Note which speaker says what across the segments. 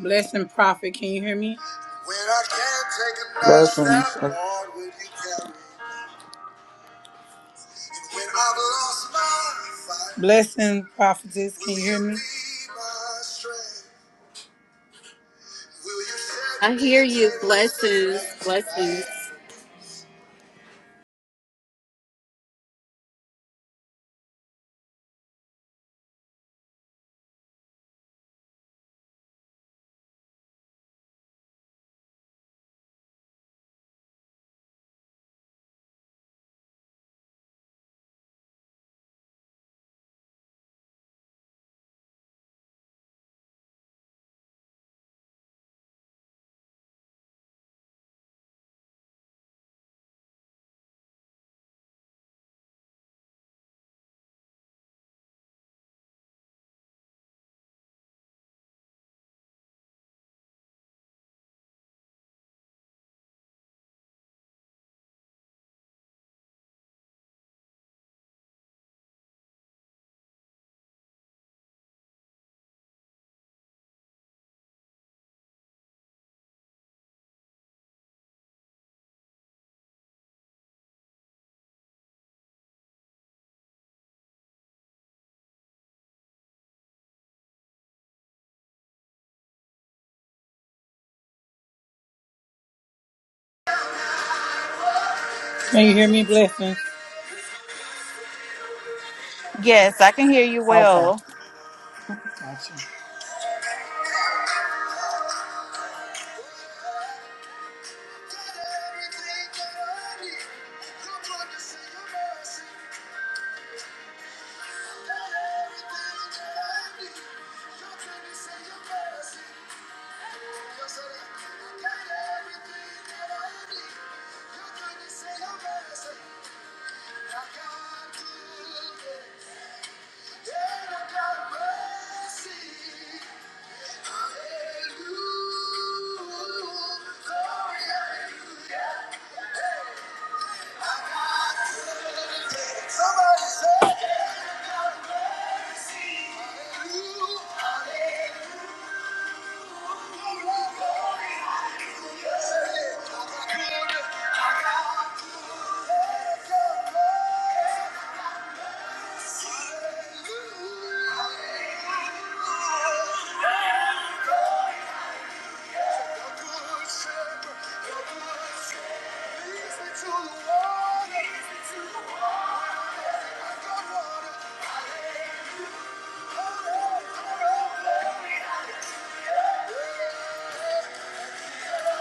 Speaker 1: Blessing prophet, can you hear me? When I can't take another step,
Speaker 2: Blessings.
Speaker 1: Lord, will you carry? me? when I've lost my fight, Blessing prophetess, can you hear me? Will you be my strength? Will you set
Speaker 3: I
Speaker 1: me
Speaker 3: hear
Speaker 1: a
Speaker 3: you.
Speaker 1: table in the
Speaker 3: Blessings,
Speaker 1: presence of my
Speaker 3: blessings.
Speaker 1: enemies? Can you hear me, Blessing?
Speaker 3: Yes, I can hear you
Speaker 1: Okay,
Speaker 3: well.
Speaker 1: gotcha. Somebody say, God mercy, Hallelujah, hallelujah. Thank you. Hallelujah.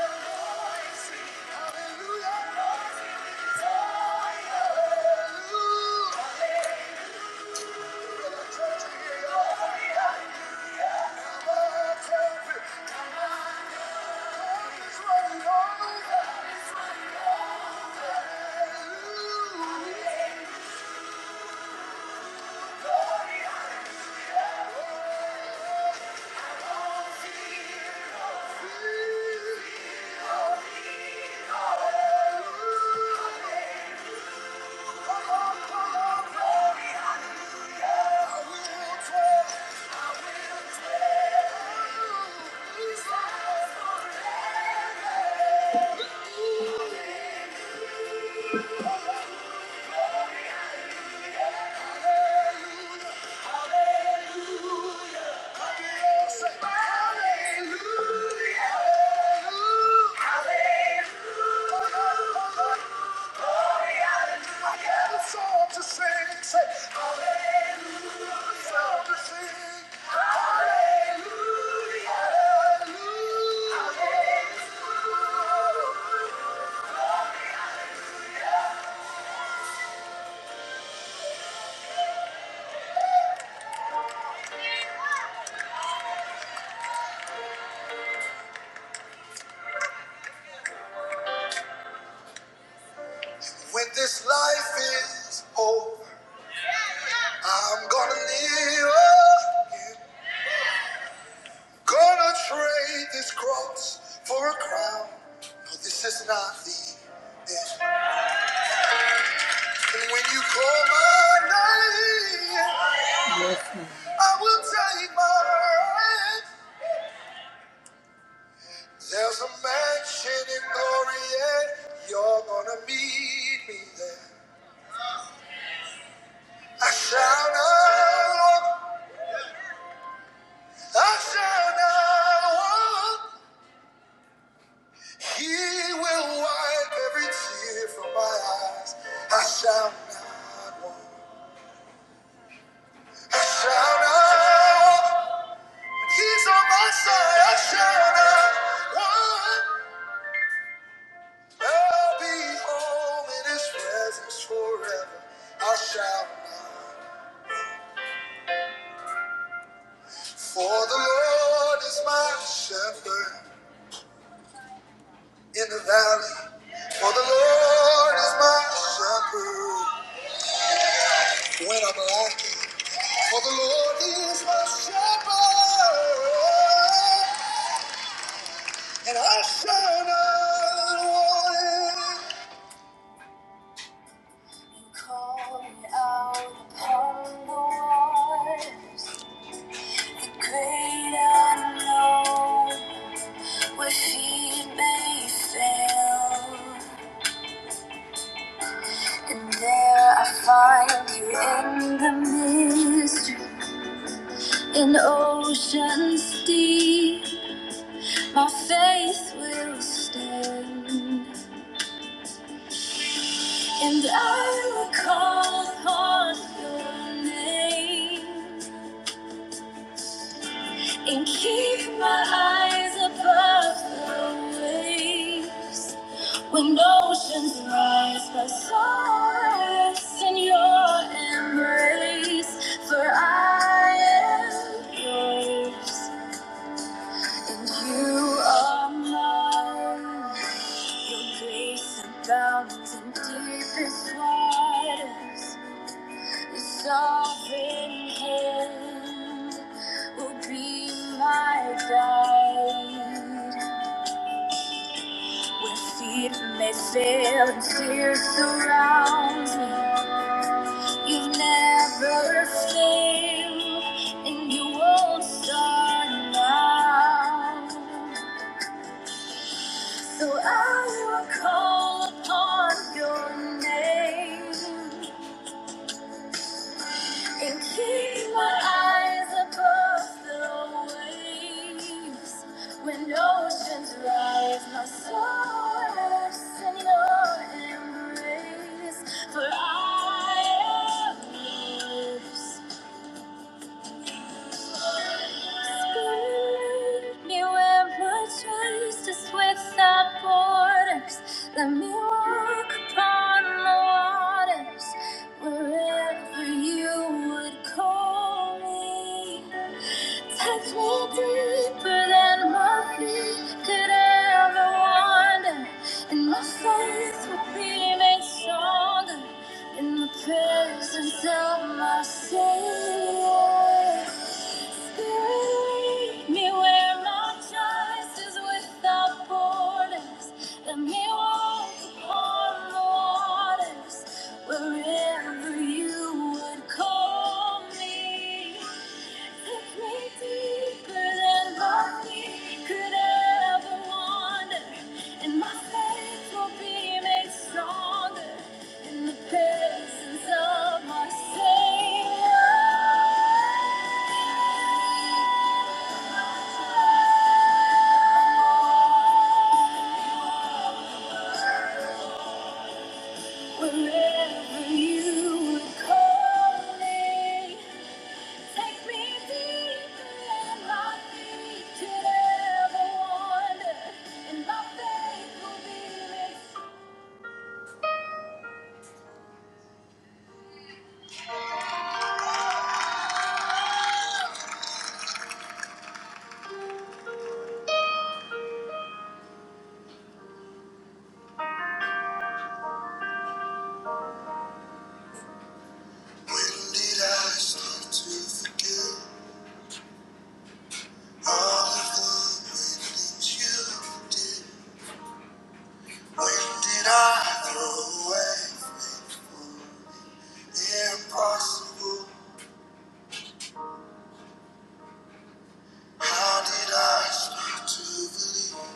Speaker 1: To sing, say, Hallelujah! Song to sing, Hallelujah! Hallelujah! When this life is over, I'm gonna live again. Gonna trade this cross for a crown. No, this is not the end. And when you call my name, yes, ma'am. I will take my hand. There's a mansion in glory, and you're gonna meet me there. I shall not walk, I shall not walk. He will wipe every tear from my eyes. I shall not want. I shall not want. When He's on my side. I shall not want. I'll be home in His presence forever. I shall not. For the Lord is my shepherd in the valley. For the Lord is my shepherd when I'm lacking. For the Lord is my shepherd, and I shall not want. Calling out upon the Lord, great unknown, where feet may fail. And there I find you in the mist, in oceans deep. My faith will stand. And I will call upon your name and keep my eyes above the waves. When oceans rise, my soul rests in your embrace. For I am yours, and you are mine. Your grace abounds in deepest waters. The Sovereign hand will be my guide. When feet may fail and fear surrounds me, you never fail, and you won't start now. So I will call upon your name. and keep my eyes above the waves. When oceans rise, my soul rests in your embrace. For I am yours lead me where my justice without borders. Let me walk upon the waters wherever you would call me. Touch me deeper than my feet could ever. walk wander, and my faith will be made stronger in the presence of my Savior. Spirit, lead me where my trust is without borders. Let me walk upon the waters. wherever you would call me to play deeper than my feet could ever wander, and my faith will be made stronger in the presence of my Savior. Wherever you would call me. When did I start to forget all of the great things you did? When did I throw away faithful? Impossible. How did I start to believe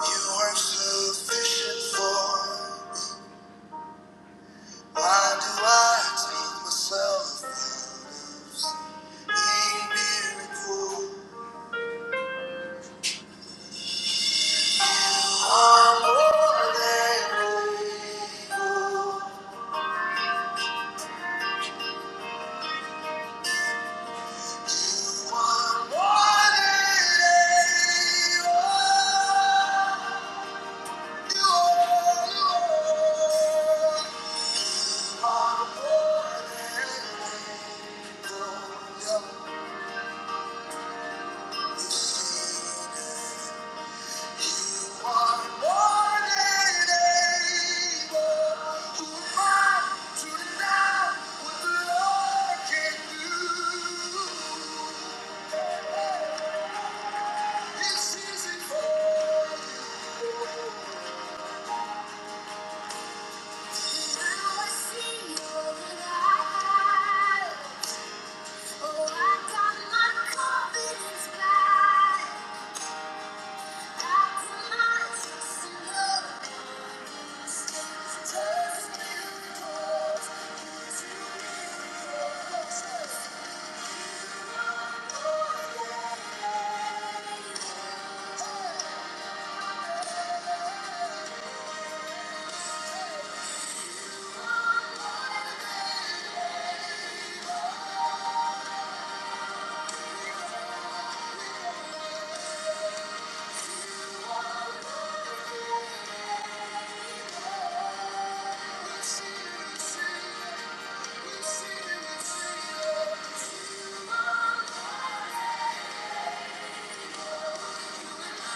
Speaker 1: you were sufficient for Why do I take myself in this miracle? I'm more than able. You are more than able. You are, you are. You are more than able. You're Oh, I got my confidence back. Thank you. Thank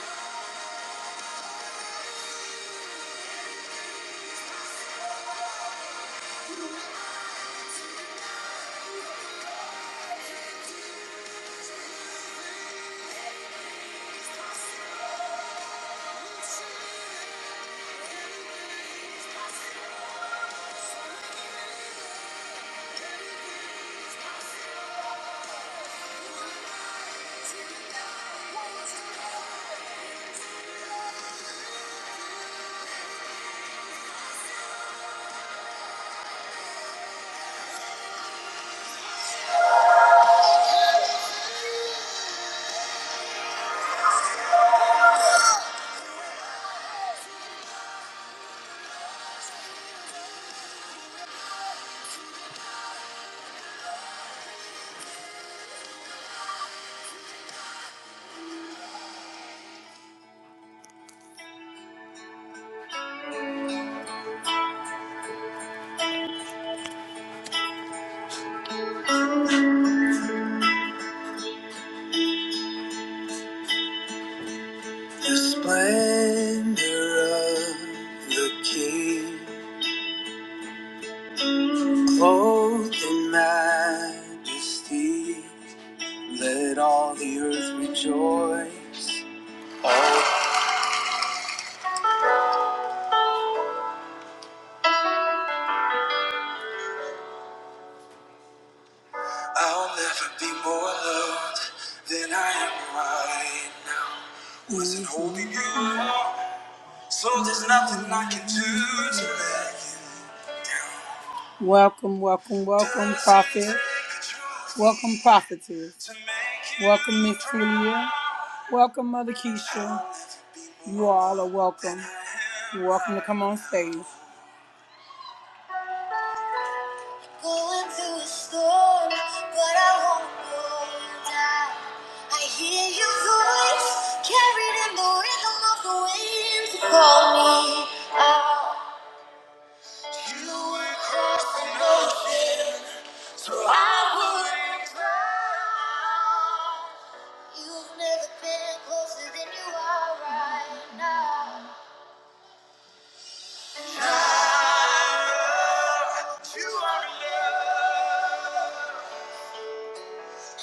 Speaker 1: you. The splendor of the King, clothed in majesty, let all the earth rejoice. I'll never be more loved than I am right now. Wasn't holding you so there's nothing I can do to let you. Welcome, welcome, welcome, Prophet. Welcome, Prophetess. Welcome, Miss Julia. Welcome, Mother Keisha. You all are welcome. You're welcome to come on stage. Going through a storm, but I won't go down. I hear your voice carried in the rhythm of the waves. You call me out. You would cross an ocean, so I wouldn't drown. You've never been closer than you are right now. You are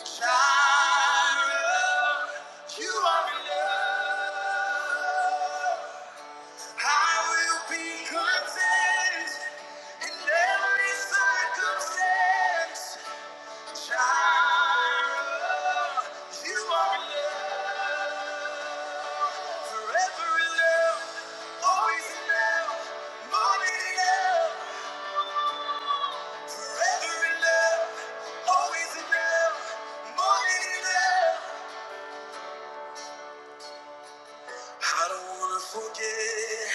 Speaker 1: enough, child. You are enough. I will be content in every circumstance. Jireh, you are enough. Forever enough, always enough, more than enough. Forever enough, always enough, more than enough. I don't wanna forget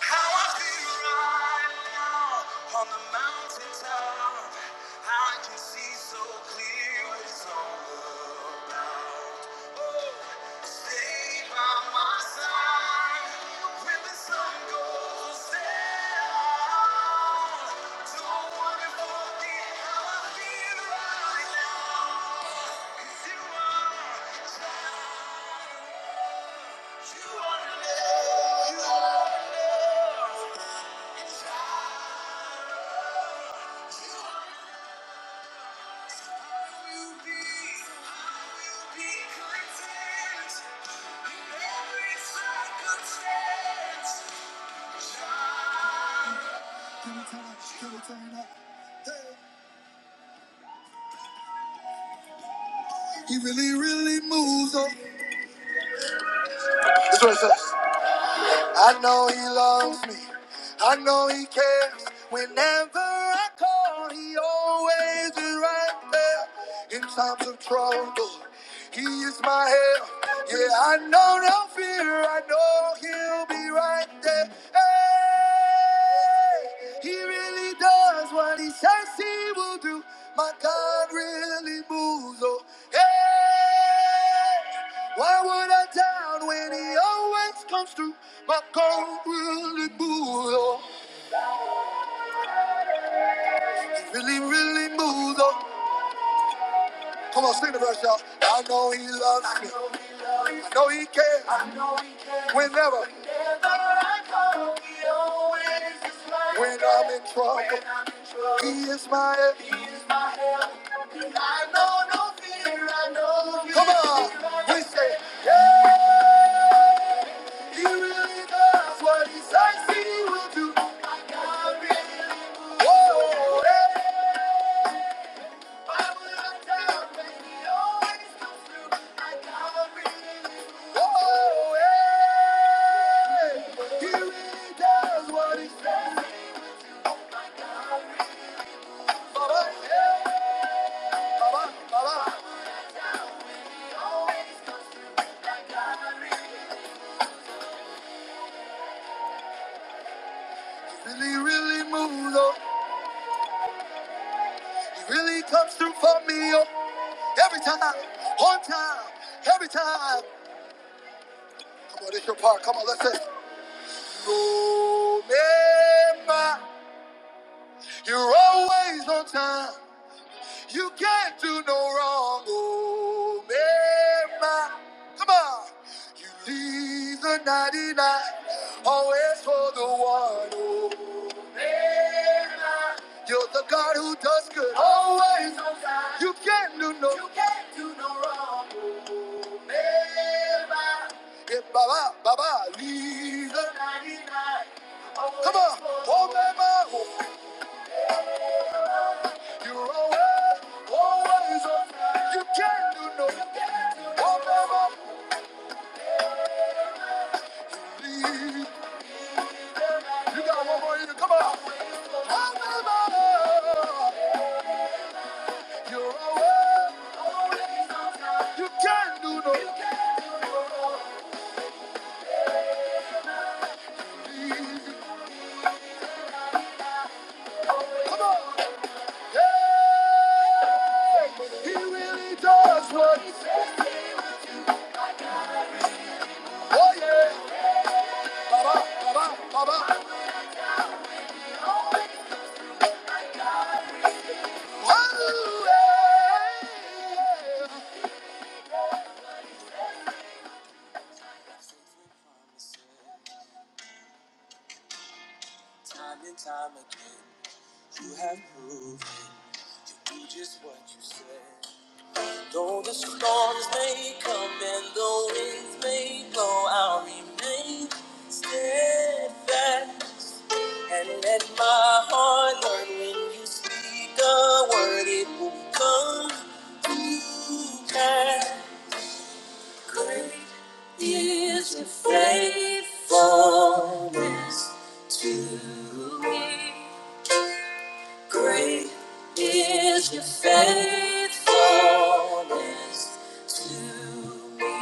Speaker 1: how I feel right now on the mountaintop. I can see so clear what it's all about. Oh, stay by my side when the sun goes down. Don't wanna forget how I feel right now. 'Cause you are a child. He really, really moves on. That's what it says. I know he loves me. I know he cares. Whenever I call, he always is right there. In times of trouble, he is my help. Yeah, I know no fear. I know he'll be right there. Hey, he really does what he says he will do. My God really moves. Oh, hey. Why would I doubt when he always comes through? My car really moves on, really, really moves on. Come on, sing the verse, y'all. I know he loves me. I know he cares. Whenever, when I'm in trouble, he is my everything. Come on, we say, yeah, he really does what he says he will do. Whoa, yeah. Really, really moves on. He really comes through for me oh. every time, on time, every time. Come on, it's your part. Come on, let's say. Remember, you're always on time. You can't do no wrong, oh Mary. Come on. You leave the 99, always for the one. Oh. You're the God who does good. Always on time. You can't do no you Yeah, Baba, Baba, leave the 99. Come on. Oh, Mary. Oh. You're always, always on time. You can't do no you no- Oh, Mary. Leave. You got one more in you. Come on. You can do no. You can do no. Come on. Hey, he really does what. he says. Oh yeah. Oh, yeah. Time and time again, you have proven you do just what you say. Though the storms may come and the winds may blow, I'll remain steadfast. And let my heart learn when you speak a word, it will come to pass. Great is your faithfulness to me. Great is your faithfulness to me.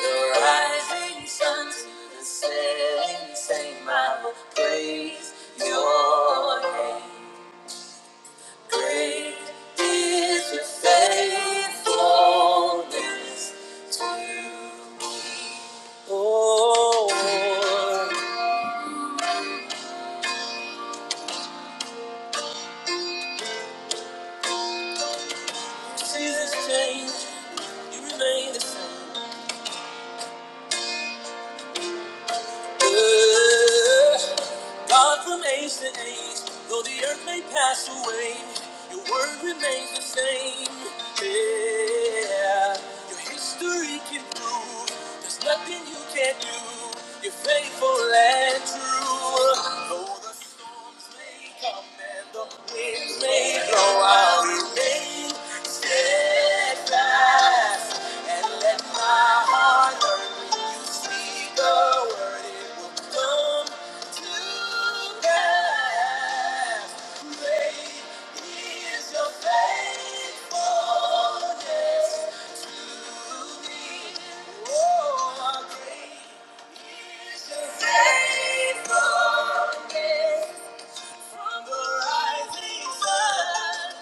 Speaker 1: The rising sun to the setting, same I will praise your name. Great is your faithfulness, Lord. Seasons change, you remain the same. Yeah. God from age to age, though the earth may pass away, your word remains the same. Yeah, your history can prove there's nothing you can't do. You're faithful and true. Though the storms may come and the winds may blow out. Faithfulness from the rising sun.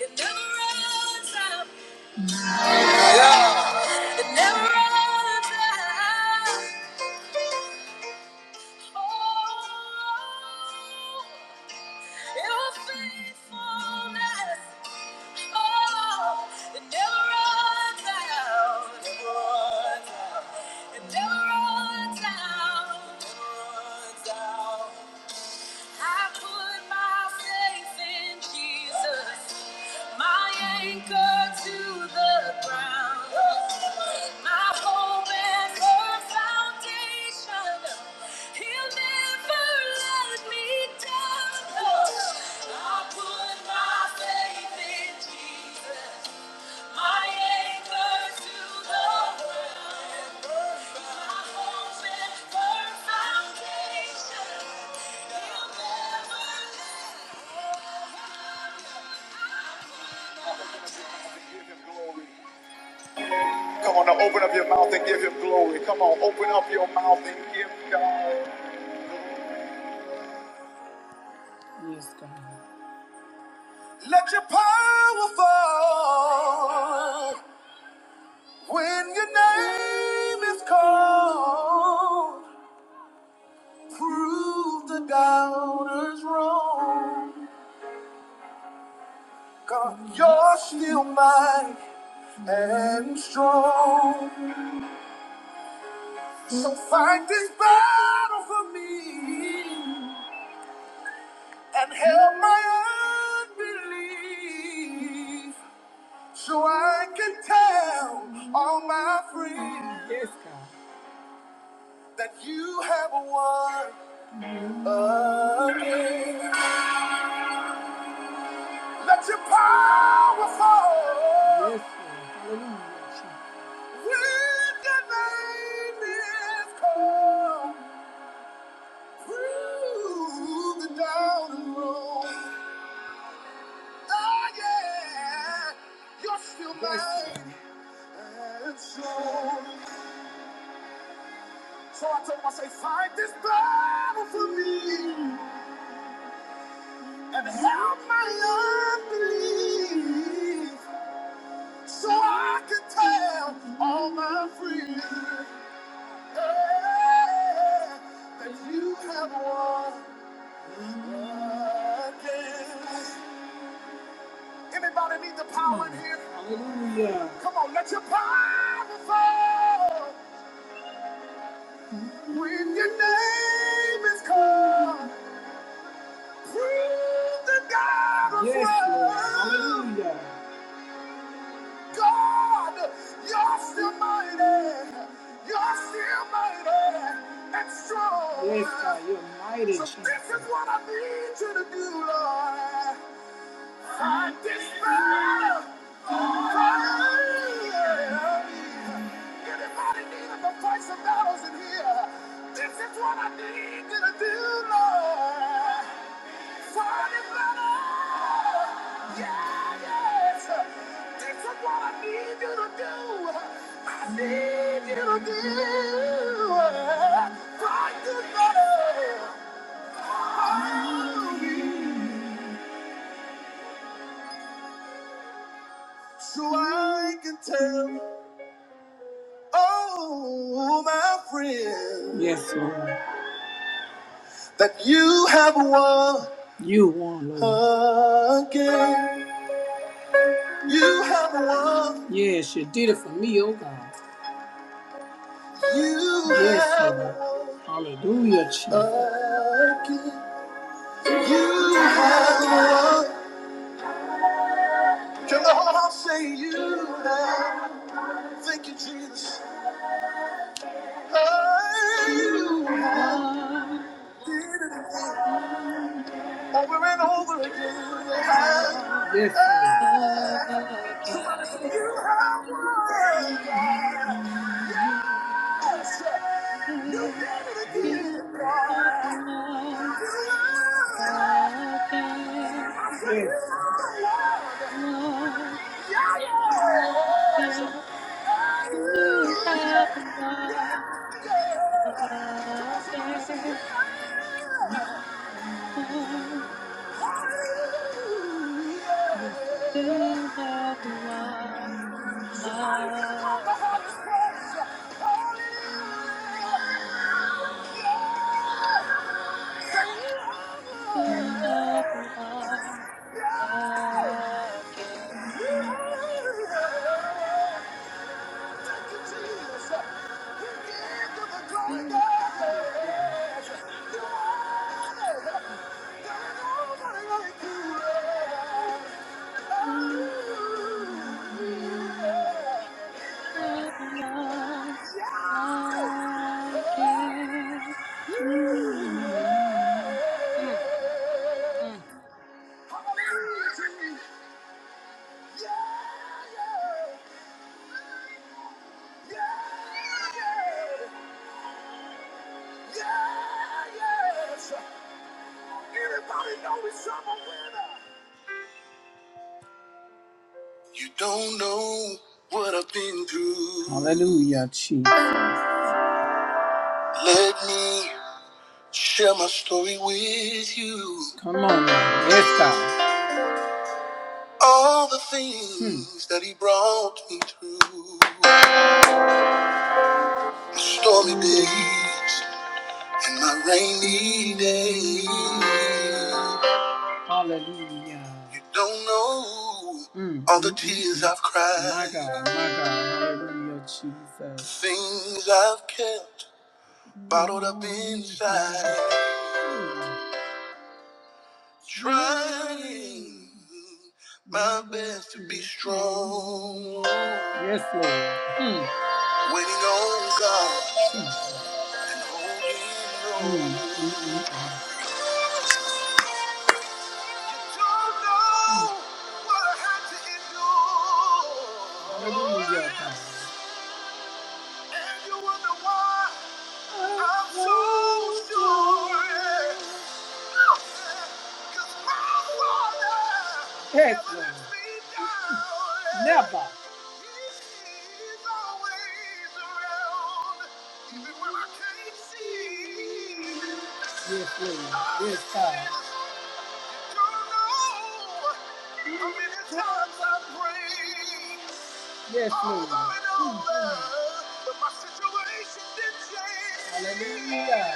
Speaker 1: It never runs out. Yeah. It never, Your faithfulness. It never runs out. It never runs out. It never runs out. It runs out. I put my faith in Jesus, my anchor to the ground, my hope and firm foundation. He'll never let me down. I put my faith in Jesus. my Come on, now open up your mouth and give him glory. Come on, open up your mouth and give God. Yes, God. Let your power fall when your name is called. Prove the doubters wrong. God, you're still mighty and strong. So fight this battle for me and help my unbelief so I can tell all my friends yes, God. that you have won again. Let your power fall yes. when your name is called. Through the down and road. Oh, yeah. You're still mine. And so, so I told him, I say, fight this battle for me and help my unbelief so I can tell all my friends yeah, that you have won again. Anybody need the power in here? Come on, let your power fall. When your name is called, prove the God of yes, love. Lord. God, you're, yes, God, you're mighty. So, so I can tell, oh, my friend, yes, Lord, that you have won. You won, Lord. Again, you have won. Yes, you did it for me, oh God. You yes, have Lord. won. Hallelujah, Jesus. Again. You have won. Come on, say you have. Thank you, Jesus. Oh, you have
Speaker 4: One
Speaker 1: did it.
Speaker 4: more again. Again, one again.
Speaker 1: Come
Speaker 4: One again.
Speaker 1: on, somebody say yeah. Hallelujah.
Speaker 4: You have one again.
Speaker 1: Somebody just call the
Speaker 4: One,
Speaker 1: hardest praise. Hallelujah.
Speaker 4: you
Speaker 1: Yeah. Say, you have
Speaker 4: have one
Speaker 1: won. yeah.
Speaker 4: again. You have one again. You have one again. Mm, mm.
Speaker 1: Anybody know it's some winner? You don't know what I've been through. Hallelujah, Jesus. Let me share my story with you. Come on, man. yes, God. All the things Hmm. that He brought me through. My stormy days and my rainy days. Hallelujah. You don't know Mm, all the mm, mm, tears mm. I've cried. My God, my God, hallelujah, Jesus. The Things I've kept. Bottled up inside, trying my best to be strong. Yes, Lord. Hmm. Waiting on God and holding on. Mm, mm, mm. Don't know what I had to endure. Hallelujah. You wonder why I'm so sure. Yes, Lord. Never. Yes, Lord. Yes, God. Yes, Lord. Mhm. Hallelujah.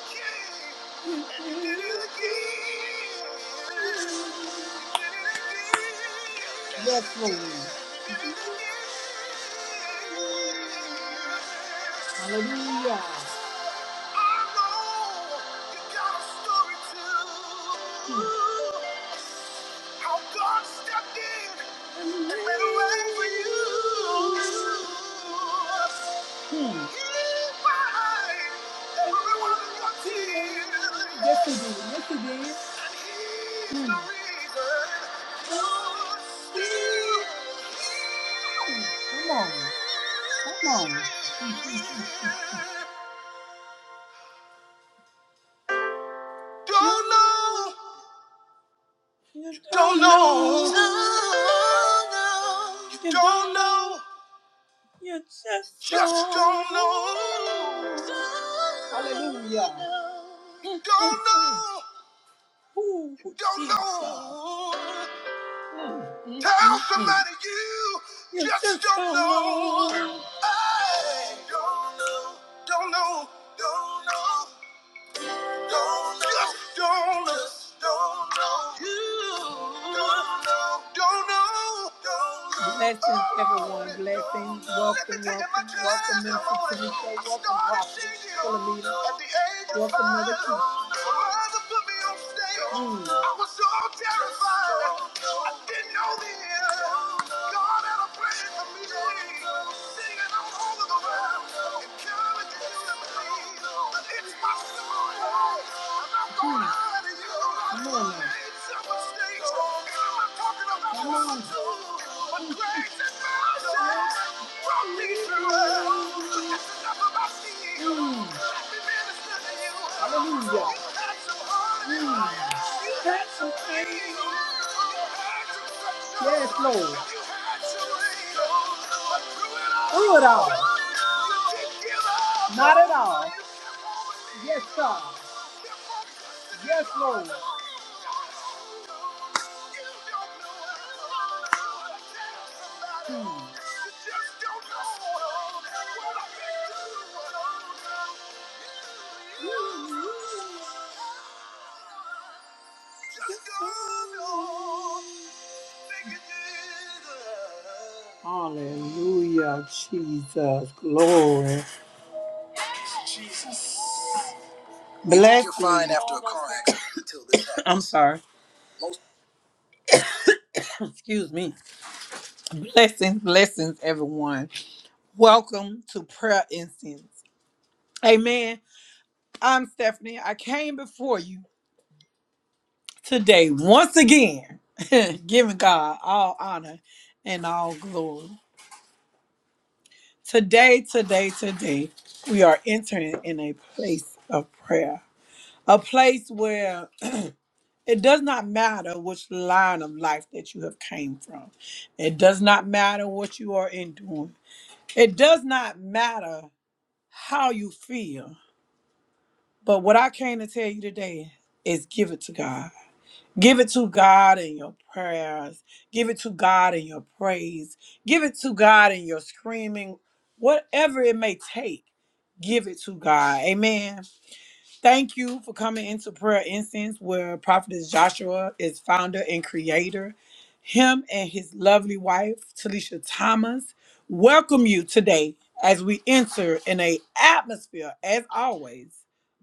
Speaker 1: Yes. Yes, Lord. Hallelujah. How He Yes, Mm. Come on. Come on. Don't know. Don't know. You don't know. Just don't know. Hallelujah. Don't know. don't know. Tell somebody you just don't know. I don't know, don't know, don't know. Don't know, don't know, don't know you. Don't know, don't know, don't know. Blessings, everyone. Blessings. Welcome, welcome, welcome, Minister Tamika. Welcome, Prophet Philomena. Welcome, Mother Keisha. Mm. I was so terrified. I didn't know the end. God had a plan for me. Come on now. Come on. Mm. Hallelujah. Mm. Yes, Lord. Do it all. Not at all. Yes, yes, Lord. Hmm. Ooh. Hallelujah, Jesus, glory. Blessings. Find after a car accident until this happens. I'm sorry. Excuse me. Blessings, blessings, everyone. Welcome to Prayer Incense. Amen. I'm Stephanie. I came before you today once again, giving God all honor and all glory. Today, today, today, we are entering in a place of prayer. A place where it does not matter which line of life that you have came from. It does not matter what you are enduring. It does not matter how you feel. But what I came to tell you today is give it to God. Give it to God in your prayers. Give it to God in your praise. Give it to God in your screaming. Whatever it may take, give it to God. Amen. Thank you for coming into Prayer Incense, where Prophetess Joshua is founder and creator. Him and his lovely wife, Talisha Thomas, welcome you today as we enter in a atmosphere, as always,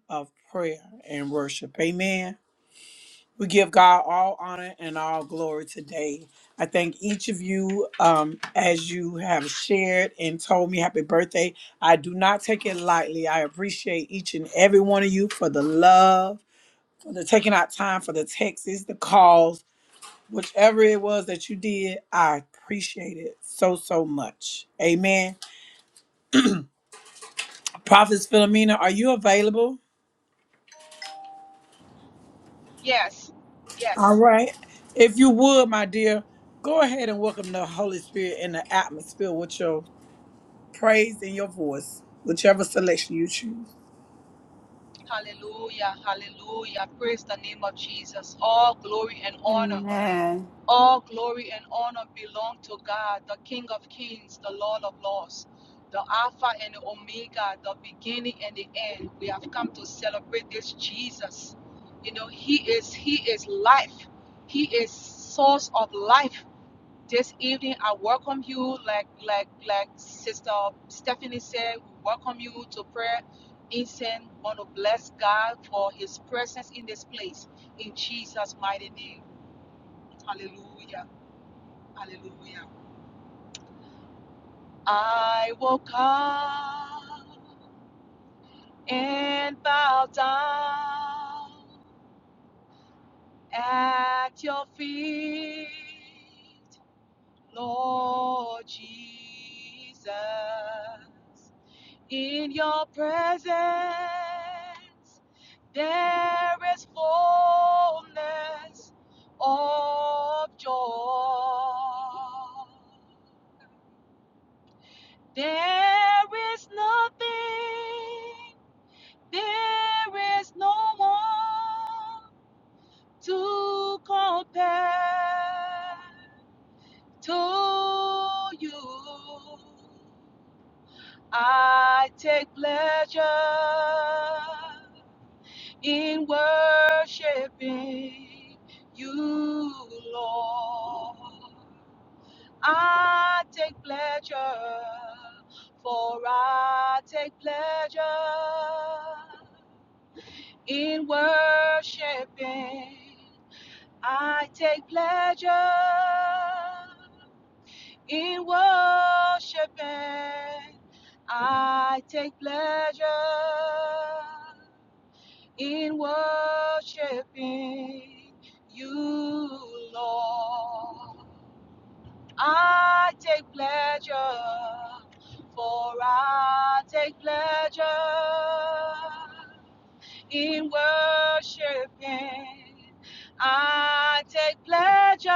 Speaker 1: of prayer and worship. Amen. We give God all honor and all glory today. I thank each of you um, as you have shared and told me happy birthday. I do not take it lightly. I appreciate each and every one of you for the love, for the taking out time, for the texts, the calls, whichever it was that you did. I appreciate it so, so much. Amen. Prophets Philomena, are you available?
Speaker 4: Yes,
Speaker 1: All
Speaker 4: yes.
Speaker 1: right. If you would, my dear, go ahead and welcome the Holy Spirit in the atmosphere with your praise in your voice, whichever selection you choose.
Speaker 4: Hallelujah, hallelujah. Praise the name of Jesus. All glory and honor,
Speaker 3: Amen.
Speaker 4: all glory and honor belong to God, the King of Kings, the Lord of Lords, the Alpha and the Omega, the beginning and the end. We have come to celebrate this Jesus. You know, He is He is life. He is source of life. this evening i welcome you like like like sister stephanie said we welcome you to prayer incense We want to bless god for his presence in this place in jesus mighty name hallelujah hallelujah i will come and bow down at your feet lord jesus In your presence there is fullness of joy. There is nothing, there is no one to compare to you. I take pleasure in worshiping you, Lord. I take pleasure, for I take pleasure in worshiping. I take pleasure in worshiping. I take pleasure in worshiping you, Lord. I take pleasure, for I take pleasure in worshiping. I take pleasure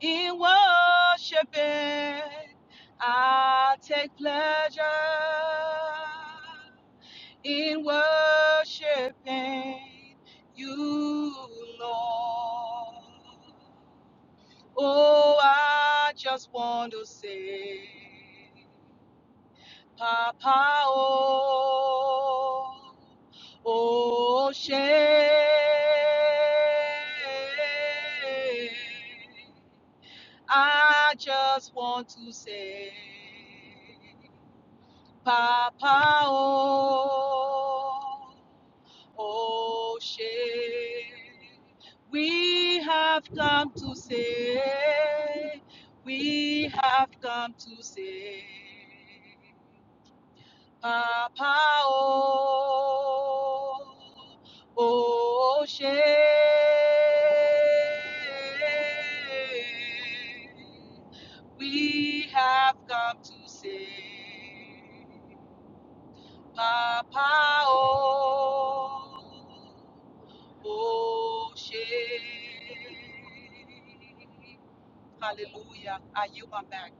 Speaker 4: in worshiping. I take pleasure in worshiping you, Lord. Oh, I just want to say, Papa, oh, oh, shame. I just want to say, Papa, oh. Oshe, we have come to say, we have come to say, Papa O, Oshe. We have come to say, Papa O. Oh, shit. Hallelujah. I yield my back.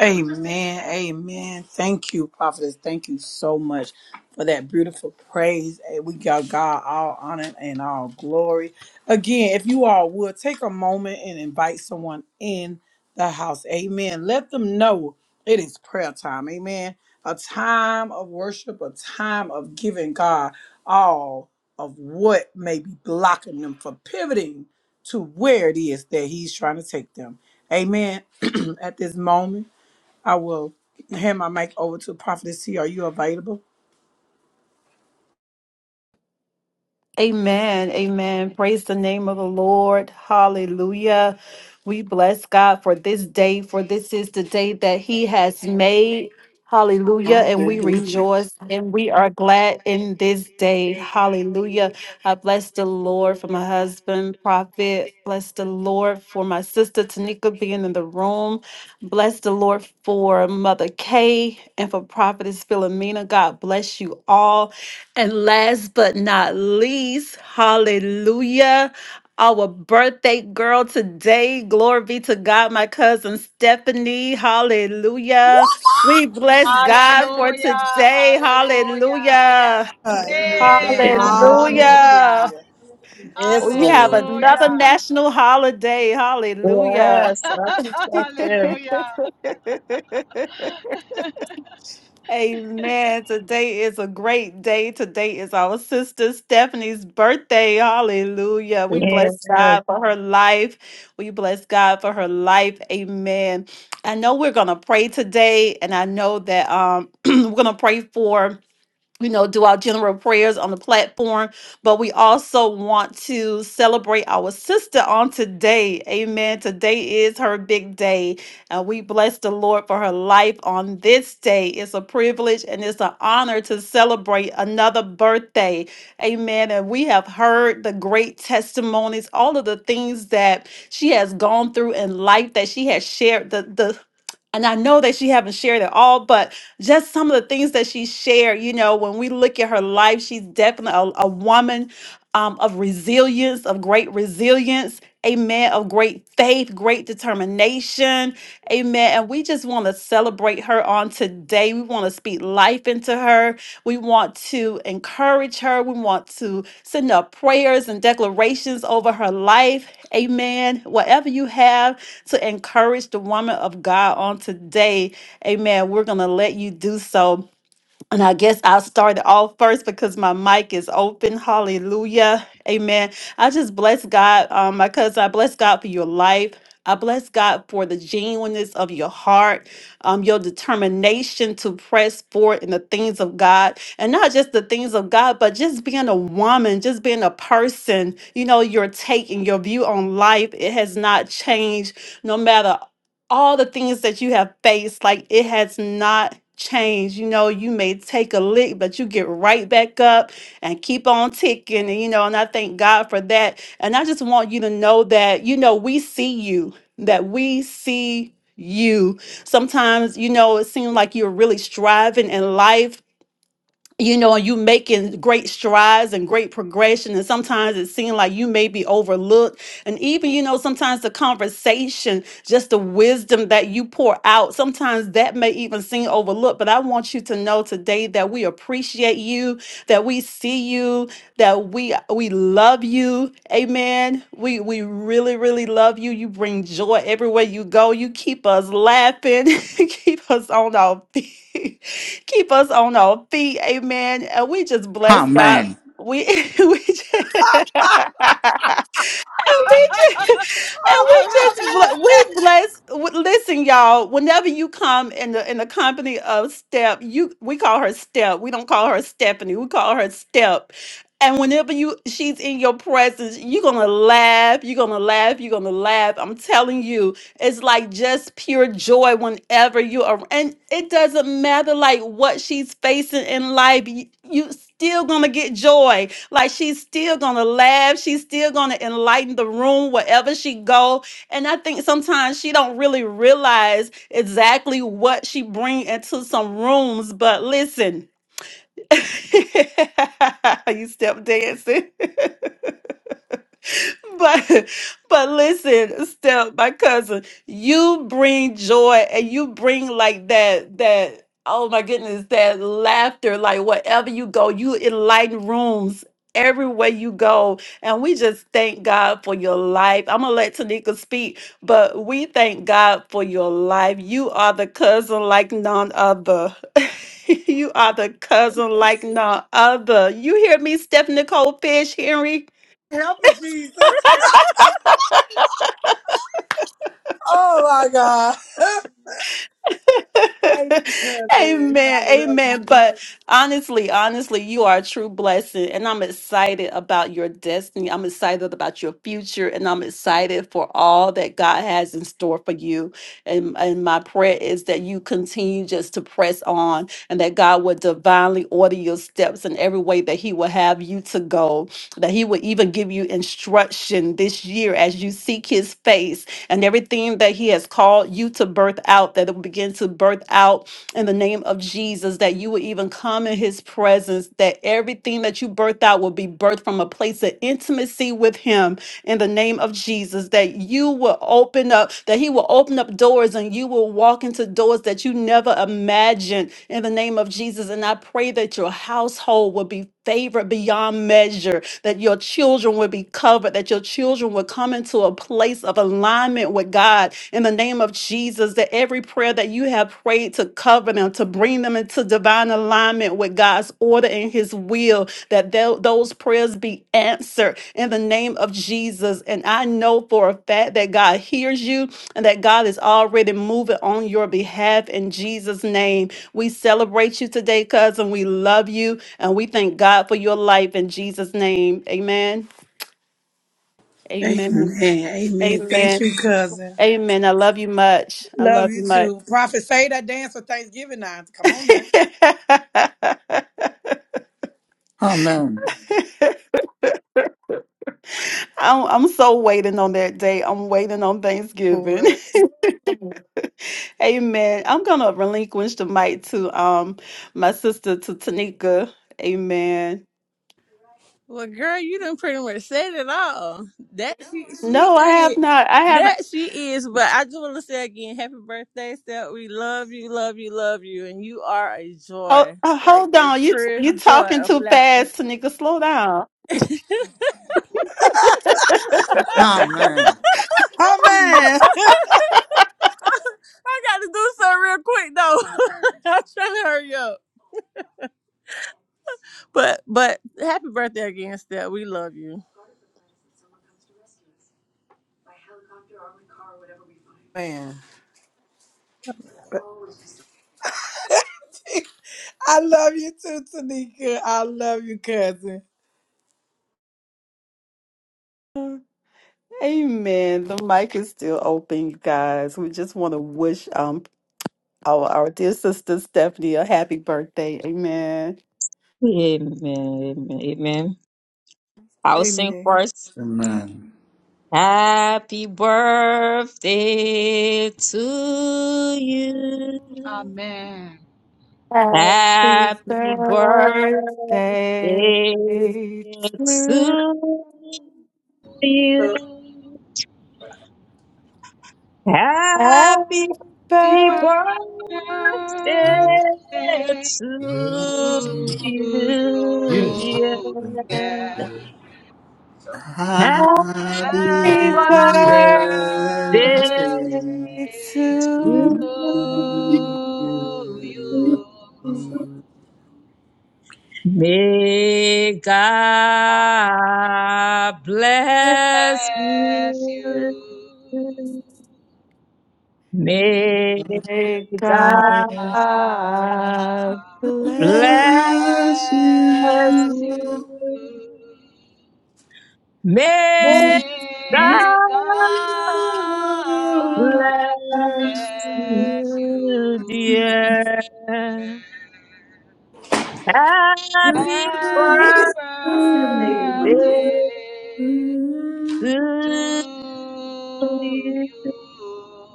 Speaker 1: Amen. Amen. Thank you, prophetess. Thank you so much for that beautiful praise. Hey, We got God all honor and all glory. Again, if you all would take a moment and invite someone in the house. Amen. Let them know it is prayer time. Amen. A time of worship, a time of giving God all of what may be blocking them from pivoting to where it is that He's trying to take them. Amen. At this moment. I will hand my mic over to Prophetess T. Are you available?
Speaker 3: Amen. Amen. Praise the name of the Lord. Hallelujah. We bless God for this day, for this is the day that He has made. Hallelujah. And we
Speaker 1: Hallelujah.
Speaker 3: rejoice and we are glad in this day. Hallelujah. I bless the Lord for my husband, Prophet. Bless the Lord for my sister, Tanika, being in the room. Bless the Lord for Mother Kay and for Prophetess Philomena. God bless you all. And last but not least, hallelujah our birthday girl today. Glory be to God, my cousin Stephanie. Hallelujah. We bless God for
Speaker 4: Hallelujah.
Speaker 3: today.
Speaker 4: Hallelujah.
Speaker 3: Hallelujah.
Speaker 4: Hey,
Speaker 5: Amen.
Speaker 3: Hallelujah.
Speaker 4: hallelujah.
Speaker 3: We have
Speaker 1: Lord.
Speaker 3: another
Speaker 4: Hallelujah.
Speaker 3: national holiday. Hallelujah.
Speaker 5: Yes, I think that's it.
Speaker 4: Hallelujah.
Speaker 3: Amen. Today is a great day. Today is our sister Stephanie's birthday. Hallelujah. We bless
Speaker 5: Amen.
Speaker 3: Yes, ma'am. God for her life. We bless God for her life. Amen. I know we're going to pray today, and I know that um, we're going to pray for you know, do our general prayers on the platform, but we also want to celebrate our sister on today. Amen. Today is her big day. And we bless the Lord for her life on this day. It's a privilege and it's an honor to celebrate another birthday. Amen. And we have heard the great testimonies, all of the things that she has gone through in life that she has shared the the and I know that she haven't shared it all, but just some of the things that she shared. You know, when we look at her life, she's definitely a, a woman um, of resilience, of great resilience. Amen. Of great faith, great determination. Amen. And we just want to celebrate her on today. We want to speak life into her. We want to encourage her. We want to send up prayers and declarations over her life. Amen. Whatever you have to encourage the woman of God on today. Amen. We're going to let you do so. And I guess I'll start it off first because my mic is open. Hallelujah. Amen. I just bless God, um, my cousin. I bless God for your life. I bless God for the genuineness of your heart, um, your determination to press forward in the things of God, and not just the things of God, but just being a woman, just being a person. You know, your take and your view on life it has not changed no matter all the things that you have faced, like it has not changed. You know, you may take a lick, but you get right back up and keep on ticking. And, you know, and I thank God for that. And I just want you to know that, you know, we see you, that we see you. Sometimes, you know, it seems like you're really striving in life you know and you making great strides and great progression and sometimes it seems like you may be overlooked and even you know sometimes the conversation just the wisdom that you pour out sometimes that may even seem overlooked but i want you to know today that we appreciate you that we see you that we we love you amen we we really really love you you bring joy everywhere you go you keep us laughing You keep us on our feet keep us on our feet. Amen. And we just bless God.
Speaker 2: Amen.
Speaker 3: We we just, and we just, and we
Speaker 4: Amen.
Speaker 3: just bl- we bless. w- Listen, y'all. Whenever you come in the in the company of Step, you we call her Step. We don't call her Stephanie. We call her Step. And whenever you she's in your presence, you're gonna laugh. You're gonna laugh. You're gonna laugh. I'm telling you, it's like just pure joy whenever you are. And it doesn't matter like what she's facing in life. You, you still gonna get joy like she's still gonna laugh, she's still gonna enlighten the room wherever she go. And I think sometimes she don't really realize exactly what she bring into some rooms. But listen, you step dancing. but but listen, Steph, my cousin, you bring joy and you bring like that that oh my goodness, that laughter, like wherever you go, you enlighten rooms everywhere you go. And we just thank God for your life. I'm gonna let Tanika speak, but we thank God for your life. You are the cousin like none other. you are the cousin like none other. You hear me, Steph Nicole Fish, Henry?
Speaker 1: Help us, Jesus. Oh my God. Thank you, cousin. I
Speaker 3: amen
Speaker 1: love
Speaker 3: amen
Speaker 1: you.
Speaker 3: but honestly honestly you are a true blessing and i'm excited about your destiny i'm excited about your future and i'm excited for all that god has in store for you and, and my prayer is that you continue just to press on and that god will divinely order your steps in every way that he will have you to go that he will even give you instruction this year as you seek his face and everything that He has called you to birth out, that it will begin to birth out in the name of Jesus, that you will even come in His presence, that everything that you birth out will be birthed from a place of intimacy with Him in the name of Jesus, that you will open up, that He will open up doors and you will walk into doors that you never imagined in the name of Jesus. And I pray that your household will be favored beyond measure that your children would be covered, that your children would come into a place of alignment with God in the name of Jesus, that every prayer that you have prayed to cover them, to bring them into divine alignment with God's order and His will, that tho- those prayers be answered in the name of Jesus. And I know for a fact that God hears you and that God is already moving on your behalf in Jesus' name. We celebrate you today, cousin. We love you. And we thank God for your life in Jesus' name. Amen. Amen.
Speaker 1: Amen. Amen. Thank
Speaker 3: Amen.
Speaker 1: you, cousin.
Speaker 3: Amen. I love you much. I
Speaker 1: Love
Speaker 3: love you
Speaker 1: you
Speaker 3: much.
Speaker 1: too. Prophet, say that dance for Thanksgiving now. Come on now.
Speaker 2: Amen.
Speaker 3: I'm, I'm so waiting on that day. I'm waiting on Thanksgiving. Amen. I'm gonna relinquish the mic to um my sister to Tanika. Amen.
Speaker 6: Well, girl, you done pretty much said it all. That she she
Speaker 3: No, I have
Speaker 6: is.
Speaker 3: not. I haven't.
Speaker 6: That she is. But I just want to say again, happy birthday, Steph. We love you, love you, love you, and you are a
Speaker 3: Oh,
Speaker 6: joy,
Speaker 3: uh,
Speaker 6: like
Speaker 3: hold
Speaker 6: just
Speaker 3: on. You
Speaker 6: pure
Speaker 3: you
Speaker 6: joy
Speaker 3: talking
Speaker 6: of
Speaker 3: too
Speaker 6: laughter.
Speaker 3: fast, Tanika. Slow down.
Speaker 2: Amen.
Speaker 1: Amen. Man.
Speaker 6: I got to do something real quick though. I'm trying to hurry up. But but happy birthday again, Steph. We love you.
Speaker 1: Man. I love you too, Tanika. I love you, cousin.
Speaker 3: Amen. The mic is still open, you guys. We just want to wish um our, our dear sister Stephanie a happy birthday. Amen.
Speaker 5: Amen. Amen. Amen. I'll sing
Speaker 1: Amen.
Speaker 5: first.
Speaker 2: Amen.
Speaker 5: Happy birthday to you.
Speaker 4: Amen.
Speaker 3: Happy
Speaker 5: Happy
Speaker 3: birthday
Speaker 5: birthday
Speaker 3: to you.
Speaker 5: to you.
Speaker 3: Happy
Speaker 5: Happy Happy
Speaker 3: birthday.
Speaker 4: Deeper
Speaker 5: birthday
Speaker 4: birthday
Speaker 5: to
Speaker 4: to
Speaker 5: you, dear.
Speaker 4: you. Yeah.
Speaker 5: Happy
Speaker 2: Happy
Speaker 3: Happy
Speaker 4: Happy
Speaker 2: birthday
Speaker 5: birthday
Speaker 2: to
Speaker 3: birthday
Speaker 4: birthday
Speaker 3: to
Speaker 2: you.
Speaker 5: to
Speaker 4: to you.
Speaker 5: you. May
Speaker 4: I
Speaker 5: God bless
Speaker 3: you.
Speaker 4: bless
Speaker 5: you.
Speaker 4: you.
Speaker 5: May
Speaker 3: May
Speaker 5: God
Speaker 2: Bless
Speaker 4: I
Speaker 3: God bless.
Speaker 5: bless
Speaker 2: you.
Speaker 4: bless you.
Speaker 5: you.
Speaker 3: you.
Speaker 2: Bless
Speaker 5: May
Speaker 4: May
Speaker 5: God Bless
Speaker 4: God bless you.
Speaker 5: you, dear. Happy birthday
Speaker 4: Happy birthday.
Speaker 2: you.
Speaker 4: to
Speaker 5: to you.
Speaker 4: you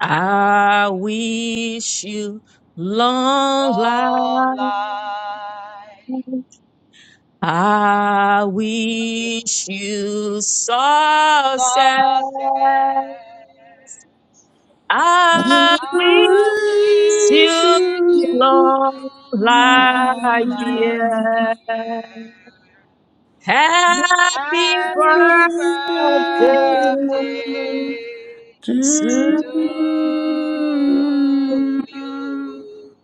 Speaker 5: I wish you long
Speaker 4: all
Speaker 5: life.
Speaker 4: life
Speaker 5: I wish you success.
Speaker 4: success
Speaker 2: I
Speaker 5: I
Speaker 4: I
Speaker 5: wish
Speaker 2: raise
Speaker 5: you
Speaker 4: wish
Speaker 2: you.
Speaker 4: you
Speaker 5: long
Speaker 4: all
Speaker 5: life,
Speaker 4: at
Speaker 5: dear.
Speaker 4: the end.
Speaker 5: Happy
Speaker 4: Happy birthday
Speaker 5: birthday to
Speaker 4: to you.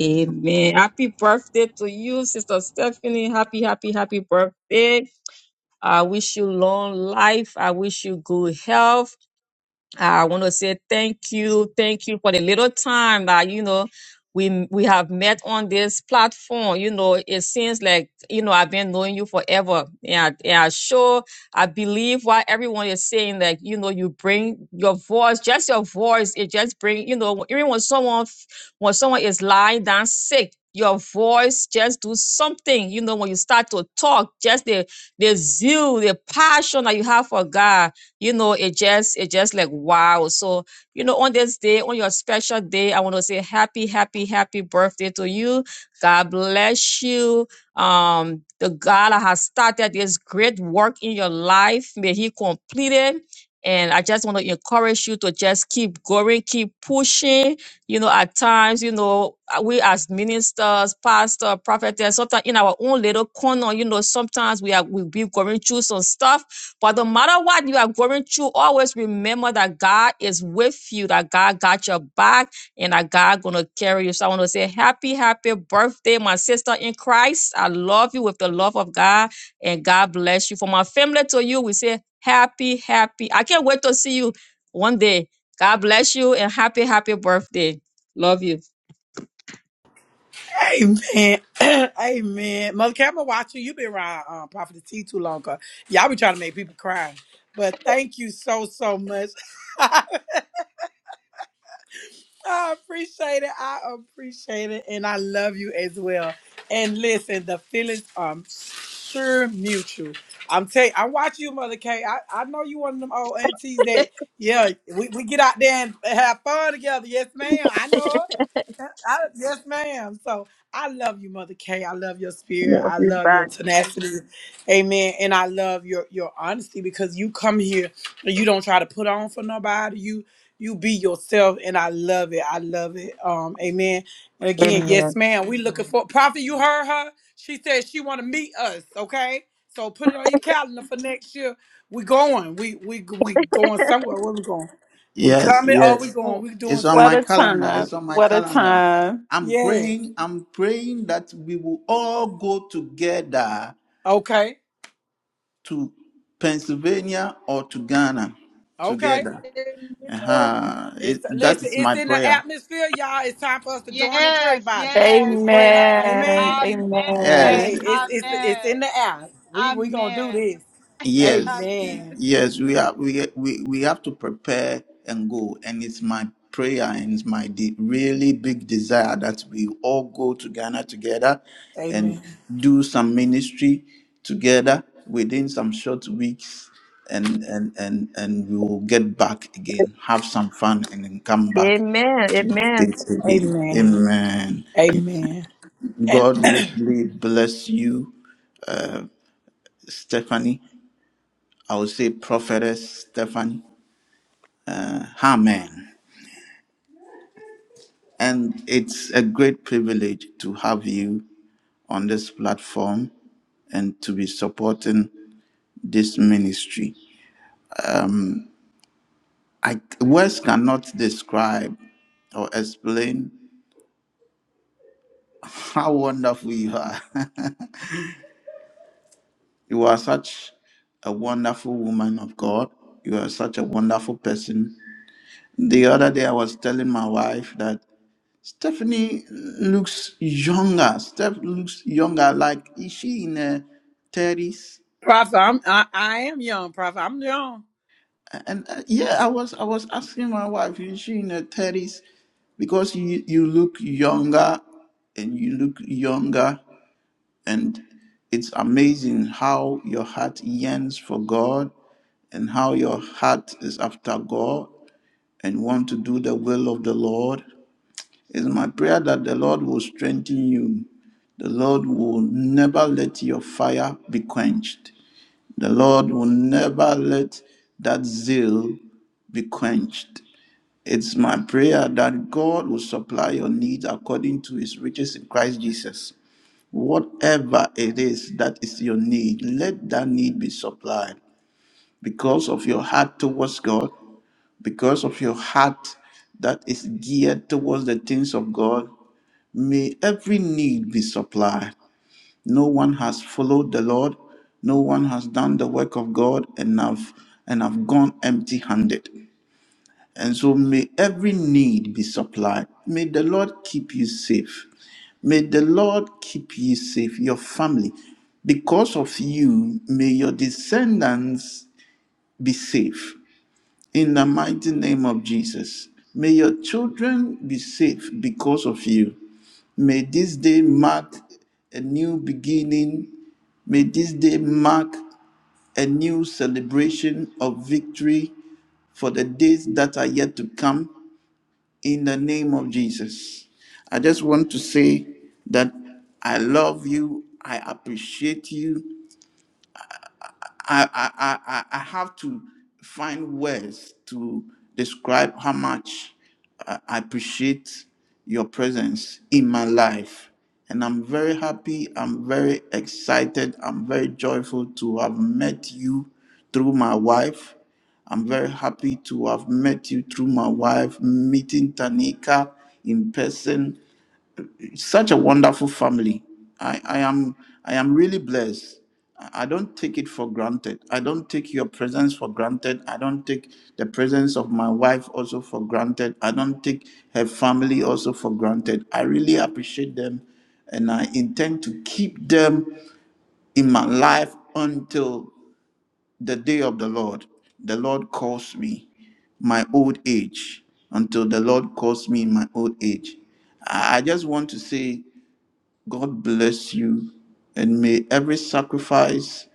Speaker 5: Amen. Happy birthday to you, Sister Stephanie. Happy, happy, happy birthday. I wish you long life. I wish you good health. I want to say thank you, thank you for the little time that you know we we have met on this platform. You know, it seems like you know I've been knowing you forever. Yeah, yeah, sure. I believe what everyone is saying. Like you know, you bring your voice, just your voice. It just bring you know even when someone when someone is lying down sick. Your voice just do something, you know, when you start to talk, just the the zeal, the passion that you have for God you know it just it just like wow so you know on this day on your special day i want to say happy happy happy birthday to you god bless you um the god that has started this great work in your life may he complete it and i just want to encourage you to just keep going keep pushing you know at times you know uh, we as ministers pastor prophetess sometimes in our own little corner you know sometimes we are we be going through some stuff but no matter what you are going through, always remember that God is with you, that God got your back, and that God gonna carry you. So I want to say happy, happy birthday, my sister in Christ. I love you with the love of God, and God bless you. For my family to you, we say happy, happy. I can't wait to see you one day. God bless you and happy, happy birthday. Love you.
Speaker 1: Amen. Amen. Mother Camera watching, you've been around um, Prophet T too long. you y'all be trying to make people cry. But thank you so, so much. I appreciate it. I appreciate it. And I love you as well. And listen, the feelings are sure mutual. I'm telling I watch you, Mother K. I, I know you one of them old aunties that, yeah, we, we get out there and have fun together. Yes, ma'am. I know it. I, I- yes, ma'am. So I love you, Mother K. I love your spirit.
Speaker 5: Love
Speaker 1: I
Speaker 5: you
Speaker 1: love your
Speaker 5: back.
Speaker 1: tenacity. Amen. And I love your, your honesty because you come here and you don't try to put on for nobody you be yourself and i love it i love it um amen and again yes
Speaker 5: Amen.
Speaker 1: ma'am we looking for prophet you heard her she said she want to meet us okay so put it on your calendar for next year we going we we we going somewhere where we going we
Speaker 2: Yes,
Speaker 1: coming Oh, we
Speaker 2: yes.
Speaker 1: going we doing
Speaker 2: It's on
Speaker 3: What
Speaker 2: my
Speaker 1: something
Speaker 3: a
Speaker 2: calendar.
Speaker 3: time.
Speaker 2: It's on my
Speaker 3: What a
Speaker 2: calendar.
Speaker 3: time.
Speaker 2: I'm
Speaker 1: yes
Speaker 2: praying, I'm praying that we will all go together
Speaker 1: okay
Speaker 2: to Pennsylvania or to Ghana
Speaker 1: okay
Speaker 2: together. Uh-huh. It,
Speaker 1: it's
Speaker 2: that
Speaker 1: listen
Speaker 2: is
Speaker 1: it's
Speaker 2: my
Speaker 1: in the
Speaker 2: prayer.
Speaker 1: atmosphere y'all it's time for us to join and pray
Speaker 4: Yes,
Speaker 1: about it we
Speaker 4: yes,
Speaker 1: praying up
Speaker 4: yes.
Speaker 3: Amen.
Speaker 1: amen
Speaker 4: Amen.
Speaker 3: Amen.
Speaker 2: Yes,
Speaker 1: Hey, it's it's
Speaker 4: Amen.
Speaker 1: it's in the air. We we gonna do
Speaker 4: Amen.
Speaker 1: this.
Speaker 2: yes,
Speaker 4: Amen.
Speaker 1: Amen.
Speaker 2: yes. We have we, we we have to prepare and go, and it's my prayer and it's my de- really big desire that we all go to Ghana together and
Speaker 1: Amen.
Speaker 2: do some ministry together within some short weeks, and and and and we will get back again, have some fun, and then come back
Speaker 5: Amen.
Speaker 2: to the
Speaker 5: Amen.
Speaker 2: states again.
Speaker 1: Amen.
Speaker 2: Amen.
Speaker 1: Amen. And
Speaker 2: God richly bless you, Stephanie. I will say prophetess Stephanie. Amen. And it's a great privilege to have you on this platform and to be supporting this ministry. I, words cannot describe or explain how wonderful you are. you are such a wonderful woman of God. You are such a wonderful person. The other day, I was telling my wife that. Stephanie looks younger. Steph looks younger. Like is she in her thirties?
Speaker 1: Prophet, I'm I, I am young, Prophet. I'm young.
Speaker 2: And uh, yeah, I was I was asking my wife, is she in her thirties? Because you you look younger, and you look younger, and it's amazing how your heart yearns for God, and how your heart is after God, and want to do the will of the Lord. It's my prayer that the Lord will strengthen you. The Lord will never let your fire be quenched. The Lord will never let that zeal be quenched. It's my prayer that God will supply your needs according to his riches in Christ Jesus. Whatever it is that is your need, let that need be supplied because of your heart towards God, because of your heart that is geared towards the things of God. May every need be supplied. No one has followed the Lord, no one has done the work of God and have, and have gone empty handed. And so may every need be supplied. May the Lord keep you safe. May the Lord keep you safe, your family. Because of you, may your descendants be safe. In the mighty name of Jesus. May your children be safe because of you. May this day mark a new beginning. May this day mark a new celebration of victory for the days that are yet to come in the name of Jesus. I just want to say that I love you. I appreciate you. I, I, I, I have to find words to describe how much uh, I appreciate your presence in my life. And I'm very happy, I'm very excited, I'm very joyful to have met you through my wife. I'm very happy to have met you through my wife, meeting Tanika in person such a wonderful family. I, I am I am really blessed. I I don't take it for granted. I don't take your presence for granted. I don't take the presence of my wife also for granted. I don't take her family also for granted. I really appreciate them and I intend to keep them in my life until the day of the Lord. The Lord calls me my old age until the Lord calls me in my old age. I I just want to say God bless you. And may every sacrifice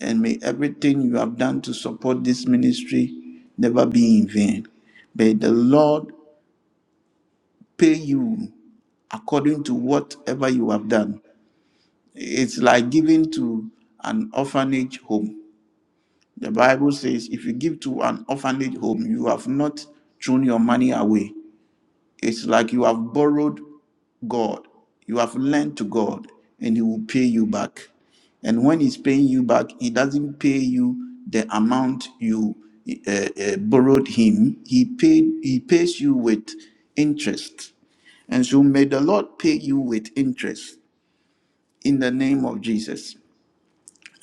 Speaker 2: and may everything you have done to support this ministry never be in vain. May the Lord pay you according to whatever you have done. It's like giving to an orphanage home. The Bible says if you give to an orphanage home, you have not thrown your money away. It's like you have borrowed God, you have lent to God, and He will pay you back. And when He's paying you back, He doesn't pay you the amount you uh, uh, borrowed Him. He paid. He pays you with interest. And so may the Lord pay you with interest in the name of Jesus.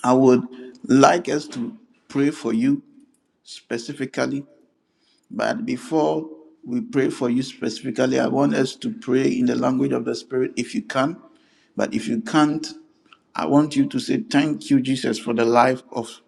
Speaker 2: I would like us to pray for you specifically but before we pray for you specifically, I want us to pray in the language of the Spirit if you can. But if you can't, I want you to say thank you, Jesus, for the life of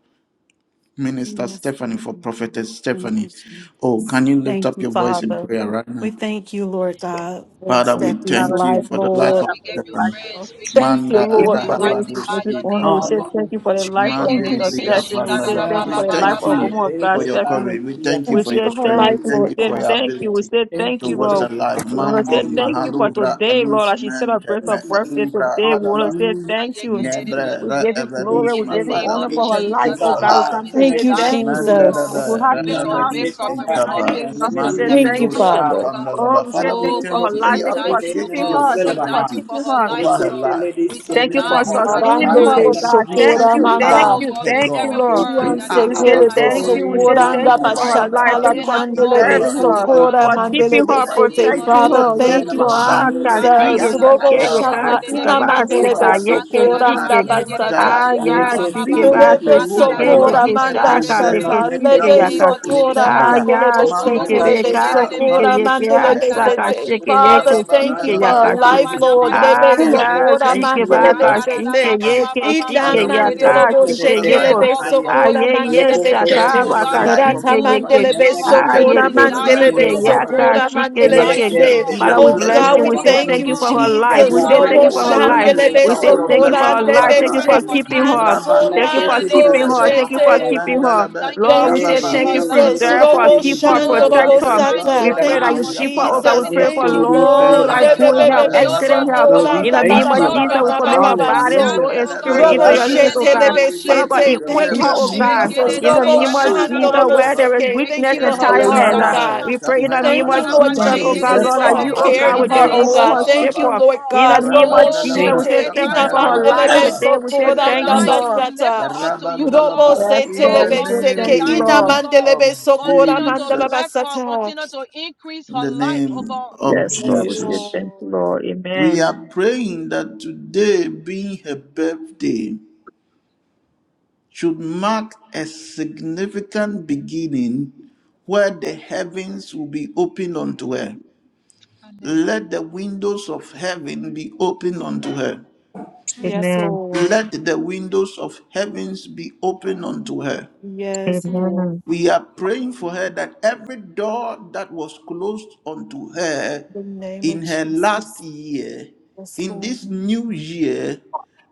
Speaker 2: Minister
Speaker 3: Yes,
Speaker 2: Stephanie,
Speaker 3: Lord.
Speaker 2: for Prophetess
Speaker 3: Thank you,
Speaker 2: Stephanie.
Speaker 3: Jesus.
Speaker 2: Oh, can you lift
Speaker 3: Thank
Speaker 2: up
Speaker 3: you,
Speaker 2: your voice in
Speaker 3: Father.
Speaker 2: prayer right
Speaker 3: We
Speaker 2: now?
Speaker 3: thank you, Lord
Speaker 5: Thank
Speaker 3: God,
Speaker 5: you,
Speaker 3: for
Speaker 2: Father, we
Speaker 3: Stephanie's
Speaker 5: Father.
Speaker 2: thank you
Speaker 3: life,
Speaker 5: Thank
Speaker 2: for
Speaker 5: you,
Speaker 2: the
Speaker 5: O
Speaker 4: Father,
Speaker 2: life
Speaker 3: Lord.
Speaker 2: of
Speaker 5: God,
Speaker 4: we
Speaker 5: for
Speaker 4: give
Speaker 5: the
Speaker 4: you
Speaker 2: Stephanie.
Speaker 5: life.
Speaker 4: praise. We give you
Speaker 3: Thank you,
Speaker 4: praise.
Speaker 2: Manda
Speaker 3: Lord,
Speaker 5: Giving
Speaker 4: We
Speaker 3: for her.
Speaker 5: praise and
Speaker 2: Rahabadus
Speaker 4: magnify
Speaker 5: every
Speaker 4: your name,
Speaker 5: honor. We
Speaker 4: O
Speaker 2: ikapa.
Speaker 5: say
Speaker 4: God.
Speaker 5: thank you for the
Speaker 4: We
Speaker 5: life
Speaker 4: break
Speaker 5: of
Speaker 4: it
Speaker 3: Thank you,
Speaker 5: Minister
Speaker 2: Mandelibriya
Speaker 3: Jesus.
Speaker 5: Stephanie.
Speaker 4: in
Speaker 5: We say
Speaker 2: Pandada.
Speaker 5: thank you
Speaker 2: We
Speaker 5: for the life
Speaker 2: thank
Speaker 4: the
Speaker 5: of
Speaker 2: you
Speaker 5: woman of God,
Speaker 2: for your
Speaker 5: Stephanie.
Speaker 2: courage. We thank you
Speaker 5: We
Speaker 3: Thank
Speaker 2: for
Speaker 3: you
Speaker 5: say
Speaker 2: your
Speaker 3: for her
Speaker 2: strength.
Speaker 5: thank
Speaker 2: We
Speaker 3: life,
Speaker 5: you. We
Speaker 2: thank
Speaker 3: Lord
Speaker 2: you
Speaker 5: say
Speaker 2: for
Speaker 3: God.
Speaker 2: your
Speaker 5: thank you. We
Speaker 2: ability
Speaker 5: say thank you,
Speaker 2: towards the
Speaker 5: Lord.
Speaker 2: life.
Speaker 5: We want to say
Speaker 2: Mandi
Speaker 5: thank you for
Speaker 2: Mahalovra
Speaker 5: today, Lord.
Speaker 2: Alus
Speaker 5: As she
Speaker 2: Mente
Speaker 5: celebrates
Speaker 2: Me
Speaker 5: her birthday
Speaker 2: Aluvra
Speaker 5: today,
Speaker 1: Hallelujah.
Speaker 5: we want
Speaker 2: Dadaba.
Speaker 5: to say thank you.
Speaker 2: Nebre
Speaker 5: We
Speaker 2: Re
Speaker 5: give you glory.
Speaker 2: Evedus
Speaker 4: In
Speaker 5: We
Speaker 2: Ma.
Speaker 4: the
Speaker 5: give you
Speaker 4: name
Speaker 2: Father,
Speaker 5: honor
Speaker 4: of
Speaker 2: we
Speaker 5: for her
Speaker 2: thank
Speaker 5: life.
Speaker 2: you
Speaker 4: Jesus,
Speaker 5: Oh
Speaker 4: oh
Speaker 2: for
Speaker 5: God, we
Speaker 4: God,
Speaker 5: come
Speaker 2: life.
Speaker 4: we
Speaker 5: to
Speaker 4: say
Speaker 3: Thank
Speaker 5: say
Speaker 3: you,
Speaker 4: thank
Speaker 5: thank
Speaker 4: you,
Speaker 5: you.
Speaker 4: oh
Speaker 3: Jesus.
Speaker 4: God.
Speaker 5: If we
Speaker 2: Mandarada,
Speaker 5: have
Speaker 4: We commit
Speaker 5: 10,000
Speaker 4: prophet,
Speaker 2: Radabaduski
Speaker 5: songs, it's
Speaker 4: we
Speaker 5: not
Speaker 2: Kaba,
Speaker 4: commit
Speaker 5: enough
Speaker 4: sister
Speaker 5: to say
Speaker 3: Thank
Speaker 4: Stephanie
Speaker 5: thank
Speaker 3: you,
Speaker 4: to
Speaker 5: you.
Speaker 4: you,
Speaker 2: Mandilibroski
Speaker 4: oh
Speaker 3: Father.
Speaker 4: God.
Speaker 5: Oh,
Speaker 2: Pandalaba.
Speaker 5: we say
Speaker 2: Father, we
Speaker 5: thank
Speaker 4: Oh
Speaker 5: you for
Speaker 4: God,
Speaker 2: thank
Speaker 5: her
Speaker 4: we
Speaker 2: you.
Speaker 5: life.
Speaker 4: say
Speaker 2: We
Speaker 5: Thank you for
Speaker 4: thank you, oh
Speaker 2: appreciate
Speaker 5: keeping
Speaker 2: your
Speaker 4: God. We
Speaker 5: her.
Speaker 4: say
Speaker 5: Thank you for
Speaker 4: thank
Speaker 2: sovereignty
Speaker 4: you for
Speaker 5: keeping
Speaker 4: her
Speaker 5: her.
Speaker 4: life,
Speaker 2: over
Speaker 4: oh
Speaker 2: her
Speaker 4: God.
Speaker 2: life. We
Speaker 4: We say
Speaker 5: Thank you for
Speaker 2: appreciate,
Speaker 4: thank
Speaker 2: we
Speaker 4: you, we say
Speaker 5: sustaining
Speaker 3: Arande
Speaker 5: her,
Speaker 2: acknowledge
Speaker 4: thank
Speaker 3: be
Speaker 5: oh
Speaker 2: you.
Speaker 4: you,
Speaker 5: God.
Speaker 4: oh
Speaker 2: We
Speaker 5: Thank
Speaker 2: say
Speaker 4: God.
Speaker 3: shokora
Speaker 5: you,
Speaker 2: you
Speaker 5: thank
Speaker 2: are
Speaker 4: Oh
Speaker 5: you,
Speaker 4: God,
Speaker 2: her
Speaker 4: may
Speaker 5: thank you,
Speaker 4: every
Speaker 2: God.
Speaker 5: Lord.
Speaker 4: word
Speaker 3: Kian
Speaker 2: You
Speaker 4: that the
Speaker 2: are
Speaker 5: We
Speaker 4: prophet
Speaker 5: say
Speaker 2: our
Speaker 3: sekele
Speaker 4: has
Speaker 3: de
Speaker 5: thank
Speaker 2: God.
Speaker 4: said
Speaker 5: you. We say
Speaker 4: unto her,
Speaker 3: sokora and
Speaker 5: thank you
Speaker 4: oh
Speaker 2: Mani
Speaker 5: for
Speaker 4: God,
Speaker 5: her life. Thank
Speaker 2: Abalu
Speaker 4: may
Speaker 5: you
Speaker 4: it
Speaker 5: for
Speaker 4: not
Speaker 3: pandele
Speaker 4: fall on
Speaker 3: de
Speaker 2: Spikaba.
Speaker 5: preserving
Speaker 4: such a
Speaker 2: You
Speaker 5: her,
Speaker 2: are
Speaker 4: ground,
Speaker 3: sokora
Speaker 4: oh
Speaker 5: for
Speaker 2: the
Speaker 4: God.
Speaker 1: I
Speaker 3: mandele
Speaker 5: keeping
Speaker 3: de
Speaker 5: her,
Speaker 4: In
Speaker 2: Jehovah
Speaker 4: the
Speaker 2: the
Speaker 3: sete.
Speaker 1: praise
Speaker 4: name
Speaker 2: King.
Speaker 4: of
Speaker 5: protecting
Speaker 2: You
Speaker 1: you,
Speaker 3: Father,
Speaker 2: are
Speaker 5: her.
Speaker 4: Jesus,
Speaker 1: the
Speaker 5: Yes,
Speaker 3: thank
Speaker 4: oh
Speaker 1: name
Speaker 3: you,
Speaker 1: of
Speaker 5: Lord.
Speaker 4: God.
Speaker 1: High.
Speaker 5: Ah,
Speaker 2: Jehovah
Speaker 1: Lord, let
Speaker 2: the
Speaker 1: us
Speaker 2: I
Speaker 1: give
Speaker 5: kashi,
Speaker 1: you
Speaker 3: Jesus.
Speaker 2: am
Speaker 5: yes,
Speaker 4: Rakadada
Speaker 2: that I
Speaker 3: Robo
Speaker 1: the name
Speaker 4: baba
Speaker 1: of
Speaker 2: am.
Speaker 5: kike,
Speaker 2: You
Speaker 3: shata
Speaker 1: High.
Speaker 5: kashi,
Speaker 4: shikedede
Speaker 2: are
Speaker 3: ina
Speaker 2: Jehovah
Speaker 5: kabashi,
Speaker 4: bebebe.
Speaker 1: Oh
Speaker 3: mandele de
Speaker 1: God, we
Speaker 5: kaye,
Speaker 2: Makandish.
Speaker 1: thank
Speaker 2: You
Speaker 3: sokora
Speaker 5: keshi,
Speaker 3: and
Speaker 1: you,
Speaker 2: are
Speaker 1: Lord.
Speaker 2: Jehovah Jireh.
Speaker 5: Ah,
Speaker 3: abasataya.
Speaker 2: You
Speaker 1: Yeah,
Speaker 5: ya,
Speaker 1: can't
Speaker 2: have
Speaker 1: tell
Speaker 4: Makararabayekelebeşikalalababa.
Speaker 5: shike,
Speaker 1: it
Speaker 2: been
Speaker 1: is
Speaker 2: a
Speaker 5: ba,
Speaker 1: you
Speaker 3: Rebe
Speaker 1: still in
Speaker 2: Jehovah.
Speaker 1: the
Speaker 5: ke,
Speaker 2: You
Speaker 5: ye,
Speaker 2: have
Speaker 3: sokora
Speaker 1: behind.
Speaker 2: been a
Speaker 3: manda
Speaker 5: kesha,
Speaker 1: I'm
Speaker 5: kabe,
Speaker 1: not
Speaker 2: preserver.
Speaker 4: Makararabayekelebebebe.
Speaker 3: shata.
Speaker 1: not
Speaker 5: keshi,
Speaker 2: You
Speaker 4: In
Speaker 1: can't
Speaker 5: ke,
Speaker 4: the
Speaker 2: have
Speaker 1: tell
Speaker 3: Lebe
Speaker 2: been
Speaker 1: it
Speaker 4: name
Speaker 2: a
Speaker 1: is
Speaker 5: yaka.
Speaker 4: of
Speaker 1: still in the
Speaker 3: sokora
Speaker 4: Jesus,
Speaker 1: behind.
Speaker 5: Ah,
Speaker 4: oh
Speaker 2: protector.
Speaker 3: mandele
Speaker 4: God,
Speaker 5: ya,
Speaker 3: de
Speaker 4: Roko
Speaker 1: Yeah,
Speaker 2: Mando
Speaker 3: sete.
Speaker 5: shike,
Speaker 4: Robo
Speaker 5: be,
Speaker 1: can't tell
Speaker 3: Lebe
Speaker 1: it is
Speaker 2: Spika
Speaker 1: still
Speaker 5: kashi,
Speaker 1: in
Speaker 5: ke,
Speaker 4: Shikelebebe,
Speaker 3: sokora
Speaker 1: the
Speaker 5: ye, ke,
Speaker 2: Palus
Speaker 3: mandele de
Speaker 5: asa,
Speaker 2: Mehevene.
Speaker 4: Mataraba
Speaker 3: sete.
Speaker 5: kashi,
Speaker 3: Father,
Speaker 1: behind.
Speaker 4: Shikelebebe,
Speaker 2: Rababa
Speaker 3: thank you
Speaker 1: I'm not
Speaker 3: for
Speaker 4: in the
Speaker 3: her
Speaker 1: can't
Speaker 5: yaka,
Speaker 2: Dadaba
Speaker 1: tell
Speaker 5: shi.
Speaker 3: life,
Speaker 1: it
Speaker 4: Nama
Speaker 2: Mandi
Speaker 1: is.
Speaker 4: Nama
Speaker 3: Lord. Rebe
Speaker 5: Ah,
Speaker 2: Briapa. Father, we
Speaker 5: ya,
Speaker 4: Shikelebebe,
Speaker 3: sokora
Speaker 2: thank
Speaker 1: Thank
Speaker 5: shike,
Speaker 2: you
Speaker 1: you,
Speaker 2: for
Speaker 5: ba,
Speaker 2: the
Speaker 3: mandele de
Speaker 2: life
Speaker 1: Opa.
Speaker 2: of
Speaker 5: kashi,
Speaker 3: sete.
Speaker 5: ke, ye,
Speaker 2: Stephanie.
Speaker 4: Rakarababa
Speaker 3: Ina
Speaker 1: Yes,
Speaker 2: Father, we
Speaker 5: yaka,
Speaker 1: sir.
Speaker 2: thank
Speaker 4: Yekelebe.
Speaker 3: mandorobo
Speaker 2: you
Speaker 1: Let
Speaker 2: for
Speaker 1: it
Speaker 2: the
Speaker 5: shike,
Speaker 1: a
Speaker 4: Hey
Speaker 2: life
Speaker 3: shekele
Speaker 5: yoko,
Speaker 2: of
Speaker 4: God, we
Speaker 1: Namahaya.
Speaker 2: Stephanie.
Speaker 4: commit
Speaker 3: sokora
Speaker 4: Sister
Speaker 5: Ayeye
Speaker 3: mandele
Speaker 2: We
Speaker 1: Yoko
Speaker 4: Stephanie to
Speaker 1: Sola
Speaker 2: thank
Speaker 4: you,
Speaker 3: sete.
Speaker 2: you
Speaker 4: oh
Speaker 5: shataba
Speaker 2: for the
Speaker 4: God.
Speaker 1: City.
Speaker 2: life of
Speaker 3: Rata
Speaker 5: kashike
Speaker 4: Oh God,
Speaker 2: Stephanie.
Speaker 5: yeke.
Speaker 3: mandele
Speaker 4: you know her
Speaker 2: We
Speaker 1: Yamaka
Speaker 4: burning
Speaker 2: thank
Speaker 3: sokora
Speaker 2: you
Speaker 1: City,
Speaker 2: for
Speaker 5: Ayeke
Speaker 2: the
Speaker 4: desire,
Speaker 2: life
Speaker 3: mandele
Speaker 4: you
Speaker 2: of
Speaker 5: shike
Speaker 4: know her
Speaker 1: Nilavaha.
Speaker 2: Stephanie
Speaker 5: yaka
Speaker 4: burning
Speaker 3: sokora
Speaker 5: shike
Speaker 4: heart
Speaker 3: mandele
Speaker 2: as
Speaker 4: desire,
Speaker 2: she
Speaker 5: yeke.
Speaker 4: oh
Speaker 1: Nemeke
Speaker 2: has
Speaker 3: se.
Speaker 4: God.
Speaker 2: been
Speaker 1: City,
Speaker 2: a
Speaker 5: Father, we
Speaker 3: Oh
Speaker 4: May
Speaker 5: bless
Speaker 2: blessing
Speaker 4: you
Speaker 3: God,
Speaker 5: you.
Speaker 3: we
Speaker 5: We
Speaker 2: unto
Speaker 4: meet
Speaker 5: say
Speaker 2: this
Speaker 4: it,
Speaker 3: thank
Speaker 1: Silavaha.
Speaker 4: oh
Speaker 5: thank
Speaker 3: you,
Speaker 5: you for
Speaker 4: God.
Speaker 5: her
Speaker 2: ministry.
Speaker 5: life.
Speaker 4: Meet
Speaker 3: Jesus.
Speaker 5: We
Speaker 2: We
Speaker 1: Yaka
Speaker 5: say
Speaker 4: her at
Speaker 5: thank
Speaker 2: pray,
Speaker 3: Robo
Speaker 5: you
Speaker 4: the
Speaker 2: O
Speaker 5: for
Speaker 4: point
Speaker 5: her
Speaker 2: Lord,
Speaker 4: of
Speaker 2: that
Speaker 1: Yasari,
Speaker 5: life.
Speaker 4: your
Speaker 2: you
Speaker 3: shandele
Speaker 5: We
Speaker 4: knees, oh
Speaker 2: shower
Speaker 1: Silavaha,
Speaker 5: say
Speaker 4: God.
Speaker 2: your
Speaker 5: thank you for
Speaker 4: Meet
Speaker 1: Yakasa
Speaker 3: sokora
Speaker 2: blessing
Speaker 4: her
Speaker 5: her
Speaker 2: over
Speaker 3: ande
Speaker 4: at
Speaker 5: life.
Speaker 2: our
Speaker 4: the
Speaker 5: Thank you
Speaker 4: point
Speaker 2: life.
Speaker 5: for
Speaker 4: of her
Speaker 3: sheki
Speaker 1: City.
Speaker 5: keeping
Speaker 4: knees, oh
Speaker 5: her.
Speaker 4: God.
Speaker 2: Rabado
Speaker 5: Thank you
Speaker 4: In
Speaker 1: Anaka
Speaker 5: for
Speaker 4: the
Speaker 1: City,
Speaker 4: name
Speaker 3: ansonando
Speaker 5: keeping
Speaker 4: of
Speaker 5: her.
Speaker 2: Santelebe,
Speaker 5: Thank you
Speaker 4: Jesus,
Speaker 5: for
Speaker 4: oh
Speaker 3: shete.
Speaker 1: Silavahaya.
Speaker 5: keeping
Speaker 4: God.
Speaker 5: her.
Speaker 2: Mandalaba,
Speaker 4: Thank you
Speaker 5: Lord,
Speaker 4: for
Speaker 5: we
Speaker 3: Thank you,
Speaker 1: Yay,
Speaker 5: say
Speaker 4: saving
Speaker 2: Rababa,
Speaker 5: thank
Speaker 4: her
Speaker 5: you.
Speaker 1: yay,
Speaker 4: life,
Speaker 3: Jesus.
Speaker 4: oh
Speaker 1: yay,
Speaker 5: Preserve
Speaker 4: God.
Speaker 5: her.
Speaker 2: Kapandalaba,
Speaker 3: Robo
Speaker 1: City,
Speaker 5: Keep
Speaker 1: Mikit,
Speaker 5: her.
Speaker 4: Oh
Speaker 3: shando
Speaker 5: Protect
Speaker 4: God,
Speaker 3: robo
Speaker 4: we
Speaker 5: her.
Speaker 4: thank
Speaker 2: Rabandalaba,
Speaker 4: you,
Speaker 3: sata.
Speaker 5: We
Speaker 4: oh
Speaker 5: pray
Speaker 3: Thank
Speaker 5: that
Speaker 4: God,
Speaker 3: you,
Speaker 5: you
Speaker 4: for
Speaker 2: Mandilibi,
Speaker 1: Silavaha.
Speaker 5: keep
Speaker 4: Sister
Speaker 5: her. Oh God, we
Speaker 3: Jesus.
Speaker 4: Stephanie,
Speaker 5: pray
Speaker 2: Apalabalaba,
Speaker 1: Yes,
Speaker 4: oh
Speaker 5: for
Speaker 3: Thank you,
Speaker 4: God.
Speaker 1: Lord, we thank
Speaker 4: We
Speaker 1: you,
Speaker 5: long
Speaker 3: Lord.
Speaker 5: life,
Speaker 1: Baha-
Speaker 4: thank you for
Speaker 5: good
Speaker 2: Mentelebelebe,
Speaker 4: her
Speaker 5: health,
Speaker 3: Rebebebebe
Speaker 1: Hasana.
Speaker 4: children,
Speaker 3: So
Speaker 5: excellent
Speaker 4: oh
Speaker 5: health.
Speaker 1: Lord,
Speaker 4: God.
Speaker 1: we
Speaker 5: In the
Speaker 3: koranda
Speaker 2: Rabandalaba,
Speaker 3: ba
Speaker 4: Her
Speaker 5: name
Speaker 1: thank
Speaker 3: ba
Speaker 5: of
Speaker 1: you.
Speaker 3: ba
Speaker 1: Lord.
Speaker 3: ba
Speaker 4: children,
Speaker 5: Jesus,
Speaker 3: ba ba
Speaker 5: we
Speaker 4: we
Speaker 3: ba
Speaker 5: commit
Speaker 4: thank
Speaker 2: Rabababa,
Speaker 4: you
Speaker 3: ba
Speaker 5: her
Speaker 4: for
Speaker 3: ba
Speaker 4: her
Speaker 5: body,
Speaker 3: so.
Speaker 5: soul,
Speaker 1: Hallelujah.
Speaker 4: family,
Speaker 5: and
Speaker 4: oh God.
Speaker 5: spirit
Speaker 1: Lord,
Speaker 5: into
Speaker 3: Robo
Speaker 1: I
Speaker 5: your
Speaker 4: In
Speaker 5: hands,
Speaker 4: the
Speaker 2: Yentelebelebelebe,
Speaker 1: thank
Speaker 5: oh
Speaker 3: shete
Speaker 1: you,
Speaker 4: name
Speaker 5: God.
Speaker 4: of
Speaker 1: Lord,
Speaker 3: lebe
Speaker 5: Father
Speaker 2: Mandilibi,
Speaker 5: God,
Speaker 4: Jesus,
Speaker 3: sete.
Speaker 4: oh
Speaker 1: for
Speaker 5: equip
Speaker 4: God.
Speaker 3: Thank
Speaker 5: her,
Speaker 3: you,
Speaker 1: keeping
Speaker 5: oh
Speaker 1: me
Speaker 2: Rebebo,
Speaker 5: God,
Speaker 1: true
Speaker 3: Jesus.
Speaker 1: to
Speaker 5: in
Speaker 1: the
Speaker 5: the
Speaker 4: Rekerebe
Speaker 3: Robo
Speaker 5: name
Speaker 2: Kapandalaba,
Speaker 5: of
Speaker 1: school,
Speaker 4: yanadada
Speaker 1: God.
Speaker 3: shando
Speaker 5: Jesus,
Speaker 1: I
Speaker 4: baba.
Speaker 3: robo
Speaker 1: thank
Speaker 5: where
Speaker 1: you
Speaker 5: there
Speaker 2: Mandilibriapa.
Speaker 5: is
Speaker 3: seke. Thank
Speaker 5: weakness
Speaker 3: you
Speaker 1: for
Speaker 3: for
Speaker 5: and
Speaker 4: Rekerebe
Speaker 3: her
Speaker 1: regulating
Speaker 3: heart,
Speaker 1: my
Speaker 5: tiredness.
Speaker 3: oh
Speaker 5: uh,
Speaker 1: mind,
Speaker 3: God.
Speaker 1: oh,
Speaker 4: shikalalaba
Speaker 2: Yantelebelebe,
Speaker 5: we pray in
Speaker 1: Jesus.
Speaker 5: the name
Speaker 3: Thank you,
Speaker 5: of
Speaker 2: Kapayabalaba,
Speaker 3: Lord
Speaker 5: Jesus,
Speaker 1: Bringing
Speaker 5: oh
Speaker 1: me
Speaker 5: God,
Speaker 3: Jesus,
Speaker 1: thus
Speaker 5: Lord,
Speaker 3: for
Speaker 5: that
Speaker 2: Mandiluski
Speaker 3: her
Speaker 1: far.
Speaker 5: you, oh
Speaker 3: care
Speaker 5: God,
Speaker 3: and
Speaker 5: will
Speaker 4: in the
Speaker 3: heart,
Speaker 5: just
Speaker 1: Hallelujah,
Speaker 2: Pandalaba,
Speaker 3: oh
Speaker 4: name
Speaker 5: move
Speaker 4: of
Speaker 3: God.
Speaker 5: her
Speaker 1: Jesus.
Speaker 5: step
Speaker 4: Jesus,
Speaker 3: Thank you,
Speaker 2: Arabababa,
Speaker 5: up.
Speaker 4: oh
Speaker 3: Lord
Speaker 4: God.
Speaker 5: In the
Speaker 3: God.
Speaker 5: name
Speaker 3: Robo
Speaker 5: of
Speaker 4: Oh
Speaker 5: Jesus,
Speaker 4: God,
Speaker 5: we
Speaker 1: Thank
Speaker 4: we
Speaker 2: Arabandalabra,
Speaker 5: say
Speaker 4: say
Speaker 3: shete.
Speaker 5: thank you
Speaker 4: thank
Speaker 3: Ina
Speaker 5: for
Speaker 4: you for
Speaker 5: her
Speaker 4: her
Speaker 5: life
Speaker 3: mandelebe
Speaker 2: Kapayabalabalaba,
Speaker 4: life.
Speaker 5: today.
Speaker 3: So
Speaker 5: We
Speaker 4: We
Speaker 5: say
Speaker 4: say
Speaker 5: thank
Speaker 3: koranda
Speaker 5: you,
Speaker 1: thank
Speaker 2: Kapayabalaba,
Speaker 4: thank
Speaker 3: ba
Speaker 4: you.
Speaker 1: you.
Speaker 5: Lord.
Speaker 4: We
Speaker 3: sata.
Speaker 4: lift her up to you, oh
Speaker 2: Arabandalaba,
Speaker 3: Robo
Speaker 4: God.
Speaker 3: se
Speaker 5: Yes,
Speaker 2: in
Speaker 4: Hey
Speaker 5: Lord.
Speaker 2: the
Speaker 5: We
Speaker 3: telebe
Speaker 4: God,
Speaker 5: say
Speaker 4: we say
Speaker 5: thank
Speaker 3: seke
Speaker 5: you,
Speaker 4: thank
Speaker 3: ina
Speaker 4: you, oh
Speaker 5: Lord.
Speaker 2: name
Speaker 4: God.
Speaker 2: of
Speaker 3: mandelebe sokora
Speaker 4: Continue to
Speaker 3: mandala
Speaker 2: Jesus.
Speaker 4: bless her.
Speaker 3: basata.
Speaker 4: Continue to increase
Speaker 2: In
Speaker 4: her
Speaker 2: the
Speaker 4: life, oh God.
Speaker 2: name of
Speaker 5: Yes,
Speaker 3: Yes,
Speaker 5: Lord. We say
Speaker 2: Jesus.
Speaker 5: thank you,
Speaker 3: Lord.
Speaker 5: Lord.
Speaker 2: We
Speaker 5: Amen.
Speaker 2: are praying that today being her birthday. should mark a significant beginning where the heavens will be opened unto her.
Speaker 4: Amen.
Speaker 2: Let the windows of heaven be opened unto her.
Speaker 4: Mm,
Speaker 3: Yes,
Speaker 5: Amen.
Speaker 3: Lord.
Speaker 2: Let the windows of heavens be opened unto her.
Speaker 3: Yes,
Speaker 4: mm.
Speaker 3: Lord.
Speaker 5: Amen.
Speaker 2: We are praying for her that every door that was closed unto her
Speaker 3: The name of
Speaker 2: in her last year,
Speaker 3: Jesus,
Speaker 2: in
Speaker 3: Lord.
Speaker 2: this new year,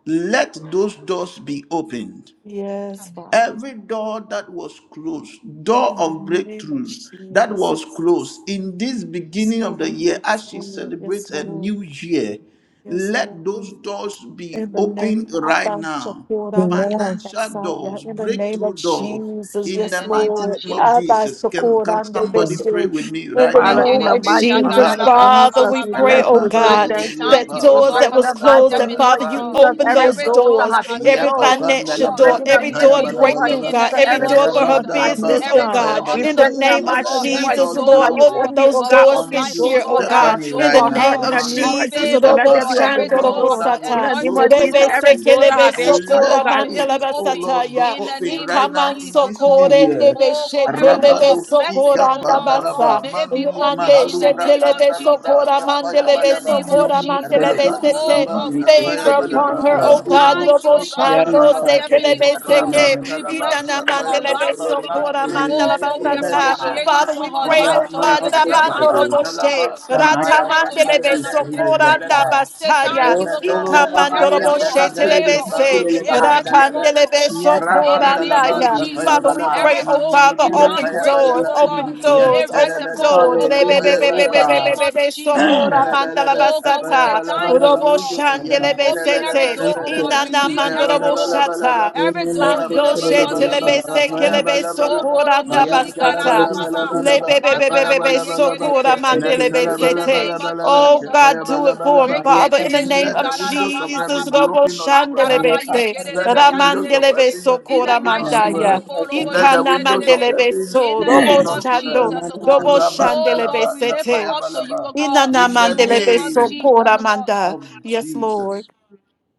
Speaker 2: let those doors be opened.
Speaker 3: Yes, Father.
Speaker 2: Every door that was closed, door
Speaker 3: In
Speaker 2: of
Speaker 3: the name of
Speaker 2: breakthroughs that
Speaker 3: Jesus,
Speaker 2: was closed in this beginning of the
Speaker 3: Lord.
Speaker 2: year,
Speaker 3: Yes,
Speaker 2: as she
Speaker 3: Lord. Yes,
Speaker 2: celebrates a
Speaker 3: Lord.
Speaker 2: new year,
Speaker 3: Yes,
Speaker 2: let those
Speaker 3: Lord.
Speaker 2: doors be
Speaker 3: In the
Speaker 2: opened
Speaker 3: name of
Speaker 2: right
Speaker 3: our
Speaker 2: now.
Speaker 3: Chakora Mata
Speaker 5: Amen.
Speaker 2: Financial
Speaker 3: Kasaya,
Speaker 2: doors,
Speaker 3: in the name of
Speaker 2: breakthrough doors,
Speaker 3: Jesus,
Speaker 2: in
Speaker 4: In
Speaker 2: the
Speaker 3: yes,
Speaker 4: the name
Speaker 2: mighty
Speaker 4: of
Speaker 3: Lord.
Speaker 2: name of
Speaker 4: Jesus.
Speaker 3: Abba,
Speaker 2: Jesus. Can,
Speaker 3: Chakora
Speaker 2: can
Speaker 3: Ndebe
Speaker 2: somebody pray
Speaker 3: Shere.
Speaker 2: with me
Speaker 3: In
Speaker 2: right
Speaker 3: the
Speaker 4: Daddy,
Speaker 5: Father,
Speaker 2: now?
Speaker 5: in
Speaker 3: name
Speaker 5: the
Speaker 3: of
Speaker 2: Mandi
Speaker 5: mighty name
Speaker 3: Jesus,
Speaker 5: of
Speaker 2: Mahalava.
Speaker 3: Father,
Speaker 5: Jesus,
Speaker 3: we
Speaker 5: we
Speaker 3: pray,
Speaker 5: bless you.
Speaker 3: oh
Speaker 5: We
Speaker 2: Rabba
Speaker 5: tell you
Speaker 2: Bandi
Speaker 3: God,
Speaker 4: we
Speaker 5: thank you.
Speaker 4: thank
Speaker 3: that
Speaker 4: you,
Speaker 5: We
Speaker 4: oh
Speaker 2: Dibriapa,
Speaker 3: doors
Speaker 4: God,
Speaker 5: pray
Speaker 3: that
Speaker 4: for
Speaker 5: in
Speaker 2: Rabba
Speaker 3: was
Speaker 5: the
Speaker 4: Sister
Speaker 3: closed,
Speaker 5: mighty
Speaker 3: that
Speaker 5: name
Speaker 4: Stephanie,
Speaker 2: Dadaba,
Speaker 3: Father,
Speaker 5: of
Speaker 4: oh
Speaker 3: you
Speaker 4: God.
Speaker 5: Jesus,
Speaker 3: open
Speaker 5: every
Speaker 3: those
Speaker 4: Every
Speaker 2: Randi
Speaker 5: door
Speaker 4: door
Speaker 5: that
Speaker 3: doors
Speaker 5: has
Speaker 4: that
Speaker 5: been
Speaker 4: has been
Speaker 3: every
Speaker 5: closed.
Speaker 4: closed, oh
Speaker 2: Yapapanda
Speaker 3: financial
Speaker 5: We
Speaker 2: la
Speaker 4: God,
Speaker 5: pray
Speaker 3: door,
Speaker 5: in the
Speaker 2: brata
Speaker 4: may
Speaker 3: every
Speaker 4: it
Speaker 2: paya
Speaker 3: door of
Speaker 5: mighty
Speaker 4: be
Speaker 5: name of
Speaker 4: open
Speaker 3: breakthrough,
Speaker 2: balabalaba,
Speaker 4: in
Speaker 5: Jesus,
Speaker 4: the
Speaker 3: God, every
Speaker 4: name
Speaker 5: every
Speaker 4: of
Speaker 3: door
Speaker 5: door
Speaker 3: for her
Speaker 5: of
Speaker 2: rabanda
Speaker 4: Jesus.
Speaker 2: la
Speaker 3: business, oh
Speaker 2: baka
Speaker 4: Every
Speaker 5: stagnation.
Speaker 4: door
Speaker 2: paya
Speaker 3: God.
Speaker 4: of
Speaker 5: We
Speaker 3: In the
Speaker 2: balaba.
Speaker 5: pray in the
Speaker 4: success,
Speaker 3: name
Speaker 4: oh
Speaker 3: of
Speaker 5: mighty
Speaker 4: God,
Speaker 2: Let
Speaker 5: name
Speaker 2: the
Speaker 5: of
Speaker 4: every
Speaker 3: Jesus,
Speaker 2: doors
Speaker 5: Jesus
Speaker 4: door,
Speaker 2: be
Speaker 5: that
Speaker 3: Lord,
Speaker 4: oh
Speaker 5: you
Speaker 4: God,
Speaker 3: open
Speaker 2: open
Speaker 5: open,
Speaker 3: those
Speaker 5: oh
Speaker 4: of
Speaker 5: God,
Speaker 3: doors
Speaker 4: long
Speaker 5: open
Speaker 4: life,
Speaker 3: this
Speaker 4: oh
Speaker 2: unto
Speaker 3: year,
Speaker 5: doors,
Speaker 4: God,
Speaker 3: oh
Speaker 5: oh
Speaker 4: every
Speaker 5: God,
Speaker 3: God.
Speaker 2: Stephanie
Speaker 3: In
Speaker 4: door,
Speaker 3: the
Speaker 5: for
Speaker 2: right
Speaker 4: oh
Speaker 5: her
Speaker 2: now.
Speaker 3: name
Speaker 5: in
Speaker 3: of
Speaker 5: the
Speaker 4: God,
Speaker 5: name
Speaker 2: Mando
Speaker 4: of
Speaker 5: of
Speaker 3: Jesus,
Speaker 5: Jesus.
Speaker 4: favor,
Speaker 5: Let
Speaker 4: oh
Speaker 3: Robo
Speaker 5: there
Speaker 2: shikapa.
Speaker 5: be
Speaker 4: God,
Speaker 5: an
Speaker 4: every
Speaker 2: Every
Speaker 5: open
Speaker 4: door
Speaker 3: Shandorobo
Speaker 2: door
Speaker 4: of
Speaker 5: door.
Speaker 4: your
Speaker 2: that
Speaker 5: In
Speaker 2: was
Speaker 3: Sata.
Speaker 5: the name
Speaker 4: anointing,
Speaker 2: closed
Speaker 5: of
Speaker 4: oh
Speaker 5: Jesus,
Speaker 3: Rebe
Speaker 4: God,
Speaker 5: every
Speaker 2: previously,
Speaker 4: may
Speaker 5: door
Speaker 4: it
Speaker 5: that has
Speaker 3: Sekelebe
Speaker 4: be
Speaker 5: been
Speaker 4: open,
Speaker 5: shut,
Speaker 4: oh
Speaker 5: oh
Speaker 2: let
Speaker 3: Sokora
Speaker 5: God,
Speaker 4: God, may it
Speaker 2: it,
Speaker 4: be
Speaker 3: Mandalaba
Speaker 2: oh
Speaker 4: open
Speaker 2: Lord,
Speaker 3: Sataya.
Speaker 2: be
Speaker 4: in the
Speaker 2: open
Speaker 4: name
Speaker 2: right
Speaker 4: of
Speaker 2: now
Speaker 3: Ikaman
Speaker 2: in
Speaker 4: Jesus,
Speaker 2: this
Speaker 4: oh
Speaker 2: new
Speaker 4: God.
Speaker 3: sokorende
Speaker 2: year.
Speaker 4: Oh God, every
Speaker 3: beshetele
Speaker 4: door
Speaker 2: Rabado
Speaker 4: of blessings, oh
Speaker 3: besokoranda
Speaker 2: shikapa
Speaker 4: God.
Speaker 3: basa.
Speaker 2: nalaba,
Speaker 4: May it be
Speaker 2: mandi
Speaker 4: open
Speaker 3: Lemande
Speaker 4: in the
Speaker 2: mahalubra
Speaker 4: name
Speaker 3: shetele
Speaker 4: of Jesus,
Speaker 2: andalabra
Speaker 4: oh
Speaker 3: besokora
Speaker 4: God.
Speaker 2: kapaya
Speaker 3: mandele
Speaker 4: In the
Speaker 2: balaba.
Speaker 4: name of
Speaker 1: Namah
Speaker 3: besokora
Speaker 4: Jesus,
Speaker 3: mandele
Speaker 1: Shivaya.
Speaker 4: oh God. Oh
Speaker 3: besete.
Speaker 1: ABC,
Speaker 2: Rabantalaba,
Speaker 4: God, we say
Speaker 1: Nikki,
Speaker 3: Favor
Speaker 4: thank you,
Speaker 1: Shivaya,
Speaker 4: oh
Speaker 2: Payabalaba,
Speaker 3: upon
Speaker 4: God.
Speaker 3: her, O
Speaker 1: Shivaya.
Speaker 3: God,
Speaker 4: Thank
Speaker 2: Nandirebos,
Speaker 4: you,
Speaker 3: Robo
Speaker 4: oh God, for
Speaker 1: Yana,
Speaker 3: Shando
Speaker 4: Sister
Speaker 2: Ipanalaba,
Speaker 1: God,
Speaker 3: sekele
Speaker 4: Stephanie,
Speaker 1: Shivaya,
Speaker 4: oh God.
Speaker 3: beseke.
Speaker 1: Shivaya.
Speaker 4: We
Speaker 2: Rabantalaba,
Speaker 4: bless you
Speaker 3: Inana
Speaker 4: for
Speaker 1: Yana,
Speaker 4: her
Speaker 3: mandele
Speaker 4: life,
Speaker 2: Payabalaba,
Speaker 4: oh
Speaker 1: Shivaya,
Speaker 4: God.
Speaker 3: besokora
Speaker 2: Mande,
Speaker 1: Shivaya,
Speaker 3: mandala
Speaker 4: Oh God, we
Speaker 3: basata.
Speaker 1: Shivaya.
Speaker 4: appreciate you
Speaker 3: Father,
Speaker 4: for
Speaker 2: Ipelevenus
Speaker 3: we
Speaker 4: her
Speaker 3: pray,
Speaker 4: life
Speaker 1: Yana,
Speaker 3: O
Speaker 2: Manta,
Speaker 3: God,
Speaker 1: Nama,
Speaker 4: today, this
Speaker 3: Rabando
Speaker 2: Rababa,
Speaker 1: Shivaya.
Speaker 4: afternoon,
Speaker 3: Robo
Speaker 4: oh God.
Speaker 2: Talaba,
Speaker 3: She.
Speaker 4: We bring
Speaker 2: Paya
Speaker 1: Anaya
Speaker 4: her to you
Speaker 3: Ratamandelebe
Speaker 1: Tatari
Speaker 4: tonight,
Speaker 2: Pendeleve,
Speaker 4: this
Speaker 1: Sindhi
Speaker 4: morning.
Speaker 3: sokoranda
Speaker 2: Mendeleve,
Speaker 1: Labha.
Speaker 4: We say
Speaker 3: basaya.
Speaker 4: thank
Speaker 1: O
Speaker 4: you, oh God.
Speaker 2: Rebebebe,
Speaker 1: Solo
Speaker 4: Every
Speaker 1: Bahaya
Speaker 3: Ikamandorobo
Speaker 4: door of
Speaker 1: Matati
Speaker 2: Pendeleve,
Speaker 4: favor, oh
Speaker 3: shetelebese.
Speaker 4: God, may
Speaker 1: Lilibhile
Speaker 2: Ibandus
Speaker 4: it rest
Speaker 1: Bahaya.
Speaker 2: Pendeleve,
Speaker 4: upon her, oh
Speaker 3: Rapandelebe
Speaker 4: God.
Speaker 1: Nyaka
Speaker 4: In the
Speaker 1: Tatari
Speaker 4: name
Speaker 2: Rabandalaba,
Speaker 4: of
Speaker 3: sokorandaya.
Speaker 1: Sindhi
Speaker 4: Jesus,
Speaker 3: Father, we
Speaker 1: Labaha.
Speaker 2: Payabalaba,
Speaker 3: pray,
Speaker 4: every
Speaker 3: oh
Speaker 4: door of
Speaker 3: Father,
Speaker 2: Mandinibriya,
Speaker 1: Anaya
Speaker 4: divine
Speaker 3: open
Speaker 1: Tatari
Speaker 4: breakthrough,
Speaker 3: doors,
Speaker 4: oh
Speaker 2: Payabalaba,
Speaker 4: God,
Speaker 3: open
Speaker 4: may
Speaker 1: Sindhi.
Speaker 4: it
Speaker 3: doors,
Speaker 4: rest
Speaker 3: open
Speaker 4: upon her,
Speaker 3: doors.
Speaker 4: oh God.
Speaker 1: Hallelujah, O
Speaker 4: In the
Speaker 1: God.
Speaker 4: name of
Speaker 3: Rebebebebebebebebe
Speaker 4: Jesus, oh God. Oh God, we say
Speaker 3: sokoramandalabasata.
Speaker 4: thank you, oh
Speaker 3: Robo
Speaker 4: God.
Speaker 1: Hallelujah, O God.
Speaker 3: shandelebe
Speaker 4: Open every
Speaker 3: sete.
Speaker 4: door, oh
Speaker 1: Thank you,
Speaker 4: God. Release every
Speaker 3: Inanamandorobo
Speaker 1: Jesus.
Speaker 4: door,
Speaker 3: shata.
Speaker 4: every
Speaker 1: Amen.
Speaker 4: door in the
Speaker 3: Mando
Speaker 4: name of
Speaker 1: Tatari Sindhi
Speaker 3: shetelebe
Speaker 4: Jesus, oh God.
Speaker 1: Labha.
Speaker 3: sekelebe
Speaker 4: Mokorobo
Speaker 3: sokoranda
Speaker 1: Anaya
Speaker 3: basata.
Speaker 1: Tatari
Speaker 4: shikarababa,
Speaker 1: Sindhi Labha.
Speaker 4: bakaraba
Speaker 3: Lebebebebebe,
Speaker 1: Nyaka
Speaker 3: sokora
Speaker 4: yekerebebebe.
Speaker 1: Tatari
Speaker 3: mandelebe
Speaker 1: Sindhi
Speaker 4: In the
Speaker 1: Labha.
Speaker 3: sete.
Speaker 4: name of
Speaker 3: Oh
Speaker 4: Jesus, oh
Speaker 3: God,
Speaker 4: God.
Speaker 3: do it for him,
Speaker 1: Aya
Speaker 3: Father, in the
Speaker 4: Rekerebe
Speaker 3: name
Speaker 2: let
Speaker 1: Tatari.
Speaker 3: of
Speaker 2: the windows of
Speaker 4: shikarabababa,
Speaker 3: Jesus.
Speaker 2: heaven be
Speaker 3: Robo
Speaker 2: opened unto us.
Speaker 4: bakaraba
Speaker 1: Aya
Speaker 3: shandelebe se.
Speaker 2: Let
Speaker 4: yekerebe
Speaker 2: the
Speaker 1: Tatari.
Speaker 2: windows of
Speaker 4: yanerebe.
Speaker 3: Ramandelebe
Speaker 2: heaven
Speaker 4: In
Speaker 2: be
Speaker 4: the
Speaker 3: sokora
Speaker 2: open
Speaker 4: mighty
Speaker 2: unto
Speaker 4: name
Speaker 1: Yamama
Speaker 3: mandaya.
Speaker 4: of
Speaker 2: her.
Speaker 4: Korobo
Speaker 1: kazandı
Speaker 2: Let the
Speaker 3: Ikana
Speaker 2: windows of
Speaker 4: shikerebe.
Speaker 3: mandelebe
Speaker 2: heaven
Speaker 4: In
Speaker 3: so.
Speaker 2: be
Speaker 4: the
Speaker 3: Robo
Speaker 2: open
Speaker 4: name of
Speaker 2: unto her.
Speaker 3: shando.
Speaker 4: Jesus, oh God.
Speaker 3: Robo
Speaker 4: Oh
Speaker 3: shandelebe
Speaker 4: God, we
Speaker 2: Rabandalaba,
Speaker 4: lift her
Speaker 3: sete.
Speaker 4: up to you, oh
Speaker 2: tapayabalaba.
Speaker 4: God.
Speaker 3: Inana
Speaker 2: In the
Speaker 4: In the
Speaker 3: mandelebe
Speaker 4: name of Jesus,
Speaker 2: name
Speaker 3: sokora
Speaker 4: oh God.
Speaker 3: manda.
Speaker 2: of
Speaker 3: Yes, Lord.
Speaker 2: Jesus.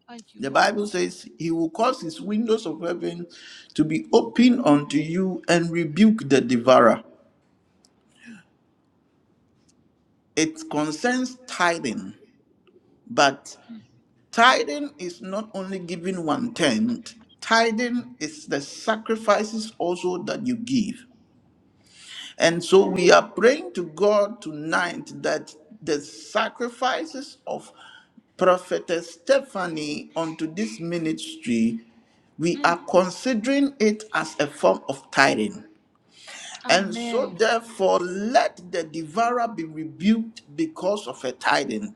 Speaker 4: Thank you,
Speaker 2: The Bible
Speaker 4: Lord.
Speaker 2: says he will cause his windows of heaven to be open unto you and rebuke the devourer. It concerns tithing, but
Speaker 4: Mm,
Speaker 2: tithing is not only giving one tenth, tithing is the sacrifices also that you give. And so we are praying to God tonight that the sacrifices of Prophetess Stephanie onto this ministry, we
Speaker 4: mm.
Speaker 2: are considering it as a form of tithing. And so,
Speaker 4: Amen.
Speaker 2: therefore, let the devourer be rebuked because of a tithing,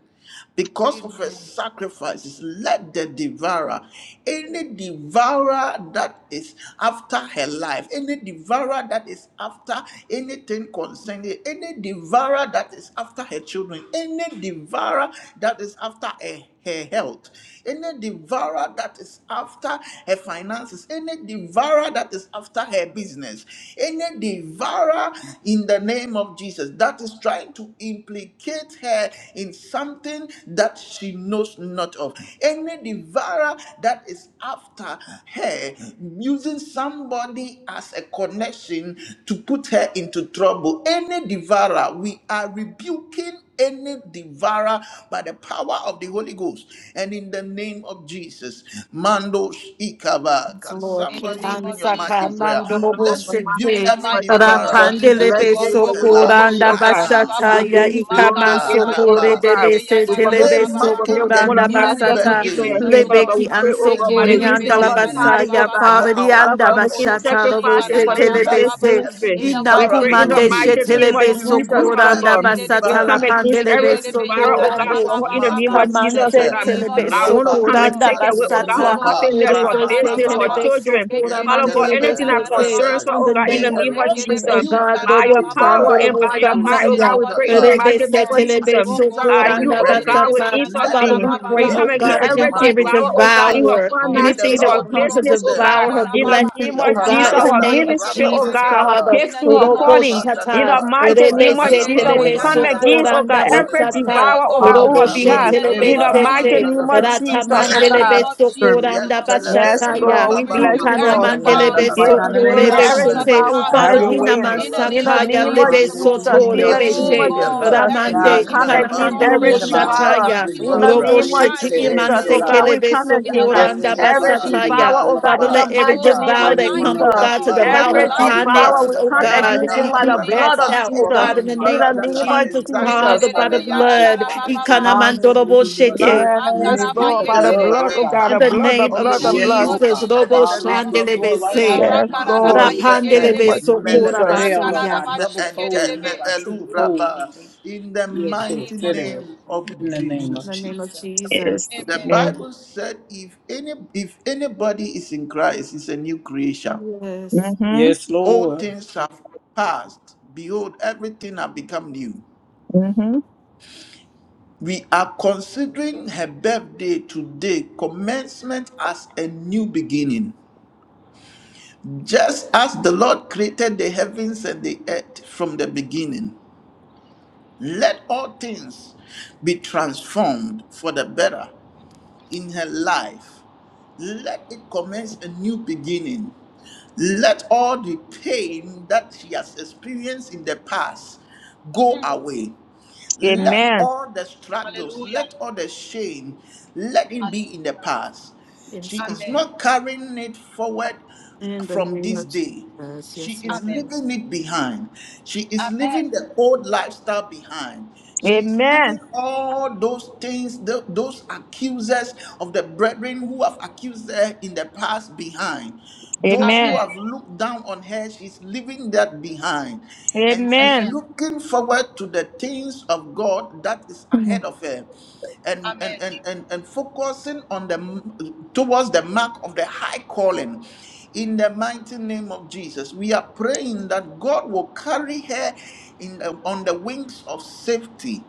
Speaker 2: because of a
Speaker 4: Amen.
Speaker 2: sacrifices. Let the devourer, any devourer that is after her life, any devourer that is after anything concerning, any devourer that is after her children, any devourer that is after a her health, any devourer that is after her finances, any devourer that is after her business, any devourer in the name of Jesus that is trying to implicate her in something that she knows not of, any devourer that is after her using somebody as a connection to put her into trouble, any devourer, we are rebuking kill any devourer by the power of the Holy Ghost and in the name of Jesus. Mando Ikava.
Speaker 3: Yes,
Speaker 2: Can
Speaker 3: Lord,
Speaker 4: In
Speaker 3: keep
Speaker 4: the
Speaker 2: somebody
Speaker 4: name
Speaker 3: on
Speaker 2: open
Speaker 4: of
Speaker 2: your mouth
Speaker 3: saka
Speaker 2: in
Speaker 4: Jesus, oh
Speaker 2: prayer?
Speaker 4: God.
Speaker 3: mando
Speaker 5: Father,
Speaker 3: bobo
Speaker 5: in
Speaker 2: Let's
Speaker 5: the
Speaker 2: rebuke
Speaker 4: In
Speaker 5: mighty
Speaker 3: sete
Speaker 4: the
Speaker 5: name
Speaker 2: every
Speaker 5: of
Speaker 4: mighty name of
Speaker 5: Jesus,
Speaker 2: devourer
Speaker 5: we
Speaker 3: rapandele
Speaker 4: Jesus,
Speaker 5: bless
Speaker 4: O
Speaker 5: you,
Speaker 4: God,
Speaker 5: we
Speaker 3: beso
Speaker 2: against
Speaker 5: tell
Speaker 2: the
Speaker 5: you thank
Speaker 4: Rokorobo
Speaker 2: life
Speaker 5: you,
Speaker 3: koranda
Speaker 5: oh
Speaker 2: right
Speaker 5: God.
Speaker 4: Shikarababa,
Speaker 2: now.
Speaker 3: basata
Speaker 4: Baba
Speaker 5: We
Speaker 3: ya
Speaker 2: Mando
Speaker 5: give you glory,
Speaker 3: ikaman
Speaker 5: we
Speaker 4: Makarada
Speaker 2: Ita
Speaker 5: give you honor, oh
Speaker 3: sokore
Speaker 2: Rabba.
Speaker 3: de
Speaker 5: God.
Speaker 3: bese
Speaker 5: We
Speaker 3: tele
Speaker 5: commit
Speaker 4: Bayekidebeyanada
Speaker 2: Today
Speaker 5: this we
Speaker 4: Baba
Speaker 3: beso
Speaker 5: commit
Speaker 4: Baba.
Speaker 2: marking a
Speaker 5: woman
Speaker 3: koranda
Speaker 5: of
Speaker 4: In the
Speaker 5: God,
Speaker 2: new
Speaker 4: name of
Speaker 5: Stephanie,
Speaker 3: basata
Speaker 5: into
Speaker 2: birthday,
Speaker 5: your
Speaker 4: Jesus,
Speaker 5: hands,
Speaker 4: O
Speaker 5: Father
Speaker 2: today
Speaker 5: God.
Speaker 4: God,
Speaker 5: We
Speaker 3: lebeki an
Speaker 5: pray,
Speaker 2: marking
Speaker 5: oh
Speaker 2: a
Speaker 5: God, by the
Speaker 3: sokore
Speaker 2: new
Speaker 5: reason
Speaker 3: anda
Speaker 5: of
Speaker 3: la
Speaker 5: her
Speaker 2: beginning
Speaker 3: basa
Speaker 5: tithing,
Speaker 3: ya
Speaker 5: oh God.
Speaker 2: for
Speaker 4: Rekerebeyanarababa.
Speaker 3: pari
Speaker 2: our
Speaker 5: Father God,
Speaker 2: prophet
Speaker 5: making
Speaker 4: Rokorobo
Speaker 3: basata robo
Speaker 5: sacrifices
Speaker 2: Stephanie.
Speaker 5: for
Speaker 4: Shikarada
Speaker 3: sete
Speaker 5: this,
Speaker 3: le
Speaker 4: Baba
Speaker 2: Let
Speaker 5: this
Speaker 3: bese
Speaker 4: Baba.
Speaker 2: every
Speaker 5: ministry.
Speaker 4: In the
Speaker 3: ina
Speaker 5: We
Speaker 2: devourer
Speaker 4: mighty
Speaker 5: pray
Speaker 2: be
Speaker 5: in
Speaker 4: name
Speaker 5: the
Speaker 4: of
Speaker 3: kumande
Speaker 5: mighty
Speaker 2: rebuked.
Speaker 3: shete
Speaker 4: Jesus,
Speaker 3: le
Speaker 4: O
Speaker 5: name of
Speaker 4: God,
Speaker 2: We
Speaker 3: beso
Speaker 5: Jesus,
Speaker 2: rebuke
Speaker 4: Mokorobo
Speaker 5: Father
Speaker 3: koranda
Speaker 2: every
Speaker 5: God. We
Speaker 3: basata
Speaker 4: Yanedebe,
Speaker 3: la
Speaker 2: devourer
Speaker 5: come
Speaker 2: in
Speaker 5: against
Speaker 3: pandele
Speaker 2: the
Speaker 5: every
Speaker 2: mighty
Speaker 3: beso
Speaker 2: name
Speaker 5: viral, oh
Speaker 2: of
Speaker 5: God,
Speaker 4: Yekidebeyanada
Speaker 3: korande
Speaker 5: for
Speaker 2: Jesus.
Speaker 5: her
Speaker 4: Baba
Speaker 5: in the name
Speaker 4: Baba
Speaker 2: Mato
Speaker 5: of Jesus,
Speaker 4: In
Speaker 5: oh
Speaker 4: the
Speaker 3: Kamante
Speaker 2: shete
Speaker 5: God.
Speaker 4: name of
Speaker 5: I
Speaker 3: telebeso
Speaker 5: want to
Speaker 4: Jesus,
Speaker 5: come
Speaker 4: O
Speaker 5: and
Speaker 2: rabako
Speaker 4: God,
Speaker 3: koranda
Speaker 5: take away, oh God, her
Speaker 3: basata
Speaker 4: Rokorobo
Speaker 3: in
Speaker 2: pandibriyapa
Speaker 3: the
Speaker 5: happiness, her business, her
Speaker 4: Shikarababa.
Speaker 2: rabababa
Speaker 5: children. Father God,
Speaker 2: yantelebe
Speaker 5: anything that concerns
Speaker 2: rebe.
Speaker 5: her, oh
Speaker 4: Yekerebeyanarababa.
Speaker 5: God, in
Speaker 2: May
Speaker 3: name
Speaker 5: the
Speaker 2: the
Speaker 3: of
Speaker 5: name of
Speaker 2: Lord
Speaker 3: Jesus, oh
Speaker 5: Jesus.
Speaker 2: rebuke
Speaker 3: God,
Speaker 5: By
Speaker 2: every
Speaker 5: your
Speaker 3: Robo
Speaker 4: Rekerebeshikarabababa.
Speaker 5: power
Speaker 2: devourer,
Speaker 5: and
Speaker 3: Chandorobo
Speaker 5: by
Speaker 4: In
Speaker 5: your
Speaker 4: the
Speaker 2: mando
Speaker 5: might, oh
Speaker 4: mighty
Speaker 5: God,
Speaker 3: Sataya.
Speaker 4: name
Speaker 5: we
Speaker 4: of
Speaker 5: pray in the
Speaker 2: shikapa,
Speaker 4: Jesus,
Speaker 5: mighty
Speaker 4: O
Speaker 3: Rebese
Speaker 5: name
Speaker 4: God.
Speaker 5: of
Speaker 2: every
Speaker 3: telebe
Speaker 5: Jesus.
Speaker 2: accuser
Speaker 5: By
Speaker 2: of
Speaker 4: Rokorobo
Speaker 2: the
Speaker 5: you,
Speaker 3: sokoranda
Speaker 5: oh God,
Speaker 2: brethren.
Speaker 5: will
Speaker 3: basata.
Speaker 2: Let the
Speaker 3: Father,
Speaker 5: intervene.
Speaker 3: we
Speaker 2: Lord
Speaker 5: We
Speaker 3: pray,
Speaker 4: yekerebeyananabababa.
Speaker 3: oh
Speaker 5: come
Speaker 2: rebuke
Speaker 5: against
Speaker 3: God,
Speaker 4: In the
Speaker 2: them,
Speaker 5: every
Speaker 3: against every
Speaker 4: mighty
Speaker 2: mando
Speaker 5: devourer,
Speaker 4: name
Speaker 5: oh
Speaker 4: of
Speaker 5: God, in
Speaker 2: shipa.
Speaker 5: her
Speaker 4: Jesus,
Speaker 3: devourer,
Speaker 4: O God.
Speaker 2: May the
Speaker 3: anything
Speaker 5: finances,
Speaker 3: that
Speaker 5: her
Speaker 2: Lord
Speaker 3: will come to
Speaker 4: Rokorobo
Speaker 2: rebuke
Speaker 5: business, oh
Speaker 2: them.
Speaker 5: God,
Speaker 3: devour her
Speaker 5: in the
Speaker 4: shikarababa.
Speaker 3: blessings,
Speaker 5: name
Speaker 2: Mandoski
Speaker 5: of
Speaker 3: oh
Speaker 5: Jesus,
Speaker 3: God, in the
Speaker 5: her
Speaker 4: Yatarababa
Speaker 3: name
Speaker 2: pandalaba
Speaker 3: of
Speaker 5: ministry, oh
Speaker 3: Jesus,
Speaker 4: yekerebebe.
Speaker 5: God, her
Speaker 2: rababandalaba,
Speaker 3: Father.
Speaker 4: In the
Speaker 5: gifting, her
Speaker 4: name of
Speaker 3: Robo
Speaker 5: calling.
Speaker 4: Jesus, O
Speaker 5: In
Speaker 3: shata.
Speaker 5: the
Speaker 2: rapandalaba,
Speaker 4: God.
Speaker 5: mighty name of
Speaker 3: Rebese
Speaker 2: tapayabalaba,
Speaker 5: Jesus, we
Speaker 3: telebe
Speaker 5: come against,
Speaker 2: randalaba,
Speaker 5: oh God,
Speaker 3: sokoranda
Speaker 4: Rekerebeyananabababa.
Speaker 5: every
Speaker 2: tapayabalaba,
Speaker 3: basata.
Speaker 4: Hey
Speaker 5: devourer, oh
Speaker 4: God,
Speaker 5: God, on
Speaker 3: Robo
Speaker 5: her
Speaker 3: she
Speaker 4: in
Speaker 5: behalf.
Speaker 1: Hallelujah.
Speaker 4: the name
Speaker 3: telebe
Speaker 5: In
Speaker 2: rabandalaba,
Speaker 4: of
Speaker 5: the
Speaker 1: Everybody
Speaker 5: mighty
Speaker 3: sete.
Speaker 1: praise
Speaker 5: name
Speaker 4: Jesus.
Speaker 1: the
Speaker 5: of
Speaker 2: mandalabra,
Speaker 5: Jesus,
Speaker 1: Lord.
Speaker 4: In
Speaker 5: oh
Speaker 4: the
Speaker 3: Ratamandele
Speaker 5: God.
Speaker 2: tapayabalaba,
Speaker 4: name of
Speaker 3: beso
Speaker 1: Serve
Speaker 4: Jesus,
Speaker 1: me
Speaker 4: oh
Speaker 3: koranda
Speaker 4: God.
Speaker 2: yantalaba,
Speaker 5: Yes,
Speaker 4: We,
Speaker 3: bashataya.
Speaker 4: we
Speaker 5: Lord. We
Speaker 1: for
Speaker 5: bless
Speaker 1: my
Speaker 4: rebuke
Speaker 5: you,
Speaker 3: Inkana
Speaker 4: every
Speaker 5: Lord.
Speaker 2: rababandindiya
Speaker 1: time,
Speaker 3: mandele
Speaker 4: devour.
Speaker 1: Lord.
Speaker 5: We
Speaker 4: We
Speaker 5: give
Speaker 1: Right
Speaker 3: beso
Speaker 1: now, in
Speaker 4: rebuke
Speaker 5: you
Speaker 2: pandalaba,
Speaker 1: the
Speaker 4: the
Speaker 1: name
Speaker 3: kore
Speaker 5: glory.
Speaker 1: of
Speaker 4: devour
Speaker 5: Every
Speaker 4: on
Speaker 2: rababa,
Speaker 4: our
Speaker 1: Jesus,
Speaker 3: beshete.
Speaker 1: oh
Speaker 5: bow we
Speaker 4: behalf,
Speaker 1: God.
Speaker 5: come
Speaker 4: oh
Speaker 1: Have
Speaker 3: Father,
Speaker 2: rushika
Speaker 4: God.
Speaker 1: your
Speaker 5: against
Speaker 1: way,
Speaker 5: him.
Speaker 4: In the
Speaker 1: Lord.
Speaker 2: pandalaba,
Speaker 5: In
Speaker 4: name
Speaker 5: the
Speaker 4: of
Speaker 3: inamansakaya
Speaker 5: name of
Speaker 4: Jesus, oh
Speaker 3: lebeso
Speaker 4: God.
Speaker 5: Jesus.
Speaker 2: mandiluski
Speaker 5: In
Speaker 3: tore
Speaker 1: Hallelujah,
Speaker 5: the name
Speaker 4: Oh
Speaker 3: beshe.
Speaker 5: of
Speaker 2: pandiliya
Speaker 1: Jesus.
Speaker 4: God,
Speaker 2: pa,
Speaker 5: Jesus.
Speaker 4: every
Speaker 5: We
Speaker 1: Yeah,
Speaker 4: time
Speaker 3: Ramande
Speaker 4: she
Speaker 5: come
Speaker 4: come,
Speaker 1: that
Speaker 3: ikana
Speaker 4: oh
Speaker 2: yantalaba.
Speaker 5: against
Speaker 1: kid,
Speaker 4: God.
Speaker 2: We
Speaker 1: sit
Speaker 5: every
Speaker 3: mandorobo
Speaker 1: in the
Speaker 4: Father,
Speaker 2: rebuke
Speaker 4: we
Speaker 1: behind.
Speaker 5: devourer.
Speaker 2: every
Speaker 3: shataya.
Speaker 4: thank
Speaker 1: Sit
Speaker 4: you, oh
Speaker 5: In
Speaker 1: in
Speaker 5: the
Speaker 4: God, for
Speaker 3: Robo
Speaker 2: devourer
Speaker 5: name
Speaker 4: the
Speaker 5: of
Speaker 4: time
Speaker 1: the
Speaker 4: she is
Speaker 1: hey,
Speaker 2: against
Speaker 5: Jesus.
Speaker 2: the
Speaker 1: sit
Speaker 4: playing,
Speaker 5: Oh
Speaker 1: in
Speaker 4: oh
Speaker 1: the
Speaker 5: God,
Speaker 4: God.
Speaker 3: imansekele
Speaker 5: we
Speaker 1: behind.
Speaker 2: life.
Speaker 5: come
Speaker 3: beso
Speaker 4: In the
Speaker 5: against uh,
Speaker 1: Yeah,
Speaker 2: Yapa,
Speaker 4: mighty
Speaker 3: koranda
Speaker 1: let me
Speaker 4: name of
Speaker 1: kiss
Speaker 5: every
Speaker 2: Lipa,
Speaker 1: it
Speaker 4: Jesus,
Speaker 1: in
Speaker 3: basataya.
Speaker 5: devourer.
Speaker 4: oh
Speaker 2: Lubra,
Speaker 5: Oh
Speaker 1: the
Speaker 4: God.
Speaker 5: God,
Speaker 3: Father,
Speaker 5: in
Speaker 1: behind.
Speaker 5: the
Speaker 3: let
Speaker 2: Liba,
Speaker 3: every
Speaker 4: Oh
Speaker 5: mighty
Speaker 2: Liba,
Speaker 4: God,
Speaker 5: name
Speaker 1: In
Speaker 4: I
Speaker 3: disvow
Speaker 1: the
Speaker 5: of
Speaker 3: that
Speaker 4: thank
Speaker 1: name
Speaker 3: come,
Speaker 4: you,
Speaker 3: oh
Speaker 1: of
Speaker 4: oh
Speaker 5: Jesus.
Speaker 2: Maka,
Speaker 3: God,
Speaker 4: God,
Speaker 3: to
Speaker 4: for
Speaker 1: Jesus,
Speaker 3: devour
Speaker 4: her
Speaker 3: her
Speaker 1: Lord
Speaker 5: Every
Speaker 2: Balubra,
Speaker 1: God,
Speaker 4: life.
Speaker 1: we bind
Speaker 5: devourer,
Speaker 2: Libra,
Speaker 1: it
Speaker 3: finances,
Speaker 5: we
Speaker 3: oh
Speaker 1: up
Speaker 5: come
Speaker 1: right now in the
Speaker 3: God,
Speaker 5: against
Speaker 1: name
Speaker 5: him
Speaker 1: of
Speaker 2: Manta,
Speaker 4: In
Speaker 5: by
Speaker 3: be
Speaker 5: the
Speaker 4: the
Speaker 1: Jesus.
Speaker 4: name of
Speaker 5: blood
Speaker 3: cast
Speaker 5: of
Speaker 2: Rapa.
Speaker 3: out, oh
Speaker 1: Lord
Speaker 4: Jesus.
Speaker 5: Jesus.
Speaker 1: God,
Speaker 2: Any
Speaker 3: God, in
Speaker 1: over
Speaker 3: the
Speaker 1: my
Speaker 5: In
Speaker 3: name
Speaker 2: devourer
Speaker 5: the
Speaker 3: of
Speaker 2: that
Speaker 1: children's
Speaker 5: name
Speaker 2: has
Speaker 5: of
Speaker 3: Jesus,
Speaker 1: finances, over my
Speaker 2: exacted
Speaker 5: Jesus.
Speaker 3: Father, by
Speaker 2: upon
Speaker 3: the
Speaker 4: Rekerebe
Speaker 2: her
Speaker 1: finances,
Speaker 2: life,
Speaker 1: Lord
Speaker 3: blood.
Speaker 2: upon
Speaker 1: God.
Speaker 2: her
Speaker 3: Ikana
Speaker 4: yadadadababa.
Speaker 2: children,
Speaker 3: mandorobo
Speaker 1: Hallelujah.
Speaker 3: shete.
Speaker 2: tonight we
Speaker 1: We
Speaker 5: Yes,
Speaker 1: speak
Speaker 5: Lord,
Speaker 1: the
Speaker 2: rebuke
Speaker 5: by the
Speaker 2: them
Speaker 1: blood,
Speaker 2: by
Speaker 5: blood,
Speaker 1: oh
Speaker 2: the
Speaker 5: oh
Speaker 1: God,
Speaker 5: God,
Speaker 3: In
Speaker 5: the
Speaker 3: the
Speaker 2: power
Speaker 5: blood, the
Speaker 3: name
Speaker 2: of
Speaker 3: of
Speaker 4: In
Speaker 2: the
Speaker 5: blood, the
Speaker 4: the
Speaker 2: Holy
Speaker 5: blood.
Speaker 4: name of
Speaker 3: Jesus,
Speaker 1: Father.
Speaker 2: Ghost and
Speaker 3: Robo
Speaker 2: in
Speaker 4: Jesus, oh
Speaker 2: the name
Speaker 4: God.
Speaker 2: of
Speaker 4: In
Speaker 2: Jesus.
Speaker 4: the
Speaker 3: Shandelebese,
Speaker 5: Yes,
Speaker 2: Mako
Speaker 5: Lord. In the
Speaker 2: Sete,
Speaker 5: name
Speaker 4: Rakararabayekerebe,
Speaker 5: of
Speaker 1: And
Speaker 3: Rapandelebesokora
Speaker 5: Jesus.
Speaker 2: Melebre,
Speaker 1: share, Lord
Speaker 2: Lus-
Speaker 3: Basaya.
Speaker 1: God,
Speaker 2: Me-
Speaker 1: double fold,
Speaker 2: Ente,
Speaker 1: Lord
Speaker 2: Me-
Speaker 4: Makararabashikerebe.
Speaker 1: God, triple fold.
Speaker 2: Elubraba. In the
Speaker 1: Yeah,
Speaker 4: In the
Speaker 1: kill it.
Speaker 2: mighty
Speaker 4: name
Speaker 1: It
Speaker 4: of Jesus.
Speaker 1: is.
Speaker 2: name of
Speaker 1: In the name
Speaker 3: In
Speaker 1: of
Speaker 2: Jesus.
Speaker 3: the name of
Speaker 1: Jesus.
Speaker 5: Yes.
Speaker 3: Jesus.
Speaker 2: The
Speaker 4: Amen.
Speaker 5: Amen.
Speaker 2: Bible said if any if anybody is in Christ, is a new creation.
Speaker 3: Yes,
Speaker 5: Mm-hmm.
Speaker 1: Yes,
Speaker 2: All
Speaker 1: Lord.
Speaker 2: things have passed. Behold, everything have become new.
Speaker 5: Mm-hmm.
Speaker 2: We are considering her birthday today, commencement as a new beginning. Just as the Lord created the heavens and the earth from the beginning, let all things be transformed for the better in her life. Let it commence a new beginning. Let all the pain that she has experienced in the past go
Speaker 4: Mm,
Speaker 2: away.
Speaker 4: mm.
Speaker 2: Let
Speaker 5: Amen.
Speaker 2: all the struggles,
Speaker 4: Hallelujah.
Speaker 2: let all the shame, let it be in the
Speaker 4: Hallelujah.
Speaker 2: past. She
Speaker 3: yes,
Speaker 2: is
Speaker 4: Amen.
Speaker 3: God.
Speaker 2: not carrying it forward
Speaker 3: In the
Speaker 2: from
Speaker 3: name
Speaker 2: this
Speaker 3: of
Speaker 2: day.
Speaker 3: Jesus.
Speaker 2: She
Speaker 3: Lord.
Speaker 2: is
Speaker 4: Amen.
Speaker 2: leaving it behind. She is
Speaker 4: Amen.
Speaker 2: leaving the old lifestyle behind. She is
Speaker 4: Amen.
Speaker 5: Amen.
Speaker 2: leaving all those things, tho- those accusers of the brethren who have accused her in the past behind. Those who
Speaker 5: Amen.
Speaker 2: have
Speaker 4: Amen.
Speaker 2: looked down on her, she's leaving that behind and she's
Speaker 5: Amen.
Speaker 4: Amen.
Speaker 2: looking forward to the things of God that is
Speaker 5: Mhm.
Speaker 2: ahead of her
Speaker 4: Amen.
Speaker 2: and
Speaker 4: Amen.
Speaker 2: and and and, and focusing on the towards the mark of the high calling in the mighty name of Jesus, we are praying that God will carry her in the- on the wings of safety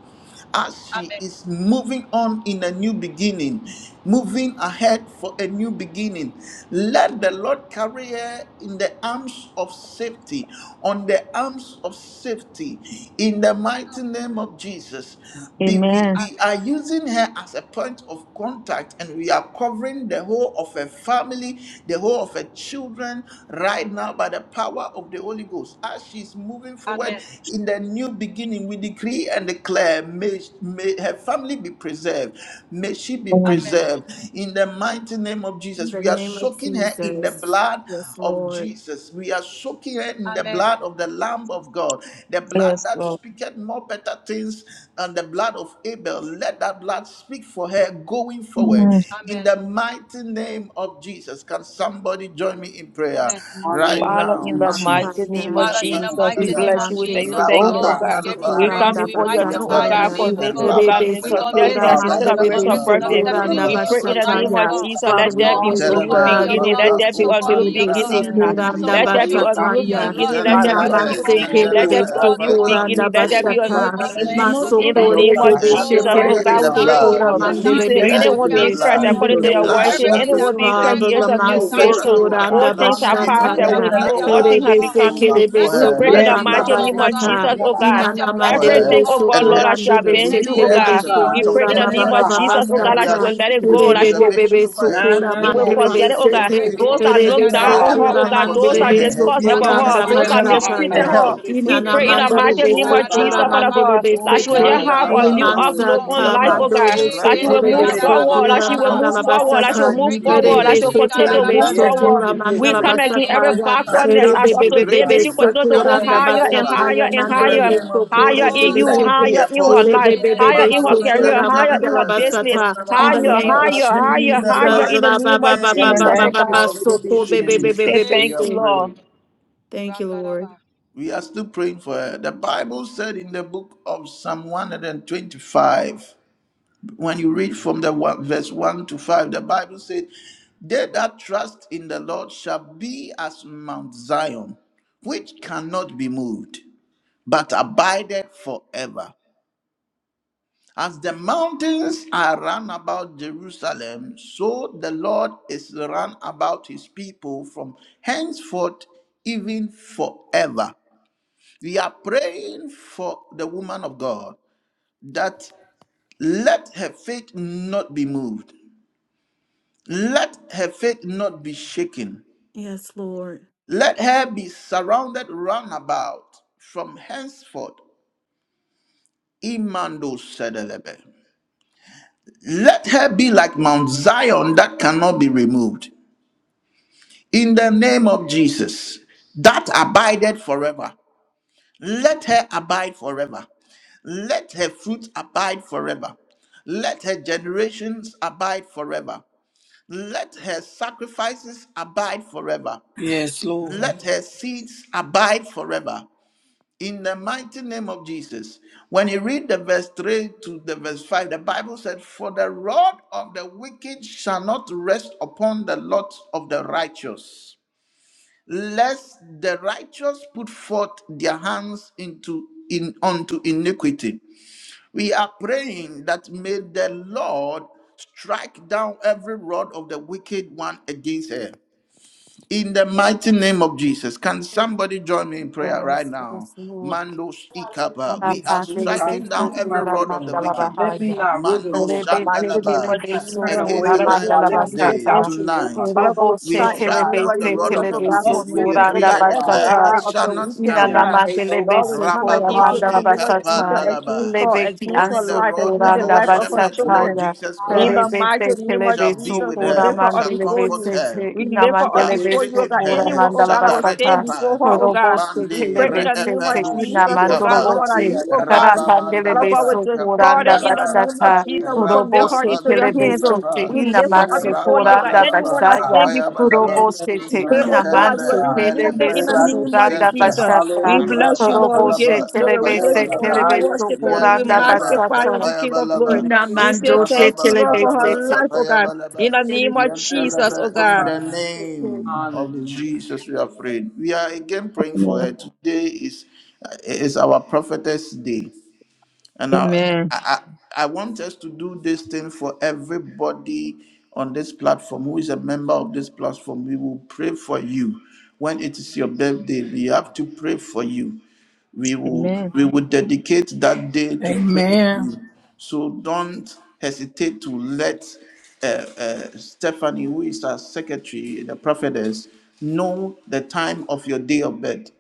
Speaker 2: as she
Speaker 4: Amen.
Speaker 2: is moving on in a new beginning, moving ahead for a new beginning. Let the Lord carry her in the arms of safety, on the arms of safety, in the mighty name of Jesus. Be- we,
Speaker 5: Amen.
Speaker 2: we are
Speaker 4: Amen.
Speaker 2: using her as a point of contact and we are covering the whole of her family, the whole of her children right now by the power of the Holy Ghost. As she she's moving forward in the new beginning, we decree and declare, may, may her family be preserved. May she be
Speaker 5: Mhm.
Speaker 4: Amen.
Speaker 2: preserved. In the mighty name of
Speaker 3: In
Speaker 2: Jesus,
Speaker 3: the
Speaker 2: we are
Speaker 3: name of
Speaker 2: soaking her in the
Speaker 3: Jesus.
Speaker 2: blood
Speaker 3: Yes,
Speaker 2: of
Speaker 3: Lord.
Speaker 2: Jesus. We are soaking her in the
Speaker 4: Amen.
Speaker 2: blood of the Lamb of God, the blood
Speaker 5: Yes,
Speaker 2: that
Speaker 5: Lord.
Speaker 2: speaketh more better things than the blood of Abel. Let that blood speak for her going forward.
Speaker 5: Mm-hmm.
Speaker 2: In
Speaker 4: Amen.
Speaker 2: the mighty name of Jesus, can Somebody join me in prayer
Speaker 4: Amen.
Speaker 3: Yes,
Speaker 2: right
Speaker 1: Amen.
Speaker 3: Lord.
Speaker 5: Father,
Speaker 2: now.
Speaker 5: in
Speaker 1: In
Speaker 5: the
Speaker 3: Yeah, I'm
Speaker 1: Jesus.
Speaker 2: Mando
Speaker 5: mighty
Speaker 1: In
Speaker 5: name
Speaker 3: sorry.
Speaker 5: of
Speaker 1: the
Speaker 4: Father,
Speaker 2: ika
Speaker 4: in
Speaker 1: name
Speaker 4: the
Speaker 1: of
Speaker 5: Jesus, we
Speaker 4: mighty
Speaker 1: Jesus,
Speaker 2: pandalaba,
Speaker 4: name
Speaker 5: bless
Speaker 4: of
Speaker 5: you. We
Speaker 3: Anande
Speaker 5: tell you
Speaker 4: Jesus, oh
Speaker 5: thank
Speaker 3: sitile
Speaker 5: you, oh
Speaker 4: God,
Speaker 1: God,
Speaker 4: we
Speaker 5: God.
Speaker 4: give you
Speaker 2: rababandalaba,
Speaker 1: God,
Speaker 5: We
Speaker 3: mansukura
Speaker 5: come
Speaker 4: praise.
Speaker 3: anda
Speaker 4: We
Speaker 5: before your throne, oh
Speaker 4: magnify
Speaker 2: mandibriaba,
Speaker 4: your
Speaker 5: God,
Speaker 3: basataya.
Speaker 5: for
Speaker 1: heal
Speaker 4: name, oh
Speaker 5: making,
Speaker 4: God.
Speaker 5: oh God,
Speaker 3: Rebe
Speaker 4: We
Speaker 5: minister
Speaker 1: Oh
Speaker 2: rabandalaba,
Speaker 4: commit
Speaker 3: sukura
Speaker 5: Stephanie as
Speaker 1: God,
Speaker 5: she
Speaker 4: Sister,
Speaker 1: right
Speaker 4: we
Speaker 1: now,
Speaker 5: celebrates
Speaker 3: mandelebe
Speaker 5: her
Speaker 4: commit
Speaker 1: in
Speaker 2: kapayabalaba,
Speaker 1: the
Speaker 4: Sister
Speaker 5: birthday.
Speaker 3: sukura
Speaker 1: name
Speaker 4: Stephanie
Speaker 3: anda
Speaker 1: of
Speaker 4: to
Speaker 5: We
Speaker 2: mandalaba,
Speaker 4: you
Speaker 5: pray in the
Speaker 4: tonight,
Speaker 1: Jesus,
Speaker 5: name
Speaker 4: oh
Speaker 5: of
Speaker 3: basataya.
Speaker 2: rabababa,
Speaker 1: oh
Speaker 4: God.
Speaker 5: Jesus,
Speaker 1: God.
Speaker 3: Father,
Speaker 5: let
Speaker 3: we
Speaker 5: there
Speaker 4: Lord,
Speaker 5: be
Speaker 4: we
Speaker 3: pray,
Speaker 5: a
Speaker 3: oh
Speaker 4: soak
Speaker 5: new
Speaker 4: her in
Speaker 2: yantelaba,
Speaker 3: God,
Speaker 4: your
Speaker 5: beginning.
Speaker 4: blood.
Speaker 5: Let
Speaker 3: Lobos
Speaker 4: We
Speaker 5: there be
Speaker 1: Hallelujah.
Speaker 4: soak
Speaker 2: bakapu
Speaker 5: a
Speaker 4: her
Speaker 5: new
Speaker 4: in your
Speaker 3: Chetelebe
Speaker 2: palibra
Speaker 4: blood.
Speaker 1: In the
Speaker 5: beginning. uh,
Speaker 1: name
Speaker 4: We
Speaker 3: Sukura
Speaker 1: of
Speaker 4: soak
Speaker 3: anda
Speaker 1: Jesus,
Speaker 5: Let
Speaker 4: her
Speaker 5: there be
Speaker 1: Lord
Speaker 2: andibriaba.
Speaker 5: a
Speaker 4: children
Speaker 1: God,
Speaker 4: in
Speaker 5: new
Speaker 4: your
Speaker 3: basataya.
Speaker 1: let
Speaker 4: blood.
Speaker 5: beginning. Let
Speaker 1: my
Speaker 5: there
Speaker 3: Ina
Speaker 5: be
Speaker 4: We
Speaker 1: life
Speaker 5: a
Speaker 2: Mandelebelebe,
Speaker 1: be
Speaker 4: soak
Speaker 5: new
Speaker 4: her
Speaker 1: renewed,
Speaker 5: beginning.
Speaker 4: home with
Speaker 5: Let
Speaker 1: oh
Speaker 5: there
Speaker 2: Mandelebe,
Speaker 3: mansekelebe
Speaker 4: your
Speaker 5: be
Speaker 1: God,
Speaker 5: a
Speaker 4: blood,
Speaker 1: and
Speaker 4: oh
Speaker 5: new
Speaker 1: you
Speaker 2: Father,
Speaker 4: God.
Speaker 3: sukura
Speaker 2: we
Speaker 3: anda
Speaker 5: beginning. Let there
Speaker 4: In
Speaker 2: pray.
Speaker 5: be
Speaker 4: the
Speaker 5: a
Speaker 1: right
Speaker 5: new
Speaker 4: name
Speaker 3: basata.
Speaker 1: now
Speaker 4: of
Speaker 1: in the
Speaker 2: And
Speaker 5: beginning.
Speaker 1: name of
Speaker 4: Jesus, oh
Speaker 5: In the
Speaker 1: Jesus,
Speaker 2: soaking
Speaker 4: God.
Speaker 1: oh
Speaker 3: Masukure
Speaker 5: name of
Speaker 1: God.
Speaker 3: debe
Speaker 2: uh,
Speaker 1: Have your
Speaker 4: Oh
Speaker 5: Jesus,
Speaker 1: way,
Speaker 4: God,
Speaker 5: oh
Speaker 2: Stephanie
Speaker 4: we
Speaker 1: oh
Speaker 2: in
Speaker 3: shetelebe
Speaker 4: say
Speaker 5: God,
Speaker 2: the
Speaker 5: we
Speaker 1: God.
Speaker 5: pray,
Speaker 4: thank
Speaker 5: oh
Speaker 2: blood.
Speaker 4: you.
Speaker 3: sukura
Speaker 4: We
Speaker 2: We
Speaker 5: God.
Speaker 1: For
Speaker 2: are
Speaker 4: say
Speaker 1: we
Speaker 5: You
Speaker 3: mandele
Speaker 4: thank
Speaker 2: soaking
Speaker 5: say,
Speaker 4: you
Speaker 3: be
Speaker 4: for
Speaker 2: her
Speaker 1: thank
Speaker 4: her
Speaker 5: anyone
Speaker 2: in
Speaker 1: you,
Speaker 2: the
Speaker 5: being
Speaker 3: sete.
Speaker 4: family,
Speaker 5: Christ,
Speaker 4: oh
Speaker 2: blood.
Speaker 3: In the
Speaker 4: God.
Speaker 5: according to
Speaker 2: The
Speaker 1: Jesus,
Speaker 3: name
Speaker 5: your
Speaker 1: Lord,
Speaker 3: of
Speaker 5: word,
Speaker 2: blood
Speaker 1: by
Speaker 5: you say,
Speaker 1: your
Speaker 2: that
Speaker 4: Everything
Speaker 3: Jesus,
Speaker 4: that
Speaker 5: anyone
Speaker 1: blood
Speaker 5: being
Speaker 1: that
Speaker 5: Christ,
Speaker 2: speaketh
Speaker 5: he
Speaker 4: concerns
Speaker 3: Father,
Speaker 5: is
Speaker 4: her,
Speaker 2: even
Speaker 5: a
Speaker 4: we
Speaker 5: new
Speaker 4: say
Speaker 1: you
Speaker 2: more
Speaker 4: thank
Speaker 2: better
Speaker 1: work
Speaker 4: you,
Speaker 5: creation.
Speaker 4: oh
Speaker 1: for,
Speaker 2: things
Speaker 3: Lamansukura
Speaker 4: God.
Speaker 2: than the
Speaker 1: God.
Speaker 5: All
Speaker 3: anda
Speaker 2: blood
Speaker 5: things
Speaker 2: of
Speaker 5: have
Speaker 4: Your
Speaker 2: Abel.
Speaker 5: passed
Speaker 4: blood,
Speaker 1: Hallelujah,
Speaker 2: Let
Speaker 4: your
Speaker 1: in
Speaker 5: away.
Speaker 3: basataya.
Speaker 1: the
Speaker 4: blood,
Speaker 2: that
Speaker 5: Behold,
Speaker 4: your
Speaker 1: name
Speaker 5: all
Speaker 1: of
Speaker 4: blood,
Speaker 2: blood
Speaker 5: things
Speaker 4: oh
Speaker 5: have
Speaker 4: God.
Speaker 1: Jesus,
Speaker 3: Terebese
Speaker 5: become
Speaker 1: oh God.
Speaker 5: new.
Speaker 2: speak
Speaker 4: Let
Speaker 2: for
Speaker 5: We
Speaker 4: your
Speaker 3: kelebeso
Speaker 2: her.
Speaker 5: pray
Speaker 4: blood
Speaker 5: in
Speaker 2: Let
Speaker 5: the
Speaker 2: the
Speaker 1: Yes,
Speaker 4: speak
Speaker 3: koranda
Speaker 4: for
Speaker 5: mighty
Speaker 1: yes,
Speaker 4: her,
Speaker 2: blood
Speaker 1: it
Speaker 5: name
Speaker 4: oh
Speaker 5: of
Speaker 4: God.
Speaker 3: basata.
Speaker 2: of
Speaker 5: Jesus,
Speaker 1: is.
Speaker 5: oh
Speaker 2: Jesus
Speaker 4: Let
Speaker 5: God.
Speaker 3: Inana
Speaker 4: your
Speaker 2: speak
Speaker 4: blood
Speaker 2: for
Speaker 4: speak for her,
Speaker 2: her
Speaker 5: Everything, oh
Speaker 3: mandelebeso
Speaker 4: oh
Speaker 5: God,
Speaker 2: and
Speaker 5: Lord,
Speaker 4: God.
Speaker 2: her
Speaker 5: that she
Speaker 3: koranda
Speaker 5: has
Speaker 2: children.
Speaker 4: In
Speaker 2: We
Speaker 5: been
Speaker 4: the
Speaker 3: bese
Speaker 2: use
Speaker 5: through, oh
Speaker 4: name
Speaker 2: her
Speaker 1: Oh
Speaker 4: of
Speaker 2: as
Speaker 5: God.
Speaker 2: a
Speaker 3: telebeso
Speaker 5: We
Speaker 1: God,
Speaker 2: point
Speaker 4: Jesus.
Speaker 5: pray
Speaker 2: of
Speaker 3: kora
Speaker 5: in the
Speaker 1: stand in
Speaker 3: baba
Speaker 5: name
Speaker 1: the
Speaker 5: of
Speaker 2: contact.
Speaker 3: baba
Speaker 5: Jesus,
Speaker 1: behind
Speaker 5: oh
Speaker 2: And
Speaker 5: God,
Speaker 2: we
Speaker 5: that she
Speaker 2: are
Speaker 3: basata.
Speaker 5: will let it
Speaker 2: speaking
Speaker 5: go, that
Speaker 1: the
Speaker 5: she will
Speaker 2: preservation over
Speaker 3: Terebebebebeso
Speaker 2: her
Speaker 3: kora
Speaker 1: Nana
Speaker 5: you
Speaker 2: children,
Speaker 5: will
Speaker 2: over
Speaker 1: kafi,
Speaker 5: forget it, oh
Speaker 3: mandelebese
Speaker 5: God.
Speaker 3: te.
Speaker 1: nebe
Speaker 4: Break Break
Speaker 2: anything
Speaker 1: hu
Speaker 5: Those
Speaker 4: it, it,
Speaker 5: that
Speaker 4: baby.
Speaker 1: sile
Speaker 2: concerning
Speaker 5: look
Speaker 4: Ya
Speaker 1: de
Speaker 4: la
Speaker 5: down
Speaker 2: her,
Speaker 4: la
Speaker 3: Terebeso
Speaker 5: on
Speaker 4: la
Speaker 5: her,
Speaker 1: bahaya.
Speaker 4: ba
Speaker 3: kora
Speaker 5: oh
Speaker 4: ba
Speaker 2: everything
Speaker 5: God,
Speaker 4: ba ba
Speaker 5: those
Speaker 4: ba.
Speaker 2: concerning
Speaker 5: that
Speaker 2: her,
Speaker 1: Mimi
Speaker 3: mandelebeso
Speaker 2: her
Speaker 5: discuss
Speaker 1: sili
Speaker 5: about
Speaker 2: business, her
Speaker 5: her,
Speaker 3: koranda
Speaker 4: Makaraba
Speaker 1: sile
Speaker 5: those
Speaker 4: ye
Speaker 1: de
Speaker 5: that
Speaker 2: finances,
Speaker 4: kere
Speaker 1: baha
Speaker 4: de
Speaker 3: basata
Speaker 5: mistreated
Speaker 2: her
Speaker 3: ya.
Speaker 1: kata
Speaker 4: baby.
Speaker 5: her.
Speaker 2: health.
Speaker 5: We
Speaker 3: Inana
Speaker 4: Break
Speaker 1: sili.
Speaker 5: pray in
Speaker 4: it,
Speaker 5: the
Speaker 4: baby.
Speaker 5: mighty
Speaker 2: Rabado
Speaker 5: name
Speaker 1: Oh
Speaker 3: mandelebeso
Speaker 5: of Jesus,
Speaker 3: kora
Speaker 2: Shentelebe,
Speaker 5: Father
Speaker 1: God,
Speaker 4: Rekelelebeyadadadababababa. Makarabayekelelebebe. Rekelebeshikaradabababa.
Speaker 5: God, that
Speaker 1: oh
Speaker 3: mandelebese
Speaker 5: she
Speaker 4: In
Speaker 5: will
Speaker 4: the
Speaker 3: te.
Speaker 5: just
Speaker 1: God,
Speaker 4: name
Speaker 5: have
Speaker 4: of
Speaker 5: a
Speaker 1: thank
Speaker 2: Mandalaba,
Speaker 5: new
Speaker 1: you
Speaker 4: Jesus,
Speaker 1: Lord
Speaker 4: oh
Speaker 5: outlook
Speaker 4: God.
Speaker 5: on
Speaker 3: Limansata
Speaker 5: life,
Speaker 2: Mandilibriyapa,
Speaker 5: oh God,
Speaker 1: Jesus.
Speaker 4: Break Break
Speaker 3: mandolobose
Speaker 5: that
Speaker 1: Ye
Speaker 5: she
Speaker 4: it,
Speaker 5: will
Speaker 4: baby.
Speaker 1: lere
Speaker 5: move
Speaker 4: Ya la
Speaker 1: de
Speaker 3: telebeso
Speaker 4: la ba
Speaker 2: Rapandalaba.
Speaker 1: sile
Speaker 5: forward,
Speaker 4: ba
Speaker 2: We
Speaker 1: ne
Speaker 5: that
Speaker 3: kora
Speaker 4: ba
Speaker 2: are
Speaker 5: she will
Speaker 1: kata
Speaker 4: ba.
Speaker 5: move
Speaker 3: mandala
Speaker 2: considering
Speaker 5: forward,
Speaker 2: this
Speaker 5: that
Speaker 1: bahaya
Speaker 5: she
Speaker 2: as
Speaker 1: na
Speaker 3: basata.
Speaker 2: a
Speaker 5: will move
Speaker 2: new
Speaker 4: Break
Speaker 1: sili
Speaker 4: it,
Speaker 1: de
Speaker 4: baby. baby.
Speaker 5: forward, that
Speaker 2: beginning.
Speaker 5: she will
Speaker 3: Terebese
Speaker 5: continue to
Speaker 2: And
Speaker 5: move
Speaker 4: Rekelebeyadadabababa.
Speaker 2: let
Speaker 3: telebeso
Speaker 1: Ye
Speaker 2: the new
Speaker 5: forward.
Speaker 4: Rekelebeshikaradabababa.
Speaker 3: kora
Speaker 1: kete
Speaker 5: We
Speaker 3: mandala
Speaker 1: sile
Speaker 5: come
Speaker 2: beginning
Speaker 4: In
Speaker 1: de
Speaker 4: the
Speaker 5: again
Speaker 1: mama
Speaker 4: name
Speaker 3: basata
Speaker 5: every
Speaker 4: of
Speaker 3: ya.
Speaker 1: ye
Speaker 2: that
Speaker 1: kata
Speaker 5: backwardness
Speaker 1: de
Speaker 4: Jesus.
Speaker 5: as
Speaker 2: comes
Speaker 5: of
Speaker 1: bisu
Speaker 2: with
Speaker 5: today. May
Speaker 3: Rebebebebebe
Speaker 5: she
Speaker 2: breakthrough.
Speaker 5: continue
Speaker 2: That
Speaker 5: to
Speaker 4: In the
Speaker 5: go
Speaker 1: Nana
Speaker 2: comes
Speaker 1: ne
Speaker 3: sokoranda
Speaker 2: with
Speaker 4: name
Speaker 5: higher
Speaker 4: of
Speaker 1: kata
Speaker 5: and
Speaker 1: de
Speaker 2: favor.
Speaker 4: Jesus,
Speaker 3: basataya
Speaker 5: higher
Speaker 4: oh
Speaker 1: sile
Speaker 5: and
Speaker 1: de
Speaker 2: In
Speaker 4: God.
Speaker 2: the
Speaker 3: mandele
Speaker 5: higher,
Speaker 1: bahaya.
Speaker 2: name of
Speaker 3: besokora
Speaker 5: higher
Speaker 2: Jesus,
Speaker 5: in
Speaker 4: Oh
Speaker 1: Sile
Speaker 5: you,
Speaker 2: let
Speaker 4: God.
Speaker 2: it be
Speaker 3: debeshete.
Speaker 5: higher
Speaker 2: a
Speaker 5: in her
Speaker 1: sile
Speaker 2: portion.
Speaker 5: life,
Speaker 4: In
Speaker 1: de
Speaker 4: the
Speaker 1: ne sile de ne
Speaker 5: higher
Speaker 3: Rebebebebe
Speaker 4: name
Speaker 5: in
Speaker 4: of
Speaker 2: Mando
Speaker 5: her career,
Speaker 1: sile de
Speaker 4: Jesus.
Speaker 3: sokora
Speaker 5: higher in
Speaker 3: mandala
Speaker 5: her
Speaker 2: shantelebelebe,
Speaker 5: business.
Speaker 3: basata. In the
Speaker 5: Higher,
Speaker 3: name
Speaker 1: bahaya.
Speaker 2: mandilibriyapa.
Speaker 3: of
Speaker 1: Kata de
Speaker 5: higher,
Speaker 2: In
Speaker 5: higher,
Speaker 2: the
Speaker 3: Jesus.
Speaker 1: bisu
Speaker 5: higher in the
Speaker 2: mighty
Speaker 5: name of Jesus, oh
Speaker 1: Yanana,
Speaker 2: name
Speaker 1: you
Speaker 5: God.
Speaker 3: Rabababababababa
Speaker 1: said
Speaker 2: of
Speaker 1: it be seen in it.
Speaker 5: Say
Speaker 2: Jesus,
Speaker 3: sokobebebebebe.
Speaker 2: we
Speaker 5: thank
Speaker 4: Hey.
Speaker 2: are
Speaker 5: you,
Speaker 3: se.
Speaker 5: Lord.
Speaker 2: praying.
Speaker 3: Thank you,
Speaker 4: Rakaraba.
Speaker 3: Lord.
Speaker 2: We are still praying for her. The Bible said in the book of Psalm 125, when you read from the one, verse 1 to 5, the Bible said, They that trust in the Lord shall be as Mount Zion, which cannot be moved, but abideth forever. As the mountains are run about Jerusalem, so the Lord is run about his people from henceforth, even forever. We are praying for the woman of God that let her faith not be moved. Let her faith not be shaken.
Speaker 3: Yes, Lord.
Speaker 2: Let her be surrounded round about from henceforth. Imando sedelebe. Let her be like Mount Zion that cannot be removed. In the name of Jesus, that abided forever. Let her abide forever. Let her fruit abide forever. Let her generations abide forever. Let her sacrifices abide forever.
Speaker 1: Yes, Lord.
Speaker 2: let her seeds abide forever. In the mighty name of Jesus. When you read the verse 3 to the verse 5, the Bible said, For the rod of the wicked shall not rest upon the lot of the righteous, lest the righteous put forth their hands into in unto iniquity. We are praying that may the Lord strike down every rod of the wicked one against her. In the mighty name of Jesus, can somebody join me in prayer right
Speaker 3: Yes,
Speaker 2: now?
Speaker 3: yes, Lord.
Speaker 2: Mandos ikaba.
Speaker 3: Ora
Speaker 2: We
Speaker 1: Yes,
Speaker 2: are
Speaker 1: Lord
Speaker 3: pandele
Speaker 1: God,
Speaker 2: striking down
Speaker 1: turn
Speaker 3: beso
Speaker 1: to
Speaker 2: every
Speaker 1: my
Speaker 3: kura
Speaker 1: faith,
Speaker 2: rod of the
Speaker 1: Lord
Speaker 3: mandala
Speaker 1: God.
Speaker 2: wicked.
Speaker 1: Let me
Speaker 3: bahaya.
Speaker 1: not river,
Speaker 2: Mando
Speaker 1: Lord
Speaker 5: the
Speaker 1: God.
Speaker 3: Rebe
Speaker 1: Let
Speaker 3: se
Speaker 1: me
Speaker 5: mighty name
Speaker 3: kele
Speaker 2: shandalaba.
Speaker 5: of
Speaker 1: not
Speaker 3: beso
Speaker 1: turn
Speaker 5: Jesus, we
Speaker 2: Against
Speaker 3: kura
Speaker 1: away,
Speaker 2: a
Speaker 5: bless
Speaker 1: Lord
Speaker 2: life
Speaker 5: you,
Speaker 1: God.
Speaker 3: mandala
Speaker 1: Let
Speaker 5: God.
Speaker 1: me
Speaker 5: We
Speaker 1: not
Speaker 5: say
Speaker 2: today,
Speaker 5: thank
Speaker 3: basata.
Speaker 1: doubt
Speaker 5: you.
Speaker 1: you, Lord God.
Speaker 2: tonight.
Speaker 5: Father God, we
Speaker 3: Robo
Speaker 2: We
Speaker 3: se
Speaker 5: pray
Speaker 1: Lord
Speaker 5: in the
Speaker 3: tele
Speaker 2: strike
Speaker 1: God,
Speaker 5: name
Speaker 2: down
Speaker 5: of
Speaker 2: the
Speaker 1: even
Speaker 3: so
Speaker 5: Jesus,
Speaker 2: rod
Speaker 1: if
Speaker 2: of
Speaker 3: tele
Speaker 2: the
Speaker 5: oh
Speaker 1: it's a
Speaker 5: God,
Speaker 3: beso
Speaker 5: for
Speaker 2: wicked.
Speaker 1: mustard
Speaker 2: We
Speaker 1: seed
Speaker 5: mercy,
Speaker 1: of
Speaker 3: kura
Speaker 5: oh
Speaker 1: faith,
Speaker 3: anda
Speaker 2: decree
Speaker 5: God,
Speaker 1: oh
Speaker 2: and
Speaker 1: God,
Speaker 5: every
Speaker 2: declare
Speaker 1: I
Speaker 3: basata.
Speaker 5: lie
Speaker 2: it
Speaker 1: pray
Speaker 5: of
Speaker 1: that
Speaker 2: shall
Speaker 5: the
Speaker 1: you will
Speaker 2: not
Speaker 5: wicked, oh
Speaker 1: strengthen,
Speaker 3: Inana
Speaker 2: stand.
Speaker 5: God.
Speaker 3: mandele
Speaker 1: oh
Speaker 5: Lord, we
Speaker 3: beso
Speaker 5: come
Speaker 3: kora
Speaker 5: against it
Speaker 2: Rababos
Speaker 5: in the
Speaker 3: mandala
Speaker 5: name of
Speaker 1: hallelujah, in
Speaker 5: Jesus,
Speaker 1: the
Speaker 3: basata.
Speaker 1: name
Speaker 5: against
Speaker 2: ikapandalaba.
Speaker 1: of
Speaker 5: her,
Speaker 1: Jesus.
Speaker 3: Lebe ki
Speaker 5: against
Speaker 2: Only
Speaker 5: her
Speaker 2: the
Speaker 3: anso
Speaker 5: life,
Speaker 2: rod
Speaker 5: against
Speaker 2: of
Speaker 3: kora
Speaker 1: Have
Speaker 5: the
Speaker 1: your
Speaker 3: nda
Speaker 2: our
Speaker 1: way,
Speaker 5: life of her
Speaker 1: Lord
Speaker 2: shepherd,
Speaker 1: God.
Speaker 3: basata
Speaker 5: children.
Speaker 2: Lord
Speaker 3: ya.
Speaker 2: Jesus
Speaker 5: In the
Speaker 2: Christ
Speaker 3: Rebe
Speaker 5: mighty
Speaker 3: se
Speaker 5: name
Speaker 3: tele
Speaker 5: of
Speaker 2: shall be
Speaker 3: beso
Speaker 5: Jesus,
Speaker 2: with
Speaker 5: we
Speaker 3: kora
Speaker 5: lift
Speaker 2: her,
Speaker 5: her up
Speaker 2: shall
Speaker 3: mandele
Speaker 5: before
Speaker 2: comfort
Speaker 5: you.
Speaker 3: bese
Speaker 2: her,
Speaker 3: te.
Speaker 5: We
Speaker 3: Ina
Speaker 5: lift her up
Speaker 2: shall
Speaker 3: mandele
Speaker 5: before you,
Speaker 1: Yes,
Speaker 5: oh
Speaker 3: beso
Speaker 2: strengthen
Speaker 5: God.
Speaker 3: kora
Speaker 2: her,
Speaker 5: Anyone, oh
Speaker 3: mandala
Speaker 2: shall
Speaker 5: God, I will
Speaker 2: direct her
Speaker 5: stand
Speaker 3: basata.
Speaker 5: before
Speaker 2: path.
Speaker 1: yes,
Speaker 5: her, oh
Speaker 1: yes.
Speaker 3: Robo
Speaker 5: God.
Speaker 3: se
Speaker 5: We
Speaker 2: Mandi
Speaker 3: tele
Speaker 5: pray in the
Speaker 3: bese
Speaker 5: name
Speaker 1: Yana,
Speaker 5: of
Speaker 3: te.
Speaker 2: reepenus
Speaker 3: Ina
Speaker 1: yes,
Speaker 5: Jesus, oh
Speaker 1: yes,
Speaker 3: mandoro
Speaker 5: God,
Speaker 1: yes,
Speaker 2: ikapa,
Speaker 1: yes,
Speaker 5: Lord, are
Speaker 1: yes,
Speaker 3: bose.
Speaker 1: yes,
Speaker 5: you, oh God.
Speaker 3: Kara
Speaker 1: yes, yes,
Speaker 3: pandele
Speaker 1: yes.
Speaker 5: Father God, we
Speaker 2: rababandalaba,
Speaker 3: beso kora
Speaker 5: destroy them
Speaker 3: nda
Speaker 5: in the
Speaker 2: kapandalaba.
Speaker 1: Yana,
Speaker 5: name of
Speaker 1: Father,
Speaker 3: basata.
Speaker 1: yes,
Speaker 5: Jesus. We
Speaker 3: Robo
Speaker 5: commit
Speaker 1: yes,
Speaker 5: her
Speaker 3: se
Speaker 1: yes,
Speaker 5: into
Speaker 1: yes,
Speaker 5: your
Speaker 3: tele
Speaker 1: yes.
Speaker 5: hands. Oh.
Speaker 3: bese te.
Speaker 2: Rapapandibriyapa,
Speaker 5: We
Speaker 3: Ina
Speaker 1: In
Speaker 5: lift her
Speaker 1: the name
Speaker 5: up
Speaker 3: manso
Speaker 1: of
Speaker 5: before you.
Speaker 3: kora
Speaker 5: That
Speaker 3: nda
Speaker 1: Jesus, oh
Speaker 5: anyone
Speaker 2: Rapandalaba,
Speaker 5: that
Speaker 1: God.
Speaker 3: basaya.
Speaker 5: stand before
Speaker 1: In
Speaker 3: Robo
Speaker 2: Papayabadaba,
Speaker 5: you,
Speaker 1: the
Speaker 5: we
Speaker 1: name
Speaker 3: sete
Speaker 1: of
Speaker 5: pray,
Speaker 1: Jesus,
Speaker 5: oh
Speaker 3: ina
Speaker 5: God,
Speaker 1: oh
Speaker 5: that
Speaker 3: man
Speaker 5: you will
Speaker 3: se
Speaker 2: Mantelebe,
Speaker 1: God.
Speaker 5: remove them
Speaker 3: telebe
Speaker 5: in
Speaker 2: Melevre,
Speaker 1: Lord,
Speaker 5: the
Speaker 1: I
Speaker 5: name
Speaker 1: just
Speaker 5: of
Speaker 3: sukuranda
Speaker 1: thank you.
Speaker 2: Alusente,
Speaker 5: Jesus.
Speaker 3: basasa.
Speaker 5: We
Speaker 1: Hallelujah,
Speaker 5: bless you,
Speaker 1: Jesus.
Speaker 5: Lord.
Speaker 3: Robo
Speaker 5: We give
Speaker 3: se
Speaker 5: you
Speaker 2: Rapandalaba,
Speaker 5: glory.
Speaker 1: You
Speaker 5: We
Speaker 3: telebe
Speaker 1: know,
Speaker 5: give
Speaker 3: se
Speaker 1: I'm
Speaker 5: you
Speaker 1: a
Speaker 2: Papayabalaba,
Speaker 5: honor. We
Speaker 3: telebe
Speaker 1: kaya,
Speaker 5: worship you.
Speaker 1: please,
Speaker 5: We
Speaker 3: sukuranda
Speaker 1: you know,
Speaker 2: Yantelebe,
Speaker 5: magnify you,
Speaker 3: basasa.
Speaker 5: the King of
Speaker 1: In the
Speaker 5: glory.
Speaker 2: Papayabalaba,
Speaker 3: Ina
Speaker 1: name of
Speaker 5: We say
Speaker 3: mando
Speaker 1: Jesus,
Speaker 3: se
Speaker 5: thank
Speaker 1: oh
Speaker 5: you, Lord,
Speaker 1: God.
Speaker 3: telebe
Speaker 5: for
Speaker 3: se
Speaker 2: Rababandalaba,
Speaker 5: her life, oh God.
Speaker 2: Papayabalaba,
Speaker 5: In the name of
Speaker 1: Thank you,
Speaker 5: Jesus, oh
Speaker 2: Yantelebe,
Speaker 1: oh
Speaker 2: in
Speaker 5: God.
Speaker 2: the
Speaker 1: God.
Speaker 2: name of Jesus, we are praying. We are again praying for her.
Speaker 5: Amen.
Speaker 2: Today is, is our prophetess day. And now
Speaker 5: Amen.
Speaker 2: I, I, I want us to do this thing for everybody on this platform who is a member of this platform. We will pray for you. When it is your birthday, we have to pray for you. We will
Speaker 5: Amen.
Speaker 2: we will dedicate that day to pray for
Speaker 1: Amen.
Speaker 2: you. So don't hesitate to let uh, uh, Stephanie, who is our secretary, the prophetess, know the time of your day of birth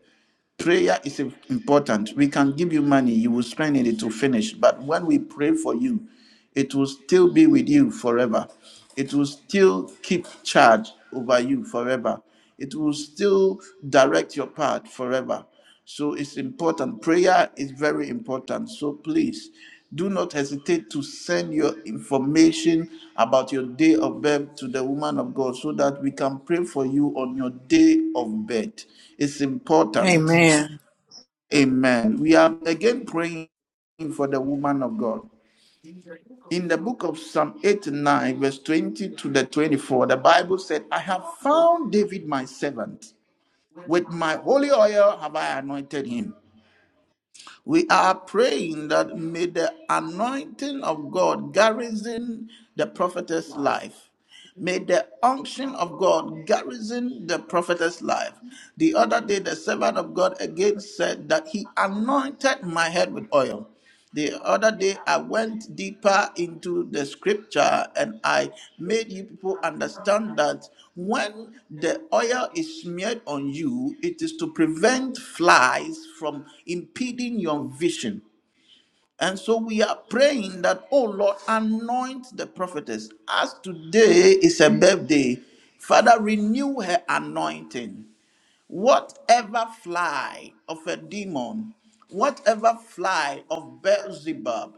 Speaker 2: prayer is important we can give you money you will spend it to finish but when we pray for you it will still be with you forever it will still keep charge over you forever it will still direct your path forever so it's important prayer is very important so please do not hesitate to send your information about your day of birth to the woman of God so that we can pray for you on your day of birth. It's important.
Speaker 1: Amen.
Speaker 2: Amen. We are again praying for the woman of God. In the book of Psalm 89, verse 20 to the 24, the Bible said, I have found David my servant. With my holy oil have I anointed him. We are praying that may the anointing of God garrison the prophetess life. May the unction of God garrison the prophetess' life. The other day, the servant of God again said that he anointed my head with oil. The other day, I went deeper into the scripture and I made you people understand that when the oil is smeared on you, it is to prevent flies from impeding your vision. And so we are praying that, oh Lord, anoint the prophetess. As today is her birthday, Father, renew her anointing. Whatever fly of a demon, whatever fly of Beelzebub,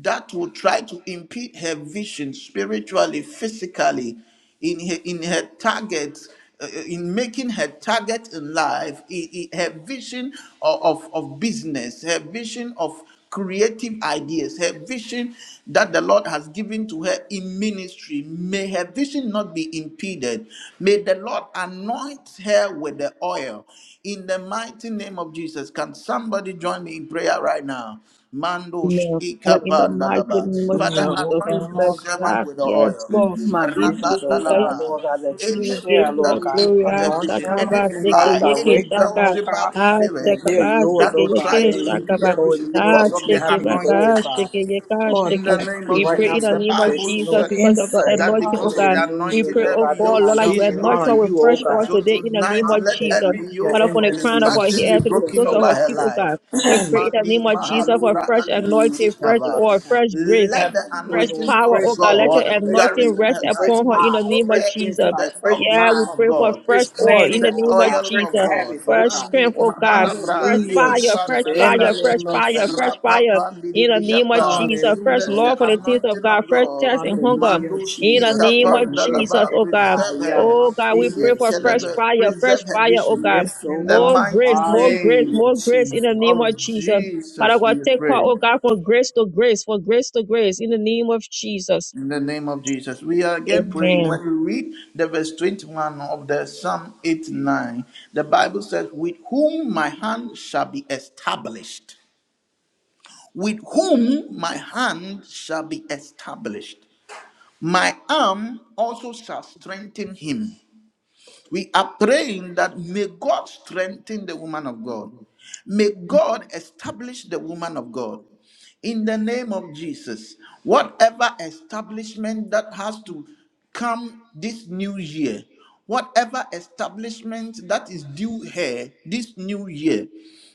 Speaker 2: that will try to impede her vision spiritually, physically, in her, in her target, uh, uh, in making her target in life, i- i- her vision of, of, of business, her vision of creative ideas, her vision that the Lord has given to her in ministry. May her vision not be impeded. May the Lord anoint her with the oil in the mighty name of Jesus. Can somebody join me in prayer right now? Mandos
Speaker 5: Lord. Father, in the mighty
Speaker 2: ikapandalaba.
Speaker 5: name of
Speaker 2: Father,
Speaker 5: Jesus, we
Speaker 2: anoint your
Speaker 5: bless you.
Speaker 2: servant
Speaker 5: Ah,
Speaker 2: with the
Speaker 5: Yes,
Speaker 2: oil.
Speaker 5: Lord.
Speaker 1: my
Speaker 5: We
Speaker 1: business, oh
Speaker 5: bless
Speaker 1: God,
Speaker 2: Rabandalaba.
Speaker 1: Lord God, that you
Speaker 5: we give
Speaker 1: share,
Speaker 2: Anything
Speaker 5: you
Speaker 2: that
Speaker 1: Lord
Speaker 5: the
Speaker 2: will
Speaker 1: God.
Speaker 5: glory.
Speaker 2: impede
Speaker 5: Ah,
Speaker 2: a
Speaker 1: Anoint
Speaker 2: vision,
Speaker 1: them,
Speaker 5: shaka
Speaker 2: any
Speaker 5: ba,
Speaker 1: Heavenly Father,
Speaker 5: seke
Speaker 2: fly, any
Speaker 5: yeke
Speaker 1: direct them, oh
Speaker 5: shaka.
Speaker 1: God,
Speaker 2: Beelzebub
Speaker 5: Ah,
Speaker 2: spirit
Speaker 1: that
Speaker 5: shaka
Speaker 1: they're
Speaker 5: ba,
Speaker 1: yours,
Speaker 2: that
Speaker 1: oh
Speaker 5: seke
Speaker 2: will
Speaker 1: God,
Speaker 2: try
Speaker 5: yeke
Speaker 2: to
Speaker 1: and you
Speaker 5: shaka
Speaker 2: impede
Speaker 1: can
Speaker 5: ba.
Speaker 2: a
Speaker 1: go
Speaker 2: vision
Speaker 1: in the way
Speaker 5: Ah,
Speaker 2: because
Speaker 1: that
Speaker 2: of
Speaker 1: you
Speaker 2: the
Speaker 1: have
Speaker 5: shake
Speaker 1: me to
Speaker 5: ba,
Speaker 1: go, oh
Speaker 5: ah,
Speaker 2: anointing.
Speaker 5: shake
Speaker 1: God.
Speaker 5: yeka
Speaker 1: Lord,
Speaker 2: In the
Speaker 1: I
Speaker 5: shake.
Speaker 2: name
Speaker 1: pray
Speaker 5: We
Speaker 2: of
Speaker 1: right now
Speaker 5: pray
Speaker 2: Jesus.
Speaker 5: in the
Speaker 1: for
Speaker 2: The
Speaker 5: name of
Speaker 2: Bible
Speaker 1: direction,
Speaker 5: Jesus
Speaker 1: Lord,
Speaker 2: said
Speaker 5: because of the
Speaker 1: insight,
Speaker 2: that
Speaker 5: anointing, oh
Speaker 2: because of
Speaker 5: God.
Speaker 2: the
Speaker 5: We
Speaker 1: hallelujah,
Speaker 2: anointing,
Speaker 5: pray,
Speaker 1: Lord
Speaker 5: oh
Speaker 2: every
Speaker 1: God, that
Speaker 5: God,
Speaker 2: yoke
Speaker 1: my
Speaker 5: Lord, that
Speaker 2: shall
Speaker 5: you
Speaker 2: be
Speaker 1: vision
Speaker 5: anoint
Speaker 1: honor
Speaker 5: her
Speaker 2: broken.
Speaker 5: with
Speaker 1: you, oh
Speaker 5: fresh
Speaker 2: And
Speaker 5: oil
Speaker 1: God.
Speaker 2: so
Speaker 5: today in the name
Speaker 2: tonight,
Speaker 5: of
Speaker 2: let
Speaker 5: Jesus.
Speaker 2: every
Speaker 1: Hallelujah,
Speaker 5: Father,
Speaker 2: yoke
Speaker 1: in
Speaker 5: from
Speaker 1: the
Speaker 5: the
Speaker 2: of
Speaker 1: name
Speaker 5: crown of our
Speaker 2: distraction be
Speaker 5: head to the
Speaker 1: of Jesus,
Speaker 2: broken
Speaker 5: soles
Speaker 1: oh
Speaker 5: of
Speaker 2: over
Speaker 5: our
Speaker 1: God.
Speaker 2: her
Speaker 5: feet, oh God.
Speaker 2: life.
Speaker 5: We pray in the
Speaker 2: Mandi
Speaker 5: name of Jesus for
Speaker 1: hallelujah,
Speaker 2: Mahaluvra
Speaker 5: fresh
Speaker 1: in the
Speaker 2: Anus
Speaker 1: name of
Speaker 5: anointing,
Speaker 1: Jesus,
Speaker 5: fresh
Speaker 2: Ikava.
Speaker 1: oh
Speaker 5: oil,
Speaker 1: God.
Speaker 5: fresh grace,
Speaker 2: Let
Speaker 1: Have
Speaker 2: the
Speaker 1: them, pray,
Speaker 5: fresh
Speaker 1: Lord,
Speaker 2: anointing
Speaker 5: power,
Speaker 1: fresh
Speaker 2: of
Speaker 5: oh God.
Speaker 1: oil,
Speaker 5: Let your
Speaker 2: God
Speaker 1: fresh
Speaker 5: anointing
Speaker 2: direct in
Speaker 5: rest
Speaker 2: her
Speaker 1: anointing,
Speaker 2: life.
Speaker 1: fresh
Speaker 5: upon her
Speaker 2: We
Speaker 5: in the
Speaker 1: eyes,
Speaker 5: name
Speaker 2: soak
Speaker 1: fresh
Speaker 5: of
Speaker 2: her into
Speaker 5: Jesus.
Speaker 1: insight,
Speaker 2: the
Speaker 1: fresh
Speaker 5: Yeah,
Speaker 2: unction
Speaker 5: we
Speaker 1: mind,
Speaker 2: of
Speaker 5: pray for
Speaker 2: God,
Speaker 5: fresh
Speaker 1: fresh
Speaker 5: oil
Speaker 2: into
Speaker 5: in
Speaker 1: planning,
Speaker 5: the
Speaker 2: the
Speaker 1: Lord
Speaker 5: name of
Speaker 1: God,
Speaker 2: oil
Speaker 1: fresh
Speaker 2: of
Speaker 5: Jesus.
Speaker 1: habits,
Speaker 2: God.
Speaker 1: oh
Speaker 5: Fresh
Speaker 1: God.
Speaker 2: Mandi
Speaker 5: strength, oh God. Fresh
Speaker 2: Mahalavra
Speaker 1: Hallelujah,
Speaker 5: fire,
Speaker 2: Leifan
Speaker 1: Jesus.
Speaker 5: fresh fire,
Speaker 1: In the
Speaker 2: Labra.
Speaker 5: fresh
Speaker 1: name of
Speaker 5: fire,
Speaker 1: Jesus.
Speaker 5: fresh fire in the name of
Speaker 2: Rapapandidibriyapa.
Speaker 5: Jesus.
Speaker 1: Hallelujah,
Speaker 5: Fresh
Speaker 2: Let
Speaker 1: oh
Speaker 2: the
Speaker 5: love for the things
Speaker 1: God.
Speaker 5: of
Speaker 2: anointing
Speaker 5: God.
Speaker 2: of
Speaker 5: Fresh
Speaker 2: God,
Speaker 5: thirst and hunger
Speaker 1: Hallelujah,
Speaker 2: Mandus
Speaker 5: in the
Speaker 1: Jesus.
Speaker 5: name of
Speaker 1: Amen.
Speaker 5: Jesus,
Speaker 2: Ikapandalaba,
Speaker 5: oh God.
Speaker 2: preserve
Speaker 1: Kaya
Speaker 2: her.
Speaker 5: Oh God, we pray for fresh
Speaker 2: Yetelebe,
Speaker 5: fire, fresh
Speaker 2: Preserve her
Speaker 5: fire, oh
Speaker 2: vision.
Speaker 5: God.
Speaker 1: Yes, oh
Speaker 2: In the
Speaker 1: God.
Speaker 5: More
Speaker 2: mighty
Speaker 5: grace, more grace,
Speaker 2: name
Speaker 1: Hallelujah,
Speaker 5: more grace in the
Speaker 1: Jesus.
Speaker 5: name of
Speaker 2: of
Speaker 5: Jesus. Father
Speaker 2: Jesus,
Speaker 5: God,
Speaker 2: we
Speaker 5: take her,
Speaker 2: pray.
Speaker 5: oh God, from grace to grace, from grace to grace in the name of Jesus.
Speaker 2: In the name of Jesus. We are again praying.
Speaker 5: Amen.
Speaker 2: When we read the verse 21 of the Psalm 89, the Bible says, With whom my hand shall be established with whom my hand shall be established. My arm also shall strengthen him, we are praying that may God strengthen the woman of God. May God establish the woman of God. In the name of Jesus, whatever establishment that has to come this new year, whatever establishment that is due her this new year,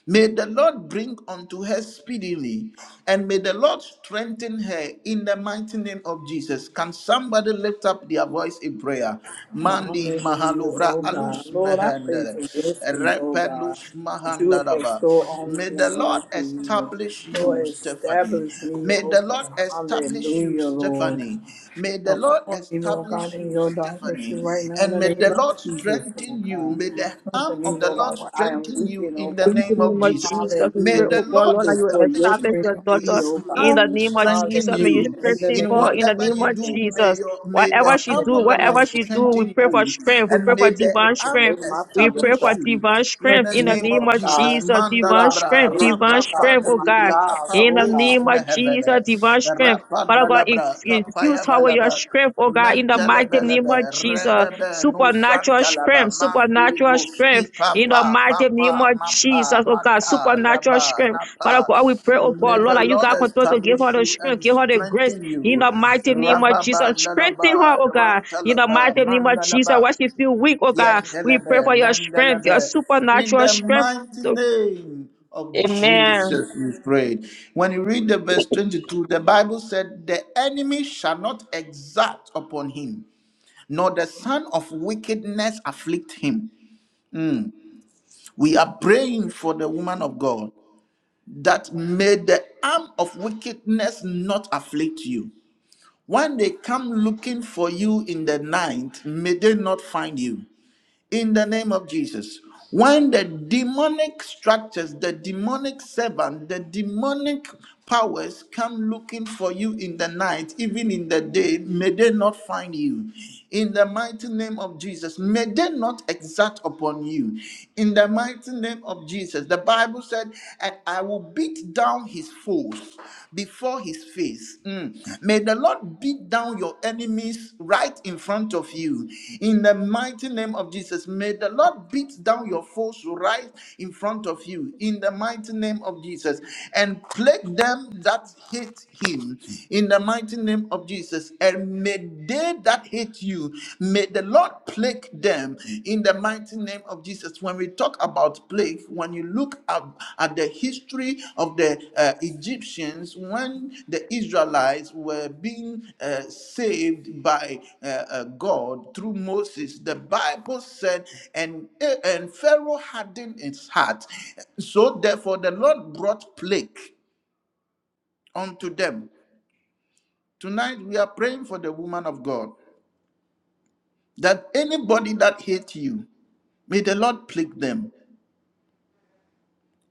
Speaker 2: may the Lord bring unto her speedily and may the Lord strengthen her in the mighty name of Jesus. Can somebody lift up their voice in prayer? Mandi
Speaker 1: Hallelujah,
Speaker 2: Mahaluvra
Speaker 1: oh God.
Speaker 2: Alus
Speaker 1: Lord, I pray
Speaker 2: Mehendere
Speaker 1: for blessings, oh God,
Speaker 2: Rependus
Speaker 1: that you will
Speaker 2: Mahandaraba.
Speaker 1: bestow on
Speaker 2: May
Speaker 1: me,
Speaker 2: the Lord
Speaker 1: hallelujah.
Speaker 2: establish you,
Speaker 1: Lord,
Speaker 2: Stephanie.
Speaker 1: establish me,
Speaker 2: May
Speaker 1: oh
Speaker 2: the Lord
Speaker 1: God,
Speaker 2: establish you,
Speaker 1: hallelujah, Lord.
Speaker 2: Stephanie. May the Lord
Speaker 1: Upon me, Lord God,
Speaker 2: establish
Speaker 1: in
Speaker 2: you,
Speaker 1: your
Speaker 2: Stephanie.
Speaker 1: direction right now, in
Speaker 2: And
Speaker 1: the
Speaker 2: may
Speaker 1: name
Speaker 2: the Lord
Speaker 1: of Jesus, oh
Speaker 2: strengthen you.
Speaker 1: God.
Speaker 2: May the
Speaker 1: Strengthen
Speaker 2: arm
Speaker 1: me,
Speaker 2: of the
Speaker 1: Lord God,
Speaker 2: Lord
Speaker 1: where I am
Speaker 2: strengthen
Speaker 1: weak,
Speaker 2: you
Speaker 1: in, oh
Speaker 2: in the name
Speaker 1: God.
Speaker 5: In the
Speaker 2: name of
Speaker 5: name of
Speaker 2: Jesus.
Speaker 5: Jesus, we
Speaker 2: May
Speaker 1: Hallelujah,
Speaker 5: pray,
Speaker 2: the
Speaker 1: Lord
Speaker 5: oh God,
Speaker 2: Lord
Speaker 5: Lord, that
Speaker 1: Jesus,
Speaker 5: you will
Speaker 1: Lord, your
Speaker 2: establish you
Speaker 5: establish
Speaker 1: strength
Speaker 5: your
Speaker 2: and may
Speaker 1: on me,
Speaker 5: daughter.
Speaker 2: his
Speaker 1: oh God.
Speaker 5: In the
Speaker 2: arm
Speaker 5: name of
Speaker 2: strengthen
Speaker 5: Jesus, may you
Speaker 1: Hallelujah,
Speaker 2: you.
Speaker 1: in the
Speaker 5: strengthen
Speaker 2: In
Speaker 1: name
Speaker 5: her.
Speaker 1: of
Speaker 5: In the
Speaker 2: whatever
Speaker 5: name
Speaker 2: you
Speaker 1: Jesus,
Speaker 5: of
Speaker 2: do,
Speaker 1: oh God.
Speaker 2: may
Speaker 5: Jesus,
Speaker 2: your may the
Speaker 5: whatever she
Speaker 2: arm
Speaker 5: do,
Speaker 2: of the Lord
Speaker 5: whatever
Speaker 1: Hallelujah,
Speaker 5: she do,
Speaker 1: Lord
Speaker 5: we
Speaker 2: strengthen
Speaker 1: God.
Speaker 5: pray for
Speaker 2: you
Speaker 5: strength. We
Speaker 2: and
Speaker 5: pray
Speaker 1: Father,
Speaker 5: for
Speaker 2: may
Speaker 1: I'm
Speaker 2: the
Speaker 1: here
Speaker 5: divine
Speaker 1: to
Speaker 2: arm
Speaker 1: go
Speaker 5: strength.
Speaker 1: to my
Speaker 5: We
Speaker 1: feet, oh
Speaker 5: pray
Speaker 2: establish
Speaker 5: for
Speaker 1: God.
Speaker 2: you.
Speaker 5: divine
Speaker 2: In
Speaker 5: strength
Speaker 2: the
Speaker 5: in
Speaker 1: Strengthen me,
Speaker 5: the
Speaker 2: name
Speaker 5: name
Speaker 1: Lord
Speaker 2: of
Speaker 5: of
Speaker 2: Jesus,
Speaker 1: God,
Speaker 5: Jesus, divine
Speaker 1: throughout
Speaker 2: Mandalabra,
Speaker 1: my
Speaker 5: strength,
Speaker 1: day, Lord
Speaker 5: divine
Speaker 1: God,
Speaker 5: strength,
Speaker 1: for
Speaker 5: oh
Speaker 2: Rapapan
Speaker 1: my
Speaker 5: God.
Speaker 2: Libri,
Speaker 1: job,
Speaker 5: In
Speaker 1: oh
Speaker 5: the
Speaker 1: God.
Speaker 2: Apakosh
Speaker 5: name of Jesus,
Speaker 2: Mehevede,
Speaker 5: divine strength. Father God, ex-
Speaker 2: Rapanalabra,
Speaker 5: infuse
Speaker 2: Kapaya
Speaker 5: her with your
Speaker 2: Balaba.
Speaker 5: strength, oh God, in the mighty name
Speaker 2: Mentelebelebe,
Speaker 5: of Jesus.
Speaker 2: rebebe, no
Speaker 5: Supernatural
Speaker 2: santalaba,
Speaker 5: strength,
Speaker 2: mandiri
Speaker 5: supernatural
Speaker 2: broski,
Speaker 5: strength in the
Speaker 2: papa,
Speaker 5: mighty
Speaker 2: papa,
Speaker 5: name of Jesus,
Speaker 2: mapa,
Speaker 5: oh God,
Speaker 2: mata,
Speaker 5: supernatural
Speaker 2: raba,
Speaker 5: strength. Father
Speaker 2: napa.
Speaker 5: God, we pray, oh
Speaker 2: May
Speaker 5: God, Lord,
Speaker 2: the
Speaker 5: that you
Speaker 2: Lord
Speaker 5: God continue to give her
Speaker 2: establish
Speaker 5: the
Speaker 2: you
Speaker 5: strength,
Speaker 2: and
Speaker 5: give her the grace.
Speaker 2: strengthen
Speaker 5: In the
Speaker 2: you.
Speaker 5: mighty name of Jesus,
Speaker 2: Rababa,
Speaker 5: strengthen her,
Speaker 2: lalaba,
Speaker 5: oh God. In the
Speaker 2: rantalaba,
Speaker 5: mighty name of Jesus, when
Speaker 2: mandalaba.
Speaker 5: she feel weak, oh God, we pray
Speaker 2: Yentelebe,
Speaker 5: for your strength, your
Speaker 2: mendelebe. In
Speaker 5: supernatural
Speaker 2: the
Speaker 5: strength.
Speaker 2: mighty
Speaker 5: to-
Speaker 2: name of
Speaker 5: Amen.
Speaker 2: Jesus, we prayed. When you read the verse 22, the Bible said, The enemy shall not exact upon him, nor the son of wickedness afflict him. We are praying for the woman of God that may the arm of wickedness not afflict you. When they come looking for you in the night, may they not find you. in the name of Jesus. When the demonic structures, the demonic servant, the demonic powers come looking for you in the night, even in the day, may they not find you. In the mighty name of Jesus, may they not exact upon you. In the mighty name of Jesus, the Bible said, and I will beat down his foes before his face. Mm. May the Lord beat down your enemies right in front of you. In the mighty name of Jesus, may the Lord beat down your foes right in front of you. In the mighty name of Jesus, and plague them that hate him. In the mighty name of Jesus, and may they that hate you, may the Lord plague them in the mighty name of Jesus. When we talk about plague, when you look at, at the history of the uh, Egyptians, when the Israelites were being uh, saved by uh, uh, God through Moses, the Bible said, and, and Pharaoh hardened his heart. So therefore, the Lord brought plague unto them. Tonight, we are praying for the woman of God that anybody that hates you, may the Lord plague them.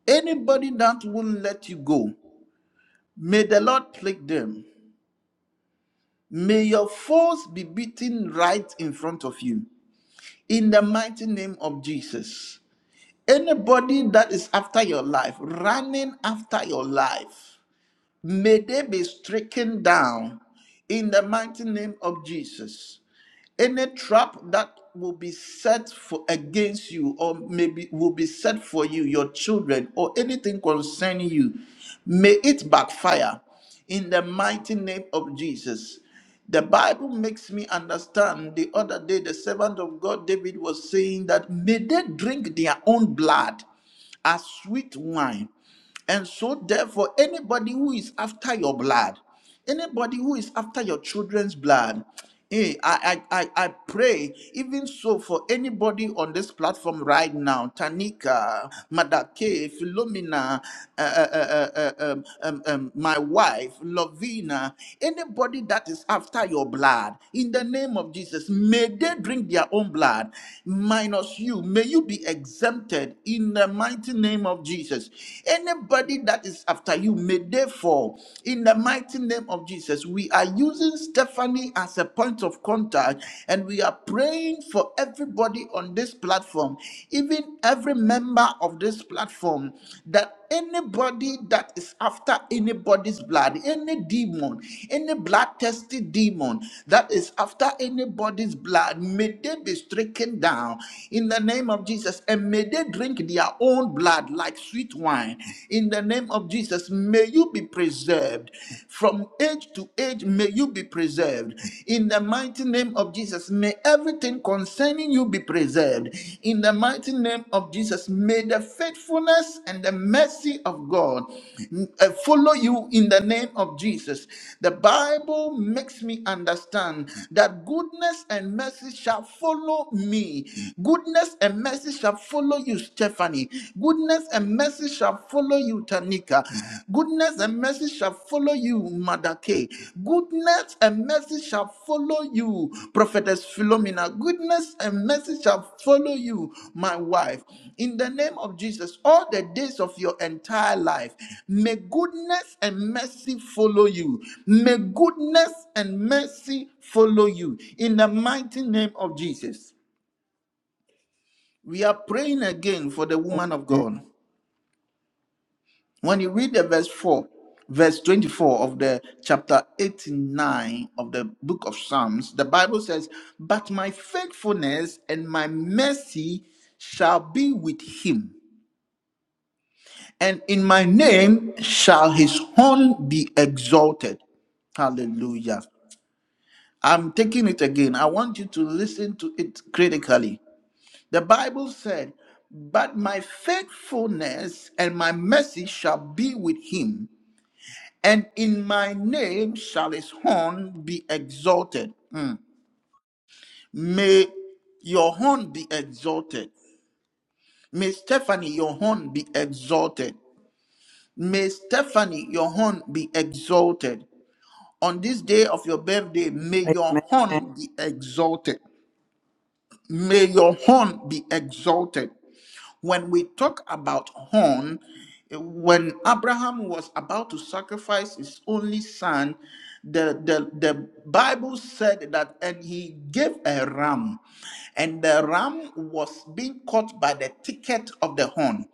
Speaker 2: Anybody that won't let you go, may the Lord plague them. May your foes be beaten right in front of you. In the mighty name of Jesus. Anybody that is after your life, running after your life, may they be stricken down in the mighty name of Jesus. any trap that will be set for against you or maybe will be set for you your children or anything concerning you may it backfire in the mighty name of jesus the bible makes me understand the other day the servant of god david was saying that may they drink their own blood as sweet wine and so, therefore, anybody who is after your blood, anybody who is after your children's blood, eh, I, I, I, I pray, even so, for anybody on this platform right now Tanika, Madake, Philomena, uh, uh, uh, uh, uh, um, um, um, my wife, Lovina, anybody that is after your blood, in the name of Jesus, may they drink their own blood, minus you. May you be exempted in the mighty name name of Jesus. Anybody that is after you, may they fall. In the mighty name of Jesus, we are using Stephanie as a point of contact and we are praying for everybody on this platform, even every member of this platform, that Anybody that is after anybody's blood, any demon, any blood thirsty demon that is after anybody's blood, may they be stricken down in the name of Jesus and may they drink their own blood like sweet wine. In the name of Jesus, may you be preserved from age to age, may you be preserved in the mighty name of Jesus. May everything concerning you be preserved. In the mighty name of Jesus, may the faithfulness and the mercy of God mm, uh, follow you in the name of Jesus. The Bible makes me understand that goodness and mercy shall follow me. Goodness and mercy shall follow you, Stephanie. Goodness and mercy shall follow you, Tanika. Goodness and mercy shall follow you, Mother K. Goodness and mercy shall follow you, Prophetess Philomena. Goodness and mercy shall follow you, my wife. In the name of Jesus, all the days of your entire life, may goodness and mercy follow you. May goodness and mercy follow you. In the mighty name of Jesus, we are praying again for the woman of
Speaker 1: And
Speaker 2: God. When you read the verse 4, verse 24 of the chapter 89 of the book of Psalms, the Bible says, But my faithfulness and my mercy shall be with him, and in my name shall his horn be exalted. Hallelujah. I'm taking it again. I want you to listen to it critically. The Bible said, But my faithfulness and my mercy shall be with him, And in my name shall his horn be exalted. Mm. May your horn be exalted. May Stephanie, your horn be exalted. May Stephanie, your horn be exalted. On this day of your birthday, may your horn be exalted. May your horn be exalted. When we talk about horn, eh, when Abraham was about to sacrifice his only son, the, the, the Bible said that, and he gave a ram, and the ram was being caught by the ticket of the horn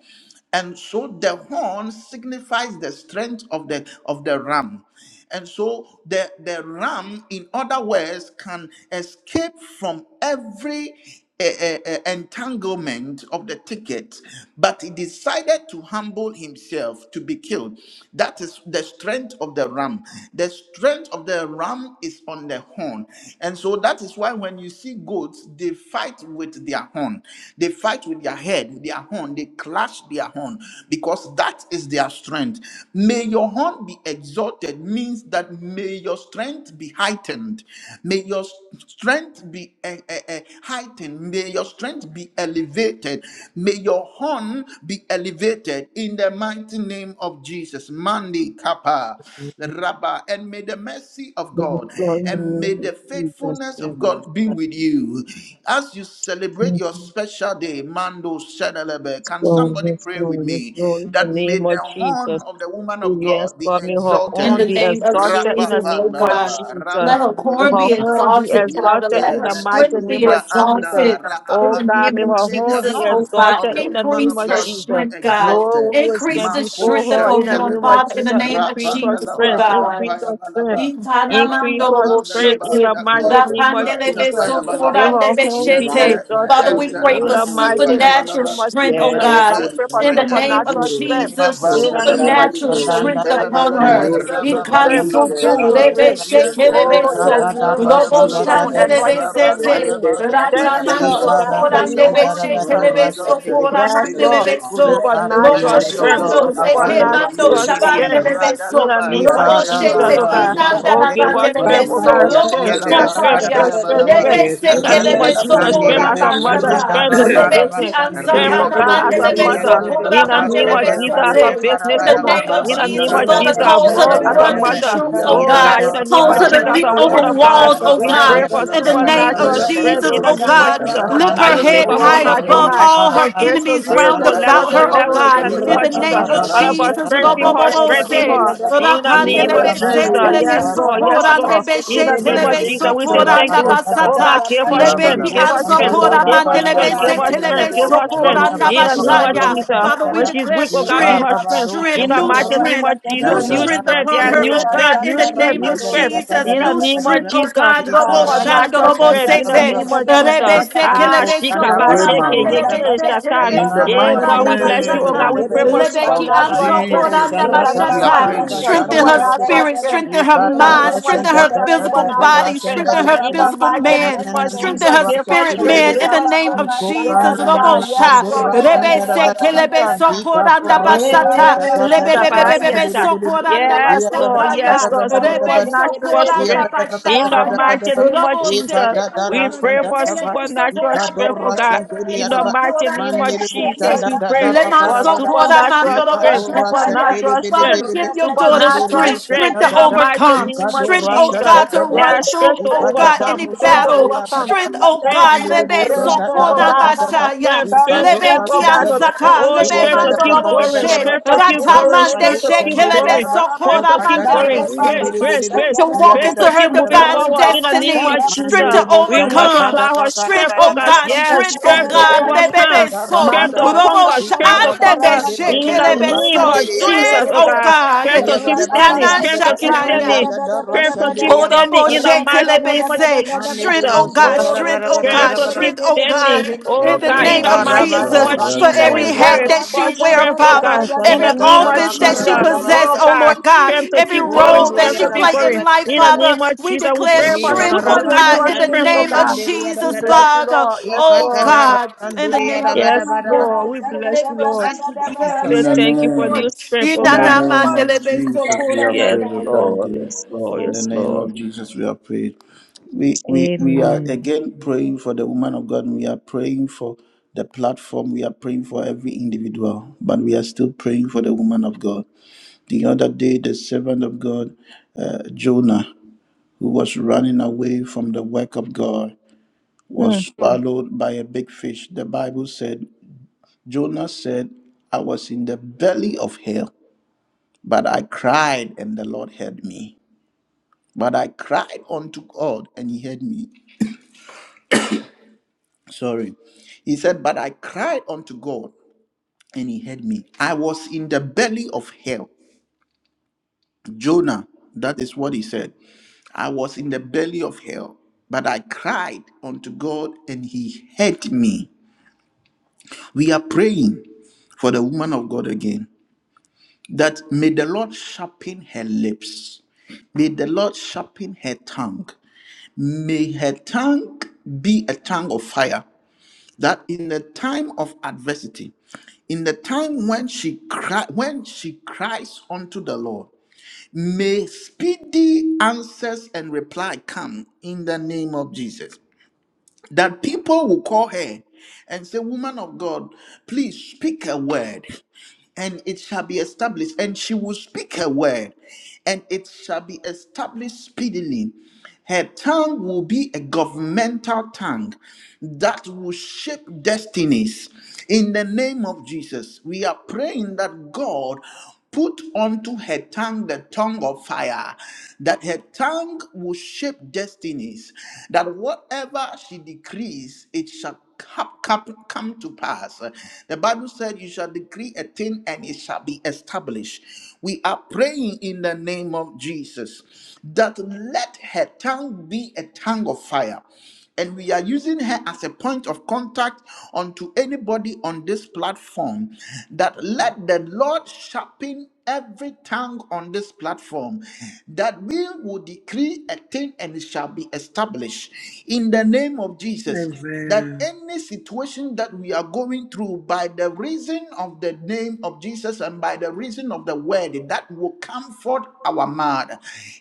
Speaker 2: and so the horn signifies the strength of the of the ram and so the the ram in other words can escape from every eh, eh, eh, entanglement of the ticket but he decided to humble himself to be killed that is the strength of the ram the strength of the ram is on the horn and so that is why when you see goats they fight with their horn they fight with their head head, their horn, they clash their horn because that is their strength. May your horn be exalted means that may your strength be heightened. May your strength be eh, eh, eh, heightened. May your strength be elevated. May your horn be elevated in the mighty name of Jesus. Mandi Kappa,
Speaker 1: in
Speaker 2: Rabba, and may the mercy of
Speaker 5: Yes,
Speaker 2: God
Speaker 5: Lord, in the
Speaker 2: and may
Speaker 5: name
Speaker 2: the
Speaker 5: of Jesus,
Speaker 2: faithfulness
Speaker 5: yes.
Speaker 2: of
Speaker 1: the
Speaker 2: God be with you as you celebrate celebrate
Speaker 5: Yes,
Speaker 2: your special day, Mando Shedelebe. Can
Speaker 5: Lord,
Speaker 2: somebody
Speaker 5: yes,
Speaker 2: pray with
Speaker 5: Lord, yes,
Speaker 2: me
Speaker 5: Lord, in the
Speaker 2: that may
Speaker 5: name of
Speaker 2: the
Speaker 5: Jesus.
Speaker 2: horn of the woman of
Speaker 5: Yes,
Speaker 2: God be
Speaker 5: Lord, may her
Speaker 3: In the
Speaker 5: own
Speaker 2: exalted?
Speaker 5: be
Speaker 3: name of
Speaker 5: exalted in the
Speaker 3: Jesus, oh
Speaker 5: name of
Speaker 3: God.
Speaker 2: Rapapandalaba,
Speaker 5: Jesus.
Speaker 3: Let her
Speaker 5: May
Speaker 3: core be
Speaker 5: her
Speaker 2: rabandidibiyapa,
Speaker 5: own be
Speaker 3: exalted, Father.
Speaker 5: exalted
Speaker 3: Let
Speaker 5: in
Speaker 2: yante,
Speaker 3: her
Speaker 5: the
Speaker 2: me
Speaker 5: mighty
Speaker 3: strength be
Speaker 5: name of
Speaker 2: eluvra
Speaker 5: Jesus.
Speaker 2: anda,
Speaker 3: exalted. In
Speaker 5: Oh
Speaker 3: the
Speaker 5: God,
Speaker 3: name
Speaker 5: may
Speaker 3: of
Speaker 5: her
Speaker 2: raapandidibi. May the
Speaker 5: own
Speaker 3: Jesus,
Speaker 5: be
Speaker 3: oh
Speaker 2: horn
Speaker 3: God.
Speaker 2: of
Speaker 5: exalted
Speaker 2: the
Speaker 5: in the
Speaker 2: woman
Speaker 5: name
Speaker 3: Increase
Speaker 2: of
Speaker 5: of
Speaker 3: her
Speaker 2: God be
Speaker 5: Jesus.
Speaker 3: strength, God.
Speaker 5: No
Speaker 2: exalted.
Speaker 5: one will
Speaker 3: Increase
Speaker 5: stand
Speaker 3: the
Speaker 2: Mako
Speaker 5: before
Speaker 3: strength of
Speaker 5: her in
Speaker 3: her
Speaker 5: the
Speaker 3: hand,
Speaker 5: name of
Speaker 2: shetelebe,
Speaker 3: Father, in the
Speaker 5: Jesus.
Speaker 3: name of
Speaker 5: Increase her
Speaker 3: Jesus, oh
Speaker 5: strength,
Speaker 2: rapandalaba,
Speaker 3: God.
Speaker 5: increase her strength,
Speaker 2: kapayabalaba,
Speaker 5: increase her strength
Speaker 2: rapapandalaba,
Speaker 5: in
Speaker 3: Itanamandoroboshete,
Speaker 5: the
Speaker 1: name of
Speaker 5: mighty
Speaker 1: Jesus,
Speaker 5: name of
Speaker 1: I thank you,
Speaker 5: Jesus.
Speaker 2: kapayabalaba,
Speaker 1: Lord
Speaker 3: rapandelebesoko,
Speaker 1: God,
Speaker 5: May
Speaker 2: Kapayabalaba,
Speaker 5: her
Speaker 1: for
Speaker 5: home
Speaker 1: protecting
Speaker 5: be
Speaker 2: Yente
Speaker 1: around
Speaker 3: randebeshete.
Speaker 1: me,
Speaker 2: me
Speaker 1: my
Speaker 3: Father,
Speaker 5: exalted
Speaker 3: we
Speaker 1: children, and
Speaker 3: pray
Speaker 1: my
Speaker 5: in
Speaker 3: for
Speaker 2: Endelebe
Speaker 5: the
Speaker 1: home,
Speaker 5: mighty
Speaker 1: Lord God.
Speaker 3: supernatural
Speaker 2: Kapayabalaba,
Speaker 5: name of
Speaker 3: strength,
Speaker 1: Yeah,
Speaker 5: Jesus.
Speaker 3: oh
Speaker 5: Oh
Speaker 3: God
Speaker 1: that's
Speaker 2: Mente
Speaker 5: God, we
Speaker 1: it,
Speaker 5: pray for
Speaker 3: in the
Speaker 1: Lord God.
Speaker 3: name of
Speaker 5: supernatural
Speaker 2: Reebedus
Speaker 1: Little,
Speaker 5: strength.
Speaker 2: Ipa
Speaker 3: Jesus,
Speaker 5: In
Speaker 1: Lord God,
Speaker 5: the
Speaker 1: that I
Speaker 5: name
Speaker 2: Vandalaba,
Speaker 5: of
Speaker 1: move,
Speaker 3: supernatural
Speaker 5: Jesus,
Speaker 1: Lord God.
Speaker 5: we
Speaker 7: Randa
Speaker 3: strength
Speaker 5: pray that you
Speaker 7: Baba
Speaker 5: take
Speaker 3: upon
Speaker 5: us
Speaker 2: Mentelebelebe
Speaker 1: In
Speaker 5: from
Speaker 3: her.
Speaker 7: Sandiri
Speaker 1: your
Speaker 5: strength
Speaker 1: feet,
Speaker 5: to
Speaker 7: Bidu
Speaker 2: Rababa
Speaker 5: strength,
Speaker 7: Santa
Speaker 5: from
Speaker 1: hallelujah, and
Speaker 5: grace
Speaker 3: Ikansutu,
Speaker 5: to
Speaker 2: Nantalaba,
Speaker 1: the
Speaker 3: rebe
Speaker 5: grace.
Speaker 7: Baba
Speaker 1: rest of the gift of
Speaker 5: Oh,
Speaker 1: my
Speaker 7: Ika
Speaker 5: in the
Speaker 3: shekelebeso,
Speaker 1: life,
Speaker 7: da
Speaker 2: Yentelebelebe
Speaker 7: da
Speaker 5: name
Speaker 1: hallelujah,
Speaker 5: of
Speaker 1: to
Speaker 3: robo
Speaker 1: be
Speaker 7: Rasanda
Speaker 5: Jesus,
Speaker 2: Kapayabalaba,
Speaker 1: the
Speaker 7: da
Speaker 5: from
Speaker 7: da
Speaker 1: Lord.
Speaker 7: da
Speaker 5: anointing to
Speaker 1: Yeah,
Speaker 7: Rasanda
Speaker 1: man,
Speaker 3: shandelebesete,
Speaker 5: anointing.
Speaker 1: there's
Speaker 2: Rabantalaba
Speaker 7: Dada
Speaker 1: gonna be
Speaker 5: Thank you,
Speaker 1: kingdom
Speaker 5: Lord,
Speaker 2: Kapayabalaba.
Speaker 1: of
Speaker 5: oh
Speaker 7: Ika
Speaker 3: ratamanso
Speaker 1: the
Speaker 5: God, in the
Speaker 7: Rava
Speaker 1: Lord.
Speaker 2: May
Speaker 5: name
Speaker 2: your
Speaker 7: Santa
Speaker 5: of
Speaker 2: horn
Speaker 3: korandebeshe
Speaker 5: Jesus.
Speaker 2: be
Speaker 7: Rabadu
Speaker 1: Mama
Speaker 3: telebeso
Speaker 2: exalted.
Speaker 1: ketele
Speaker 7: Rasandiri
Speaker 1: di
Speaker 2: May
Speaker 5: Yes,
Speaker 2: the
Speaker 1: sila
Speaker 5: Lord.
Speaker 1: baha.
Speaker 3: koramandelebeso,
Speaker 2: faithfulness
Speaker 7: Ika
Speaker 2: and the
Speaker 7: Do
Speaker 5: Supernatural
Speaker 3: robo
Speaker 1: Yemene
Speaker 2: mercy of
Speaker 7: Rasanda
Speaker 5: strength,
Speaker 1: ketele
Speaker 3: shando
Speaker 1: di
Speaker 2: God
Speaker 7: da
Speaker 1: baha.
Speaker 7: Bidu
Speaker 2: abide
Speaker 1: Mene
Speaker 2: with
Speaker 3: sekemando
Speaker 1: ketele
Speaker 5: supernatural
Speaker 1: di
Speaker 2: you.
Speaker 7: Rasandiri
Speaker 1: sila.
Speaker 5: strength. In
Speaker 3: shabandelebeso,
Speaker 5: the
Speaker 2: Radalaba
Speaker 5: name
Speaker 1: Ya
Speaker 7: Ika
Speaker 5: of
Speaker 3: robo
Speaker 5: Jesus,
Speaker 7: Rava
Speaker 1: katele
Speaker 3: shete
Speaker 5: oh
Speaker 2: Kapayabalaba,
Speaker 5: God.
Speaker 1: sila.
Speaker 7: Rabadu
Speaker 2: Mandi
Speaker 5: Oh, give
Speaker 7: Santa
Speaker 5: us
Speaker 1: Ya
Speaker 5: strength,
Speaker 2: Ibriapa.
Speaker 5: oh
Speaker 3: inandalabanelebeso,
Speaker 1: mama
Speaker 5: God.
Speaker 3: robo
Speaker 5: Strength,
Speaker 1: ketele di
Speaker 2: Yatalaba,
Speaker 5: strength, strength,
Speaker 1: sila.
Speaker 3: tataya,
Speaker 5: strength, strength,
Speaker 2: Tapayabalaba,
Speaker 5: strength.
Speaker 3: rebe
Speaker 1: Ya
Speaker 5: In the name
Speaker 1: katele
Speaker 5: of
Speaker 3: sekelebeso
Speaker 2: Randalaba,
Speaker 1: sila.
Speaker 5: Jesus,
Speaker 1: mene
Speaker 5: strength as a
Speaker 2: Kepenus
Speaker 5: mother, strength to do
Speaker 2: Montalaba,
Speaker 3: korambasata,
Speaker 5: business.
Speaker 1: baha.
Speaker 5: Strength, oh
Speaker 3: Ansakana
Speaker 2: Rababa,
Speaker 5: God, as a
Speaker 3: mandelebe
Speaker 2: Bibia,
Speaker 5: mother.
Speaker 3: sokora
Speaker 5: In the
Speaker 2: Randalaba,
Speaker 5: name of
Speaker 3: mandelebe
Speaker 5: Jesus, as
Speaker 2: Tapayabalaba,
Speaker 5: a
Speaker 3: sete. In the
Speaker 5: businesswoman.
Speaker 3: name of
Speaker 5: In the name
Speaker 3: Jesus,
Speaker 5: of
Speaker 2: Rababandalaba,
Speaker 3: Father,
Speaker 5: Jesus,
Speaker 3: cause her
Speaker 5: mom,
Speaker 3: to
Speaker 5: as a
Speaker 2: Tapayabalaba,
Speaker 3: run through
Speaker 5: mother.
Speaker 3: troops, oh
Speaker 5: Oh
Speaker 3: God.
Speaker 5: God, in
Speaker 2: Yantalaba,
Speaker 5: the name
Speaker 3: Cause
Speaker 5: of
Speaker 3: her
Speaker 5: Jesus,
Speaker 3: to
Speaker 5: as
Speaker 3: leap
Speaker 5: a
Speaker 2: Tapayabalaba,
Speaker 5: woman
Speaker 3: over
Speaker 5: of God.
Speaker 3: walls, oh
Speaker 5: We pray
Speaker 3: God.
Speaker 5: for
Speaker 3: In
Speaker 2: Rababandalaba,
Speaker 3: the name of
Speaker 5: supernatural
Speaker 8: Rebedo
Speaker 5: strength
Speaker 3: Jesus,
Speaker 2: Tapayabalaba,
Speaker 5: in the
Speaker 3: oh
Speaker 5: name of
Speaker 3: God.
Speaker 8: Shakara
Speaker 5: Jesus.
Speaker 3: Lift
Speaker 5: That
Speaker 3: her
Speaker 5: you take
Speaker 3: head
Speaker 2: Rapandalaba,
Speaker 5: off on
Speaker 3: high
Speaker 5: high to
Speaker 8: Baba,
Speaker 3: above
Speaker 5: high
Speaker 2: Tapayabalaba,
Speaker 3: all her
Speaker 5: from grace to
Speaker 3: enemies
Speaker 5: grace,
Speaker 3: round
Speaker 5: from
Speaker 2: Yantalabalaba,
Speaker 5: level
Speaker 3: about
Speaker 5: to
Speaker 3: her, oh
Speaker 5: level,
Speaker 8: Rabba
Speaker 5: in
Speaker 3: God.
Speaker 5: the name
Speaker 2: Tapayabalaba,
Speaker 3: In
Speaker 5: of
Speaker 3: the
Speaker 5: Jesus.
Speaker 3: name of
Speaker 2: Rapandalaba,
Speaker 5: Father God,
Speaker 3: Jesus,
Speaker 5: strengthen her,
Speaker 3: Robobobo
Speaker 5: strengthen
Speaker 3: said,
Speaker 5: her.
Speaker 2: Tapayabalaba,
Speaker 5: In the
Speaker 2: in
Speaker 5: name of
Speaker 2: the
Speaker 3: Rapandelebe
Speaker 5: Jesus.
Speaker 3: setelebe
Speaker 5: Yes,
Speaker 2: name
Speaker 5: Lord. Yes,
Speaker 7: Ikara
Speaker 5: Lord.
Speaker 3: sokorandebe
Speaker 5: In the name of
Speaker 3: shetelebe
Speaker 7: Mandiri
Speaker 5: Jesus, we
Speaker 7: bosan
Speaker 5: say
Speaker 7: da
Speaker 5: thank
Speaker 7: kada
Speaker 5: you.
Speaker 7: kada
Speaker 5: Oh
Speaker 7: da
Speaker 5: God,
Speaker 3: sokorandabasata.
Speaker 5: give us
Speaker 7: randiri
Speaker 5: strength,
Speaker 3: Lebeki
Speaker 5: give us
Speaker 7: bosan
Speaker 2: Rabalabalaba.
Speaker 7: da
Speaker 5: strength,
Speaker 3: Ansokorandebe
Speaker 7: da
Speaker 3: Ora
Speaker 5: give
Speaker 7: raka
Speaker 5: us
Speaker 2: In the
Speaker 7: raka
Speaker 3: mandelebe
Speaker 5: strength, give
Speaker 3: se
Speaker 2: mighty
Speaker 5: us
Speaker 7: sandiri
Speaker 3: telebe
Speaker 5: strength,
Speaker 7: biri
Speaker 2: name
Speaker 5: give
Speaker 2: of
Speaker 5: us
Speaker 3: soko
Speaker 5: strength.
Speaker 7: iya
Speaker 3: randa
Speaker 5: In
Speaker 2: Jesus,
Speaker 7: bada
Speaker 5: the
Speaker 2: we are
Speaker 5: name
Speaker 7: bakara
Speaker 5: of
Speaker 3: bashaya.
Speaker 2: praying.
Speaker 7: basan da
Speaker 5: Jesus.
Speaker 3: Father,
Speaker 7: da
Speaker 3: we
Speaker 5: When
Speaker 7: da
Speaker 5: she's
Speaker 3: declare
Speaker 5: weak, oh God,
Speaker 7: ika
Speaker 5: give her
Speaker 3: strength,
Speaker 7: raba
Speaker 5: strength.
Speaker 3: strength,
Speaker 5: In
Speaker 7: dosan
Speaker 5: the
Speaker 7: da
Speaker 3: new
Speaker 7: da
Speaker 5: mighty name
Speaker 3: strength.
Speaker 5: of
Speaker 7: ika
Speaker 3: New
Speaker 5: Jesus,
Speaker 7: da
Speaker 5: new
Speaker 2: Mandala.
Speaker 7: da
Speaker 3: strength
Speaker 5: strength,
Speaker 7: rasan
Speaker 3: upon
Speaker 5: yeah,
Speaker 3: her,
Speaker 5: new
Speaker 7: da
Speaker 3: oh
Speaker 7: da
Speaker 3: God,
Speaker 5: strength,
Speaker 3: in
Speaker 5: new
Speaker 3: the
Speaker 7: Russian,
Speaker 5: strength,
Speaker 3: name
Speaker 5: new
Speaker 3: of
Speaker 5: strength.
Speaker 3: Jesus.
Speaker 5: In the
Speaker 3: New
Speaker 5: name of
Speaker 3: strength, oh
Speaker 5: Jesus,
Speaker 3: God. Robo
Speaker 8: Rato,
Speaker 3: shando,
Speaker 5: supernatural
Speaker 3: robo
Speaker 5: strength. In the
Speaker 3: sete.
Speaker 5: name
Speaker 8: Rato,
Speaker 5: of Jesus.
Speaker 8: Rato,
Speaker 3: Rebe se
Speaker 5: Ah,
Speaker 3: kelebe
Speaker 5: shikaba
Speaker 2: Eh,
Speaker 3: sokora
Speaker 8: Rato,
Speaker 2: ma,
Speaker 5: sheke
Speaker 2: ma, ma,
Speaker 5: yeke
Speaker 3: mandelebe
Speaker 2: ma.
Speaker 3: se
Speaker 5: sakan.
Speaker 3: telebe
Speaker 2: In the
Speaker 5: Hey,
Speaker 3: sokora
Speaker 2: mighty
Speaker 5: God,
Speaker 3: randa
Speaker 5: we bless you. Oh God,
Speaker 3: bashata.
Speaker 5: we
Speaker 2: name
Speaker 5: pray for
Speaker 2: of
Speaker 3: Lebeki
Speaker 5: supernatural
Speaker 3: Anso
Speaker 5: strength.
Speaker 3: Koranda
Speaker 2: Jesus,
Speaker 5: In the
Speaker 2: we
Speaker 5: name
Speaker 2: are
Speaker 5: of
Speaker 3: Bashata.
Speaker 2: prayed with
Speaker 5: Jesus,
Speaker 3: Strengthen her
Speaker 2: thanksgiving.
Speaker 5: supernatural
Speaker 3: spirit,
Speaker 5: strength.
Speaker 3: strengthen her
Speaker 5: In the
Speaker 3: mind,
Speaker 5: name of
Speaker 3: strengthen her
Speaker 5: Jesus,
Speaker 3: physical
Speaker 5: supernatural
Speaker 3: body,
Speaker 5: strength.
Speaker 3: strengthen her
Speaker 5: In the
Speaker 3: physical
Speaker 5: mighty
Speaker 3: man,
Speaker 5: name of
Speaker 3: strengthen
Speaker 5: Jesus,
Speaker 3: her
Speaker 5: give us
Speaker 3: spirit
Speaker 5: strength,
Speaker 3: man in
Speaker 5: give
Speaker 3: the
Speaker 5: us
Speaker 3: name
Speaker 5: strength.
Speaker 3: of
Speaker 5: Yes,
Speaker 3: Jesus.
Speaker 5: God, yes,
Speaker 3: Robosha.
Speaker 5: Lord, in the
Speaker 3: Rebe
Speaker 5: name of
Speaker 3: Seke Lebe
Speaker 5: Jesus.
Speaker 3: Sokoranda Basata.
Speaker 5: Yes, Shikaba, yes,
Speaker 3: Lebe
Speaker 5: God.
Speaker 3: Sokoranda
Speaker 5: Yes, Lord. Yes,
Speaker 3: Basata.
Speaker 5: Lord.
Speaker 7: Yabba-dabba-dabba-dabba-dabba.
Speaker 3: Rebe
Speaker 5: Supernatural strength.
Speaker 3: Sokoranda
Speaker 5: In the
Speaker 3: Sataya,
Speaker 5: mighty
Speaker 7: Yabba-dabba-dabba-dabba-dabba.
Speaker 5: name of
Speaker 3: Robo
Speaker 7: ba ika
Speaker 5: Jesus,
Speaker 3: Sete,
Speaker 7: do ra
Speaker 5: we
Speaker 3: Unam
Speaker 7: san
Speaker 5: pray
Speaker 7: de
Speaker 5: for supernatural
Speaker 3: Sopora,
Speaker 5: strength,
Speaker 3: Lebe,
Speaker 5: oh God. In the
Speaker 7: Ika-do-ra-san-de-di-ya-da-ba.
Speaker 5: mighty
Speaker 3: Sopora,
Speaker 5: name of
Speaker 8: Reba
Speaker 3: Lebe
Speaker 5: Jesus,
Speaker 3: Sete,
Speaker 5: we pray
Speaker 3: Leman
Speaker 5: for
Speaker 7: Mandiri-bu-san-da-da-da-ba-ka-da-ba-da-ba.
Speaker 3: Sopora,
Speaker 5: supernatural
Speaker 3: Mando
Speaker 5: strength,
Speaker 7: san de
Speaker 3: Shataya.
Speaker 7: di
Speaker 5: supernatural
Speaker 7: bi di
Speaker 5: strength,
Speaker 3: Father,
Speaker 7: bi
Speaker 3: give your daughter
Speaker 7: mandiri bu
Speaker 5: supernatural
Speaker 3: strength,
Speaker 7: da
Speaker 5: strength.
Speaker 3: strength to
Speaker 5: In
Speaker 7: da
Speaker 5: the
Speaker 7: da
Speaker 5: mighty
Speaker 3: overcome,
Speaker 7: ika
Speaker 5: name
Speaker 7: do
Speaker 5: of
Speaker 3: strength,
Speaker 7: ra
Speaker 3: oh
Speaker 5: Jesus.
Speaker 7: da
Speaker 3: God, to
Speaker 7: da ba
Speaker 3: run
Speaker 5: Yes, strength
Speaker 3: through,
Speaker 5: to
Speaker 3: oh
Speaker 7: ika da
Speaker 3: God,
Speaker 7: da
Speaker 5: overcome,
Speaker 3: any
Speaker 7: rasan
Speaker 5: strength
Speaker 7: san
Speaker 5: to
Speaker 7: de
Speaker 3: battle,
Speaker 7: da
Speaker 5: overcome,
Speaker 7: ba
Speaker 3: strength, oh
Speaker 5: strength,
Speaker 3: God,
Speaker 7: Mandere
Speaker 5: strength,
Speaker 7: bo
Speaker 3: Lebe
Speaker 5: strength,
Speaker 7: shandara
Speaker 5: strength, oh
Speaker 7: bara
Speaker 3: Sopora,
Speaker 5: God.
Speaker 3: Masaya,
Speaker 5: Strength, strength, strength, oh God, to
Speaker 3: ansaka
Speaker 5: Oh,
Speaker 3: lebe
Speaker 5: strength to
Speaker 3: mando
Speaker 5: keep
Speaker 3: robo
Speaker 5: going,
Speaker 3: she
Speaker 5: strength to keep
Speaker 3: rata
Speaker 5: going,
Speaker 3: mande
Speaker 5: strength to
Speaker 3: she
Speaker 5: keep
Speaker 3: kelebe
Speaker 5: going, strength
Speaker 3: sokora
Speaker 5: to keep
Speaker 3: mande lebe
Speaker 5: going,
Speaker 3: she.
Speaker 5: grace, grace,
Speaker 3: Strength
Speaker 5: grace,
Speaker 3: to walk
Speaker 5: grace
Speaker 3: into
Speaker 5: to
Speaker 3: her
Speaker 5: keep moving
Speaker 3: divine
Speaker 5: forward in the name
Speaker 3: destiny.
Speaker 5: of
Speaker 3: Strength
Speaker 5: Jesus.
Speaker 3: to
Speaker 5: We
Speaker 3: overcome.
Speaker 5: multiply our
Speaker 3: Strength,
Speaker 5: strength, oh
Speaker 3: oh
Speaker 5: God,
Speaker 3: God.
Speaker 5: yes,
Speaker 3: Strength, oh
Speaker 5: strength to
Speaker 3: God. Rebebe
Speaker 5: overcome,
Speaker 3: so
Speaker 5: strength to
Speaker 3: robo
Speaker 5: conquer,
Speaker 3: she
Speaker 8: Marapapapa
Speaker 5: strength to
Speaker 3: ande be
Speaker 5: conquer
Speaker 3: she
Speaker 8: shakarapato.
Speaker 5: in the
Speaker 3: kelebe
Speaker 5: name
Speaker 3: so
Speaker 5: of
Speaker 8: Reto
Speaker 3: strength,
Speaker 5: Jesus, oh
Speaker 3: oh
Speaker 8: chekerepeta.
Speaker 5: God,
Speaker 3: God.
Speaker 5: strength to keep
Speaker 3: You
Speaker 5: standing,
Speaker 8: Rapapapa.
Speaker 3: cannot
Speaker 5: strength to keep
Speaker 3: shataya.
Speaker 5: standing, strength to keep
Speaker 8: Rapadapadabadabadaba.
Speaker 5: standing in the mighty name of
Speaker 3: Kodomoshetelebese.
Speaker 8: Rapadapadabadabadaba.
Speaker 3: Strength, oh God,
Speaker 5: Jesus.
Speaker 8: O
Speaker 3: strength,
Speaker 8: rebe
Speaker 3: oh
Speaker 7: bara
Speaker 5: Strength
Speaker 3: God,
Speaker 7: bara
Speaker 5: to
Speaker 7: bara
Speaker 5: keep
Speaker 3: strength, oh
Speaker 5: standing.
Speaker 3: God,
Speaker 8: shekereberebebe.
Speaker 3: in
Speaker 5: Oh
Speaker 2: Yes,
Speaker 3: the
Speaker 5: God, in
Speaker 3: name
Speaker 2: Lord.
Speaker 8: Riba
Speaker 5: the
Speaker 3: of
Speaker 2: Yes,
Speaker 5: mighty name
Speaker 7: Ikarabado
Speaker 2: Lord.
Speaker 5: of
Speaker 3: Jesus,
Speaker 2: Yes,
Speaker 3: for
Speaker 8: shakarapapa.
Speaker 5: Jesus, we
Speaker 3: every
Speaker 2: Lord.
Speaker 3: hat
Speaker 5: pray
Speaker 7: kasenderebedebe.
Speaker 3: that
Speaker 5: for
Speaker 3: she wear,
Speaker 8: Karatadada
Speaker 5: strength, oh
Speaker 7: Mandebo
Speaker 3: Father,
Speaker 5: God, in
Speaker 3: every
Speaker 5: the
Speaker 8: shakadadadaba.
Speaker 5: name of
Speaker 3: office that
Speaker 5: Jesus.
Speaker 3: she possess,
Speaker 5: Oh
Speaker 3: oh
Speaker 7: sandadadarakarabarabarabadaba.
Speaker 8: Ratadadadaba.
Speaker 5: God,
Speaker 3: Lord God,
Speaker 5: strength to
Speaker 3: every
Speaker 5: keep
Speaker 8: O
Speaker 5: going,
Speaker 3: role that
Speaker 5: strength
Speaker 3: she
Speaker 5: to be
Speaker 8: rapapa.
Speaker 3: play
Speaker 5: going.
Speaker 3: in life,
Speaker 5: In the
Speaker 7: Urandiriarabadabadabadaba.
Speaker 3: Father,
Speaker 5: name of
Speaker 3: we
Speaker 5: Jesus, we
Speaker 3: declare
Speaker 5: pray
Speaker 2: Yes,
Speaker 5: for
Speaker 3: strength,
Speaker 2: Lord.
Speaker 3: oh God,
Speaker 8: rebe,
Speaker 5: supernatural
Speaker 3: in the
Speaker 7: Ikarabadabado
Speaker 5: strength, oh
Speaker 3: name of
Speaker 5: God. We
Speaker 3: Jesus,
Speaker 5: bless
Speaker 7: kasendiriarabadaba.
Speaker 5: you,
Speaker 3: Father,
Speaker 5: Lord. Yes,
Speaker 3: oh
Speaker 5: Lord.
Speaker 3: God, in the name of
Speaker 5: Yes,
Speaker 7: Ikadadarakandiriarabadabadaba.
Speaker 5: Lord.
Speaker 8: Karapapapapa
Speaker 3: Jesus,
Speaker 5: We
Speaker 3: in the
Speaker 5: bless you,
Speaker 3: name of
Speaker 5: Lord.
Speaker 7: Thank you,
Speaker 3: Jesus,
Speaker 5: We
Speaker 8: shakadabadabadabadaba.
Speaker 2: In
Speaker 7: Jesus.
Speaker 2: the
Speaker 3: yes,
Speaker 5: thank you for new
Speaker 3: Lord.
Speaker 2: name,
Speaker 5: strength, oh
Speaker 2: in
Speaker 8: In
Speaker 2: the
Speaker 8: the
Speaker 5: God.
Speaker 8: name
Speaker 2: name
Speaker 8: of
Speaker 2: of
Speaker 8: Jesus. In the
Speaker 2: Jesus, we
Speaker 3: Inanamandelebesokora
Speaker 2: have
Speaker 5: Yes,
Speaker 2: prayed
Speaker 8: name
Speaker 2: with
Speaker 5: Lord.
Speaker 2: thanksgiving.
Speaker 5: Yes,
Speaker 3: mandaya.
Speaker 5: Lord.
Speaker 2: In the
Speaker 5: Yes,
Speaker 2: name
Speaker 5: Lord.
Speaker 2: of Jesus, we have prayed. We we we are
Speaker 5: Amen.
Speaker 2: again praying for the woman of God. We are praying for the platform. We are praying for every individual, but we are still praying for the woman of God. The other day, the servant of God, uh, Jonah, who was running away from the work of God, was swallowed by a big fish. The Bible said, Jonah said, "I was in the belly of hell." But I cried, and the Lord heard me. But I cried unto God, and He heard me. Sorry. He said, But I cried unto God, and He heard me. I was in the belly of hell. Jonah, that is what he said. I was in the belly of hell, but I cried unto God, and He heard me. We are praying for the woman of God again that may the Lord sharpen her lips. May the Lord sharpen her tongue. May her tongue be a tongue of fire, that in the time of adversity, in the time when she cry, when she cries unto the Lord, may speedy answers and reply come in the name of Jesus. That people will call her and say, Woman of God, please speak a word and it shall be established. And she will speak her word, and it shall be established speedily. Her tongue will be a governmental tongue that will shape destinies. In the name of Jesus, we are praying that God Put unto her tongue the tongue of fire, that her tongue will shape destinies, that whatever she decrees, it shall come, come, come to pass. The Bible said, You shall decree a thing and it shall be established. We are praying in the name of Jesus that let her tongue be a tongue of fire and we are using her as a point of contact unto anybody on this platform that let the Lord sharpen every tongue on this platform that we will decree a thing and it shall be established in the name of Jesus that any situation that we are going through by the reason of the name of Jesus and by the reason of the word that will comfort our mind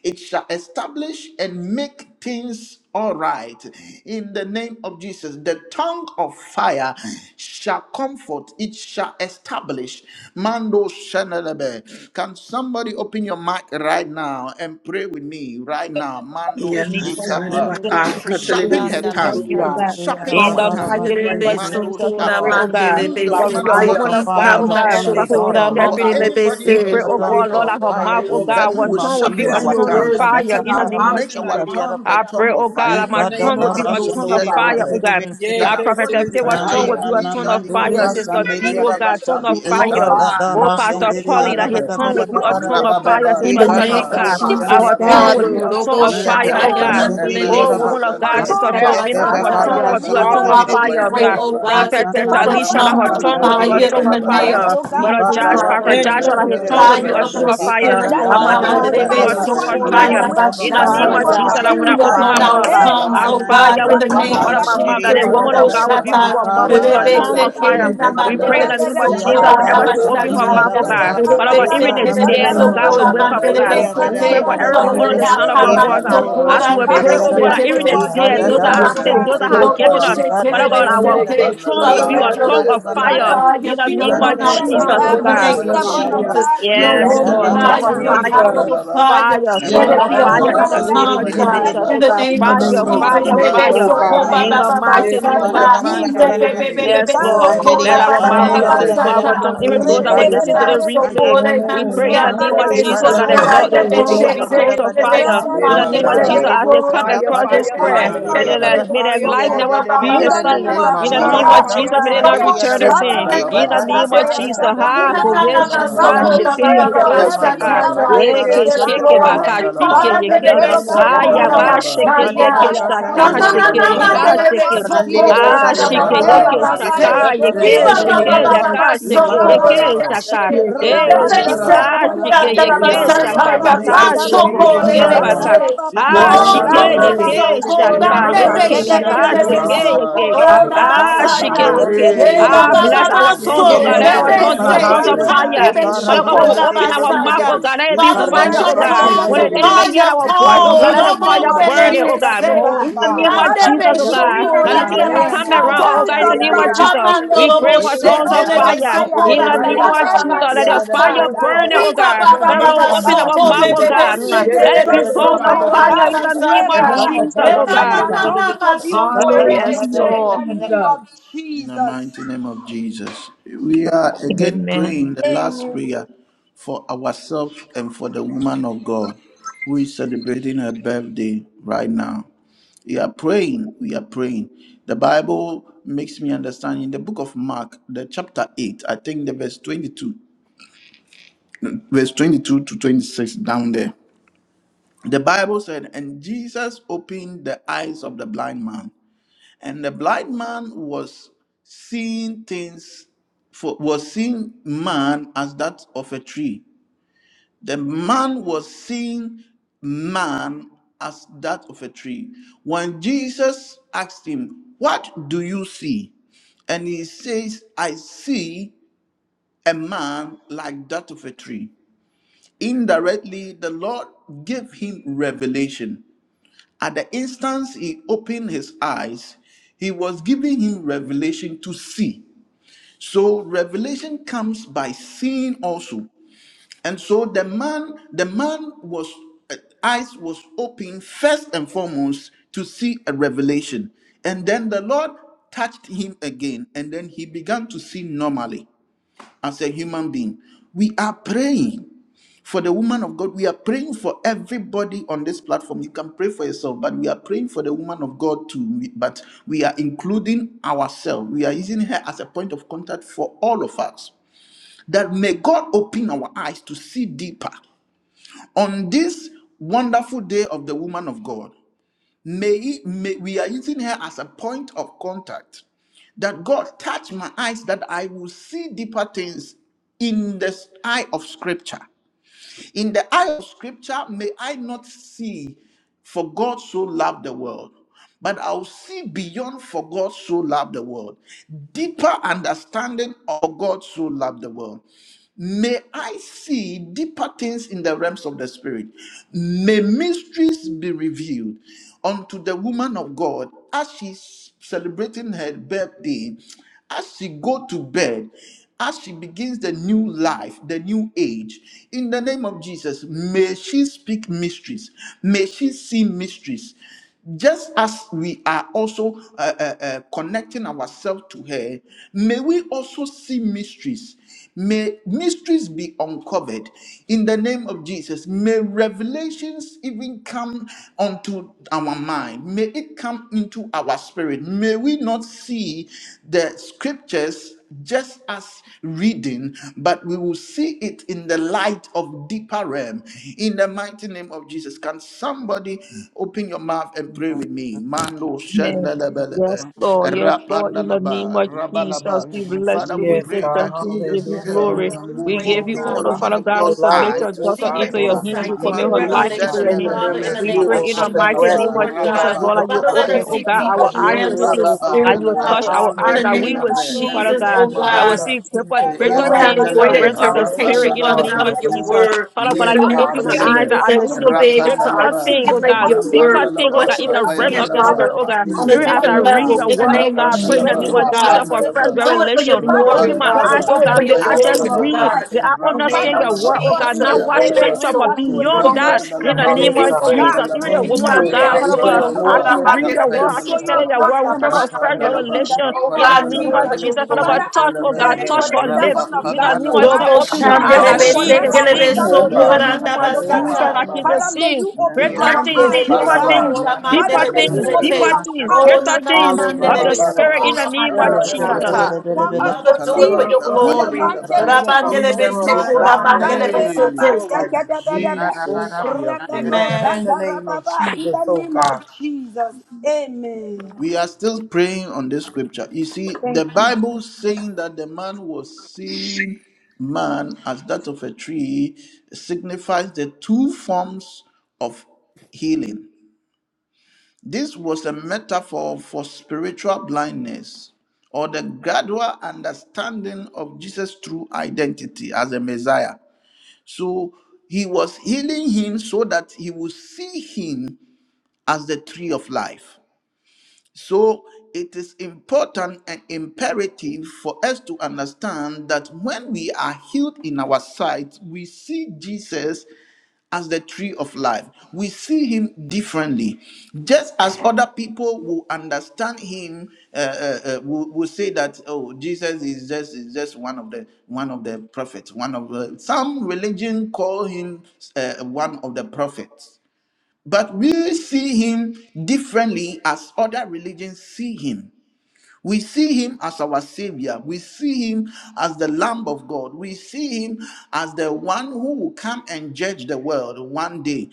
Speaker 2: it shall establish and make things all right in the name of Jesus the tongue of fire shall comfort it shall establish mando shanelebe can somebody open your mic right now and pray with me right now mando
Speaker 5: the
Speaker 1: Yana
Speaker 5: name
Speaker 7: Oh,
Speaker 5: of
Speaker 1: sala de
Speaker 7: the
Speaker 5: Jesus,
Speaker 2: ikapa
Speaker 3: Rebe
Speaker 1: baha,
Speaker 5: we bring the
Speaker 1: katala de
Speaker 5: things
Speaker 2: sharpen
Speaker 5: that
Speaker 2: her
Speaker 1: isi
Speaker 5: we
Speaker 1: de
Speaker 3: sokoranda
Speaker 5: thank
Speaker 2: tongue,
Speaker 5: you,
Speaker 3: basaya.
Speaker 5: oh
Speaker 1: boya.
Speaker 5: God.
Speaker 2: sharpen
Speaker 5: In
Speaker 2: our
Speaker 1: Soften
Speaker 5: the
Speaker 1: us,
Speaker 5: mighty
Speaker 1: Lord,
Speaker 2: tongue.
Speaker 1: right
Speaker 5: name
Speaker 1: now
Speaker 3: Rebe
Speaker 5: of
Speaker 1: in the name of
Speaker 2: Mando
Speaker 5: Jesus, we
Speaker 3: sokora
Speaker 1: Jesus,
Speaker 5: pray,
Speaker 1: Lord
Speaker 2: Shapa.
Speaker 5: oh
Speaker 2: We
Speaker 1: God. It
Speaker 3: mandele
Speaker 5: God.
Speaker 1: would
Speaker 9: The
Speaker 2: use
Speaker 1: be
Speaker 2: the
Speaker 1: like
Speaker 9: Lord.
Speaker 5: For
Speaker 2: woman
Speaker 5: your
Speaker 2: of
Speaker 3: besete.
Speaker 7: tongues
Speaker 2: God
Speaker 1: fire,
Speaker 5: woman
Speaker 2: as
Speaker 7: of
Speaker 2: a
Speaker 5: of
Speaker 2: point
Speaker 5: God,
Speaker 7: fire
Speaker 1: Lord
Speaker 5: oh
Speaker 1: God.
Speaker 2: of
Speaker 3: Ikama
Speaker 5: God,
Speaker 1: As
Speaker 7: upon
Speaker 2: contact
Speaker 1: they
Speaker 7: your
Speaker 5: Prophet
Speaker 3: shokora
Speaker 1: speak,
Speaker 7: daughter,
Speaker 2: uh,
Speaker 7: Lord.
Speaker 1: Lord
Speaker 2: for
Speaker 1: God,
Speaker 3: mandele
Speaker 5: Stephanie,
Speaker 1: those
Speaker 2: anybody
Speaker 1: things
Speaker 3: bese.
Speaker 5: we
Speaker 2: on
Speaker 1: as
Speaker 5: pray,
Speaker 7: The
Speaker 2: this
Speaker 5: oh
Speaker 1: though they
Speaker 5: God,
Speaker 7: tongues
Speaker 5: Lord,
Speaker 7: of
Speaker 1: are,
Speaker 2: platform
Speaker 5: that her
Speaker 1: Lord God,
Speaker 7: fire
Speaker 5: mouth,
Speaker 1: it
Speaker 5: oh
Speaker 7: in
Speaker 1: will
Speaker 7: the
Speaker 2: that
Speaker 5: God,
Speaker 1: move.
Speaker 2: you
Speaker 5: her
Speaker 7: name
Speaker 2: will
Speaker 5: tongue
Speaker 7: of
Speaker 5: will
Speaker 1: You
Speaker 5: be
Speaker 2: sharpen
Speaker 5: a
Speaker 1: said
Speaker 7: Jesus.
Speaker 1: in
Speaker 2: our
Speaker 1: your
Speaker 5: tongue of
Speaker 2: tongue.
Speaker 1: word, speak
Speaker 5: fire
Speaker 1: to
Speaker 5: in
Speaker 2: You
Speaker 1: thy
Speaker 5: the
Speaker 2: will
Speaker 5: name of
Speaker 2: make
Speaker 1: mountain,
Speaker 5: Jesus.
Speaker 1: thy
Speaker 2: our
Speaker 1: mountain
Speaker 2: tongue the
Speaker 5: I
Speaker 1: shall
Speaker 5: pray,
Speaker 2: tongue
Speaker 1: be
Speaker 5: oh
Speaker 2: of
Speaker 7: da da da
Speaker 1: moved
Speaker 5: God, that
Speaker 2: fire.
Speaker 1: in
Speaker 5: my
Speaker 1: the name
Speaker 5: tongue will
Speaker 1: of
Speaker 5: be
Speaker 7: da
Speaker 5: a
Speaker 2: Mando
Speaker 1: Jesus,
Speaker 5: tongue
Speaker 7: da
Speaker 5: of
Speaker 1: Lord God.
Speaker 5: fire, oh
Speaker 2: Shedelebe.
Speaker 7: da
Speaker 5: God.
Speaker 1: Yeah,
Speaker 2: That
Speaker 5: That prophet
Speaker 1: katala
Speaker 2: according
Speaker 5: say
Speaker 2: to
Speaker 1: de
Speaker 5: what
Speaker 7: da
Speaker 2: your
Speaker 5: tongue
Speaker 7: na
Speaker 5: will
Speaker 2: word,
Speaker 5: be
Speaker 1: bahaya.
Speaker 5: a
Speaker 2: we
Speaker 7: na
Speaker 5: tongue
Speaker 2: shall
Speaker 5: of
Speaker 1: And
Speaker 7: mandu
Speaker 1: it
Speaker 5: fire,
Speaker 1: is,
Speaker 5: sister
Speaker 2: decree
Speaker 7: Russian
Speaker 2: a
Speaker 1: it
Speaker 7: diddy
Speaker 5: D,
Speaker 2: thing
Speaker 5: oh
Speaker 2: and
Speaker 7: araba.
Speaker 2: it
Speaker 5: God,
Speaker 2: shall
Speaker 5: tongue
Speaker 2: be
Speaker 5: of
Speaker 1: is. Oh
Speaker 7: Ika
Speaker 5: fire.
Speaker 7: da
Speaker 2: established.
Speaker 7: da
Speaker 1: God,
Speaker 5: Oh,
Speaker 1: to
Speaker 7: Russian
Speaker 2: Mando
Speaker 5: Pastor
Speaker 1: forgive
Speaker 7: diddy
Speaker 8: of
Speaker 5: Polly,
Speaker 1: it
Speaker 5: that
Speaker 7: araba
Speaker 1: what's
Speaker 5: his
Speaker 2: Shedelebe.
Speaker 7: da
Speaker 8: Jesus.
Speaker 7: ba
Speaker 5: tongue
Speaker 1: wrong,
Speaker 8: We
Speaker 5: will
Speaker 7: da
Speaker 5: be
Speaker 1: Lord
Speaker 7: ba
Speaker 8: pray
Speaker 5: a
Speaker 1: God,
Speaker 7: ka
Speaker 8: for
Speaker 1: on
Speaker 7: da
Speaker 8: your
Speaker 5: tongue
Speaker 7: ba
Speaker 1: this
Speaker 5: of fire,
Speaker 8: servants,
Speaker 2: Rabababa,
Speaker 1: platform,
Speaker 8: oh
Speaker 1: in
Speaker 3: In
Speaker 5: sister
Speaker 3: the
Speaker 8: God.
Speaker 7: Ika
Speaker 1: this
Speaker 7: da
Speaker 3: name
Speaker 1: house,
Speaker 2: Nadaba,
Speaker 7: da
Speaker 3: of
Speaker 5: Tanika.
Speaker 1: oh
Speaker 8: We
Speaker 1: God.
Speaker 2: Kapaya
Speaker 7: Russian
Speaker 5: Like
Speaker 8: pray,
Speaker 3: Jesus,
Speaker 5: her
Speaker 8: oh
Speaker 7: diddy
Speaker 2: Balaba.
Speaker 1: In
Speaker 8: God,
Speaker 5: tongue
Speaker 1: the
Speaker 3: God,
Speaker 5: will be
Speaker 7: biddy
Speaker 1: name
Speaker 8: Jesus,
Speaker 5: a
Speaker 1: of Jesus,
Speaker 5: tongue
Speaker 3: Robo
Speaker 8: that
Speaker 5: of
Speaker 1: Lord
Speaker 7: Iya
Speaker 1: God,
Speaker 8: our
Speaker 7: do
Speaker 5: fire,
Speaker 2: Manta
Speaker 5: oh
Speaker 1: as
Speaker 3: Shataya,
Speaker 1: they
Speaker 8: tongue
Speaker 5: God.
Speaker 8: will
Speaker 1: speak,
Speaker 8: be
Speaker 7: rasendiri
Speaker 1: Lord
Speaker 3: Mandelebe
Speaker 5: Oh,
Speaker 2: Rebedu
Speaker 7: araba.
Speaker 1: God,
Speaker 5: woman of
Speaker 8: a
Speaker 3: Sokora,
Speaker 5: God,
Speaker 1: it
Speaker 2: Shanta
Speaker 5: Sister
Speaker 8: throne
Speaker 7: mana
Speaker 8: of
Speaker 7: de
Speaker 3: Mandalaba
Speaker 1: shall
Speaker 5: Philomena,
Speaker 7: de
Speaker 1: be
Speaker 5: like
Speaker 7: ba ka
Speaker 5: her
Speaker 8: fire
Speaker 1: so.
Speaker 8: in
Speaker 5: tongue
Speaker 8: the
Speaker 7: karaba
Speaker 5: will
Speaker 3: Sataya.
Speaker 5: be a
Speaker 8: name
Speaker 5: tongue
Speaker 8: of
Speaker 7: sandiri
Speaker 2: Rababandalaba
Speaker 5: of
Speaker 3: Father,
Speaker 7: biri
Speaker 3: we
Speaker 1: Hallelujah.
Speaker 5: fire,
Speaker 1: In
Speaker 5: oh
Speaker 1: the
Speaker 3: pray,
Speaker 8: Jesus.
Speaker 5: God.
Speaker 1: name
Speaker 3: oh
Speaker 2: Kapayabalaba
Speaker 1: of
Speaker 3: God,
Speaker 7: Fire.
Speaker 1: Jesus.
Speaker 5: Prophet
Speaker 3: today
Speaker 8: Father,
Speaker 3: for
Speaker 5: Alicia, like
Speaker 1: God,
Speaker 5: her
Speaker 3: tongues
Speaker 7: Rananamadura
Speaker 8: whatever
Speaker 3: of
Speaker 8: she
Speaker 5: tongue will
Speaker 2: Rabantalaba
Speaker 1: God,
Speaker 5: be a
Speaker 7: sendiri
Speaker 8: decreed
Speaker 3: fire
Speaker 5: tongue
Speaker 3: in
Speaker 8: and
Speaker 3: the
Speaker 5: of
Speaker 7: adabadaba.
Speaker 3: name
Speaker 1: hallelujah.
Speaker 2: Kapayabalaba
Speaker 8: declared,
Speaker 3: of
Speaker 5: fire.
Speaker 8: oh God,
Speaker 5: Brother
Speaker 3: Jesus,
Speaker 8: Father.
Speaker 5: Josh,
Speaker 3: Father.
Speaker 5: Prophet
Speaker 7: Ikarabadu
Speaker 1: In the
Speaker 2: Yantalaba
Speaker 5: Joshua,
Speaker 3: For
Speaker 5: like
Speaker 3: the
Speaker 1: name
Speaker 5: his
Speaker 1: of
Speaker 5: tongue will be
Speaker 3: fire
Speaker 5: a
Speaker 1: Jesus,
Speaker 3: of
Speaker 5: tongue
Speaker 1: oh
Speaker 2: Kapayabalaba
Speaker 3: your
Speaker 5: of
Speaker 1: God.
Speaker 5: fire.
Speaker 3: spirit,
Speaker 8: that
Speaker 3: oh
Speaker 8: it
Speaker 5: Like
Speaker 8: will
Speaker 5: my
Speaker 8: come
Speaker 3: God,
Speaker 5: tongue
Speaker 8: to
Speaker 5: will
Speaker 2: Yapandalaba
Speaker 5: be
Speaker 8: pass
Speaker 3: Rebe
Speaker 5: a
Speaker 1: Hallelujah,
Speaker 5: tongue of
Speaker 8: according to
Speaker 3: Sokora,
Speaker 5: fire.
Speaker 2: Kapayabalaba
Speaker 8: your
Speaker 1: Jesus.
Speaker 3: Mandalaba
Speaker 8: will
Speaker 5: In
Speaker 8: in
Speaker 5: the
Speaker 8: the
Speaker 5: name
Speaker 8: name
Speaker 5: of
Speaker 1: Fire,
Speaker 8: of
Speaker 5: Jesus,
Speaker 3: Shataya.
Speaker 5: that
Speaker 1: fire,
Speaker 5: when
Speaker 2: Rapandalaba
Speaker 3: be
Speaker 5: I
Speaker 8: Jesus.
Speaker 5: open my
Speaker 3: upon
Speaker 1: fire.
Speaker 3: our
Speaker 5: mouth, uh,
Speaker 8: Hey,
Speaker 2: Kapayabalaba
Speaker 3: tongues,
Speaker 5: uh,
Speaker 3: oh
Speaker 8: arriba,
Speaker 3: God,
Speaker 5: fire will
Speaker 3: in
Speaker 1: Hallelujah,
Speaker 3: the
Speaker 8: shaka,
Speaker 5: come from
Speaker 3: name
Speaker 5: out
Speaker 3: of
Speaker 1: Jesus.
Speaker 5: of my
Speaker 2: Rapandalaba
Speaker 5: mouth.
Speaker 8: rabado,
Speaker 5: That
Speaker 3: Jesus,
Speaker 5: a
Speaker 1: Yeah,
Speaker 8: shaka,
Speaker 5: woman
Speaker 1: can
Speaker 8: da,
Speaker 1: I
Speaker 3: Robo
Speaker 5: of
Speaker 1: tell
Speaker 8: da,
Speaker 5: God
Speaker 1: you
Speaker 5: will
Speaker 8: da,
Speaker 2: Kapayabalaba
Speaker 5: be,
Speaker 8: da,
Speaker 1: about how
Speaker 3: Shataya.
Speaker 1: I'm
Speaker 5: from mouth will
Speaker 1: gonna
Speaker 5: be
Speaker 8: ra,
Speaker 5: a
Speaker 8: ba,
Speaker 5: tongue
Speaker 2: Yatalaba
Speaker 8: ba,
Speaker 3: Rebese
Speaker 5: of
Speaker 8: ba,
Speaker 3: que
Speaker 5: fire. We
Speaker 3: inamande
Speaker 7: sendededeba.
Speaker 5: pray
Speaker 2: Yapandalaba
Speaker 5: in
Speaker 3: le
Speaker 8: ra,
Speaker 5: the
Speaker 8: da,
Speaker 5: name
Speaker 8: da,
Speaker 3: beso
Speaker 5: of
Speaker 8: da, da, da,
Speaker 5: Jesus
Speaker 1: God,
Speaker 8: da,
Speaker 1: it
Speaker 3: coranda
Speaker 5: whenever
Speaker 8: da,
Speaker 7: Iyadadara
Speaker 5: she
Speaker 1: is
Speaker 8: da, da,
Speaker 5: opens
Speaker 1: in
Speaker 5: her
Speaker 7: sendiri
Speaker 2: Rapandabalaba
Speaker 5: mouth, oh
Speaker 3: bachataya.
Speaker 1: you.
Speaker 8: ra,
Speaker 5: God.
Speaker 7: adabadaba.
Speaker 8: ba,
Speaker 5: Father
Speaker 8: ba,
Speaker 5: God,
Speaker 2: Kapayabalaba
Speaker 8: ba,
Speaker 3: Rebese
Speaker 5: even
Speaker 8: ba,
Speaker 3: que
Speaker 5: the
Speaker 1: In
Speaker 3: le
Speaker 1: the
Speaker 8: shaka,
Speaker 5: dead,
Speaker 1: name
Speaker 5: oh
Speaker 8: ra,
Speaker 3: beso
Speaker 1: of
Speaker 8: ba,
Speaker 5: God, will
Speaker 7: Ikarabadabadabadaba.
Speaker 5: wake
Speaker 1: Jesus,
Speaker 5: up,
Speaker 2: Rapandabalaba
Speaker 3: coramande
Speaker 5: oh
Speaker 1: oh
Speaker 3: le
Speaker 8: re,
Speaker 5: God.
Speaker 1: God.
Speaker 8: ba,
Speaker 5: We
Speaker 8: ba,
Speaker 5: pray
Speaker 3: besete.
Speaker 8: ba,
Speaker 5: for
Speaker 2: Kapayabalaba
Speaker 3: Para
Speaker 8: shake,
Speaker 5: everyone
Speaker 3: le
Speaker 7: Iyabadabadabadaba.
Speaker 5: under the
Speaker 8: re,
Speaker 1: Hallelujah,
Speaker 8: de,
Speaker 5: sound of
Speaker 8: de,
Speaker 5: my
Speaker 8: de, de,
Speaker 1: Jesus.
Speaker 5: voice,
Speaker 8: de.
Speaker 5: God.
Speaker 3: apamanto
Speaker 2: Rapandalaba,
Speaker 7: Ikadura
Speaker 5: As we
Speaker 3: corande
Speaker 7: sendiri
Speaker 5: pray,
Speaker 8: Father,
Speaker 5: oh
Speaker 8: in
Speaker 3: bese
Speaker 5: God,
Speaker 8: the
Speaker 7: adaba.
Speaker 1: Yes,
Speaker 2: Rapayabalaba,
Speaker 5: that
Speaker 3: que le
Speaker 5: even
Speaker 8: name
Speaker 5: the
Speaker 8: of
Speaker 1: God.
Speaker 5: dead, those that
Speaker 8: Jesus,
Speaker 7: Ikadadara
Speaker 5: are
Speaker 1: Hallelujah,
Speaker 8: oh
Speaker 2: Yatalaba,
Speaker 5: sick, those
Speaker 8: God.
Speaker 1: Jesus.
Speaker 5: that
Speaker 1: Oh,
Speaker 5: have
Speaker 7: sendiri.
Speaker 3: Robo
Speaker 5: given up,
Speaker 1: God.
Speaker 3: se
Speaker 2: Rapayabalaba,
Speaker 3: que le
Speaker 5: Father God, our
Speaker 7: Ikarabarabaraba,
Speaker 1: Ameke
Speaker 5: tongue will be
Speaker 2: Rapandalaba,
Speaker 5: a
Speaker 1: selebana
Speaker 5: tongue
Speaker 1: de
Speaker 5: of
Speaker 1: siriri.
Speaker 2: Rapayabalaba,
Speaker 7: ikarabarabaraba,
Speaker 5: fire.
Speaker 8: Father, we
Speaker 5: In
Speaker 3: Fire
Speaker 5: the
Speaker 3: be
Speaker 8: decree
Speaker 5: name
Speaker 8: and
Speaker 3: upon
Speaker 5: of
Speaker 3: our
Speaker 8: declare,
Speaker 1: Yanareke
Speaker 8: oh
Speaker 7: mandelebelo
Speaker 5: Jesus,
Speaker 3: tongues
Speaker 5: oh
Speaker 8: God,
Speaker 3: in
Speaker 2: Rapandalaba,
Speaker 3: the
Speaker 1: selebana
Speaker 8: for
Speaker 5: God.
Speaker 3: name
Speaker 8: your
Speaker 3: of
Speaker 8: servant of
Speaker 7: rashandiriaraba,
Speaker 2: Rapayabalaba,
Speaker 1: selebaya.
Speaker 3: Jesus.
Speaker 8: God,
Speaker 3: Your
Speaker 1: In
Speaker 5: Yes,
Speaker 1: the
Speaker 3: holy
Speaker 7: ikadada
Speaker 5: Lord,
Speaker 1: name
Speaker 5: tongue
Speaker 3: fire,
Speaker 1: of
Speaker 5: of
Speaker 2: Nantalaba,
Speaker 8: Shaddai.
Speaker 3: your
Speaker 7: rashandiri,
Speaker 5: fire
Speaker 1: Jesus.
Speaker 3: powerful
Speaker 2: Rapandalaba,
Speaker 3: fire,
Speaker 5: fire,
Speaker 3: let
Speaker 5: tongue
Speaker 3: it
Speaker 5: of
Speaker 3: be
Speaker 8: Father,
Speaker 7: ikadada
Speaker 1: Yana
Speaker 8: we
Speaker 5: fire
Speaker 3: upon
Speaker 8: pray,
Speaker 5: in
Speaker 3: our
Speaker 5: the
Speaker 1: kasana
Speaker 8: Lord
Speaker 2: Rabandalaba,
Speaker 8: God,
Speaker 1: de
Speaker 5: name
Speaker 7: rashandiri
Speaker 5: of
Speaker 3: tongues,
Speaker 8: Jesus,
Speaker 7: bede
Speaker 1: siriri.
Speaker 7: bede,
Speaker 8: that
Speaker 3: God.
Speaker 8: you
Speaker 5: Jesus.
Speaker 2: Rapayabalaba,
Speaker 8: will
Speaker 3: In
Speaker 5: Oh
Speaker 3: the
Speaker 5: God,
Speaker 1: In
Speaker 3: name
Speaker 8: continue
Speaker 1: the
Speaker 3: of
Speaker 5: fire,
Speaker 8: to
Speaker 1: name
Speaker 8: pour
Speaker 1: of
Speaker 3: Jesus,
Speaker 8: our
Speaker 5: fire,
Speaker 7: mandelebelo
Speaker 8: tongues
Speaker 1: Jesus,
Speaker 2: Rapandalaba,
Speaker 3: Rebe
Speaker 8: on
Speaker 1: oh
Speaker 5: fire
Speaker 3: Soko
Speaker 8: fire.
Speaker 1: God.
Speaker 5: in
Speaker 3: Baba
Speaker 5: the
Speaker 2: Rapayabalaba,
Speaker 7: rasanananamelo
Speaker 3: Baba
Speaker 8: Fire
Speaker 5: mighty
Speaker 1: Yes,
Speaker 8: for
Speaker 5: name
Speaker 2: in
Speaker 5: of
Speaker 8: you,
Speaker 2: the
Speaker 1: oh
Speaker 3: Sata.
Speaker 1: God.
Speaker 2: mighty
Speaker 8: Jesus.
Speaker 5: Jesus.
Speaker 3: Rebe
Speaker 7: akarabarabaraba,
Speaker 3: Bebe
Speaker 1: Hallelujah.
Speaker 2: name
Speaker 5: Yes,
Speaker 3: Bebe
Speaker 5: Lord.
Speaker 2: of
Speaker 3: Soko
Speaker 5: Let
Speaker 7: orandiriya
Speaker 3: Baba
Speaker 5: our
Speaker 3: Baba
Speaker 5: mouth be a
Speaker 3: Baba
Speaker 1: Ameke
Speaker 5: mouth
Speaker 2: Jesus,
Speaker 7: karabarabaraba,
Speaker 5: of
Speaker 3: Sata.
Speaker 5: tongue.
Speaker 1: selebaya.
Speaker 5: Even
Speaker 1: In
Speaker 5: those that
Speaker 3: Rebe
Speaker 5: will listen
Speaker 7: ikadada
Speaker 5: to the
Speaker 3: Kiman Soko
Speaker 5: replay,
Speaker 7: rasandada
Speaker 5: we
Speaker 3: Reman
Speaker 5: pray in the
Speaker 3: Sia
Speaker 5: name of
Speaker 3: Rebe
Speaker 5: Jesus that
Speaker 3: Soko
Speaker 5: the,
Speaker 7: Ikadada
Speaker 5: Lord, the
Speaker 3: Rebe
Speaker 7: rashandiri
Speaker 5: tongues will be
Speaker 7: yadaba
Speaker 3: Shete
Speaker 5: tongues
Speaker 7: daba
Speaker 5: of
Speaker 7: daba
Speaker 3: Rebe
Speaker 5: fire.
Speaker 7: daba.
Speaker 5: In the
Speaker 3: Kiman
Speaker 2: Amen.
Speaker 5: name of Jesus,
Speaker 7: Randiri
Speaker 2: Dalaba.
Speaker 3: Rebe
Speaker 5: as
Speaker 7: bu
Speaker 5: they
Speaker 3: Soko
Speaker 5: come
Speaker 7: shanda
Speaker 5: across
Speaker 7: kadu
Speaker 5: this prayer,
Speaker 2: Amen.
Speaker 7: rashandiri
Speaker 5: may their,
Speaker 7: yadaba.
Speaker 2: Dalaba.
Speaker 5: may
Speaker 3: Rebe
Speaker 5: their life
Speaker 3: Soko
Speaker 5: never
Speaker 3: Baba
Speaker 5: be
Speaker 8: In
Speaker 5: the
Speaker 3: Baba
Speaker 8: the
Speaker 1: the
Speaker 7: Iyadadadadadadada.
Speaker 5: same.
Speaker 8: name
Speaker 3: Baba
Speaker 8: of
Speaker 5: In
Speaker 3: Baba
Speaker 2: Amen.
Speaker 5: the
Speaker 8: Jesus,
Speaker 5: name of
Speaker 2: Dalaba.
Speaker 7: Ikadada
Speaker 3: Baba.
Speaker 8: oh
Speaker 5: Jesus, may they
Speaker 8: God.
Speaker 5: not
Speaker 3: Robo
Speaker 7: rashandiri
Speaker 5: return the
Speaker 7: yadaba.
Speaker 2: Amen.
Speaker 5: same.
Speaker 8: Father, we pray,
Speaker 5: In
Speaker 2: Dalaba.
Speaker 5: the
Speaker 8: Lord
Speaker 7: Ikadada
Speaker 8: God,
Speaker 5: name
Speaker 8: for
Speaker 5: of
Speaker 3: shete
Speaker 8: your
Speaker 5: Jesus,
Speaker 8: servant,
Speaker 7: rashandadaba.
Speaker 5: ha,
Speaker 8: Lord
Speaker 5: for
Speaker 8: God.
Speaker 5: which you
Speaker 3: Yes,
Speaker 2: Emandalaba,
Speaker 7: Ikadada
Speaker 8: Father,
Speaker 5: touch, you
Speaker 8: we
Speaker 5: pay,
Speaker 8: pray
Speaker 5: you
Speaker 8: for
Speaker 7: rashandadaba.
Speaker 5: kiss,
Speaker 8: every
Speaker 5: you
Speaker 2: Emandalaba,
Speaker 8: servant on
Speaker 7: Ikadada
Speaker 8: this
Speaker 5: Yeke
Speaker 8: land, Lord
Speaker 5: sheke
Speaker 3: Lord,
Speaker 7: rashandadaba.
Speaker 8: God.
Speaker 3: let me come
Speaker 2: Emandalaba,
Speaker 5: bakashike
Speaker 3: on
Speaker 8: Father, we
Speaker 3: and
Speaker 7: Ikadada
Speaker 5: yeke.
Speaker 8: pray,
Speaker 3: be
Speaker 8: Lord
Speaker 1: name
Speaker 8: God,
Speaker 3: so
Speaker 1: of
Speaker 8: that
Speaker 1: Jesus.
Speaker 3: cold
Speaker 5: Aya
Speaker 8: their
Speaker 7: rashandadaba.
Speaker 3: of
Speaker 8: tongues
Speaker 3: us.
Speaker 2: Emandalaba,
Speaker 8: will
Speaker 5: basheke
Speaker 8: be on
Speaker 7: Ikadada
Speaker 5: yeke
Speaker 1: Haya
Speaker 8: fire for
Speaker 5: shaka
Speaker 3: Na na
Speaker 7: rashandiri
Speaker 8: you.
Speaker 1: kasana
Speaker 3: na
Speaker 1: de
Speaker 5: sheke
Speaker 7: yadaba
Speaker 3: na
Speaker 8: In
Speaker 2: Emandalaba,
Speaker 7: daba
Speaker 3: na
Speaker 8: the
Speaker 1: siriri.
Speaker 5: yeka
Speaker 7: daba.
Speaker 3: the
Speaker 8: name
Speaker 5: sheke
Speaker 3: best
Speaker 8: of
Speaker 3: so
Speaker 5: na.
Speaker 7: Randiri
Speaker 3: cold
Speaker 7: bu
Speaker 3: ba
Speaker 8: Jesus.
Speaker 1: Yere
Speaker 5: Ah
Speaker 3: ba ba
Speaker 7: shanda
Speaker 5: sheke
Speaker 3: ba ba
Speaker 8: Eh,
Speaker 1: selebaya
Speaker 7: dada.
Speaker 3: ba
Speaker 5: yeke
Speaker 3: ba
Speaker 2: Emandalaba,
Speaker 8: Rabba,
Speaker 3: say.
Speaker 1: kasana.
Speaker 8: shake,
Speaker 5: shaka
Speaker 7: Ikadada
Speaker 8: eh, re, be,
Speaker 5: yeke
Speaker 3: Iba
Speaker 8: de,
Speaker 1: In
Speaker 3: ba
Speaker 8: be,
Speaker 7: rashandiri
Speaker 1: the
Speaker 3: ba
Speaker 8: de,
Speaker 5: sheke
Speaker 2: Emandalaba,
Speaker 3: ba
Speaker 1: name
Speaker 7: yadaba.
Speaker 3: ba
Speaker 1: of
Speaker 3: ba
Speaker 5: yaka
Speaker 3: so
Speaker 5: sheke
Speaker 8: Rabba,
Speaker 3: cold
Speaker 7: Ikadada
Speaker 1: Jesus.
Speaker 3: the
Speaker 8: ba,
Speaker 5: yeke
Speaker 8: ba.
Speaker 2: Emandalaba,
Speaker 3: best.
Speaker 5: shaka.
Speaker 7: rashandadaba daba.
Speaker 5: E
Speaker 7: daba.
Speaker 3: The
Speaker 8: Rabba,
Speaker 3: best
Speaker 8: shaka,
Speaker 3: so
Speaker 2: Emandalaba,
Speaker 8: da,
Speaker 7: Ikarabada.
Speaker 5: shika
Speaker 8: da,
Speaker 3: cold
Speaker 7: Ikara
Speaker 8: da,
Speaker 3: ya
Speaker 5: sheke
Speaker 8: da.
Speaker 3: da la ba
Speaker 5: yeke
Speaker 1: Yeketelebebasalabohaya,
Speaker 8: Riba,
Speaker 5: shaka
Speaker 8: ba,
Speaker 3: sataya man
Speaker 5: baka
Speaker 8: shaka, re,
Speaker 3: so
Speaker 5: sheko
Speaker 8: be,
Speaker 3: cold
Speaker 8: do,
Speaker 3: the
Speaker 5: yeke
Speaker 8: shaka,
Speaker 2: Emandalaba,
Speaker 1: neketelebishimaya,
Speaker 5: baka.
Speaker 8: rabba,
Speaker 3: best.
Speaker 8: ba.
Speaker 2: Emandalaba,
Speaker 5: Ah
Speaker 3: Oh,
Speaker 5: sheke
Speaker 8: Ka,
Speaker 3: come
Speaker 8: re,
Speaker 2: Emandalaba,
Speaker 3: on,
Speaker 8: ba,
Speaker 1: yebebebe,
Speaker 8: ba,
Speaker 3: so
Speaker 5: yeke
Speaker 8: ba.
Speaker 3: cold
Speaker 5: shaka
Speaker 3: and the
Speaker 8: Ra, ke,
Speaker 5: yeke
Speaker 3: best
Speaker 2: Emandalaba,
Speaker 8: de,
Speaker 3: shake
Speaker 8: be,
Speaker 3: the
Speaker 8: de,
Speaker 5: yaka
Speaker 8: be, de,
Speaker 3: best
Speaker 1: yemakatelebeshiribi.
Speaker 8: be.
Speaker 5: sheke
Speaker 3: so cold
Speaker 5: yeke.
Speaker 8: Oh,
Speaker 3: and the
Speaker 2: Rababandalaba.
Speaker 1: Fire,
Speaker 5: Ah
Speaker 1: fire,
Speaker 8: rabababa,
Speaker 2: In
Speaker 5: sheke
Speaker 2: the
Speaker 1: fire,
Speaker 5: yeke.
Speaker 1: oh
Speaker 3: basaya
Speaker 5: Ah
Speaker 1: God.
Speaker 3: baba
Speaker 2: name
Speaker 8: shekereberebebe,
Speaker 5: bless our
Speaker 3: baba
Speaker 2: of
Speaker 5: tongues, oh
Speaker 3: so
Speaker 5: God. Let our
Speaker 8: rebado,
Speaker 5: tongues
Speaker 2: Jesus,
Speaker 5: be
Speaker 2: we
Speaker 5: a
Speaker 3: rebese
Speaker 2: are
Speaker 8: shata
Speaker 5: tongue
Speaker 1: Yendeketelebahai
Speaker 5: of
Speaker 2: praying.
Speaker 5: fire.
Speaker 8: rebaba,
Speaker 3: itande ben
Speaker 5: Father God, when we
Speaker 1: nanatelelebohoya
Speaker 3: shokora
Speaker 5: open our
Speaker 8: karabadaba,
Speaker 5: mouth,
Speaker 3: basaya.
Speaker 5: oh
Speaker 1: katalebeshiri.
Speaker 5: God, let it be
Speaker 3: Father,
Speaker 5: fire,
Speaker 3: let
Speaker 5: oh
Speaker 3: your
Speaker 5: God.
Speaker 3: tongues
Speaker 5: When the
Speaker 3: of
Speaker 1: Yendeketelebe.
Speaker 8: rashakedabadaba,
Speaker 5: enemy hear
Speaker 3: fire
Speaker 5: our voice,
Speaker 1: Right
Speaker 5: oh God,
Speaker 1: now,
Speaker 3: fall.
Speaker 8: in
Speaker 5: let the
Speaker 8: the name
Speaker 5: fire
Speaker 3: Obonde
Speaker 1: Jesus.
Speaker 8: of
Speaker 5: burn it, oh
Speaker 8: Jesus,
Speaker 5: God.
Speaker 8: oh
Speaker 3: rebese.
Speaker 5: In
Speaker 1: Oh
Speaker 8: God.
Speaker 5: the name
Speaker 1: God.
Speaker 5: of
Speaker 3: Rande
Speaker 8: Father,
Speaker 3: ben
Speaker 5: Jesus,
Speaker 8: we
Speaker 5: oh
Speaker 1: Worthy
Speaker 5: God.
Speaker 8: decree
Speaker 1: is
Speaker 8: and
Speaker 5: And
Speaker 1: the
Speaker 5: I
Speaker 3: shokora
Speaker 5: say,
Speaker 3: nda
Speaker 5: every
Speaker 8: declare
Speaker 1: Lamb,
Speaker 5: time
Speaker 1: oh
Speaker 5: around,
Speaker 1: God.
Speaker 5: oh
Speaker 3: basaya.
Speaker 8: tongues
Speaker 5: God,
Speaker 1: Yeah,
Speaker 5: in the
Speaker 8: of
Speaker 5: name of
Speaker 8: fire
Speaker 5: Jesus,
Speaker 8: in
Speaker 3: Itamando
Speaker 8: this
Speaker 5: we
Speaker 3: robo
Speaker 5: pray
Speaker 7: Oh,
Speaker 5: for
Speaker 8: ministry,
Speaker 5: tongues
Speaker 3: shete
Speaker 5: of
Speaker 8: tongues
Speaker 1: yeah,
Speaker 3: lebe
Speaker 8: of
Speaker 5: fire.
Speaker 8: fire
Speaker 5: In
Speaker 3: sokora
Speaker 5: the
Speaker 3: nda
Speaker 5: name
Speaker 8: on
Speaker 5: of
Speaker 3: baba
Speaker 5: Jesus,
Speaker 3: baba
Speaker 8: every
Speaker 5: let the
Speaker 8: ministry,
Speaker 3: sata.
Speaker 8: oh
Speaker 5: fire
Speaker 8: God,
Speaker 5: burn it,
Speaker 8: over
Speaker 5: oh
Speaker 3: Riba
Speaker 5: God.
Speaker 8: every
Speaker 3: baba
Speaker 5: Father
Speaker 8: servant
Speaker 5: God, we
Speaker 8: of
Speaker 3: baba
Speaker 5: open
Speaker 8: God.
Speaker 5: our
Speaker 3: soko
Speaker 5: mouth, oh
Speaker 3: bebe be
Speaker 5: God.
Speaker 8: On in
Speaker 3: shete
Speaker 8: this
Speaker 5: Let it
Speaker 3: lebe
Speaker 5: be
Speaker 8: church
Speaker 5: tongues of
Speaker 8: tonight, oh
Speaker 3: sokora nda
Speaker 5: fire
Speaker 8: God,
Speaker 5: in
Speaker 8: we
Speaker 5: the name
Speaker 8: pray,
Speaker 5: of
Speaker 3: basaya.
Speaker 8: Father,
Speaker 5: Jesus, oh
Speaker 3: Ema
Speaker 8: that
Speaker 5: God.
Speaker 3: na
Speaker 8: their
Speaker 3: na
Speaker 8: tongues
Speaker 3: na
Speaker 8: will be on
Speaker 3: basoko
Speaker 8: fire
Speaker 5: Yes,
Speaker 8: for you in
Speaker 3: rebese.
Speaker 5: Lord.
Speaker 8: the name of
Speaker 2: In the
Speaker 8: Jesus.
Speaker 2: mighty name of Jesus. We are again
Speaker 5: Amen.
Speaker 2: praying the last
Speaker 8: Amen.
Speaker 2: prayer for ourselves and for the woman of God who is celebrating her birthday right now. We are praying, we are praying. The Bible makes me understand in the book of Mark, the chapter 8, I think the verse 22, verse 22 to 26 down there. The Bible said, And Jesus opened the eyes of the blind man and the blind man was seeing things for was seeing man as that of a tree the man was seeing man as that of a tree when jesus asked him what do you see and he says i see a man like that of a tree indirectly the lord gave him revelation at the instant he opened his eyes, he was giving him revelation to see. So revelation comes by seeing also. And so the man, the man was uh, eyes was open first and foremost to see a revelation. And then the Lord touched him again, and then he began to see normally as a human being. We are praying for the woman of God. We are praying for everybody on this platform. You can pray for yourself, but we are praying for the woman of God too. But we are including ourselves. We are using her as a point of contact for all of us. That may God open our eyes to see deeper on this wonderful day of the woman of God. May, he, may we are using her as a point of contact. That God touch my eyes that I will see deeper things in the eye of Scripture. In the eye of scripture, may I not see for God so loved the world, but I'll see beyond for God so loved the world. Deeper understanding of God so loved the world. May I see deeper things in the realms of the spirit. May mysteries be revealed unto the woman of God as she's celebrating her birthday, as she go to bed as she begins the new life, the new age, in the name of Jesus, may she speak mysteries, may she see mysteries. Just as we are also uh, uh, uh, connecting ourselves to her, may we also see mysteries May mysteries be uncovered in the name of Jesus. May revelations even come unto our mind. May it come into our spirit. May we not see the scriptures just as reading, but we will see it in the light of deeper realm. In the mighty name of Jesus, can somebody open your mouth and pray with me? Mando
Speaker 5: Amen. Yes,
Speaker 2: Shandelebelebe,
Speaker 5: Lord. Yes, Lord. In the name
Speaker 2: Rapandalaba,
Speaker 5: of
Speaker 2: Rabalaba.
Speaker 5: Jesus, we bless
Speaker 2: Father,
Speaker 5: you.
Speaker 2: we
Speaker 5: We say
Speaker 2: pray that
Speaker 5: thank you.
Speaker 2: you
Speaker 5: We give you
Speaker 3: Yes,
Speaker 2: yourself
Speaker 5: glory.
Speaker 3: Lord, we
Speaker 2: will
Speaker 5: We
Speaker 3: pray,
Speaker 5: give
Speaker 3: oh
Speaker 5: you
Speaker 1: yeah.
Speaker 2: open the
Speaker 3: God,
Speaker 5: honor,
Speaker 3: for
Speaker 2: woman
Speaker 5: Father
Speaker 3: deep
Speaker 2: of
Speaker 5: God. We
Speaker 2: God's
Speaker 1: Allow
Speaker 3: sight,
Speaker 5: commit
Speaker 2: eye
Speaker 1: us,
Speaker 5: your
Speaker 2: to
Speaker 1: oh
Speaker 2: see
Speaker 5: daughter
Speaker 3: deeper
Speaker 1: God, to
Speaker 5: into your
Speaker 2: deeper.
Speaker 1: go
Speaker 5: hands. We
Speaker 3: insight,
Speaker 1: deeper,
Speaker 5: commit
Speaker 3: deeper
Speaker 5: her
Speaker 1: Lord
Speaker 2: Mando
Speaker 1: God,
Speaker 5: life into
Speaker 3: revelation,
Speaker 5: your
Speaker 1: in the
Speaker 5: hands.
Speaker 2: Shedelebe,
Speaker 3: Father,
Speaker 1: realm of
Speaker 3: in
Speaker 1: the
Speaker 3: the
Speaker 7: open
Speaker 5: We
Speaker 7: my
Speaker 3: name
Speaker 1: spirit,
Speaker 5: pray
Speaker 3: of
Speaker 2: Mento
Speaker 7: eyes
Speaker 1: Lord
Speaker 5: in
Speaker 7: to
Speaker 5: the
Speaker 1: God, to
Speaker 7: see
Speaker 3: Jesus,
Speaker 5: mighty
Speaker 7: the
Speaker 3: oh
Speaker 1: grasp,
Speaker 5: name
Speaker 2: Mandalaba,
Speaker 5: of
Speaker 7: Lord.
Speaker 3: Lord
Speaker 1: Lord
Speaker 5: Jesus,
Speaker 1: God,
Speaker 3: God.
Speaker 5: Lord,
Speaker 2: Rababa,
Speaker 5: that
Speaker 1: deeper
Speaker 7: Open
Speaker 5: you
Speaker 3: Father,
Speaker 7: my
Speaker 3: let
Speaker 7: eyes
Speaker 5: open,
Speaker 3: us
Speaker 1: understanding
Speaker 7: to
Speaker 5: oh
Speaker 3: see
Speaker 5: God,
Speaker 2: Tapayabalaba,
Speaker 7: see
Speaker 3: deeper
Speaker 5: our
Speaker 1: of
Speaker 3: in the
Speaker 7: the
Speaker 5: eyes
Speaker 7: Lord.
Speaker 1: your
Speaker 5: to
Speaker 3: realm of
Speaker 1: word,
Speaker 3: the
Speaker 5: see,
Speaker 1: oh
Speaker 5: that
Speaker 3: Spirit,
Speaker 1: God.
Speaker 5: you
Speaker 7: Open my
Speaker 5: will
Speaker 2: Rababandalaba,
Speaker 7: eyes
Speaker 5: touch
Speaker 7: to
Speaker 3: Father,
Speaker 5: our
Speaker 7: see the Lord. Open my
Speaker 3: in
Speaker 7: eyes to
Speaker 5: eyes,
Speaker 1: Hallelujah.
Speaker 3: the
Speaker 7: see
Speaker 5: that
Speaker 7: the
Speaker 8: Father,
Speaker 3: name
Speaker 5: we
Speaker 1: Jesus.
Speaker 3: of
Speaker 5: will
Speaker 2: Mekepelebre,
Speaker 5: see, Father
Speaker 3: Jesus,
Speaker 2: Elus
Speaker 1: In
Speaker 3: oh
Speaker 5: God.
Speaker 1: the
Speaker 7: Lord.
Speaker 5: I will
Speaker 1: name
Speaker 3: God.
Speaker 1: of
Speaker 5: see
Speaker 2: Mahanda,
Speaker 5: greater
Speaker 1: Jesus,
Speaker 3: That
Speaker 1: oh
Speaker 3: we
Speaker 5: greater
Speaker 3: will
Speaker 1: God.
Speaker 3: have
Speaker 5: things
Speaker 3: a
Speaker 7: Open my
Speaker 5: in the
Speaker 3: greater
Speaker 7: eyes
Speaker 5: realm
Speaker 7: to
Speaker 2: Yependelebe,
Speaker 5: of the
Speaker 7: see
Speaker 1: Hallelujah,
Speaker 7: people,
Speaker 5: spirit
Speaker 3: interpretation,
Speaker 5: in the
Speaker 3: Father
Speaker 7: Lord,
Speaker 2: Rapandalaba.
Speaker 5: name
Speaker 7: in
Speaker 3: God,
Speaker 5: of
Speaker 7: the
Speaker 1: oh
Speaker 3: of your
Speaker 7: name
Speaker 1: God.
Speaker 5: Jesus.
Speaker 7: of
Speaker 3: word.
Speaker 5: Father God,
Speaker 3: In
Speaker 1: Yes,
Speaker 5: that
Speaker 3: the
Speaker 5: you
Speaker 3: name
Speaker 5: open
Speaker 1: God,
Speaker 8: in
Speaker 3: of
Speaker 5: my
Speaker 8: the
Speaker 1: let
Speaker 7: Jesus.
Speaker 1: us,
Speaker 2: Yetemelebe,
Speaker 5: eyes
Speaker 8: name
Speaker 3: Jesus,
Speaker 5: that
Speaker 1: Lord
Speaker 8: of
Speaker 5: I
Speaker 3: that
Speaker 5: may
Speaker 3: we
Speaker 1: God,
Speaker 3: will
Speaker 5: see
Speaker 3: be
Speaker 8: Jesus,
Speaker 1: exalt
Speaker 3: able
Speaker 8: oh
Speaker 5: Great
Speaker 8: God.
Speaker 3: to
Speaker 5: such
Speaker 1: ourselves
Speaker 2: Rapandalaba,
Speaker 5: thing, oh
Speaker 1: in
Speaker 3: articulate
Speaker 8: Father, as
Speaker 5: God.
Speaker 3: your
Speaker 8: we
Speaker 1: your
Speaker 5: Big such
Speaker 8: begin
Speaker 3: word,
Speaker 1: word.
Speaker 5: thing,
Speaker 8: to
Speaker 5: oh
Speaker 8: pray,
Speaker 3: what
Speaker 2: Rapandalaba,
Speaker 5: God, in
Speaker 8: oh
Speaker 3: you are
Speaker 5: the
Speaker 8: God,
Speaker 1: In
Speaker 8: for
Speaker 5: realm
Speaker 3: saying,
Speaker 1: the
Speaker 5: of
Speaker 8: your
Speaker 5: the
Speaker 1: name
Speaker 2: Kapayabalaba,
Speaker 3: Father,
Speaker 5: spirit,
Speaker 8: servant
Speaker 5: oh
Speaker 1: of
Speaker 5: God.
Speaker 3: on
Speaker 8: tonight,
Speaker 2: Mandi
Speaker 3: the
Speaker 5: Even
Speaker 8: oh
Speaker 1: Jesus,
Speaker 5: as
Speaker 3: different
Speaker 5: I
Speaker 1: oh
Speaker 8: God.
Speaker 2: Diapa,
Speaker 5: read
Speaker 3: levels.
Speaker 5: your
Speaker 8: Father,
Speaker 3: In the
Speaker 5: word,
Speaker 1: God.
Speaker 8: as we
Speaker 5: oh
Speaker 3: name of
Speaker 5: God, I
Speaker 1: In
Speaker 5: pray in
Speaker 1: the
Speaker 5: the
Speaker 3: Jesus,
Speaker 5: name
Speaker 8: celebrating
Speaker 2: Rapandalaba,
Speaker 1: name
Speaker 3: oh
Speaker 5: of
Speaker 8: our
Speaker 3: God.
Speaker 5: Jesus
Speaker 1: of
Speaker 5: for
Speaker 8: birthday
Speaker 1: Jesus.
Speaker 2: Kapandalaba,
Speaker 5: fresh
Speaker 3: Do
Speaker 8: tonight,
Speaker 3: it for your
Speaker 5: revelation.
Speaker 8: Father,
Speaker 3: glory,
Speaker 5: Open
Speaker 8: we
Speaker 5: my
Speaker 8: pray, oh
Speaker 3: Father.
Speaker 2: Rapandalaba,
Speaker 5: eyes,
Speaker 3: Do
Speaker 5: oh
Speaker 8: God,
Speaker 3: it
Speaker 8: that
Speaker 3: for
Speaker 5: God.
Speaker 8: you
Speaker 5: May
Speaker 3: your
Speaker 8: will
Speaker 5: I
Speaker 1: Let
Speaker 8: open
Speaker 5: just
Speaker 3: glory,
Speaker 1: us
Speaker 8: her
Speaker 2: Kapayabalaba,
Speaker 3: oh
Speaker 5: read
Speaker 1: be
Speaker 5: you.
Speaker 3: God. In
Speaker 5: May
Speaker 8: eyes.
Speaker 5: I
Speaker 3: the name
Speaker 5: understand
Speaker 8: Father,
Speaker 3: of
Speaker 5: your
Speaker 2: Rapandalaba,
Speaker 5: word, oh
Speaker 8: deeper
Speaker 3: Jesus,
Speaker 5: God.
Speaker 8: in the
Speaker 5: Not watch
Speaker 3: let
Speaker 8: spirit
Speaker 2: Kapayabalaba,
Speaker 3: it
Speaker 5: scripture,
Speaker 8: ring
Speaker 5: but
Speaker 3: so.
Speaker 8: that you will see
Speaker 5: beyond
Speaker 3: Rodolfo,
Speaker 5: that,
Speaker 8: mystery
Speaker 5: in
Speaker 3: let
Speaker 5: the
Speaker 2: Rabanalaba,
Speaker 8: of
Speaker 5: name
Speaker 1: Yes,
Speaker 3: it
Speaker 5: of
Speaker 8: you, oh
Speaker 1: God.
Speaker 3: say.
Speaker 8: God.
Speaker 5: Jesus. Even
Speaker 2: Kapayabalaba,
Speaker 5: the
Speaker 1: And
Speaker 3: In
Speaker 8: In
Speaker 1: you,
Speaker 5: woman
Speaker 8: the
Speaker 3: time,
Speaker 5: of
Speaker 1: oh
Speaker 8: name
Speaker 3: let
Speaker 5: God,
Speaker 1: God,
Speaker 8: of
Speaker 3: it
Speaker 1: we
Speaker 5: Father
Speaker 3: be
Speaker 5: God,
Speaker 1: grasp
Speaker 3: so.
Speaker 8: Jesus,
Speaker 1: more
Speaker 5: as
Speaker 2: Rapanalaba,
Speaker 1: and
Speaker 3: Tora,
Speaker 5: you
Speaker 1: better
Speaker 8: that
Speaker 3: man,
Speaker 8: you
Speaker 5: read
Speaker 3: let
Speaker 5: your
Speaker 8: will
Speaker 3: it
Speaker 1: understanding.
Speaker 3: be
Speaker 8: keep
Speaker 5: word, as you
Speaker 3: so.
Speaker 8: showing
Speaker 2: Kapayabalaba,
Speaker 5: study
Speaker 8: your
Speaker 5: your
Speaker 3: Tora,
Speaker 8: grace
Speaker 5: word, we
Speaker 3: da,
Speaker 8: and
Speaker 5: pray for fresh
Speaker 3: bashaya.
Speaker 8: majesty
Speaker 2: Rapanalaba,
Speaker 8: in the
Speaker 5: revelation
Speaker 8: name
Speaker 3: Oh
Speaker 5: in
Speaker 8: of
Speaker 5: the
Speaker 3: God,
Speaker 5: name
Speaker 2: Kapayabalaba,
Speaker 3: do
Speaker 5: of
Speaker 8: Jesus.
Speaker 3: it for your
Speaker 1: Yes,
Speaker 5: Jesus. Father
Speaker 1: God.
Speaker 8: Father,
Speaker 3: glory.
Speaker 5: God,
Speaker 8: as
Speaker 5: touch,
Speaker 8: we
Speaker 5: oh
Speaker 3: In the
Speaker 5: God,
Speaker 3: name
Speaker 8: pray
Speaker 2: Mentalabelebe,
Speaker 8: for
Speaker 5: touch
Speaker 8: the
Speaker 5: her
Speaker 1: Yes,
Speaker 5: lips.
Speaker 3: of
Speaker 8: servant of
Speaker 3: Jesus.
Speaker 5: In
Speaker 1: oh
Speaker 5: the
Speaker 8: God
Speaker 5: name of
Speaker 2: Rapapandalaba,
Speaker 1: God.
Speaker 5: Jesus,
Speaker 8: tonight,
Speaker 3: Robo
Speaker 5: open
Speaker 1: You
Speaker 5: her
Speaker 1: have
Speaker 5: eyes
Speaker 8: Father,
Speaker 5: that
Speaker 1: draw
Speaker 8: we
Speaker 3: shandelebe
Speaker 1: us
Speaker 5: she
Speaker 2: Yetelebe,
Speaker 5: may
Speaker 8: connect
Speaker 1: deeper in
Speaker 3: sekelebe
Speaker 1: you,
Speaker 5: see.
Speaker 8: ourselves
Speaker 1: oh
Speaker 8: to
Speaker 5: In
Speaker 7: We
Speaker 2: Rebelebe,
Speaker 8: this
Speaker 5: the
Speaker 1: God.
Speaker 5: name
Speaker 3: sokoranda
Speaker 8: prayer,
Speaker 5: of
Speaker 8: oh
Speaker 2: Mentalebe,
Speaker 1: Lord
Speaker 7: got
Speaker 8: God.
Speaker 5: Jesus,
Speaker 1: God,
Speaker 3: basata.
Speaker 5: that
Speaker 1: in the
Speaker 5: she may
Speaker 2: Rababa,
Speaker 1: name
Speaker 8: Father,
Speaker 1: of
Speaker 8: may
Speaker 5: see.
Speaker 8: you open
Speaker 7: Amen.
Speaker 1: Jesus.
Speaker 5: Greater
Speaker 2: Mentel,
Speaker 8: our
Speaker 5: things,
Speaker 8: eyes,
Speaker 3: Mandele
Speaker 8: oh
Speaker 5: deeper
Speaker 2: Palaba,
Speaker 8: God.
Speaker 5: things,
Speaker 3: besokora
Speaker 8: Father,
Speaker 5: deeper
Speaker 3: mandele
Speaker 8: may
Speaker 1: In
Speaker 8: you
Speaker 5: things,
Speaker 1: the
Speaker 2: Nekesandelebe,
Speaker 1: name
Speaker 8: open
Speaker 1: of
Speaker 5: deeper
Speaker 3: besete.
Speaker 8: our
Speaker 5: things,
Speaker 1: Jesus.
Speaker 8: eyes
Speaker 2: Mentelebe,
Speaker 3: Oh,
Speaker 8: to
Speaker 3: na
Speaker 5: greater
Speaker 3: na
Speaker 8: see
Speaker 3: na
Speaker 5: things of
Speaker 8: deeper
Speaker 3: mandele
Speaker 1: Hallelujah,
Speaker 5: the
Speaker 2: Rababa,
Speaker 8: things,
Speaker 1: Lord
Speaker 8: oh
Speaker 5: Spirit
Speaker 1: God.
Speaker 5: in the
Speaker 2: Nalaba,
Speaker 3: besokora
Speaker 5: name
Speaker 1: Let
Speaker 5: of
Speaker 3: mandala
Speaker 1: us
Speaker 8: God
Speaker 1: have
Speaker 8: see
Speaker 5: Jesus.
Speaker 1: more
Speaker 8: what
Speaker 3: basata.
Speaker 2: Kapayabalaba.
Speaker 1: of
Speaker 8: you want
Speaker 1: you,
Speaker 8: us
Speaker 1: Lord God.
Speaker 8: to
Speaker 3: Father, do it
Speaker 8: see
Speaker 3: for
Speaker 2: Mantalaba,
Speaker 1: Stir us
Speaker 3: your
Speaker 1: up,
Speaker 8: in
Speaker 1: Lord
Speaker 8: the
Speaker 1: God.
Speaker 3: glory.
Speaker 8: mighty
Speaker 2: Tapayabalaba.
Speaker 1: Give
Speaker 8: name
Speaker 1: us a
Speaker 8: of
Speaker 3: Rabandele
Speaker 2: In the
Speaker 1: hunger, a
Speaker 8: Jesus.
Speaker 3: besokora
Speaker 2: mighty
Speaker 1: desire, Lord God,
Speaker 3: mandele
Speaker 1: to seek after
Speaker 8: Karebaba
Speaker 2: name
Speaker 3: besete.
Speaker 1: your
Speaker 2: of
Speaker 1: righteousness,
Speaker 8: shakadabadaba.
Speaker 1: oh
Speaker 2: Jesus,
Speaker 1: God.
Speaker 2: we have prayed.
Speaker 8: Rakado
Speaker 1: In
Speaker 3: Amen.
Speaker 1: the name of
Speaker 8: shakarababa. In
Speaker 1: Jesus,
Speaker 8: the
Speaker 1: oh
Speaker 8: name
Speaker 1: God.
Speaker 8: of Jesus. Amen.
Speaker 2: We are still praying on this scripture. You see, the
Speaker 8: Thank you.
Speaker 2: Bible saying that the man was seeing man as that of a tree signifies the two forms of healing. This was a metaphor for spiritual blindness or the gradual understanding of Jesus' true identity as a Messiah. So he was healing him so that he would see him as the tree of life. So it is important and imperative for us to understand that when we are healed in our sight, we see Jesus as the tree of life. We see him differently. Just as other people will understand him, uh, uh, uh, will, will say that oh, Jesus is just is just one of the one of the prophets. One of the, some religion call him uh, one of the prophets, but we see him differently as other religions see him. We see him as our savior. We see him as the Lamb of God. We see him as the one who will come and judge the world one day.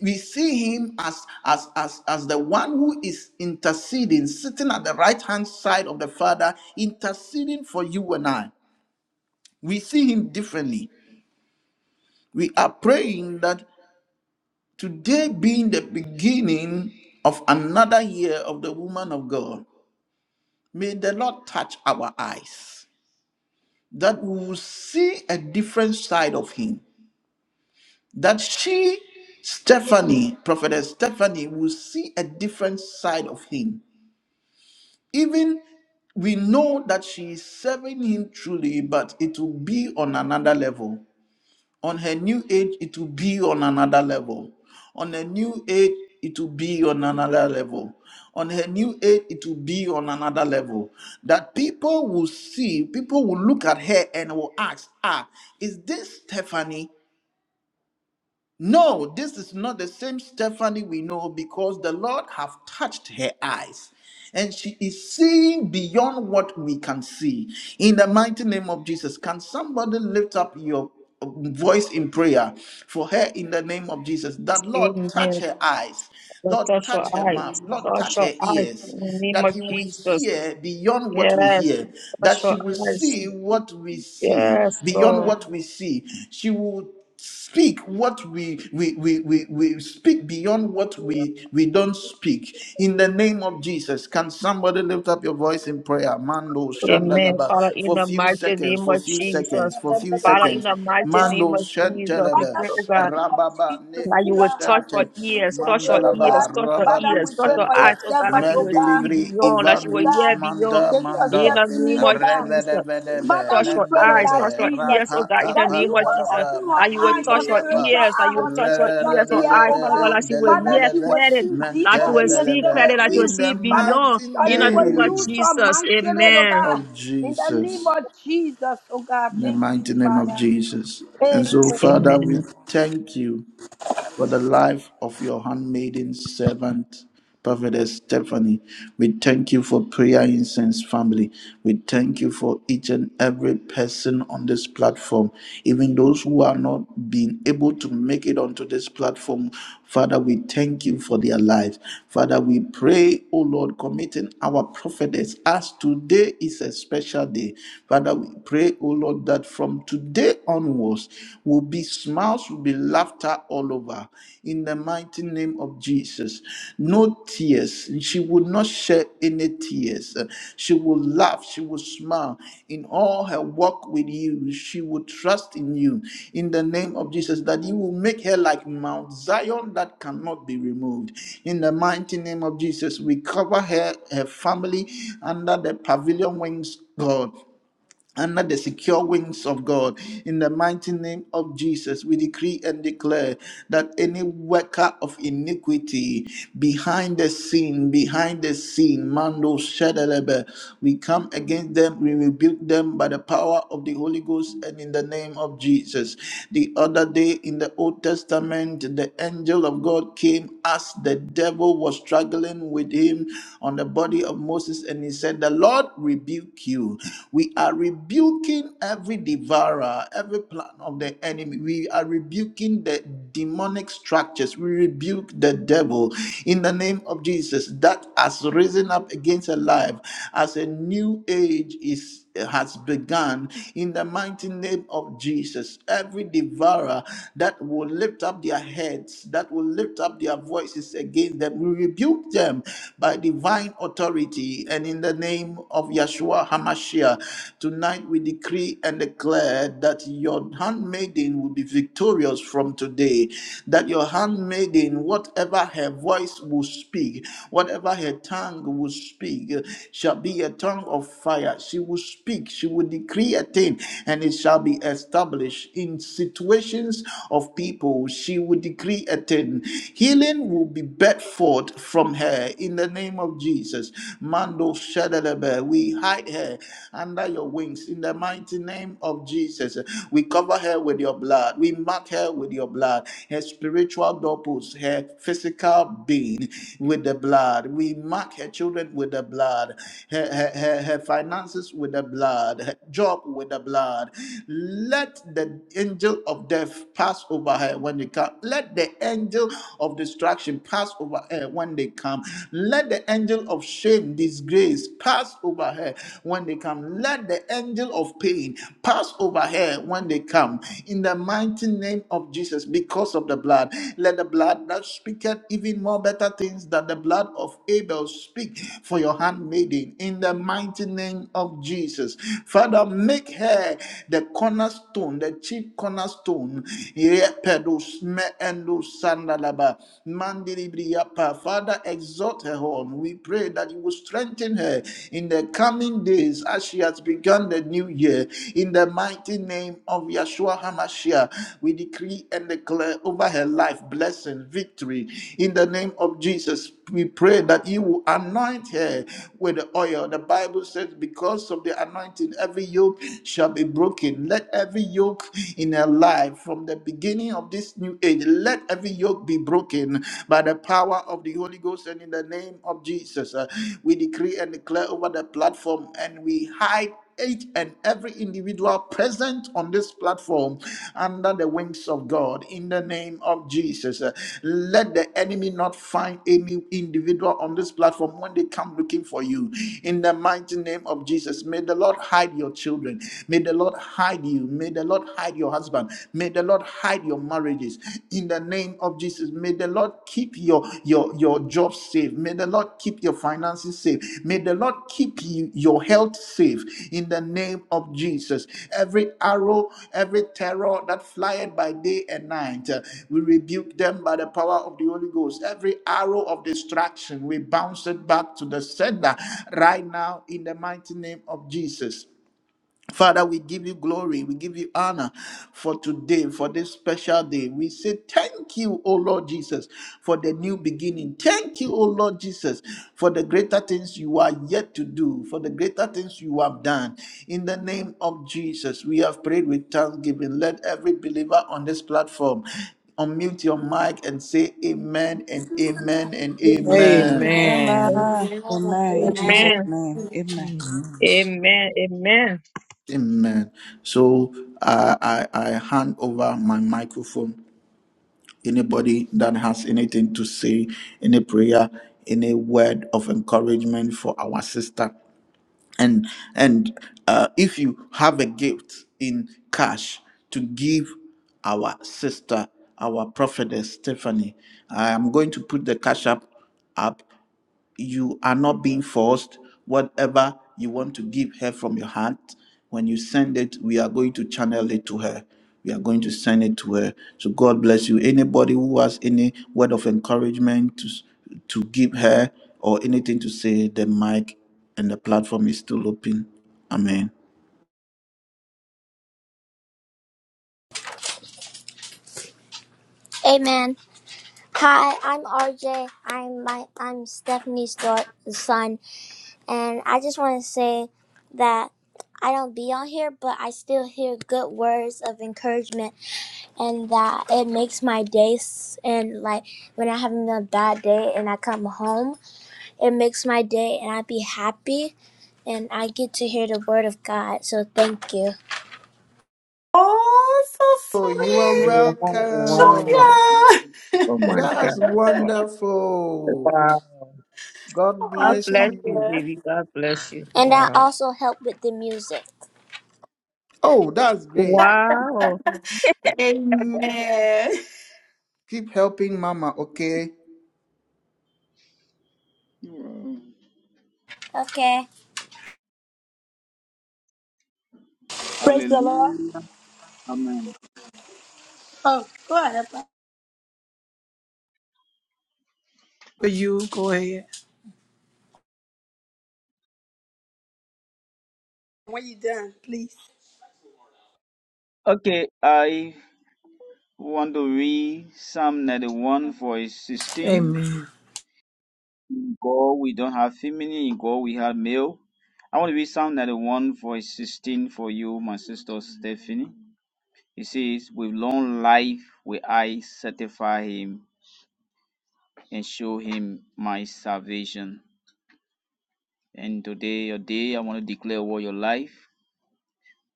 Speaker 2: We see him as, as, as, as the one who is interceding, sitting at the right hand side of the Father, interceding for you and I. We see him differently. We are praying that today being the beginning of another year of the woman of God, may the Lord touch our eyes. that we will see a different side of him. That she, Stephanie, Prophetess Stephanie, will see a different side of him. Even we know that she is serving him truly, but it will be on another level. On her new age, it will be on another level. On her new age, it will be on another level. On her new age, it will be on another level. That people will see, people will look at her and will ask, ah, is this Stephanie? No, this is not the same Stephanie we know because the Lord have touched her eyes and she is seeing beyond what we can see. In the mighty name of Jesus, can somebody lift up your voice in prayer for her in the name of Jesus? That Lord touch
Speaker 5: Amen.
Speaker 2: her eyes.
Speaker 5: Lord,
Speaker 2: Lord,
Speaker 5: touch
Speaker 2: touch her
Speaker 5: your eyes.
Speaker 2: mouth.
Speaker 9: Mm.
Speaker 2: Lord,
Speaker 5: Touch
Speaker 2: touch
Speaker 5: your
Speaker 2: her
Speaker 5: eyes
Speaker 2: ears.
Speaker 5: in the name
Speaker 2: That
Speaker 5: of
Speaker 2: he will
Speaker 5: Jesus.
Speaker 2: hear beyond what we
Speaker 5: Yes,
Speaker 2: hear.
Speaker 5: touch
Speaker 2: That she
Speaker 5: your
Speaker 2: will
Speaker 5: eyes.
Speaker 2: see what we see.
Speaker 5: Yes,
Speaker 2: Beyond
Speaker 5: Lord.
Speaker 2: what we see. She will speak what we we, we we we speak beyond what we we don't speak in the name of jesus can somebody lift up your voice in prayer mando
Speaker 5: Amen.
Speaker 2: shandalaba
Speaker 5: Father, in
Speaker 2: for
Speaker 5: the
Speaker 2: few
Speaker 5: mighty
Speaker 2: seconds
Speaker 5: name
Speaker 2: for
Speaker 5: of
Speaker 2: few
Speaker 5: Jesus.
Speaker 2: seconds for few
Speaker 5: Father, in
Speaker 2: seconds
Speaker 5: the mighty
Speaker 8: Jesus.
Speaker 5: name
Speaker 2: Mando
Speaker 5: of Jesus, we
Speaker 2: Shentelebe
Speaker 8: Father,
Speaker 5: pray,
Speaker 8: in
Speaker 5: oh
Speaker 8: the
Speaker 5: God.
Speaker 8: name of
Speaker 2: Rababa
Speaker 8: Jesus,
Speaker 5: That
Speaker 8: oh
Speaker 5: you
Speaker 2: Neku
Speaker 5: will
Speaker 8: God,
Speaker 5: touch
Speaker 8: as
Speaker 5: your
Speaker 8: we
Speaker 2: Sente
Speaker 8: begin
Speaker 5: ears,
Speaker 8: to
Speaker 5: touch
Speaker 8: pray,
Speaker 5: your
Speaker 8: oh God,
Speaker 5: ears,
Speaker 2: Mandalaba
Speaker 5: touch your
Speaker 8: Father,
Speaker 2: Rabadu
Speaker 5: ears,
Speaker 8: we
Speaker 5: touch
Speaker 8: pray
Speaker 5: your
Speaker 8: for your
Speaker 5: eyes,
Speaker 2: Sente
Speaker 5: oh God, that
Speaker 8: servant,
Speaker 5: you
Speaker 8: oh
Speaker 5: will
Speaker 8: God,
Speaker 5: see
Speaker 2: Mendelibri
Speaker 5: beyond,
Speaker 8: woman
Speaker 5: that you
Speaker 8: of
Speaker 5: will
Speaker 2: Ivanus
Speaker 5: hear
Speaker 8: God,
Speaker 5: beyond.
Speaker 2: Manda
Speaker 8: take your
Speaker 5: In
Speaker 2: Manda
Speaker 8: step
Speaker 5: the
Speaker 8: in
Speaker 5: name
Speaker 8: need, oh
Speaker 5: of
Speaker 8: God.
Speaker 5: Jesus,
Speaker 2: Revedevedeve
Speaker 5: touch
Speaker 8: Father, we
Speaker 5: your
Speaker 8: pray, oh
Speaker 5: eyes,
Speaker 8: God,
Speaker 5: touch
Speaker 2: Mendelebe
Speaker 5: your
Speaker 8: Jesus,
Speaker 5: ears, oh God, in
Speaker 2: Rapaka
Speaker 5: the
Speaker 8: that
Speaker 5: name
Speaker 8: you
Speaker 5: of
Speaker 8: will
Speaker 5: Jesus,
Speaker 8: open
Speaker 2: Pandalabra
Speaker 8: her
Speaker 5: that you will
Speaker 8: eyes, her
Speaker 5: touch
Speaker 2: Mandilibri
Speaker 5: your
Speaker 2: Apa
Speaker 8: spiritual
Speaker 5: ears, that you
Speaker 8: eye,
Speaker 5: will
Speaker 8: her
Speaker 5: touch your ears,
Speaker 8: spiritual
Speaker 5: or
Speaker 8: ear,
Speaker 5: eyes,
Speaker 8: oh
Speaker 5: Father God,
Speaker 8: God.
Speaker 2: Revedevedeve
Speaker 5: that you will
Speaker 8: Father,
Speaker 5: hear
Speaker 8: she will
Speaker 5: clearly,
Speaker 8: see
Speaker 5: that you
Speaker 8: deeper
Speaker 5: will
Speaker 8: in the
Speaker 5: see
Speaker 2: Mentelebeleve
Speaker 8: spirit
Speaker 5: clearly, that you will
Speaker 2: in
Speaker 8: realm.
Speaker 5: see
Speaker 2: the
Speaker 8: Father,
Speaker 5: beyond.
Speaker 2: mighty
Speaker 8: that
Speaker 5: In
Speaker 8: you
Speaker 5: the
Speaker 8: will
Speaker 5: name of
Speaker 8: use
Speaker 2: name
Speaker 8: her
Speaker 5: Jesus,
Speaker 8: mightily, oh
Speaker 5: amen.
Speaker 8: God.
Speaker 2: of
Speaker 8: In the name
Speaker 2: Jesus
Speaker 8: of Jesus, oh God,
Speaker 2: in the
Speaker 8: thank you,
Speaker 2: mighty name of
Speaker 8: Father.
Speaker 2: Jesus. And so,
Speaker 8: Amen.
Speaker 2: Father, we
Speaker 5: Amen.
Speaker 2: thank you for the life of your handmaiden servant, Prophetess Stephanie. We thank you for prayer incense family. We thank you for each and every person on this platform, even those who are not being able to make it onto this platform. Father, we thank you for their lives. Father, we pray, oh Lord, committing our prophetess as today is a special day. Father, we pray, oh Lord, that from today onwards, downwards will be smiles, will be laughter all over in the mighty name of Jesus. No tears. She will not shed any tears. She will laugh. She will smile. In all her walk with you, she will trust in you in the name of Jesus that you will make her like Mount Zion that cannot be removed. In the mighty name of Jesus, we cover her, her family under the pavilion wings. God, under the secure wings of God. In the mighty name of Jesus, we decree and declare that any worker of iniquity behind the scene, behind the scene, Mando Shadalebe, we come against them, we rebuke them by the power of the Holy Ghost and in the name of Jesus. The other day in the Old Testament, the angel of God came as the devil was struggling with him on the body of Moses and he said, The Lord rebuke you. We are rebuking every devourer, every plan of the enemy. We are rebuking the demonic structures. We rebuke the devil in the name of Jesus that has risen up against a life as a new age is has begun in the mighty name of Jesus. Every devourer that will lift up their heads, that will lift up their voices against them, we rebuke them by divine authority. And in the name of Yeshua HaMashiach, tonight we decree and declare that your handmaiden will be victorious from today, that your handmaiden, whatever her voice will speak, whatever her tongue will speak uh, shall be a tongue of fire. She will speak, she will decree a thing, and it shall be established. In situations of people, she will decree a thing. Healing will be bet forth from her in the name of Jesus. Mando Shadalebe, we hide her under your wings in the mighty name of Jesus. We cover her with your blood, we mark her with your blood. Her spirit spiritual doorpost, her physical being with the blood. We mark her children with the blood, her, her, her, her finances with the blood, her job with the blood. Let the angel of death pass over her when they come. Let the angel of destruction pass over her when they come. Let the angel of shame, disgrace pass over her when they come. Let the angel of pain pass over over her when they come. In the mighty name of Jesus, because of the blood, let the blood that speaketh even more better things than the blood of Abel speak for your handmaiden. In the mighty name of Jesus, Father, make her the cornerstone, the chief cornerstone. Yepedos me endo sandalaba, mandilibriyapa. Father, exalt her on. We pray that you will strengthen her in the coming days as she has begun the new year. In the mighty name of Yeshua HaMashiach, we decree and declare over her life blessing, victory. In the name of Jesus, we pray that you will anoint her with the oil. The Bible says, because of the anointing, every yoke shall be broken. Let every yoke in her life from the beginning of this new age, let every yoke be broken by the power power of the Holy Ghost and in the name of Jesus. Uh, we decree and declare over the platform and we hide each and every individual present on this platform under the wings of God in the name of Jesus. Uh, Let the enemy not find any individual on this platform when they come looking for you in the mighty name of Jesus. May the Lord hide your children. May the Lord hide you. May the Lord hide your husband. May the the Lord hide your marriages in the name of Jesus. May the Lord keep your your your job safe. May the Lord keep your finances safe. May the Lord keep you, your health safe in the name of Jesus. Every arrow, every terror that flyeth by day and night, uh, we rebuke them by the power of the Holy Ghost. Every arrow of distraction, we bounce it back to the sender right now in the mighty name of Jesus. Father, we give you glory, we give you honor for today, for this special day. We say thank you, O Lord Jesus, for the new beginning. Thank you, O Lord Jesus, for the greater things you are yet to do, for the greater things you have done. In the name of Jesus, we have prayed with thanksgiving. Let every believer on this platform unmute your mic and say amen and amen and
Speaker 5: Amen.
Speaker 2: amen.
Speaker 3: Amen.
Speaker 1: Amen.
Speaker 3: Amen.
Speaker 7: Amen. In Jesus'
Speaker 3: Amen.
Speaker 5: Amen.
Speaker 7: name. Amen.
Speaker 5: Amen. Amen.
Speaker 2: Amen. So I I, I hand over my microphone anybody that has anything to say, any prayer, any word of encouragement for our sister. And and uh, if you have a gift in cash to give our sister, our prophetess Stephanie, I am going to put the cash up up you are not being forced. Whatever you want to give her from your heart, when you send it, we are going to channel it to her we are going to send it to her. So God bless you. Anybody who has any word of encouragement to to give her or anything to say, the mic and the platform is still open. Amen.
Speaker 1: Amen. Hi, I'm RJ. I'm my I'm Stephanie's daughter, son, and I just want to say that I don't be on here, but I still hear good words of encouragement, and that it makes my days. And like when I having a bad day and I come home, it makes my day, and I be happy, and I get to hear the word of God. So thank you,
Speaker 3: Oh, so
Speaker 2: Oh, you are
Speaker 3: sweet.
Speaker 5: Wow.
Speaker 2: welcome.
Speaker 3: Julia.
Speaker 5: Oh my
Speaker 2: That's
Speaker 5: God.
Speaker 2: wonderful.
Speaker 5: Wow.
Speaker 2: God
Speaker 5: God
Speaker 2: bless
Speaker 5: bless you,
Speaker 2: you.
Speaker 5: baby. God bless you.
Speaker 1: and I
Speaker 5: Wow.
Speaker 1: also help with the music.
Speaker 2: Oh, that's great.
Speaker 5: Wow.
Speaker 3: Amen.
Speaker 2: Keep helping Mama, okay?
Speaker 1: Okay.
Speaker 8: Praise the Lord.
Speaker 9: Hallelujah. Amen.
Speaker 8: Go ahead, Pa-
Speaker 1: For you, go ahead.
Speaker 8: When you done, please.
Speaker 9: Okay, I want to read Psalm 91 verse 16.
Speaker 1: Amen.
Speaker 9: In God we don't have feminine, in God we have male. I want to read Psalm 91 verse 16 for you, my sister Stephanie. It says, With long life will I certify him and show him my salvation. And today, your day, I want to declare over your life.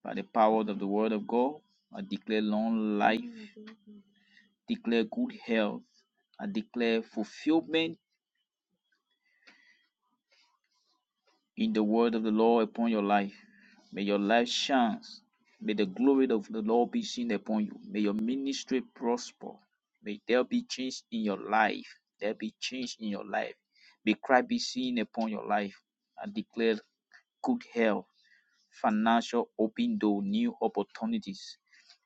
Speaker 9: By the power of the word of God, I declare long life, declare good health, I declare fulfillment in the word of the Lord upon your life. May your life shine. May the glory of the Lord be seen upon you. May your ministry prosper. May there be change in your life. There be change in your life. May Christ be seen upon your life. I declare good health, financial open door, new opportunities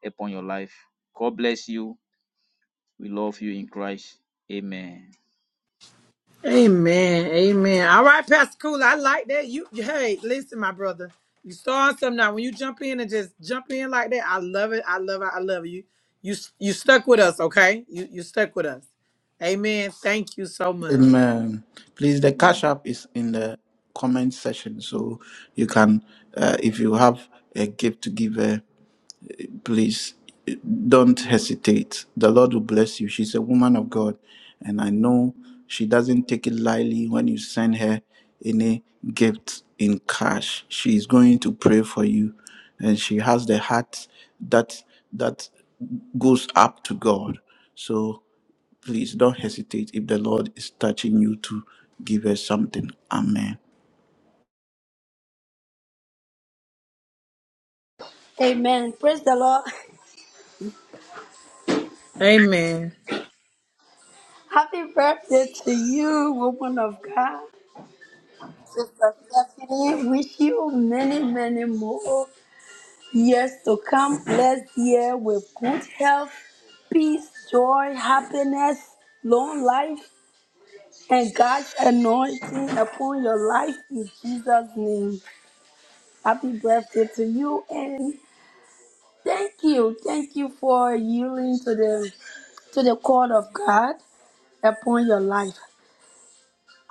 Speaker 9: upon your life. God bless you. We love you in Christ. Amen.
Speaker 1: Amen. Amen. All right, Pastor Cool. I like that. You hey, listen, my brother. You starting something now. When you jump in and just jump in like that, I love it. I love it. I love you. You you stuck with us, okay? You you stuck with us. Amen. Thank you so much.
Speaker 2: Amen. Please, the cash app is in the comment section, so you can, uh, if you have a gift to give, uh, please don't hesitate. The Lord will bless you. She's a woman of God, and I know she doesn't take it lightly when you send her any gift in cash. She is going to pray for you, and she has the heart that that goes up to God. So please don't hesitate if the Lord is touching you to give her something. Amen.
Speaker 8: Amen. Praise the Lord.
Speaker 1: Amen.
Speaker 8: Happy birthday to you, woman of God. Sister Stephanie, wish you many, many more years to come. Blessed year with good health, peace, joy, happiness, long life, and God's anointing upon your life in Jesus' name. Happy birthday to you, and Thank you. Thank you for yielding to the to the call of God upon your life.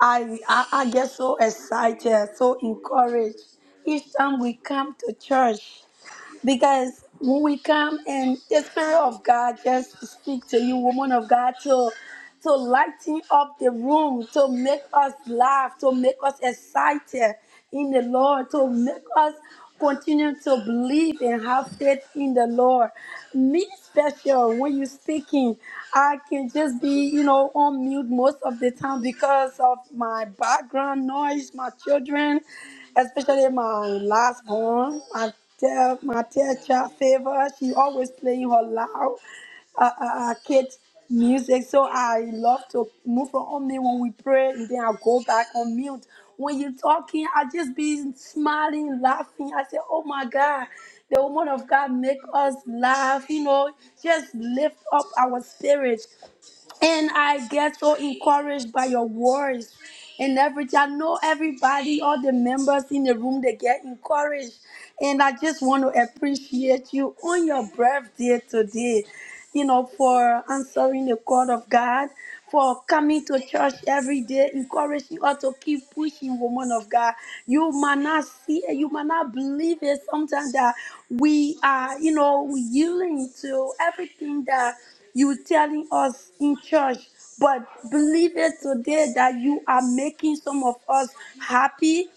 Speaker 8: I, I I get so excited, so encouraged each time we come to church because when we come and the spirit of God just to speak to you, woman of God, to to lighten up the room, to make us laugh, to make us excited in the Lord, to make us continue to believe and have faith in the Lord. Me special when you speaking, I can just be, you know, on mute most of the time because of my background noise, my children, especially my last born. Tell my teacher child favor. She always playing her loud uh, uh, uh, kids music. So I love to move from on me when we pray, and then I go back on mute. When you talking, I just be smiling, laughing. I say, "Oh my God, the woman of God make us laugh." You know, just lift up our spirit. And I get so encouraged by your words. And every I know everybody, all the members in the room, they get encouraged. And I just want to appreciate you on your birthday today, you know, for answering the call of God, for coming to church every day, encouraging us to keep pushing, woman of God. You might not see you might not believe it sometimes that we are, you know, yielding to everything that you were telling us in church, but believe it today that you are making some of us happy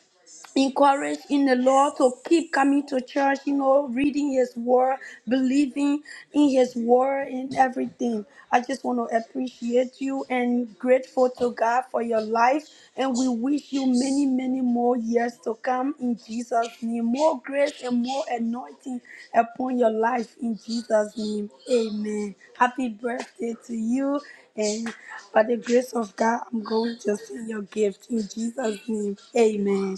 Speaker 8: encouraged in the Lord to keep coming to church, you know, reading His Word, believing in His Word, and everything. I just want to appreciate you and grateful to God for your life. And we wish you many, many more years to come in Jesus' name. More grace and more anointing upon your life in Jesus' name. Amen. Happy birthday to you. And by the grace of God, I'm going to see your gift in Jesus' name. Amen.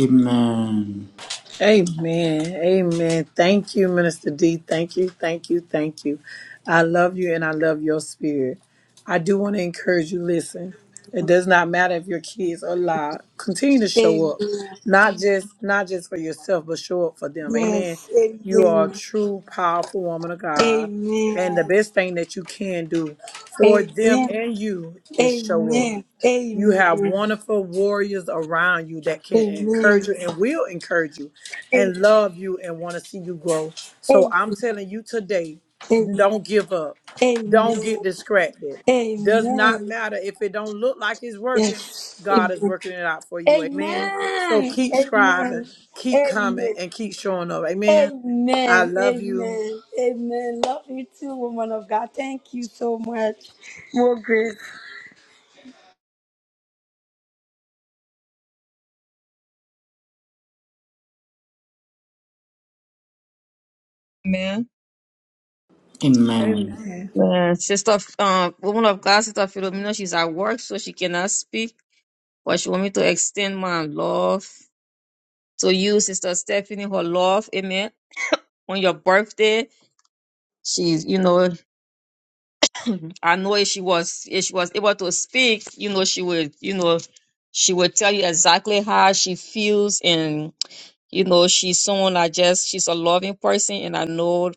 Speaker 2: Amen.
Speaker 1: Amen. Amen. Thank you, Minister D. Thank you. Thank you. Thank you. I love you and I love your spirit. I do want to encourage you listen. It does not matter if your kids are alive. Continue to
Speaker 8: Amen.
Speaker 1: show up. Not just not just for yourself, but show up for them. Amen.
Speaker 8: Yes.
Speaker 1: You are a
Speaker 8: Amen.
Speaker 1: true, powerful woman of God. And the
Speaker 8: Amen.
Speaker 1: best thing that you can do for them
Speaker 8: Amen.
Speaker 1: and you is show up.
Speaker 8: Amen.
Speaker 1: You have
Speaker 8: Amen.
Speaker 1: wonderful warriors around you that can encourage
Speaker 8: Amen.
Speaker 1: you and will encourage you
Speaker 8: A-
Speaker 1: and love you and want to see you grow. So I'm telling you today,
Speaker 8: Amen.
Speaker 1: don't give up.
Speaker 8: Amen.
Speaker 1: Don't
Speaker 8: Amen.
Speaker 1: get distracted. Does not
Speaker 8: Amen.
Speaker 1: matter if it don't look like it's working.
Speaker 8: Yes.
Speaker 1: God is
Speaker 8: Amen.
Speaker 1: working it out for you. Amen. So
Speaker 8: Amen.
Speaker 1: keep
Speaker 8: Amen.
Speaker 1: striving, keep
Speaker 8: Amen.
Speaker 1: coming,
Speaker 8: Amen.
Speaker 1: and keep showing up. Amen. I love you.
Speaker 8: Amen. Amen. Love you too, woman of God. Thank you so much. More grace.
Speaker 5: Amen.
Speaker 2: Amen.
Speaker 5: Man, sister, um, woman of God, sister Philomena, she's at work, so she cannot speak, but she want me to extend my love to you, sister Stephanie, her love, amen. On your birthday, she's, you know, I know if she was, if she was able to speak, you know, she would, you know, she would tell you exactly how she feels and. you know, she's someone I just, she's a loving person, and I know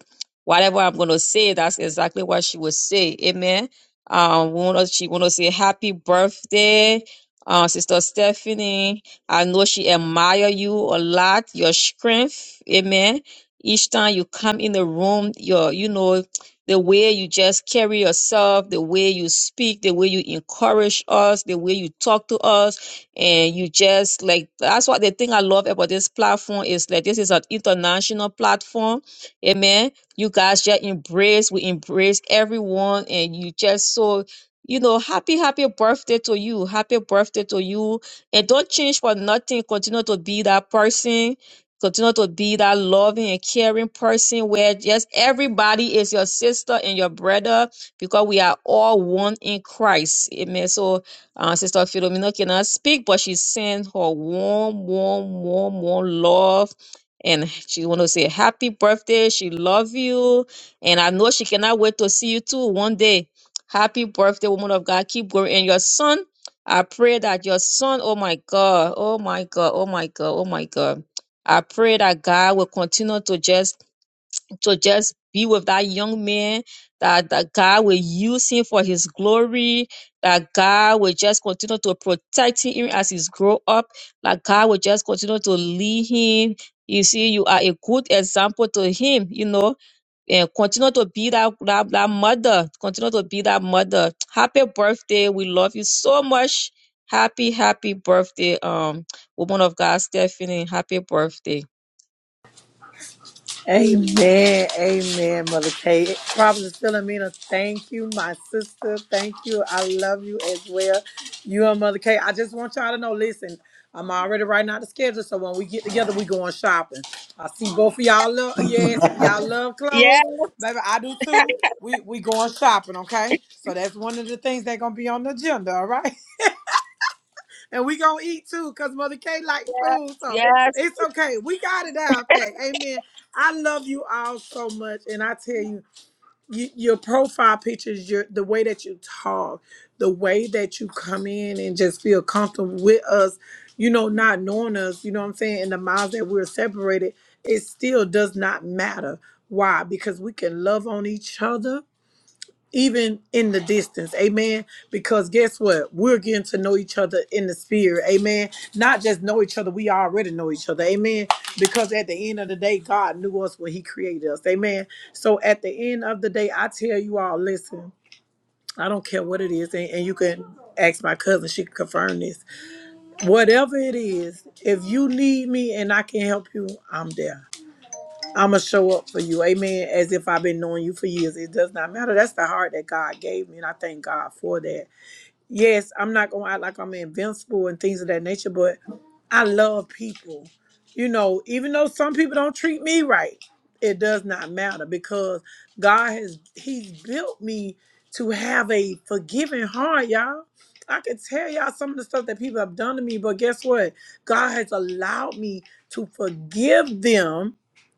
Speaker 5: whatever I'm gonna say, that's exactly what she would say. Amen. Um, we wanna, she wanna say happy birthday, uh, Sister Stephanie. I know she admire you a lot, your strength. Amen. Each time you come in the room, your, you know, the way you just carry yourself, the way you speak, the way you encourage us, the way you talk to us and you just like that's what the thing I love about this platform is like this is an international platform. Amen. You guys just embrace, we embrace everyone, and you just so you know, happy, happy birthday to you. Happy birthday to you. And don't change for nothing. Continue to be that person. Continue to be that loving and caring person where just everybody is your sister and your brother because we are all one in Christ. Amen. So uh, Sister Philomena cannot speak, but she sent her warm, warm, warm, warm love. And she want to say happy birthday. She love you. And I know she cannot wait to see you too one day. Happy birthday, woman of God. Keep going. And your son, I pray that your son, oh my God, oh my God, oh my God, oh my God. I pray that God will continue to just to just be with that young man, that, that God will use him for his glory, that God will just continue to protect him as he's grow up, that God will just continue to lead him. You see, you are a good example to him, you know, and continue to be that, that, that mother, continue to be that mother. Happy birthday. We love you so much. Happy, happy birthday, um, woman of God, Stephanie. Happy birthday.
Speaker 1: Amen. Amen, Mother Kay. Prophet Philomena, thank you, my sister. Thank you. I love you as well. You and Mother Kay. I just want y'all to know, listen, I'm already writing out the schedule, so when we get together, we going shopping. I see both of y'all love, yes, y'all love
Speaker 5: Yeah,
Speaker 1: clothes. Baby, I do too. We we going shopping, okay? So that's one of the things that gonna be on the agenda, all right? and we gonna eat too, cause Mother K like food, so
Speaker 5: yeah,
Speaker 1: it's okay. We got it down pack. Amen. I love you all so much, and I tell you, you your profile pictures, your the way that you talk, the way that you come in and just feel comfortable with us, you know, not knowing us, you know what I'm saying, and the miles that we're separated, it still does not matter. Why? Because we can love on each other even in the distance. Amen. Because guess what? We're getting to know each other in the spirit. Amen. Not just know each other, we already know each other. Amen. Because at the end of the day, God knew us when He created us. Amen. So at the end of the day, I tell you all, listen, I don't care what it is, and, and you can ask my cousin, she can confirm this. Whatever it is, if you need me and I can help you, I'm there. I'm gonna show up for you, amen. As if I've been knowing you for years, it does not matter. That's the heart that God gave me, and I thank God for that. Yes, I'm not gonna act like I'm invincible and things of that nature, but I love people. You know, even though some people don't treat me right, it does not matter because God has He's built me to have a forgiving heart, y'all. I can tell y'all some of the stuff that people have done to me, but guess what? God has allowed me to forgive them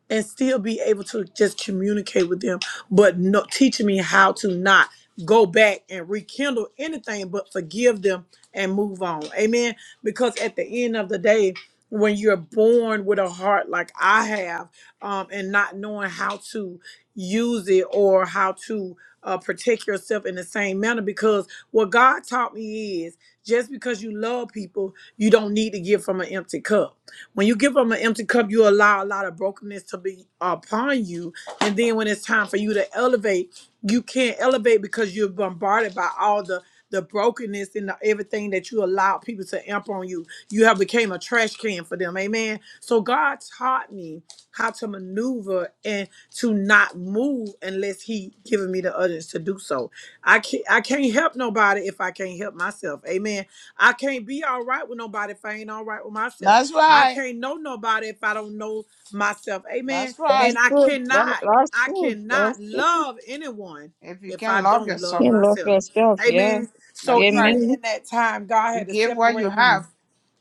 Speaker 1: and still be able to just communicate with them, but no, teaching me how to not go back and rekindle anything, but forgive them and move on. Amen. Because at the end of the day, when you're born with a heart like I have, um, and not knowing how to use it or how to uh, protect yourself in the same manner, because what God taught me is just because you love people, you don't need to give from an empty cup when you give them an empty cup, you allow a lot of brokenness to be upon you. And then when it's time for you to elevate, you can't elevate because you're bombarded by all the the brokenness and the, everything that you allow people to amp on you. You have became a trash can for them. Amen. So God taught me how to maneuver and to not move unless He given me the utterance to do so. I can't I can't help nobody if I can't help myself. Amen. I can't be all right with nobody if I ain't all right with myself.
Speaker 7: That's
Speaker 1: I
Speaker 7: right.
Speaker 1: can't know nobody if I don't know myself. Amen.
Speaker 7: That's
Speaker 5: that's
Speaker 1: And
Speaker 7: right.
Speaker 1: I
Speaker 5: true. That,
Speaker 1: cannot,
Speaker 5: that's
Speaker 1: I
Speaker 5: true.
Speaker 1: cannot
Speaker 5: That's true.
Speaker 1: love anyone
Speaker 7: If you
Speaker 1: if I
Speaker 7: can love
Speaker 1: don't love
Speaker 7: yourself,
Speaker 5: You love
Speaker 1: myself.
Speaker 5: yourself, yeah.
Speaker 1: Amen. So
Speaker 7: that's
Speaker 1: even
Speaker 7: right.
Speaker 5: Amen.
Speaker 1: in that time, God
Speaker 7: You
Speaker 1: had to
Speaker 7: give what you
Speaker 1: separate me
Speaker 7: have.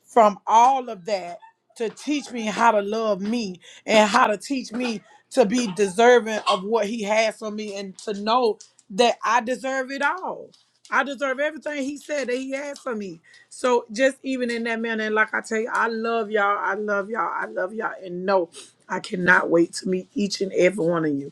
Speaker 1: from all of that to teach me how to love me and how to teach me to be deserving of what he has for me and to know that I deserve it all. I deserve everything he said that he had for me. So just even in that manner, and like I tell you, I love y'all. I love y'all. I love y'all. And no, I cannot wait to meet each and every one of you.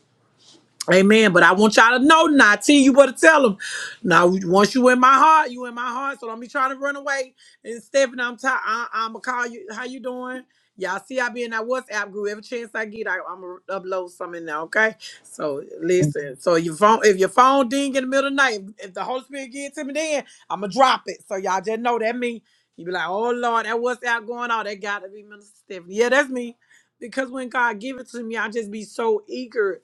Speaker 1: Amen. But I want y'all to know now, T, you better tell them. Now, once you in my heart, you in my heart. So don't be trying to run away. And Stephanie, I'm tired. I- I'm gonna call you. How you doing? Y'all see, I be in that WhatsApp group. Every chance I get, I, I'm gonna upload something now. Okay. So listen. So your phone, if your phone ding in the middle of the night, if the Holy Spirit get to me, then I'm gonna drop it. So y'all just know that me. You be like, oh Lord, that WhatsApp going on. That gotta be Minister Stephanie. Yeah, that's me. Because when God give it to me, I just be so eager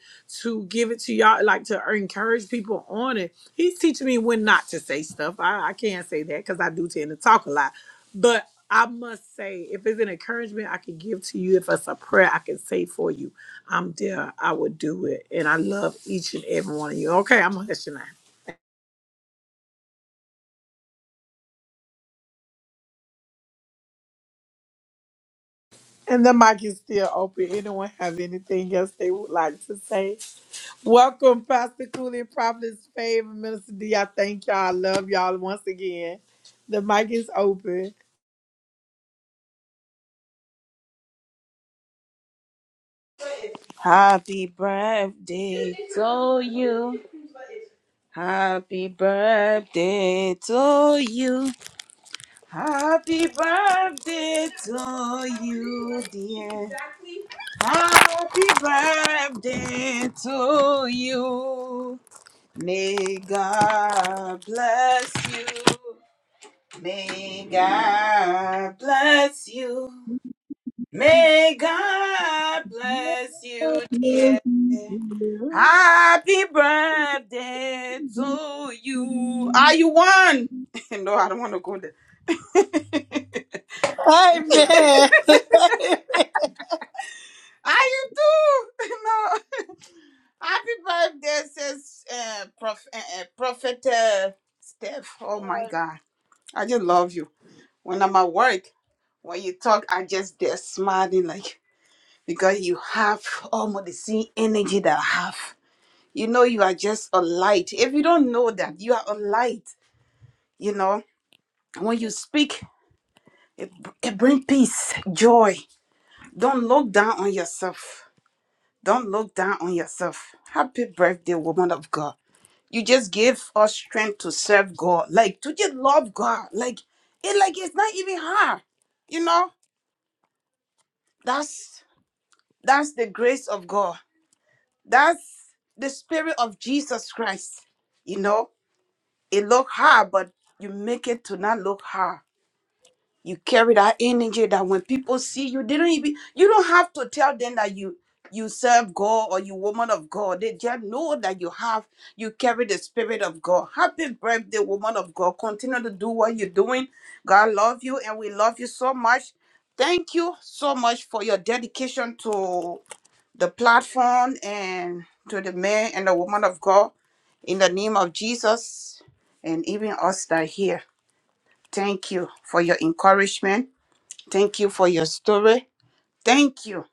Speaker 1: to give it to y'all, like to encourage people on it. He's teaching me when not to say stuff. I, I can't say that because I do tend to talk a lot. But I must say, if it's an encouragement I can give to you, if it's a prayer I can say for you, I'm there. I would do it. And I love each and every one of you. Okay, I'm going to hush you now. And the mic is still open. Anyone have anything else they would like to say? Welcome, Pastor Cooley, Prophet's Favor, Minister D. I thank y'all. I love y'all once again. The mic is open.
Speaker 7: Happy birthday to you. Happy birthday to you. Happy birthday to you, dear. Happy birthday to you. May God bless you. May God bless you. May God bless you, dear. Happy birthday to you. Are you one? no, I don't want to go there.
Speaker 1: Amen.
Speaker 7: Are you two? no. Happy birthday, says uh, prof, uh, uh, Prophet uh, Steph. Oh my God. I just love you. When I'm at work, when you talk, I just there smiling like because you have almost the same energy that I have. You know, you are just a light. If you don't know that, you are a light. You know, when you speak. It, it brings peace, joy. Don't look down on yourself. Don't look down on yourself. Happy birthday, woman of God. You just give us strength to serve God, like to just love God. Like it, like it's not even hard. You know, that's that's the grace of God. That's the spirit of Jesus Christ. You know, it look hard, but you make it to not look hard You carry that energy that when people see you, they don't even you don't have to tell them that you you serve God or you woman of God. They just know that you have you carry the spirit of God. Happy birthday, woman of God. Continue to do what you're doing. God love you and we love you so much. Thank you so much for your dedication to the platform and to the man and the woman of God in the name of Jesus and even us that are here. Thank you for your encouragement Thank you for your story. Thank you.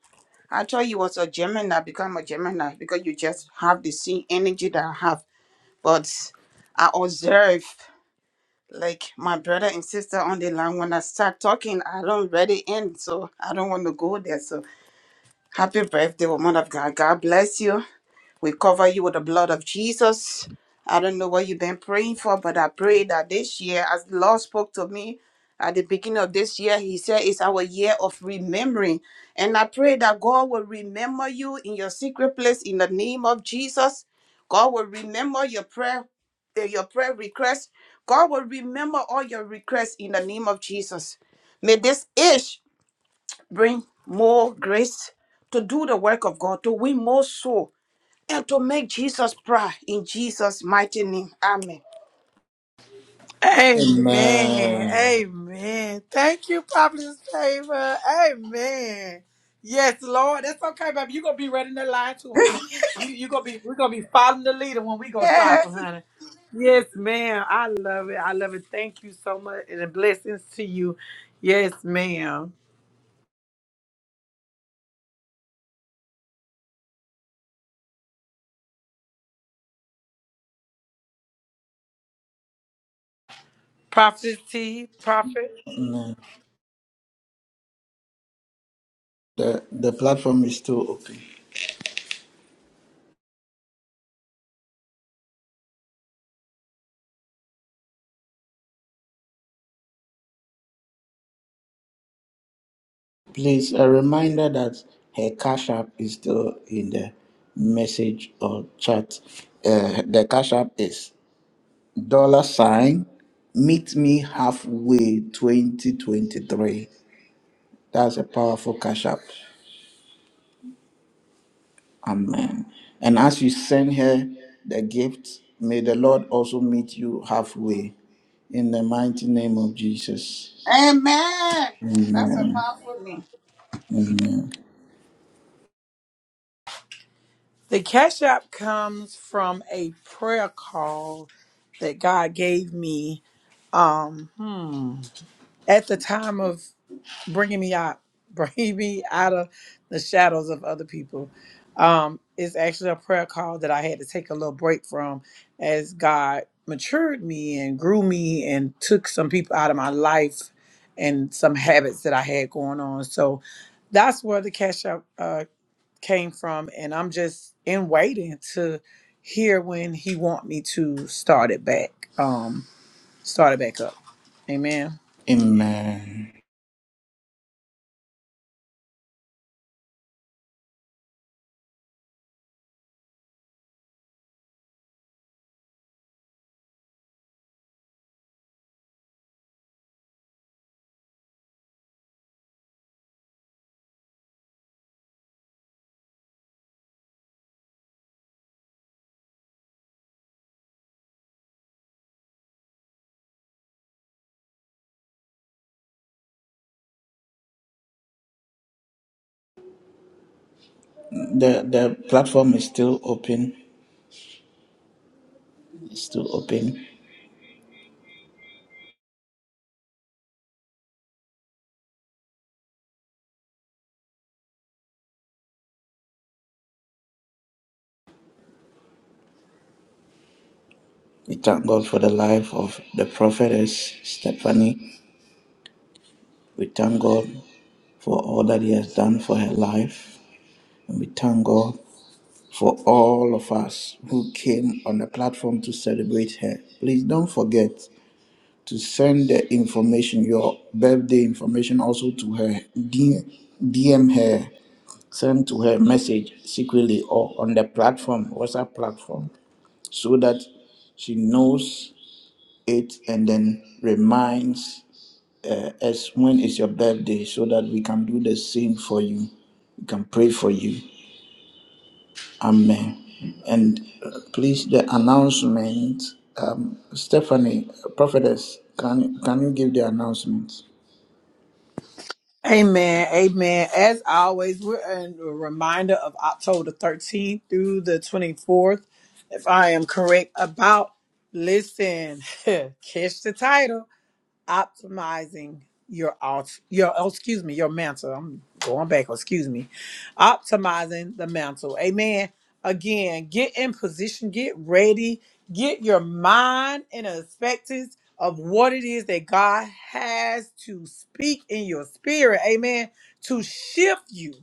Speaker 7: I thought you was a Gemini, become a Gemini because you just have the same energy that I have. But I observe, like my brother and sister on the line, when I start talking, I don't ready end, so I don't want to go there. So happy birthday, woman of God. God bless you. We cover you with the blood of Jesus. I don't know what you've been praying for, but I pray that this year, as the Lord spoke to me at the beginning of this year, He said it's our year of remembering. And I pray that God will remember you in your secret place in the name of Jesus. God will remember your prayer, eh, your prayer requests. God will remember all your requests in the name of Jesus. May this age bring more grace to do the work of God, to win more souls and to make Jesus proud in Jesus' mighty name. Amen.
Speaker 1: Amen.
Speaker 2: Amen.
Speaker 1: Amen. Thank you, Prophetess Favor. Amen. Yes, Lord. That's okay, baby. You're gonna be right in that line too, honey. You you gonna be we're gonna be following the leader when we go
Speaker 7: Yes.
Speaker 1: shopping, honey. Yes, ma'am. I love it. I love it. Thank you so much. And blessings to you. Yes, ma'am. Prophetess T, Prophet.
Speaker 2: Amen. The, the platform is still open. Please, a reminder that her cash app is still in the message or chat. Uh, the cash app is dollar sign meet me halfway 2023. That's a powerful cash app. Amen. And as you send her the gift, may the Lord also meet you halfway in the mighty name of Jesus.
Speaker 7: Amen. That's a powerful name.
Speaker 2: Amen.
Speaker 1: The cash app comes from a prayer call that God gave me. Um, hmm at the time of bringing me out, bringing me out of the shadows of other people. Um, it's actually a prayer call that I had to take a little break from as God matured me and grew me and took some people out of my life and some habits that I had going on. So that's where the cash out uh, came from. And I'm just in waiting to hear when he want me to start it back, um, start it back up. Amen.
Speaker 2: Amen. The the platform is still open. is still open. We thank God for the life of the prophetess Stephanie. We thank God for all that He has done for her life. And we thank God for all of us who came on the platform to celebrate her. Please don't forget to send the information, your birthday information, also to her. DM, her send to her message secretly or on the platform, WhatsApp platform, so that she knows it and then reminds uh, us when is your birthday so that we can do the same for you. We can pray for you. Amen. And uh, please, the announcement, um, Stephanie, prophetess, can, can you give the announcement?
Speaker 1: Amen. Amen. As always, we're in a reminder of October 13th through the 24th. If I am correct about, listen, catch the title optimizing your alt your oh, excuse me your mantle i'm going back excuse me optimizing the mantle amen again get in position get ready get your mind in a perspective of what it is that god has to speak in your spirit amen to shift you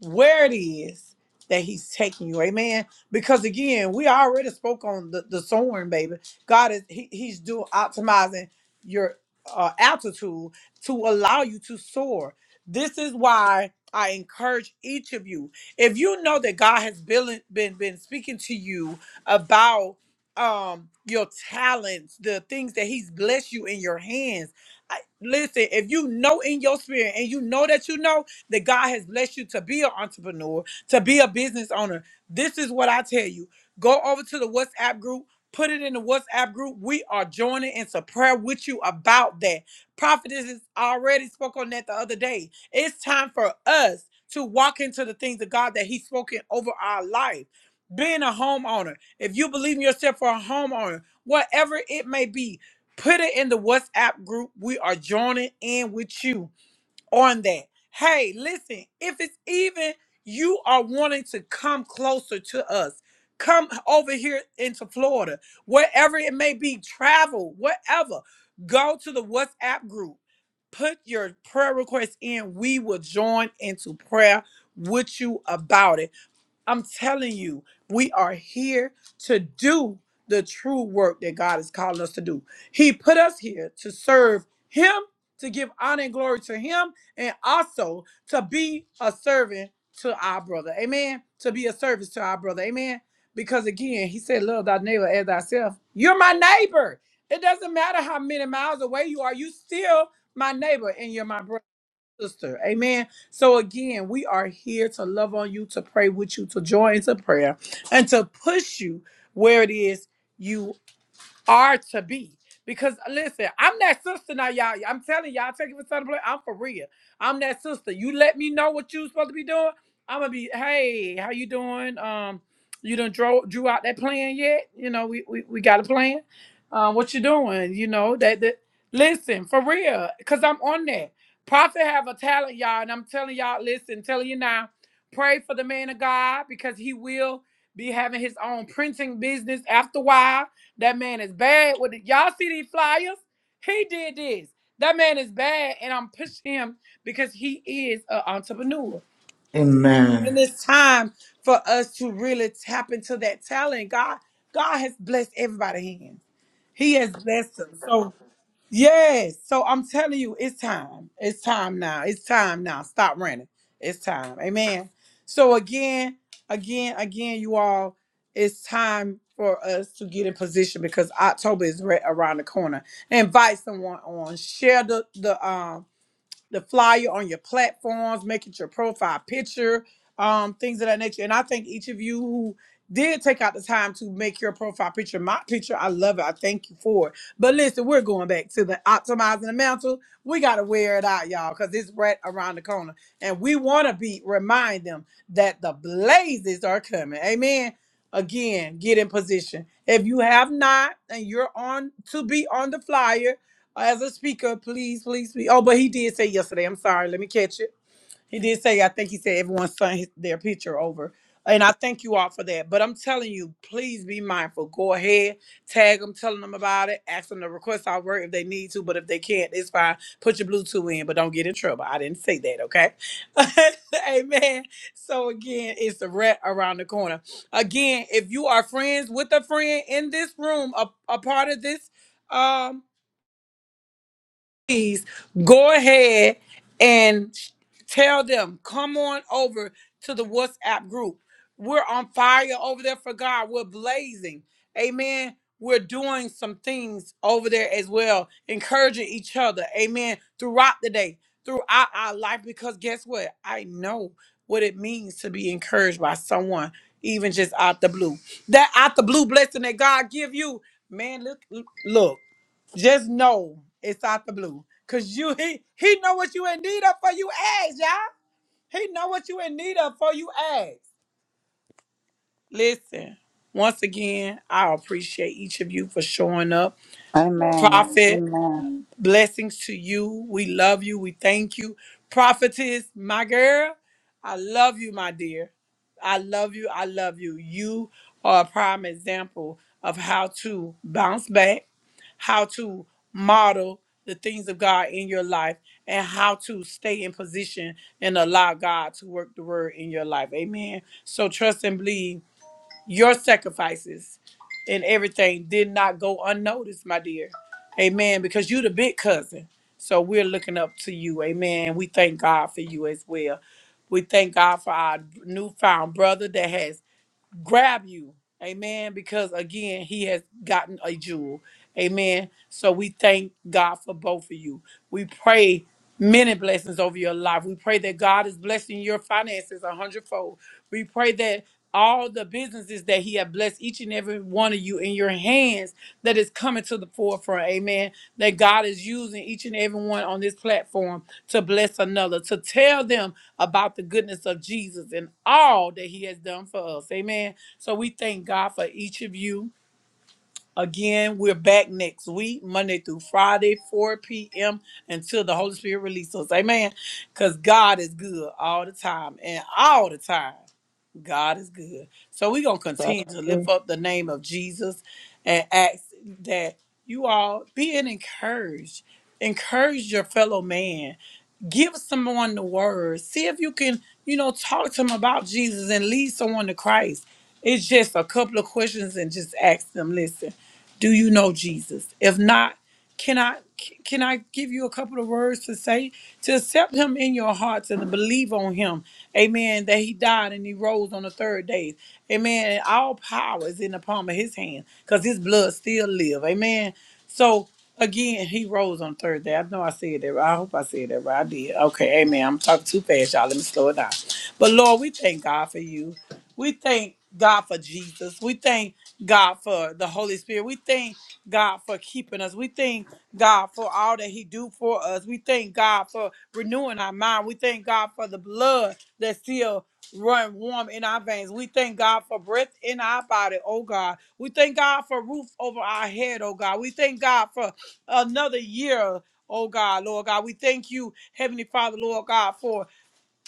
Speaker 1: where it is that he's taking you amen because again we already spoke on the, the soaring baby god is he, he's doing optimizing your uh, altitude to allow you to soar. This is why I encourage each of you. If you know that God has been been, been speaking to you about um your talents, the things that He's blessed you in your hands. I, listen, if you know in your spirit and you know that you know that God has blessed you to be an entrepreneur, to be a business owner, this is what I tell you. Go over to the WhatsApp group Put it in the WhatsApp group. We are joining into prayer with you about that. Prophetess has already spoke on that the other day. It's time for us to walk into the things of God that He's spoken over our life. Being a homeowner, if you believe in yourself for a homeowner, whatever it may be, put it in the WhatsApp group. We are joining in with you on that. Hey, listen, if it's even you are wanting to come closer to us, come over here into Florida, wherever it may be, travel, whatever. Go to the WhatsApp group, put your prayer request in. We will join into prayer with you about it. I'm telling you, we are here to do the true work that God is calling us to do. He put us here to serve Him, to give honor and glory to Him, and also to be a servant to our brother. Amen. To be a service to our brother. Amen. Because again, He said, Love thy neighbor as thyself. You're my neighbor. It doesn't matter how many miles away you are, you still my neighbor and you're my brother sister. Amen. So again, we are here to love on you, to pray with you, to join into prayer, and to push you where it is you are to be. Because listen, I'm that sister now, y'all. I'm telling y'all, take it for something. I'm for real. I'm that sister. You let me know what you supposed to be doing. I'm gonna be, hey, how you doing? Um, you done drew drew out that plan yet? You know, we we, we got a plan. Um, what you doing? You know that that. Listen, for real, cause I'm on that. Prophet have a talent, y'all, and I'm telling y'all. Listen, telling you now, pray for the man of God because he will be having his own printing business after a while that man is bad with the, y'all see these flyers? He did this. That man is bad, and I'm pushing him because he is an entrepreneur. And
Speaker 2: Amen.
Speaker 1: it's time for us to really tap into that talent. God, God has blessed everybody hands. He has blessed us. So Yes. So I'm telling you, it's time. It's time now. It's time now. Stop running. It's time. Amen. So again, again, again, you all, it's time for us to get in position because October is right around the corner. Invite someone on. Share the the um the flyer on your platforms, making your profile picture, um, things of that nature. And I thank each of you who did take out the time to make your profile picture my picture, I love it. I thank you for it. But listen, we're going back to the optimizing the mantle. We gotta wear it out, y'all, because it's right around the corner. And we wanna be remind them that the blazes are coming. Amen. Again, get in position. If you have not and you're on to be on the flyer, as a speaker, please, please, please. Oh, but he did say yesterday. I'm sorry. Let me catch it. He did say. I think he said everyone sent his, their picture over, and I thank you all for that. But I'm telling you, please be mindful. Go ahead, tag them, telling them about it, ask them to request our work if they need to. But if they can't, it's fine. Put your Bluetooth in, but don't get in trouble. I didn't say that. Okay. Amen. So again, it's the rat around the corner. Again, if you are friends with a friend in this room, a, a part of this. um please go ahead and tell them come on over to the WhatsApp group. We're on fire over there for God. We're blazing. Amen. We're doing some things over there as well, encouraging each other. Amen. Throughout the day, throughout our life, because guess what? I know what it means to be encouraged by someone, even just out the blue. That out the blue blessing that God give you, man. Look, look. Just know it's out the blue. Cause you he he know what you in need of for you ask, y'all. He know what you in need of for you ask. Listen, once again, I appreciate each of you for showing up.
Speaker 7: Amen.
Speaker 1: Prophet,
Speaker 7: Amen.
Speaker 1: blessings to you. We love you. We thank you. Prophetess, my girl, I love you, my dear. I love you. I love you. You are a prime example of how to bounce back how to model the things of God in your life and how to stay in position and allow God to work the word in your life. Amen. So trust and believe your sacrifices and everything did not go unnoticed, my dear. Amen. Because you the big cousin. So we're looking up to you. Amen. We thank God for you as well. We thank God for our newfound brother that has grab you. Amen. Because again, he has gotten a jewel. Amen. So we thank God for both of you. We pray many blessings over your life. We pray that God is blessing your finances a hundredfold. We pray that all the businesses that he has blessed each and every one of you in your hands that is coming to the forefront. Amen. That God is using each and every one on this platform to bless another, to tell them about the goodness of Jesus and all that he has done for us. Amen. So we thank God for each of you. Again, we're back next week, Monday through Friday, 4 p.m. until the Holy Spirit releases us. Amen. Because God is good all the time and all the time. God is good. So we're gonna
Speaker 5: That's
Speaker 1: continue to lift
Speaker 5: true.
Speaker 1: up the name of Jesus and ask that you all be encouraged. Encourage your fellow man give someone the word. See if you can, you know, talk to them about Jesus and lead someone to Christ. It's just a couple of questions and just ask them, listen, do you know Jesus? If not, can I can I give you a couple of words to say to accept him in your hearts and to believe on him? Amen. That he died and he rose on the third day. Amen. And all power is in the palm of his hand because his blood still live. Amen. So again, he rose on the third day. I know I said that right. I hope I said that right. I did. Okay, amen. I'm talking too fast, y'all. Let me slow it down. But Lord, we thank God for you. We thank God for Jesus. We thank God for the Holy Spirit. We thank God for keeping us. We thank God for all that He do for us. We thank God for renewing our mind. We thank God for the blood that still run warm in our veins. We thank God for breath in our body, oh God. We thank God for roof over our head, oh God. We thank God for another year, oh God, Lord God. We thank you, Heavenly Father, Lord God, for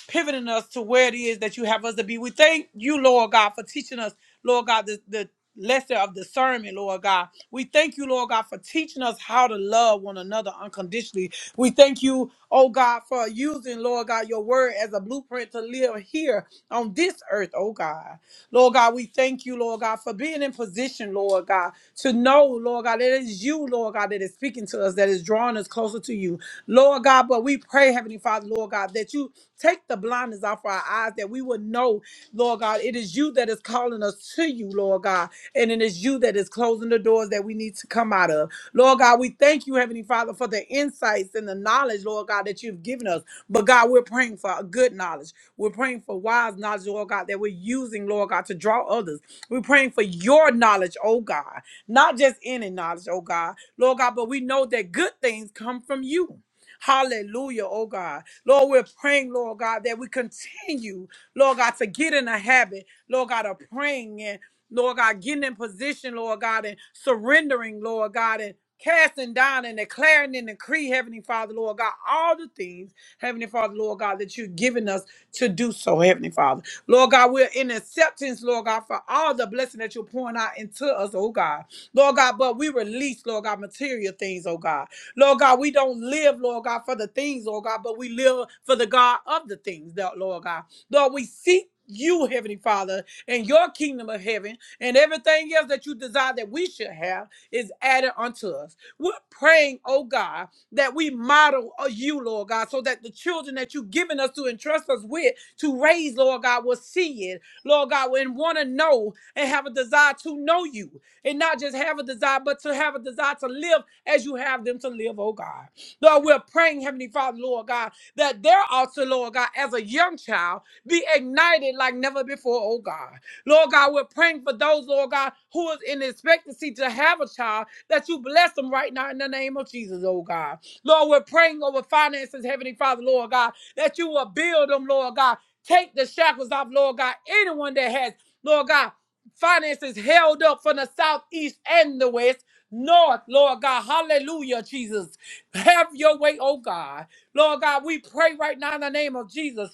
Speaker 1: pivoting us to where it is that you have us to be. We thank you, Lord God, for teaching us, Lord God, the, the lesson of discernment, Lord God. We thank you, Lord God, for teaching us how to love one another unconditionally. We thank you, oh God, for using, Lord God, your word as a blueprint to live here on this earth, oh God. Lord God, we thank you, Lord God, for being in position, Lord God, to know, Lord God, that it is you, Lord God, that is speaking to us, that is drawing us closer to you. Lord God, but we pray, Heavenly Father, Lord God, that you take the blindness off our eyes, that we will would know, Lord God, it is you that is calling us to you, Lord God. And it is you that is closing the doors that we need to come out of. Lord God, we thank you, Heavenly Father, for the insights and the knowledge, Lord God, that you've given us. But God, we're praying for a good knowledge. We're praying for wise knowledge, Lord God, that we're using, Lord God, to draw others. We're praying for your knowledge, oh God. Not just any knowledge, oh God. Lord God, but we know that good things come from you. Hallelujah, oh God. Lord, we're praying, Lord God, that we continue. Lord God, to get in the habit, Lord God, of praying, and Lord God, getting in position, Lord God, and surrendering, Lord God, and casting down and declaring and decree, Heavenly Father, Lord God, all the things, Heavenly Father, Lord God, that you've given us to do so, Heavenly Father. Lord God, we're in acceptance, Lord God, for all the blessing that you're pouring out into us, oh God. Lord God, but we release, Lord God, material things, oh God. Lord God, we don't live, Lord God, for the things, Oh God, but we live for the God of the things, Lord God. Lord, we seek you, Heavenly Father, and your kingdom of heaven, and everything else that you desire that we should have is added unto us. We're praying, oh God, that we model uh, you, Lord God, so that the children that you've given us to entrust us with to raise, Lord God, will see it, Lord God, and want to know and have a desire to know you, and not just have a desire, but to have a desire to live as you have them to live, oh God. Lord, we're praying, Heavenly Father, Lord God, that they're also, Lord God, as a young child be ignited like never before, oh God. Lord God, we're praying for those, Lord God, who is in expectancy to have a child, that you bless them right now in the name of Jesus, oh God. Lord, we're praying over finances, Heavenly Father, Lord God, that you will build them, Lord God. Take the shackles off, Lord God. Anyone that has, Lord God, finances held up from the south, east, and the west, north, Lord God. Hallelujah, Jesus. Have your way, oh God. Lord God, we pray right now in the name of Jesus.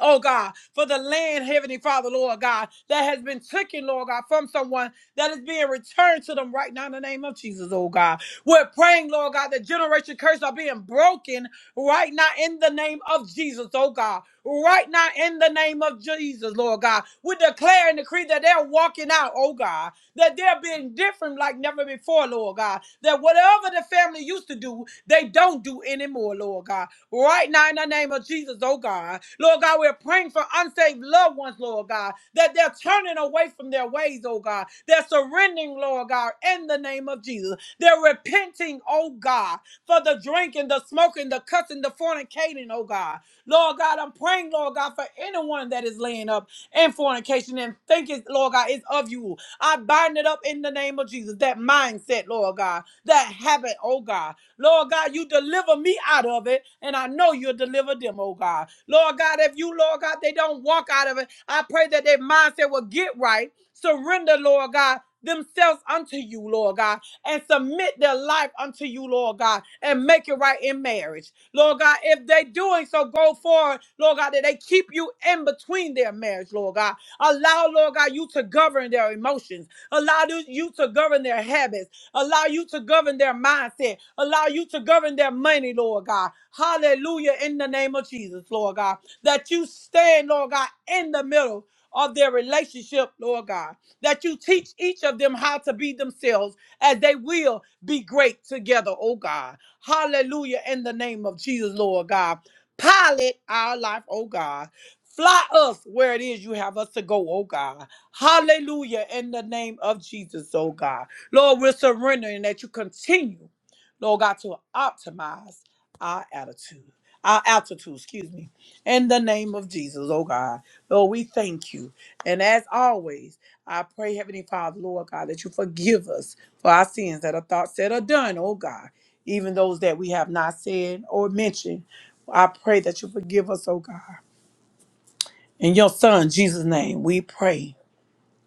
Speaker 1: Oh God, for the land, Heavenly Father, Lord God, that has been taken, Lord God, from someone that is being returned to them right now in the name of Jesus, oh God. We're praying, Lord God, that generation curses are being broken right now in the name of Jesus, oh God. Right now in the name of Jesus, Lord God. We declare and decree that they're walking out, oh God, that they're being different like never before, Lord God. That whatever the family used to do, they don't do anymore, Lord God right now in the name of Jesus, oh God. Lord God, we're praying for unsaved loved ones, Lord God, that they're turning away from their ways, oh God. They're surrendering, Lord God, in the name of Jesus. They're repenting, oh God, for the drinking, the smoking, the cussing, the fornicating, oh God. Lord God, I'm praying, Lord God, for anyone that is laying up in fornication and thinking, Lord God, it's of you. I bind it up in the name of Jesus. That mindset, Lord God, that habit, oh God. Lord God, you deliver me out of it, and I know you'll deliver them, oh God. Lord God, if you, Lord God, they don't walk out of it, I pray that their mindset will get right, surrender, Lord God. Themselves unto you, Lord God, and submit their life unto you, Lord God, and make it right in marriage. Lord God, if they doing so, go forward, Lord God, that they keep you in between their marriage, Lord God. Allow, Lord God, you to govern their emotions. Allow you to govern their habits Allow you to govern their mindset. Allow you to govern their money, Lord God. Hallelujah. In the name of Jesus, Lord God. That you stand, Lord God, in the middle of their relationship, Lord God. That you teach each of them how to be themselves as they will be great together, oh God. Hallelujah. In the name of Jesus, Lord God. Pilot our life, oh God. Fly us where it is you have us to go, oh God. Hallelujah. In the name of Jesus, oh God. Lord, we're surrendering that you continue, Lord God, to optimize our attitude, our altitude, excuse me, in the name of Jesus, oh God. Lord, we thank you. And as always, I pray, Heavenly Father, Lord God, that you forgive us for our sins that are thought, said, or done, oh God, even those that we have not said or mentioned. I pray that you forgive us, oh God. In your son, Jesus' name, we pray.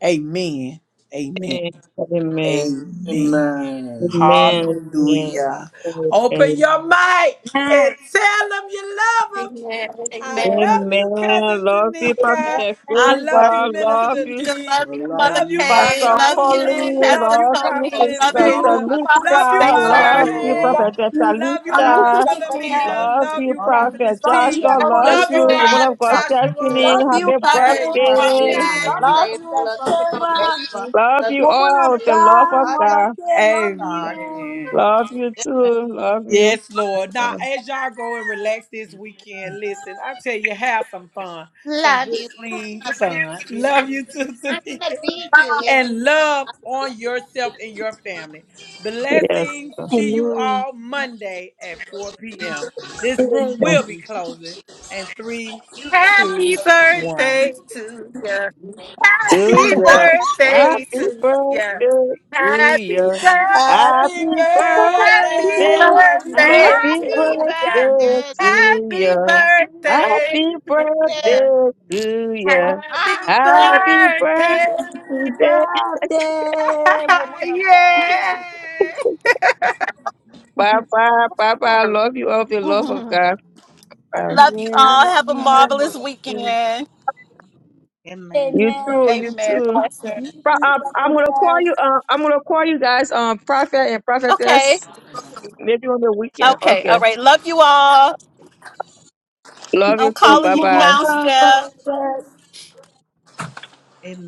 Speaker 1: Amen. Amen.
Speaker 5: Amen. Amen.
Speaker 1: Amen.
Speaker 2: Amen.
Speaker 5: Amen.
Speaker 1: Hallelujah. Open
Speaker 5: Amen.
Speaker 1: your mic and tell them you love them.
Speaker 3: Amen.
Speaker 1: I love
Speaker 3: Amen.
Speaker 1: you, cousin
Speaker 5: Amen. Love people to
Speaker 1: Tanika.
Speaker 5: the
Speaker 1: I love
Speaker 7: Lord,
Speaker 5: favor.
Speaker 1: you,
Speaker 7: we pray.
Speaker 5: Love
Speaker 1: Minister
Speaker 5: you
Speaker 3: Tamika,
Speaker 1: D.
Speaker 2: I
Speaker 3: love you, Mother
Speaker 2: love
Speaker 1: Love you,
Speaker 2: you.
Speaker 7: Lord,
Speaker 3: Kay,
Speaker 7: we
Speaker 5: Pastor
Speaker 1: Pastor
Speaker 7: have
Speaker 3: love you,
Speaker 1: Cooley.
Speaker 7: praise.
Speaker 5: Colin,
Speaker 1: Love
Speaker 3: Pastor
Speaker 7: Lord,
Speaker 1: you,
Speaker 5: love
Speaker 7: we have
Speaker 5: you,
Speaker 1: Prophet
Speaker 7: hope.
Speaker 3: Tony,
Speaker 1: in
Speaker 8: you,
Speaker 3: love
Speaker 5: Sister
Speaker 7: Lord,
Speaker 3: you,
Speaker 1: favor.
Speaker 8: woman
Speaker 3: Father
Speaker 8: of
Speaker 1: Love
Speaker 7: we
Speaker 1: you,
Speaker 2: We
Speaker 5: Tamika,
Speaker 8: God.
Speaker 1: Mother
Speaker 2: love
Speaker 3: Safer,
Speaker 5: love
Speaker 2: you
Speaker 5: you,
Speaker 1: K.
Speaker 8: Love
Speaker 5: Prophet
Speaker 2: all.
Speaker 8: you,
Speaker 1: Love you,
Speaker 3: love
Speaker 8: love you,
Speaker 7: have
Speaker 3: you,
Speaker 1: Prophet
Speaker 5: Talisha,
Speaker 3: Sister
Speaker 7: hope.
Speaker 8: Dr.
Speaker 3: Jean,
Speaker 8: Ben.
Speaker 7: Lord, you.
Speaker 1: Philomena.
Speaker 7: Lord,
Speaker 5: love
Speaker 7: you.
Speaker 1: Love
Speaker 5: you,
Speaker 1: you,
Speaker 7: Lord, you. Lord, you.
Speaker 1: Prophetess
Speaker 5: Prophet
Speaker 8: Love you,
Speaker 1: T.
Speaker 5: Joshua,
Speaker 7: Lord,
Speaker 3: love
Speaker 5: love
Speaker 3: you,
Speaker 1: Love
Speaker 5: you,
Speaker 1: you,
Speaker 7: you.
Speaker 8: Apostle.
Speaker 5: woman
Speaker 1: Prophet
Speaker 5: of God,
Speaker 3: Scott,
Speaker 6: Love you,
Speaker 1: Joshua.
Speaker 5: Stephanie,
Speaker 8: Love
Speaker 6: Steph.
Speaker 7: Lord,
Speaker 8: you,
Speaker 5: happy
Speaker 7: you.
Speaker 3: love
Speaker 6: Love you,
Speaker 3: you,
Speaker 5: birthday,
Speaker 8: Pastor Gina.
Speaker 6: Prophet. Love you,
Speaker 3: Roxanne.
Speaker 8: Love
Speaker 1: Amen.
Speaker 8: you,
Speaker 7: Love
Speaker 6: Favor.
Speaker 7: you,
Speaker 8: Dr.
Speaker 6: Love you,
Speaker 7: Prophet
Speaker 8: Seva.
Speaker 7: Favor.
Speaker 6: Tony.
Speaker 5: love
Speaker 6: Love
Speaker 5: you
Speaker 8: Woman of
Speaker 5: all with the love
Speaker 8: God,
Speaker 5: of
Speaker 7: Love you,
Speaker 8: Mother
Speaker 5: God,
Speaker 8: K, love
Speaker 7: God.
Speaker 8: you.
Speaker 1: Amen.
Speaker 5: love you
Speaker 7: Amen.
Speaker 5: too, love you.
Speaker 1: Yes, Lord. Now,
Speaker 5: Uh,
Speaker 1: as y'all go and relax this weekend, listen, I tell you, have some fun. Some
Speaker 7: Love
Speaker 1: good,
Speaker 7: you.
Speaker 1: clean
Speaker 7: I speak
Speaker 1: fun.
Speaker 7: to you.
Speaker 1: Love you too,
Speaker 7: I'm gonna
Speaker 1: Tamika.
Speaker 7: feed you if
Speaker 1: And
Speaker 7: you eat.
Speaker 1: love on yourself and your family.
Speaker 5: yes.
Speaker 1: Blessings.
Speaker 5: Okay.
Speaker 1: See you
Speaker 8: Amen.
Speaker 1: all Monday at 4 p.m. This room
Speaker 8: Happy
Speaker 1: will be closing. And three, two, one.
Speaker 3: Birthday to ya,
Speaker 5: to
Speaker 3: happy
Speaker 5: you,
Speaker 3: birthday
Speaker 5: Happy
Speaker 3: to ya,
Speaker 5: birthday to
Speaker 3: happy
Speaker 5: you,
Speaker 1: Happy
Speaker 5: Happy
Speaker 3: birthday, happy
Speaker 5: birthday.
Speaker 1: birthday. Love you
Speaker 3: birthday
Speaker 1: guys.
Speaker 5: Happy
Speaker 7: Happy
Speaker 3: to ya,
Speaker 5: birthday
Speaker 7: birthday to you.
Speaker 5: to
Speaker 3: happy
Speaker 5: you!
Speaker 3: birthday,
Speaker 5: Happy birthday to you!
Speaker 3: happy
Speaker 7: Happy
Speaker 5: Happy birthday.
Speaker 3: birthday,
Speaker 8: birthday, woman of God.
Speaker 3: yeah.
Speaker 5: Bye bye. Bye bye. I love you of the love of God. Bye.
Speaker 3: Love you
Speaker 8: Amen.
Speaker 3: all.
Speaker 8: Love
Speaker 3: Have a
Speaker 8: you
Speaker 7: Happy
Speaker 8: more,
Speaker 7: birthday.
Speaker 3: marvelous
Speaker 8: Mother K.
Speaker 3: weekend.
Speaker 7: Amen.
Speaker 5: You too.
Speaker 8: Amen.
Speaker 5: You
Speaker 3: Amen.
Speaker 5: too.
Speaker 3: Blessing.
Speaker 8: You
Speaker 5: Pro-
Speaker 8: too,
Speaker 5: uh, I'm gonna call
Speaker 8: Prophetess.
Speaker 5: you. Uh, I'm gonna call you guys. Um, prophet and
Speaker 3: Okay.
Speaker 5: prophetess. Maybe on the weekend.
Speaker 3: Okay. All
Speaker 5: Okay.
Speaker 3: right. Love you all.
Speaker 5: Love
Speaker 3: I'm
Speaker 5: you too.
Speaker 8: You
Speaker 3: calling
Speaker 5: Bye
Speaker 3: you
Speaker 5: bye.
Speaker 3: now,
Speaker 8: more,
Speaker 3: Steph.
Speaker 8: Prophetess.
Speaker 7: Amen.